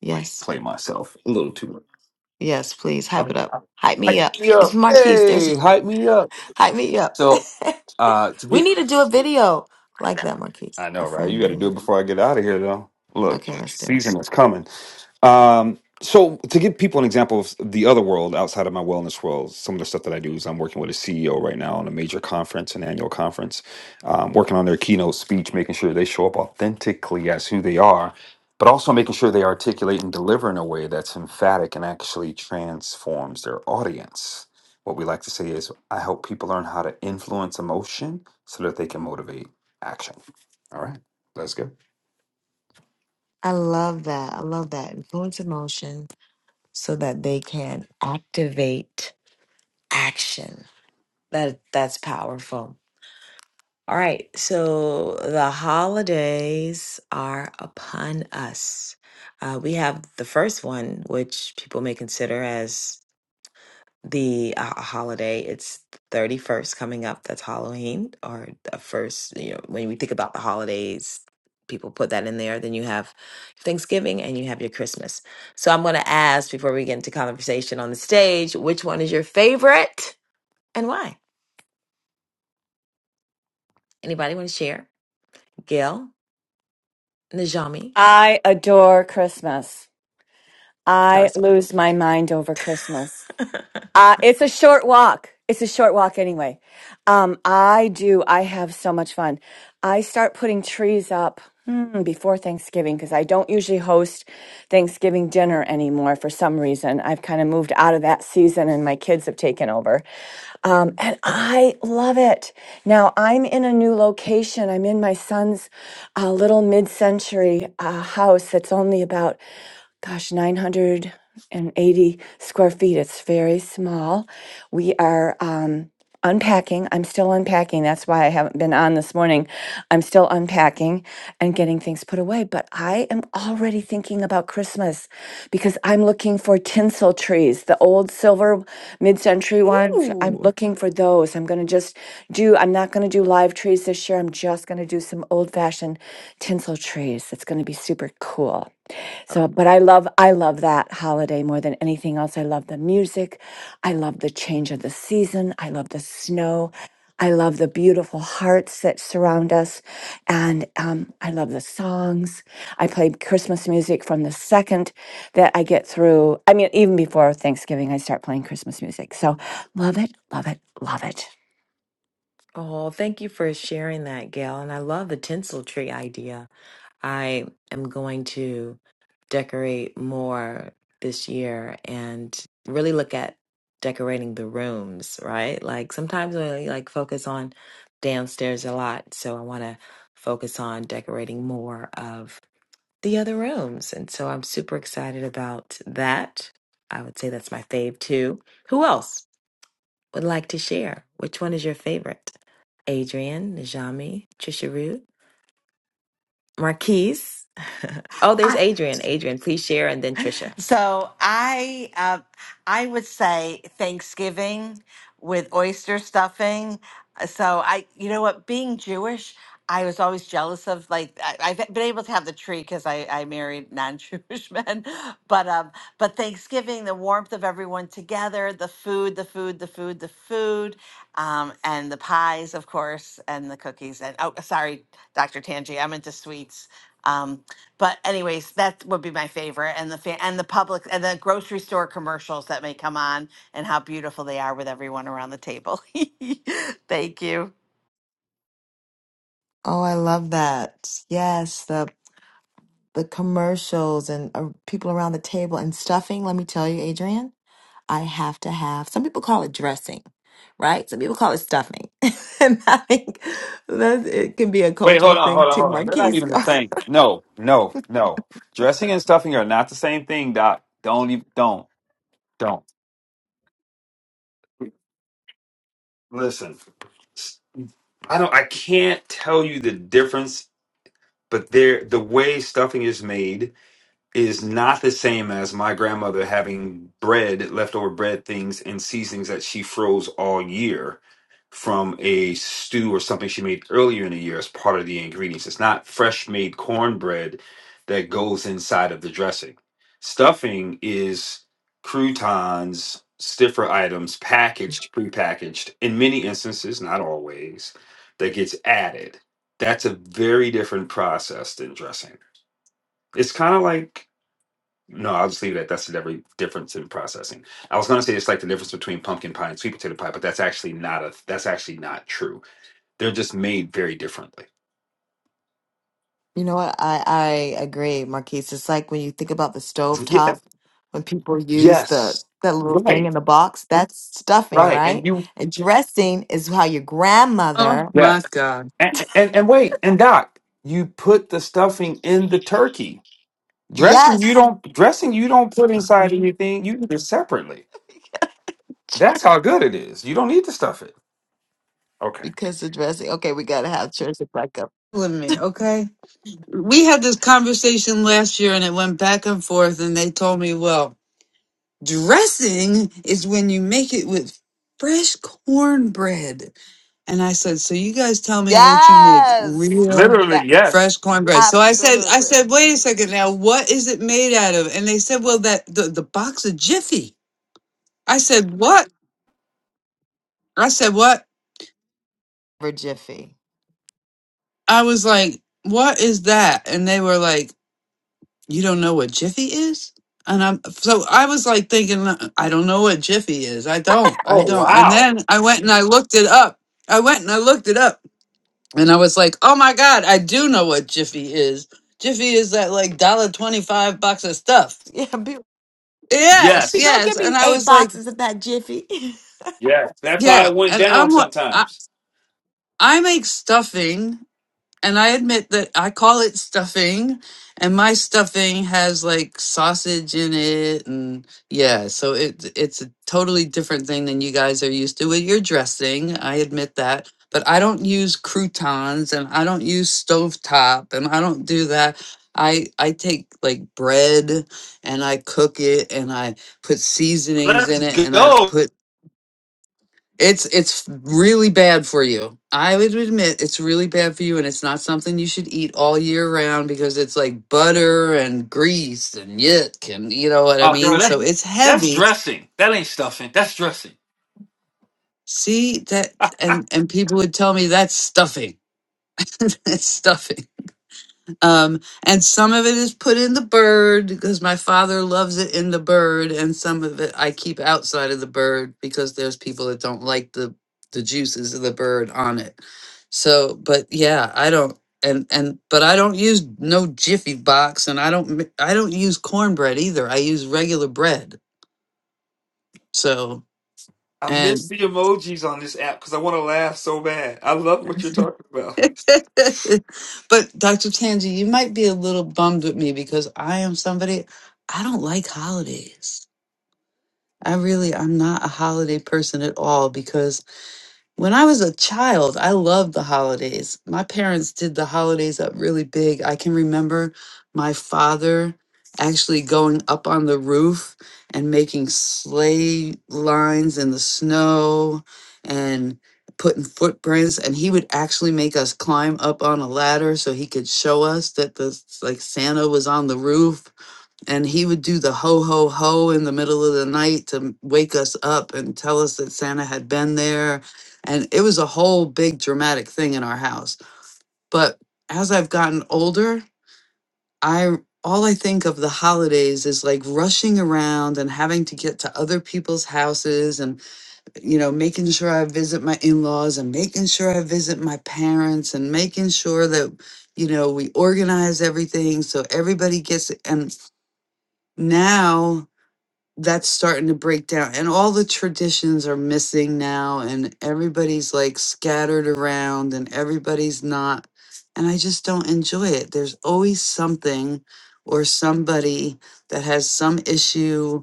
Yes,
Play myself a little too much.
yes, please hype it
I'm,
up.
I'm
Hype me
hype
up.
me
It's
up.
Marquise.
Hey,
There's
hype me up.
hype me up.
So, uh, to
we
get,
need to do a video like that, Marquise.
I
A
know, right?
friend
You got to do
video.
it before I get out of here, though. Look,
Okay, let's do it.
season is coming. Um, so to give people an example of the other world outside of my wellness world, some of the stuff that I do is I'm working with a CEO right now on a major conference, an annual conference, um, working on their keynote speech, making sure they show up authentically as who they are, but also making sure they articulate and deliver in a way that's emphatic and actually transforms their audience. What we like to say is, I help people learn how to influence emotion so that they can motivate action. All right, let's go.
I love that. I love that. Influence emotion so that they can activate action. That that's powerful. All right, so the holidays are upon us. Uh, we have the first one, which people may consider as the uh, holiday. It's the 31st coming up. That's Halloween, or the first, you know, when we think about the holidays, people put that in there. Then you have Thanksgiving and you have your Christmas. So I'm going to ask before we get into conversation on the stage, which one is your favorite and why? Anybody want to share? Gail, Najami,
I adore Christmas.
tell
I
us why.
lose my mind over Christmas. Uh, it's a short walk. It's a short walk anyway. Um, I do. I have so much fun. I start putting trees up hmm, before Thanksgiving because I don't usually host Thanksgiving dinner anymore for some reason. I've kind of moved out of that season and my kids have taken over. Um, and I love it. Now I'm in a new location. I'm in my son's uh, little mid century uh, house that's only about gosh, 980 square feet. It's very small. We are um, unpacking. I'm still unpacking. That's why I haven't been on this morning. I'm still unpacking and getting things put away. But I am already thinking about Christmas because I'm looking for tinsel trees, the old silver mid century ones. I'm
Ooh.
looking for those. I'm going to just do, I'm not going to do live trees this year. I'm just going to do some old fashioned tinsel trees. It's going to be super cool.
Uh,
So, but I love I love that holiday more than anything else. I love the music. I love the change of the season. I love the snow. I love the beautiful hearts that surround us, and um, I love the songs. I play Christmas music from the second that I get through. I mean, even before Thanksgiving, I start playing Christmas music. So, love it, love it, love it.
Oh, thank you for sharing that, Gail. And I love the tinsel tree idea. I am going to decorate more this year and really look at decorating the rooms, right? Like sometimes I like focus on downstairs a lot, so I want to focus on decorating more of the other rooms. And so I'm super excited about that. I would say that's my fave too. Who else? would like to share? Which one is your favorite? Adrian, Najami, Trisha Root, Marquise. oh, there's Adrian. Adrian, please share and then Trisha.
So I uh, I would say Thanksgiving with oyster stuffing. Uh, So I, you know what, being Jewish, I was always jealous of like I, I've been able to have the tree because I, I married non-Jewish men, but um, but Thanksgiving, the warmth of everyone together, the food, the food, the food, the food, um, and the pies, of course, and the cookies. And oh, sorry, Dr. Tangi, I'm into sweets. Um, but anyways, that would be my favorite, and the fa- and the public and the grocery store commercials that may come on, and how beautiful they are with everyone around the table. Thank you.
Oh, I love that. Yes, the the commercials and uh, people around the table and stuffing. Let me tell you, Adrian, I have to have. Some people call it dressing, right? Some people call it stuffing, and I think that it can be a
Wait,
cultural
hold on,
thing
hold on,
too.
hold on. They're not
Marquise,
even the same. No, no, no. Dressing and stuffing are not the same thing, Doc. Don't even don't don't listen. I don't. I can't tell you the difference, but there the way stuffing is made is not the same as my grandmother having bread, leftover bread things and seasonings that she froze all year from a stew or something she made earlier in the year as part of the ingredients. It's not fresh made cornbread that goes inside of the dressing. Stuffing is croutons, stiffer items, packaged, prepackaged, in many instances, not always, that gets added. That's a very different process than dressing. It's kind of like no, I'll just leave it at that's the delivery difference in processing. I was going to say it's like the difference between pumpkin pie and sweet potato pie, but that's actually not a that's actually not true. They're just made very differently.
You know what? I, I agree, Marquise. It's like when you think about the stove
Yes,
top, when people use the
yes,
that little thing
right,
in the box, that's stuffing,
right, and
right?
you
And dressing is how your
Oh
grandmother,
yes,
my God.
and, and and wait, and Doc, you put the stuffing in the turkey dressing. You
yes,
don't dressing. You don't put inside anything. You eat it separately. That's how good it is. You don't need to stuff it. Okay,
because the dressing. Okay, we gotta have church and back up.
With me, okay? We had this conversation last year and it went back and forth and they told me, well, dressing is when you make it with fresh cornbread. And I said, "So you guys tell me that you make
Yes,
real
literally
that
yes.
fresh cornbread." So I said, "I
absolutely
said, wait a second now, what is it made out of?" And they said, "Well, that the, the box of Jiffy." I said, "What?" I said, "What?"
for Jiffy.
I was like, "What is that?" And they were like, "You don't know what Jiffy is?" And I'm so I was like thinking, "I don't know what Jiffy is. I don't. I
Oh
don't." And
wow.
then I went and I looked it up. I went and I looked it up And I was like, oh my God, I do know what Jiffy is. Jiffy is that like dollar twenty five box of stuff.
Yeah, be,
Yes,
be-
Yes.
go
yes.
get me
And I
eight
was like,
boxes of that Jiffy.
Yeah, that's how
yeah.
it went
And
down
I'm what I,
sometimes.
I make stuffing and I admit that I call it stuffing, and my stuffing has like sausage in it, and yeah, so it it's a totally different thing than you guys are used to with your dressing. I admit that, but I don't use croutons, and I don't use stovetop, and I don't do that. I I take like bread, and I cook it, and I put seasonings
Let's
in it, and I
go.
put it's it's really bad for you. I would admit it's really bad for you and it's not something you should eat all year round because it's like butter and grease and yuck and you know what I
Oh,
mean?
yo, that,
So it's
that's
heavy.
dressing. That ain't stuffing. That's dressing.
See that and and people would tell me that's stuffing. that's stuffing. Um, and some of it is put in the bird because my father loves it in the bird, and some of it I keep outside of the bird because there's people that don't like the the juices of the bird on it. So, but yeah, I don't and and but I don't use no jiffy box, and I don't mi- I don't use cornbread either. I use regular bread. So
I miss
and
the emojis on this app because I want to laugh so bad. I love what you're talking about.
but Dr. Tanji, you might be a little bummed with me because I am somebody I don't like holidays. I really am not a holiday person at all because when I was a child, I loved the holidays. My parents did the holidays up really big. I can remember my father actually going up on the roof and making sleigh lines in the snow and putting footprints and he would actually make us climb up on a ladder so he could show us that the like Santa was on the roof and he would do the ho ho ho in the middle of the night to wake us up and tell us that Santa had been there and it was a whole big dramatic thing in our house but as I've gotten older I all I think of the holidays is like rushing around and having to get to other people's houses and you know making sure I visit my in-laws and making sure I visit my parents and making sure that you know we organize everything so everybody gets and now that's starting to break down and all the traditions are missing now and everybody's like scattered around and everybody's not and i just don't enjoy it there's always something or somebody that has some issue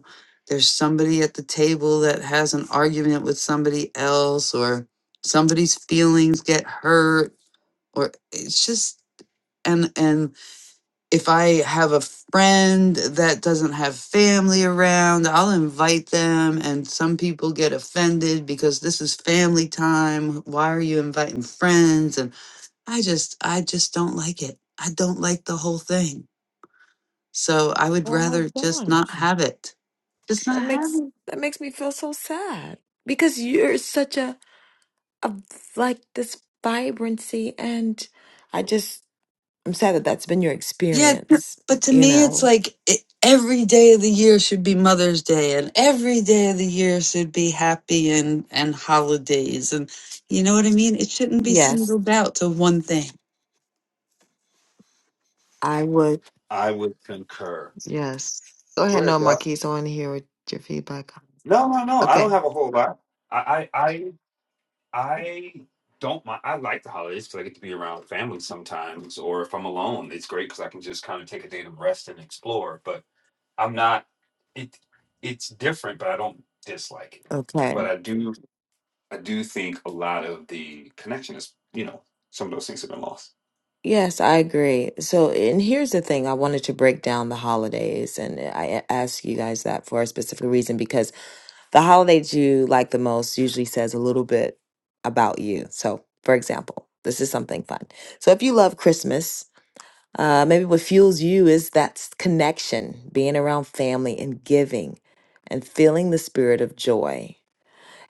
there's somebody at the table that has an argument with somebody else or somebody's feelings get hurt or it's just and and if I have a friend that doesn't have family around, I'll invite them. And some people get offended because this is family time. Why are you inviting friends? And I just, I just don't like it. I don't like the whole thing. So I would
Oh my
rather just not
gosh,
have it. Just
that
not have it.
makes that makes me feel so sad because you're such a of like this vibrancy and i just i'm sad that that's been your
Yeah, t-
experience
but to
you
me, it's
know
like e- every day of the year should be Mother's Day, and every day of the year should be happy and and holidays, and you know what I mean. It shouldn't be
yes
singled out to one thing.
i would
I would concur.
yes go ahead
Swear
no
to God.
marquise i want to hear what your feedback on
No, no, no. I don't
okay
have a whole lot. I, I, I, I don't mind. I like the holidays because I get to be around family sometimes, or if I'm alone, it's great because I can just kind of take a day to rest and explore. But I'm not it it's different, but I don't dislike it.
okay
But I do I do think a lot of the connection is, you know, some of those things have been lost.
yes i agree so and here's the thing i wanted to break down the holidays and i a- asked you guys that for a specific reason because the holidays you like the most usually says a little bit about you so for example this is something fun so if you love christmas Uh, maybe what fuels you is that s- connection, being around family and giving and feeling the spirit of joy.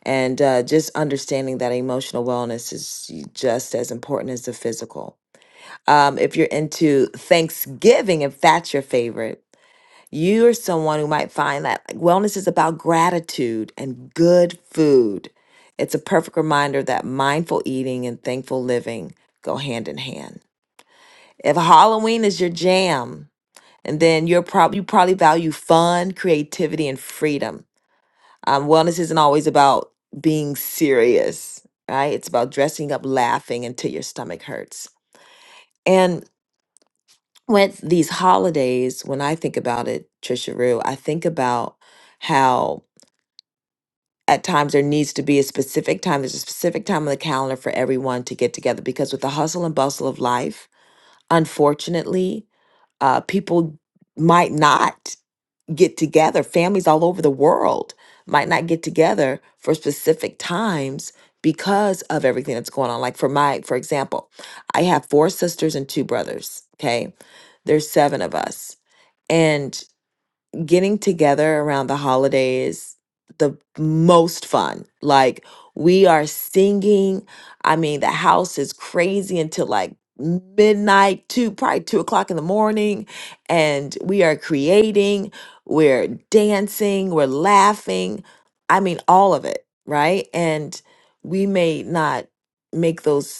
And uh, just understanding that emotional wellness is just as important as the physical. Um, if you're into Thanksgiving, if that's your favorite, you are someone who might find that like, wellness is about gratitude and good food. It's a perfect reminder that mindful eating and thankful living go hand in hand. If Halloween is your jam, and then you're probably you probably value fun, creativity, and freedom. Um, wellness isn't always about being serious, right? It's about dressing up, laughing until your stomach hurts. And with these holidays, when I think about it, Trisha Rue, I think about how at times there needs to be a specific time. There's a specific time on the calendar for everyone to get together because with the hustle and bustle of life, unfortunately, uh, people might not. get together. Families all over the world might not get together for specific times because of everything that's going on. Like for my, for example, I have four sisters and two brothers. Okay. There's seven of us. and getting together around the holidays the most fun like we are singing i mean the house is crazy until like midnight two probably two o'clock in the morning and we are creating we're dancing we're laughing i mean all of it right and we may not make those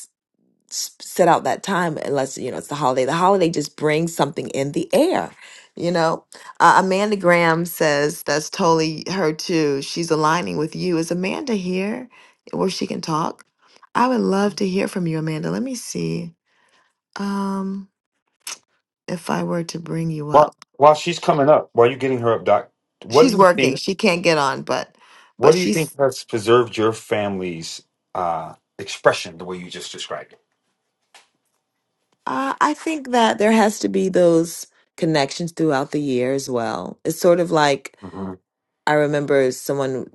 s- set out that time unless you know it's the holiday the holiday just brings something in the air you know uh, amanda graham says that's totally her too she's aligning with you is amanda here where she can talk i would love to hear from you amanda let me see um if i were to bring you
While,
up
while she's coming up, while you're getting her up, Doc, what do
she's
you
working
think?
she can't get on but
What
but
do you think
she's
has preserved your family's uh, expression the way you just described it?
uh, i think that there has to be those connections throughout the year as well it's sort of like
Mhm.
I remember someone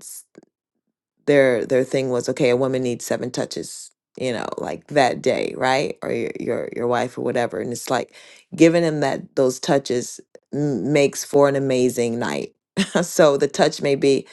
their their thing was okay a woman needs seven touches you know like that day right or your your, your wife or whatever and it's like giving him that those touches m- makes for an amazing night so the touch may be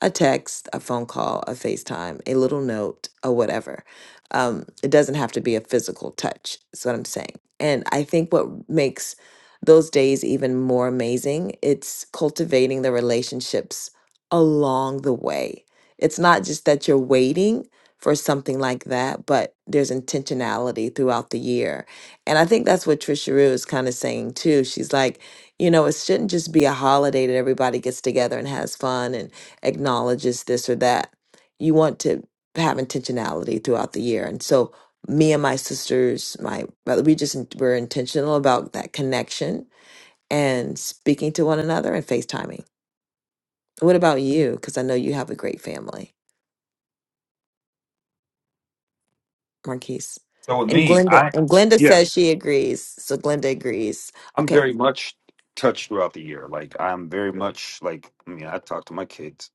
a text a phone call a facetime a little note or whatever um, it doesn't have to be a physical touch is what i'm saying and i think what makes those days even more amazing it's cultivating the relationships along the way it's not just that you're waiting for something like that, but there's intentionality throughout the year. And I think that's what Trisha Rue is kind of saying too. She's like, you know, it shouldn't just be a holiday that everybody gets together and has fun and acknowledges this or that. You want to have intentionality throughout the year. And so me and my sisters, my brother, we just were intentional about that connection and speaking to one another and FaceTiming. What about you? Because I know you have a great family. Marquise.
So with
And
me,
Glenda
I
and Glenda
yeah,
says she agrees. So Glenda agrees.
I'm
Okay.
very much touched throughout the year. Like I'm very much like I mean, I talk to my kids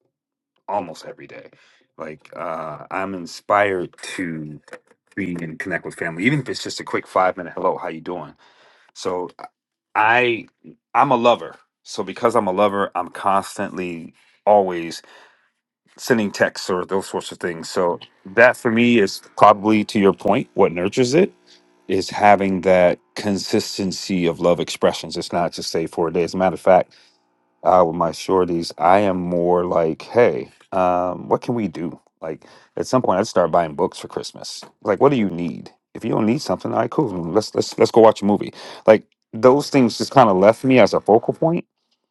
almost every day. Like uh, I'm inspired to be and connect with family, even if it's just a quick five minute hello, how you doing? So I I'm a lover. So because I'm a lover, I'm constantly always sending texts or those sorts of things. So that for me is probably to your point, what nurtures it is having that consistency of love expressions. It's not just say for a day. As a matter of fact uh, with my shorties, I am more like, hey, um, what can we do? Like at some point, I'd start buying books for Christmas. Like, what do you need? If you don't need something, all right, cool. Let's let's let's go watch a movie. Like those things just kind of left me as a focal point.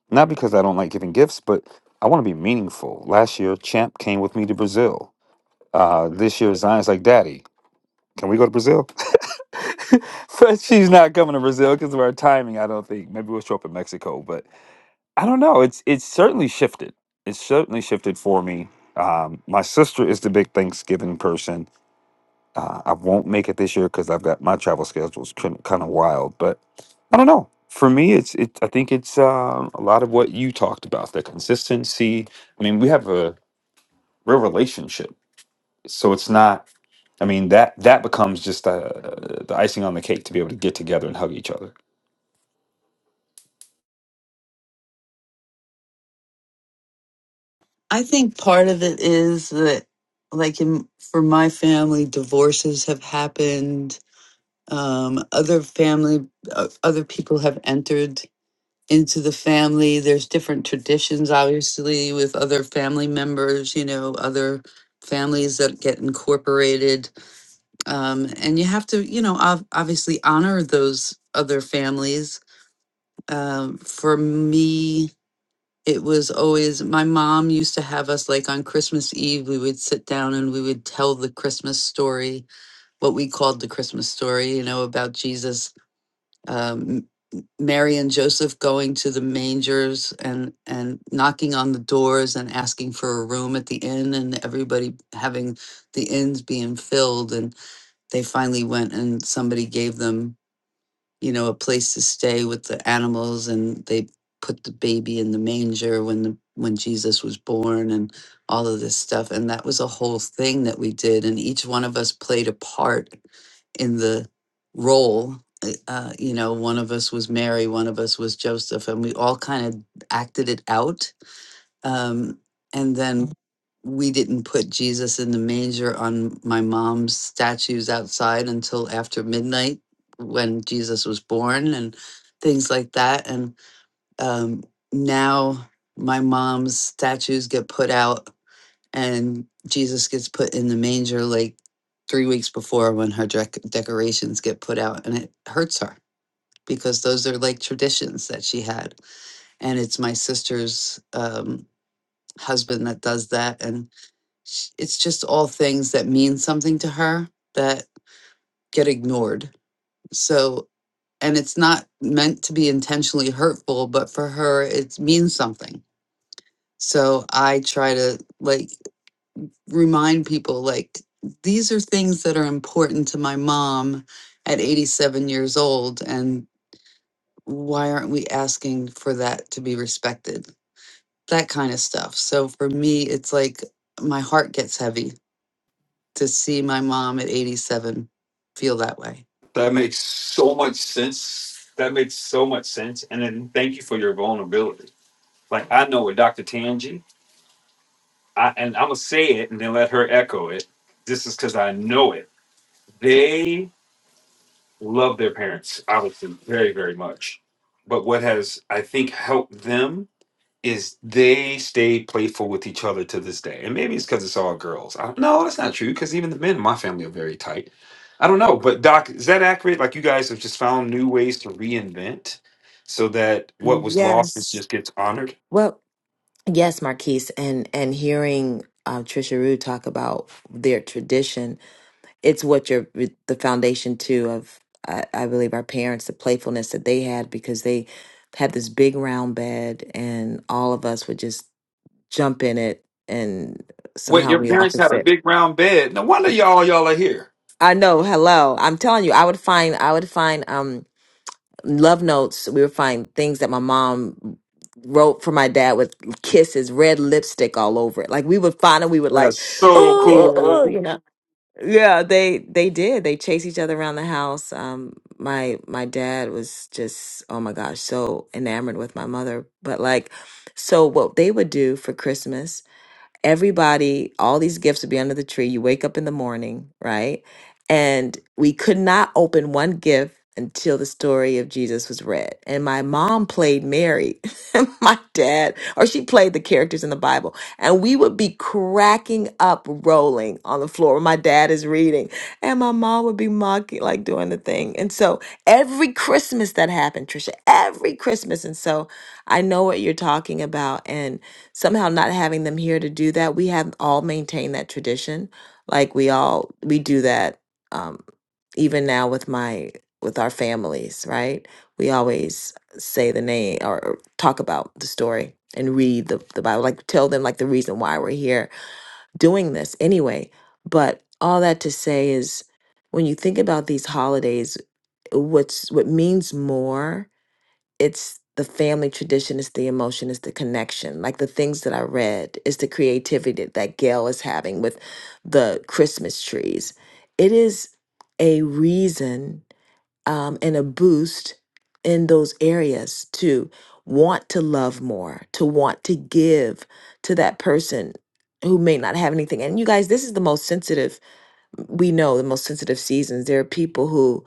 Not because I don't like giving gifts, but I want to be meaningful. Last year, Champ came with me to Brazil. Uh, this year, Zion's like, Daddy, can we go to Brazil? but she's not coming to Brazil because of our timing. I don't think. Maybe we'll show up in Mexico, but I don't know. It's it's certainly shifted. It's certainly shifted for me. Um, my sister is the big Thanksgiving person. I, I won't make it this year because I've got my travel schedule's kind of wild. But I don't know. For me, it's it. I think it's um, a lot of what you talked about. The consistency. I mean, we have a real relationship, so it's not. I mean that that becomes just uh, the icing on the cake to be able to get together and hug each other.
I think part of it is that, like in for my family, divorces have happened. Um, other family, uh, other people have entered into the family. There's different traditions, obviously, with other family members, you know, other families that get incorporated. Um, and you have to, you know, ob- obviously honor those other families. Um, for me, it was always my mom used to have us like on Christmas Eve, we would sit down and we would tell the Christmas story, what we called the Christmas story, you know, about Jesus um, Mary and Joseph going to the mangers and and knocking on the doors and asking for a room at the inn, and everybody having the inns being filled, and they finally went and somebody gave them you know, a place to stay with the animals and they put the baby in the manger when the when Jesus was born and all of this stuff and that was a whole thing that we did and each one of us played a part in the role uh, uh, you know one of us was Mary one of us was Joseph and we all kind of acted it out um, and then we didn't put Jesus in the manger on my mom's statues outside until after midnight when Jesus was born and things like that. And um, now my mom's statues get put out and Jesus gets put in the manger like three weeks before when her dec- decorations get put out. And it hurts her because those are like traditions that she had. And it's my sister's. um, husband that does that and it's just all things that mean something to her that get ignored so and it's not meant to be intentionally hurtful but for her it means something so i try to like remind people like these are things that are important to my mom at 87 years old and why aren't we asking for that to be respected that kind of stuff so for me it's like my heart gets heavy to see my mom at 87 feel that way.
That makes so much sense. That makes so much sense. And then thank you for your vulnerability. Like I know with Dr. Tangi, I and I'm gonna say it and then let her echo it. This is because I know it. They love their parents, obviously, very, very much. But what has I think helped them is they stay playful with each other to this day. And maybe it's because it's all girls. I don't know. That's not true because even the men in my family are very tight. I don't know. But, Doc, is that accurate? Like, you guys have just found new ways to reinvent so that what was lost is
Yes.
just gets honored?
Well, yes, Marquise, and and hearing uh, Trisha Rue talk about their tradition, it's what you're the foundation too of I, I believe our parents, the playfulness that they had because they had this big round bed and all of us would just jump in it and
Wait,
somehow
your
we all
parents
could
had a
fit.
big round bed. No wonder y'all y'all are here.
I know, hello. I'm telling you, I would find I would find um love notes. We would find things that my mom wrote for my dad with kisses, red lipstick all over it. Like we would find and we would like,
That's so
oh, oh, oh,
cool.
you know. Yeah, they they did. They chased each other around the house. Um, my my dad was just oh my gosh, so enamored with my mother. But like, so what they would do for Christmas everybody, all these gifts would be under the tree. You wake up in the morning, right? And we could not open one gift until the story of Jesus was read. And my mom played Mary, and my dad, or she played the characters in the Bible. And we would be cracking up, rolling on the floor. My dad is reading, and my mom would be mocking, like doing the thing. And so every Christmas that happened, Trisha, every Christmas. And so I know what you're talking about. and somehow not having them here to do that we have all maintained that tradition like we all we do that um even now with my with our families right we always say the name or or talk about the story and read the, the bible like tell them like the reason why we're here doing this anyway but all that to say is when you think about these holidays what's what means more it's the family tradition, it's the emotion, it's the connection. Like the things that I read, it's the creativity that that Gail is having with the Christmas trees. It is a reason um, and a boost in those areas to want to love more, to want to give to that person who may not have anything. And you guys, this is the most sensitive, we know the most sensitive seasons. There are people who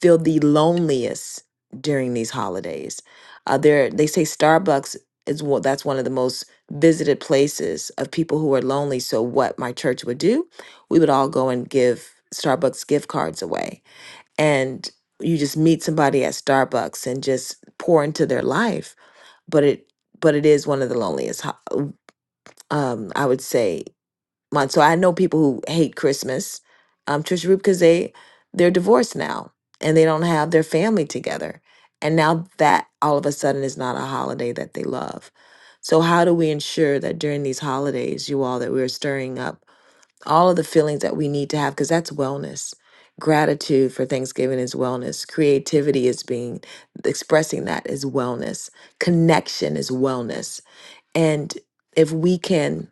feel the loneliest during these holidays. Uh, there, they say Starbucks is one, that's one of the most visited places of people who are lonely. So what my church would do, we would all go and give Starbucks gift cards away, and you just meet somebody at Starbucks and just pour into their life. But it, but it is one of the loneliest, ho- um, I would say, month. So I know people who hate Christmas, um, Trisha Root, because they they're divorced now and they don't have their family together, and now that all of a sudden is not a holiday that they love. So how do we ensure that during these holidays, you all, that we're stirring up all of the feelings that we need to have because that's wellness. Gratitude for Thanksgiving is wellness. Creativity is being expressing that is wellness. Connection is wellness. And if we can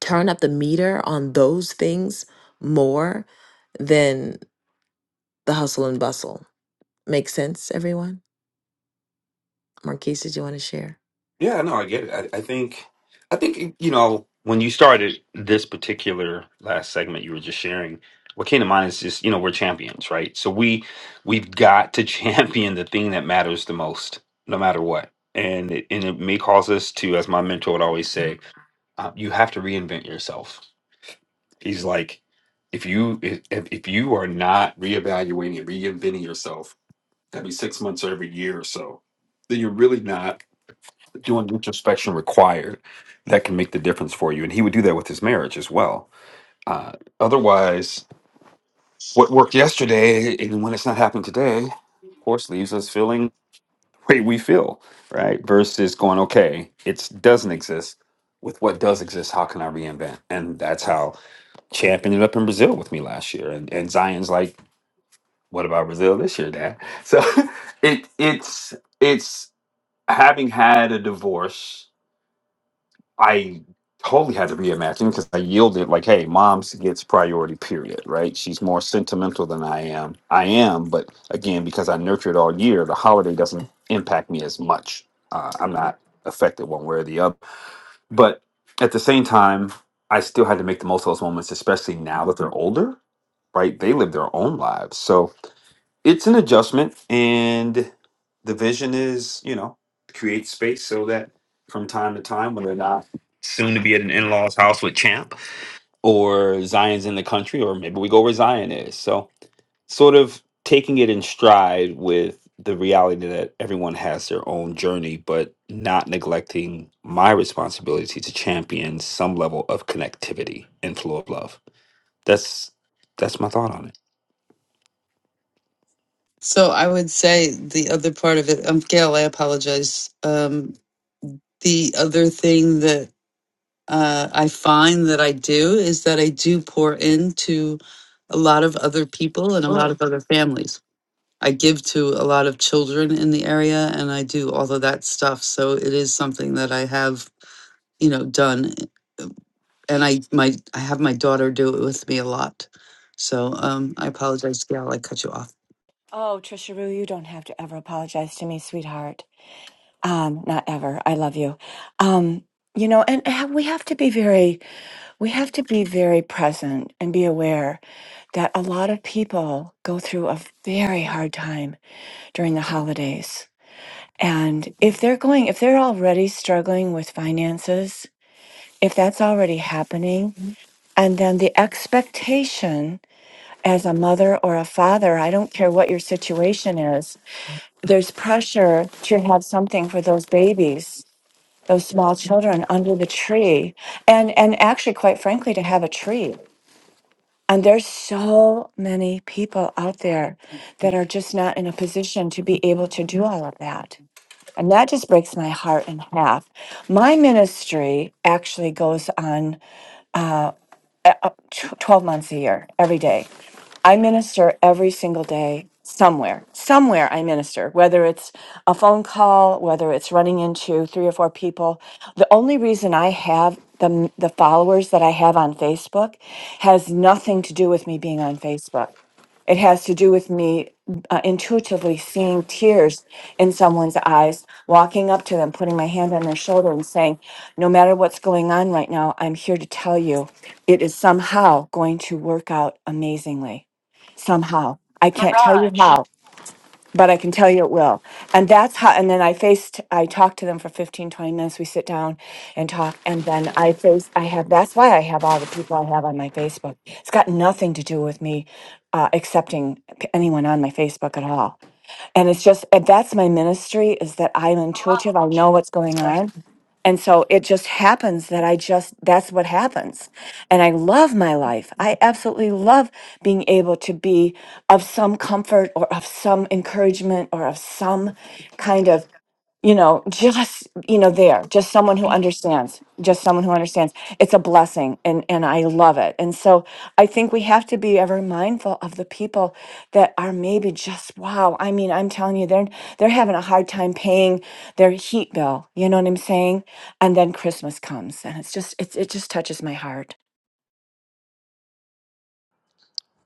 turn up the meter on those things more than the hustle and bustle. Make sense, everyone? Marquise, did you want to share?
Yeah, no, I get it. I, I think, I think, you know, when you started this particular last segment you were just sharing, what came to mind is just, you know, we're champions, right? So we we've got to champion the thing that matters the most, no matter what. And it, and it may cause us to, as my mentor would always say, uh, you have to reinvent yourself. He's like, if you if if you are not reevaluating and reinventing yourself every six months or every year or so, then you're really not doing introspection required that can make the difference for you. And he would do that with his marriage as well. Uh, otherwise, what worked yesterday and when it's not happening today, of course, leaves us feeling the way we feel, right? Versus going, okay, it doesn't exist. With what does exist, how can I reinvent? And that's how Champ ended up in Brazil with me last year. And, and Zion's like, what about Brazil this year, Dad? So it it's it's having had a divorce I totally had to reimagine because I yielded like, hey, mom's gets priority, period, right? She's more sentimental than I am. I am, but again, because I nurtured all year, the holiday doesn't impact me as much. Uh, I'm not affected one way or the other. But at the same time, I still had to make the most of those moments, especially now that they're older, right? They live their own lives. So it's an adjustment and the vision is you know create space so that from time to time when they're not soon to be at an in-laws house with champ or zion's in the country or maybe we go where zion is so sort of taking it in stride with the reality that everyone has their own journey but not neglecting my responsibility to champion some level of connectivity and flow of love that's that's my thought on it
So I would say the other part of it, um, Gail, I apologize. Um, the other thing that uh, I find that I do is that I do pour into a lot of other people and a lot of other families. I give to a lot of children in the area and I do all of that stuff. So it is something that I have, you know, done. uh, And I my I have my daughter do it with me a lot. So um I apologize, Gail, I cut you off.
Oh, Trisha Rue, you don't have to ever apologize to me, sweetheart. Um, not ever. I love you. Um, you know, and ha- we have to be very, we have to be very present and be aware that a lot of people go through a very hard time during the holidays. And if they're going, if they're already struggling with finances, if that's already happening, and then the expectation as a mother or a father, I don't care what your situation is, there's pressure to have something for those babies, those small children under the tree. And and actually quite frankly to have a tree. And there's so many people out there that are just not in a position to be able to do all of that. And that just breaks my heart in half. My ministry actually goes on uh, uh, uh, tw- 12 months a year, every day. I minister every single day somewhere. Somewhere I minister, whether it's a phone call, whether it's running into three or four people. The only reason I have the the followers that I have on Facebook has nothing to do with me being on Facebook. It has to do with me uh, intuitively seeing tears in someone's eyes, walking up to them, putting my hand on their shoulder and saying, "No matter what's going on right now, I'm here to tell you it is somehow going to work out amazingly." somehow. I can't tell you how, but I can tell you it will. And that's how, and then I faced, I talked to them for 15, 20 minutes. We sit down and talk. And then I face, I have, that's why I have all the people I have on my Facebook. It's got nothing to do with me uh, accepting p- anyone on my Facebook at all. And it's just, and that's my ministry is that I'm intuitive. I know what's going on and so it just happens that I just, that's what happens. And I love my life. I absolutely love being able to be of some comfort or of some encouragement or of some kind of you know just you know there just someone who understands just someone who understands it's a blessing and and i love it and so i think we have to be ever mindful of the people that are maybe just wow i mean i'm telling you they're they're having a hard time paying their heat bill you know what i'm saying and then christmas comes and it's just it's, it just touches my heart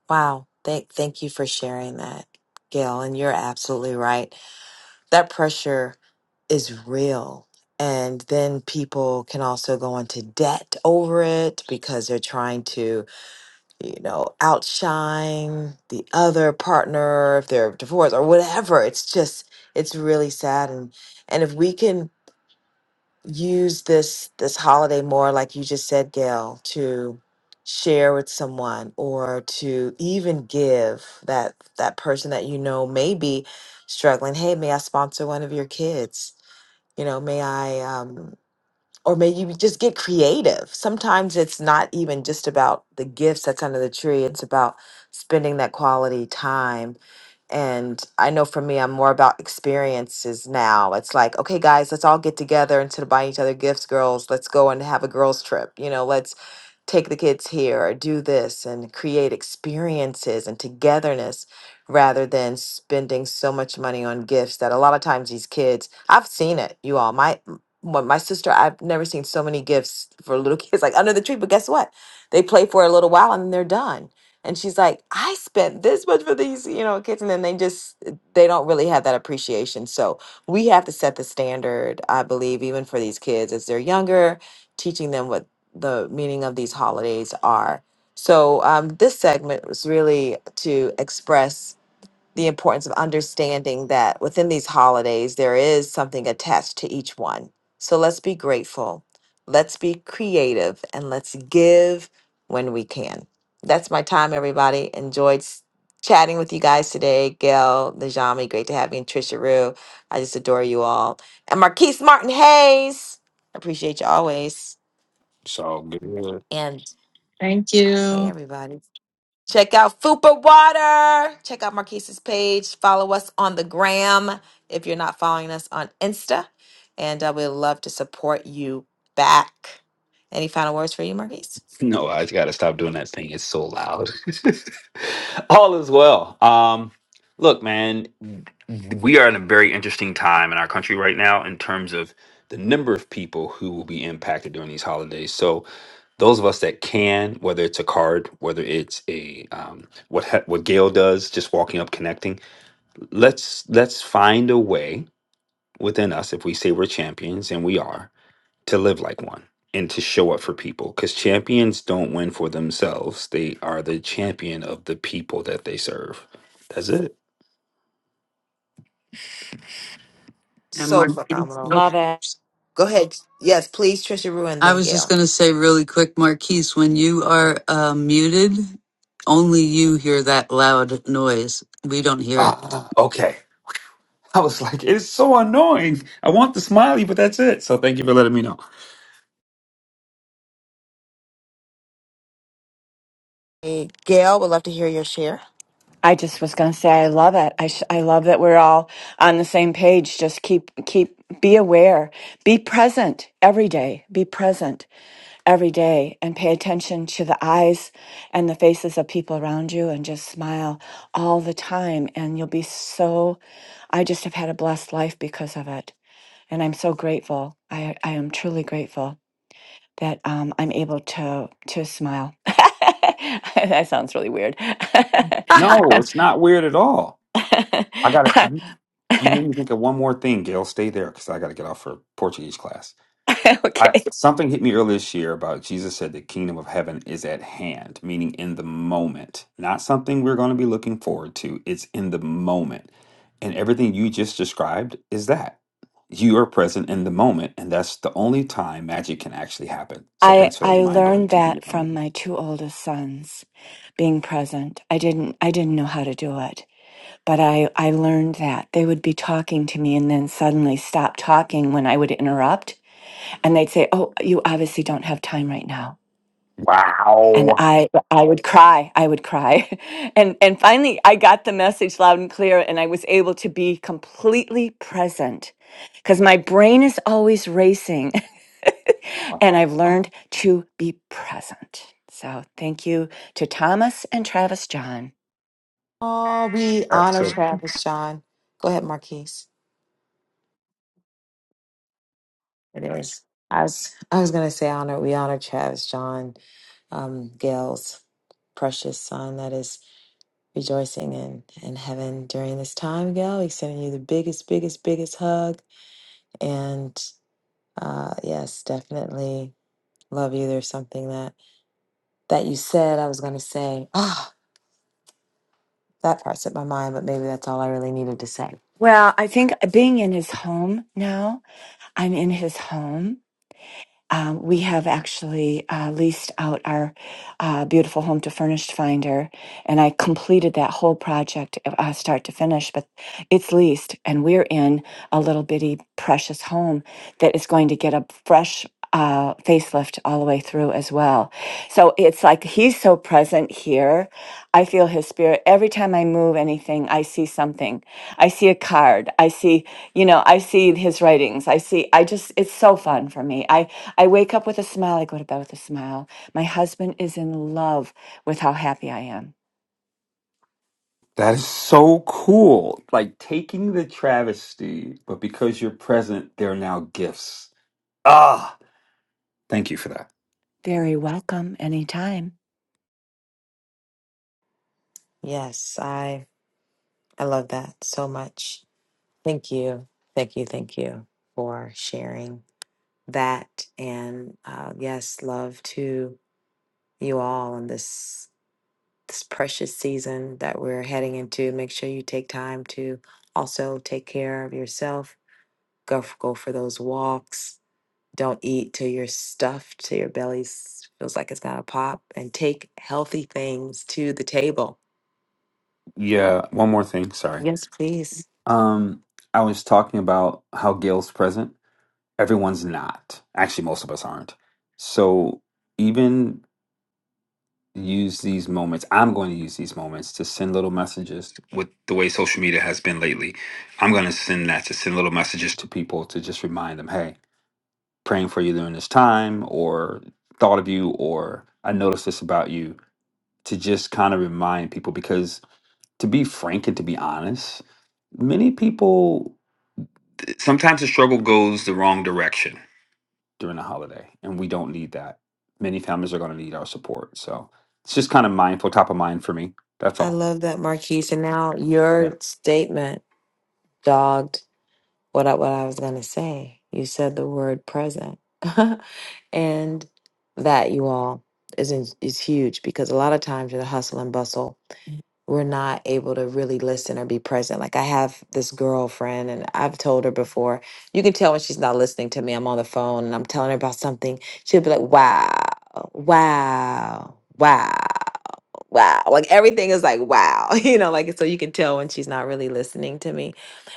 Wow. Thank thank you for sharing that, Gail. And you're absolutely right. that pressure is real. And then people can also go into debt over it because they're trying to, you know, outshine the other partner if they're divorced or whatever. It's just, it's really sad. And and if we can use this this holiday more like you just said gail to share with someone or to even give that that person that you know may be struggling hey may i sponsor one of your kids you know may i um or may you just get creative sometimes it's not even just about the gifts that's under the tree it's about spending that quality time and I know for me, I'm more about experiences now. It's like, okay, guys, let's all get together instead of buying each other gifts, girls. Let's go and have a girls' trip. You know, let's take the kids here or do this and create experiences and togetherness rather than spending so much money on gifts that a lot of times these kids I've seen it you all my m- well, my sister I've never seen so many gifts for little kids like under the tree but guess what they play for a little while and then they're done and she's like I spent this much for these you know kids and then they just eh, they don't really have that appreciation so we have to set the standard I believe even for these kids as they're younger teaching them what the meaning of these holidays are. So, um, this segment was really to express the importance of understanding that within these holidays, there is something attached to each one. So, let's be grateful, let's be creative, and let's give when we can. That's my time, everybody. Enjoyed s- chatting with you guys today. Gail, Najami, great to have you, and Trisha Rue. I just adore you all. And Marquise Martin Hayes, appreciate you always.
it's all good.
and.
Thank
Okay,
you.
everybody. Check out Fupa Water. Check out Marquise's page. Follow us on the gram if you're not following us on Insta. And uh, we'd love to support you back. Any final words for you, Marquise?
No, I just gotta stop doing that thing. It's so loud. all is well. Um, look, man, we are in a very interesting time in our country right now in terms of the number of people who will be impacted during these holidays. So those of us that can, whether it's a card, whether it's a um, what ha- what Gail does, just walking up, connecting, let's let's find a way within us, if we say we're champions, and we are, to live like one and to show up for people. Because champions don't win for themselves, they are the champion of the people that they serve. That's it.
And
So
Marquise.
phenomenal.
Okay.
love it
Go ahead. Yes, please, Trisha Rue and
I
then
was just
Gail.
gonna say really quick, Marquise, when you are uh, muted, only you hear that loud noise. We don't hear it.
Ah, okay. I was like, it's so annoying. I want the smiley, but that's it. So thank you for letting me know.
Hey, Gail, would love to hear your share.
I just was going to say I love it. I sh- I love that we're all on the same page. Just keep keep be aware. Be present every day. Be present every day and pay attention to the eyes and the faces of people around you and just smile all the time and you'll be so I just have had a blessed life because of it. And I'm so grateful. I I am truly grateful that um, I'm able to to smile. that sounds really weird.
No, it's not weird at all. I got to You you made
okay.
me think of one more thing, Gail. Stay there because I got to get off for Portuguese class. I something hit me earlier this year about Jesus said the kingdom of heaven is at hand, meaning in the moment. Not something we're going to be looking forward to. It's in the moment. And everything you just described is that. You are present in the moment, and that's the only time magic can actually happen. So
I
thanks for that
I
reminder
learned
to be
that from
um,
my two oldest sons being present. I didn't I didn't know how to do it, but I I learned that they would be talking to me and then suddenly stop talking when I would interrupt and they'd say, "Oh, you obviously don't have time right now." and
Wow.
I I would cry, I would cry. And and finally I got the message loud and clear and I was able to be completely present cuz my brain is always racing and I've learned to be present. So thank you to Thomas and Travis John.
Oh, we
That's
honor
so
Travis, John. Go ahead, Marquise. Anyways, I was I was gonna say honor we honor Travis John, um, Gail's precious son that is rejoicing in in heaven during this time. Gail, we sending you the biggest, biggest, biggest hug, and uh, yes, definitely love you. There's something that that you said I was gonna say. Ah, that part slipped my mind, but maybe that's all I really needed to say.
Well, I think being in his home now, I'm in his home Um, we have actually uh, leased out our uh, beautiful home to Furnished Finder, and I completed that whole project uh, start to finish. But it's leased, and we're in a little bitty precious home that is going to get a fresh uh, facelift all the way through as well. So it's like he's so present here. I feel his spirit every time I move anything. I see something. I see a card. I see you know i see his writings i see i just it's so fun for me I wake up with a smile. I go to bed with a smile. My husband is in love with how happy I am.
that is so cool. Like taking the travesty, but because you're present, there are now gifts. Ah, thank you for that.
Very welcome anytime.
Yes, I I love that so much. Thank you, thank you, thank you for sharing. that and uh, yes love to you all in this this precious season that we're heading into make sure you take time to also take care of yourself go f- go for those walks don't eat till you're stuffed till your belly s- feels like it's gonna pop and take healthy things to the table
Yeah, one more thing, sorry.
yes please
Um, I was talking about how Gail's present. Everyone's not. Actually, most of us aren't. So even use these moments. I'm going to use these moments to send little messages with the way social media has been lately. I'm going to send that to send little messages to people to just remind them, hey, praying for you during this time, or thought of you, or I noticed this about you, to just kind of remind people because to be frank and to be honest, many people sometimes the struggle goes the wrong direction during the holiday, and we don't need that. Many families are going to need our support. So it's just kind of mindful, top of mind for me. That's
i
all.
love that marquise and now your statement dogged what I, what I was going to say. You said the word present. and that you all is in, is huge because a lot of times with the hustle and bustle, we're not able to really listen or be present. Like I have this girlfriend and I've told her before, you can tell when she's not listening to me. I'm on the phone and I'm telling her about something. She'll be like, "Wow. Wow. Wow." wow. Like everything is like, wow. You know, like so you can tell when she's not really listening to me.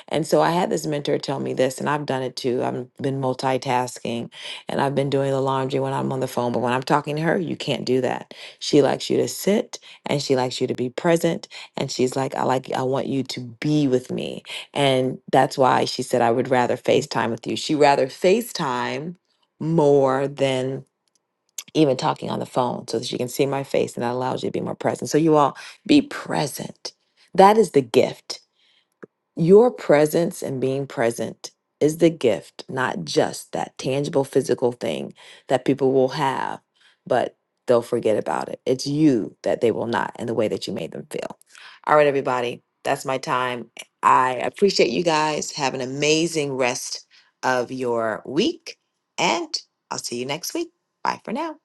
And so I had this mentor tell me this, and I've done it too. I've been multitasking and I've been doing the laundry when I'm on the phone. But when I'm talking to her, you can't do that. She likes you to sit and she likes you to be present. And she's like, I like, I want you to be with me. And that's why she said, I would rather FaceTime with you. She rather FaceTime more than even talking on the phone so that you can see my face and that allows you to be more present. So, you all be present. That is the gift. Your presence and being present is the gift, not just that tangible physical thing that people will have, but they'll forget about it. It's you that they will not and the way that you made them feel. All right, everybody, that's my time. I appreciate you guys. Have an amazing rest of your week, and I'll see you next week. Bye for now.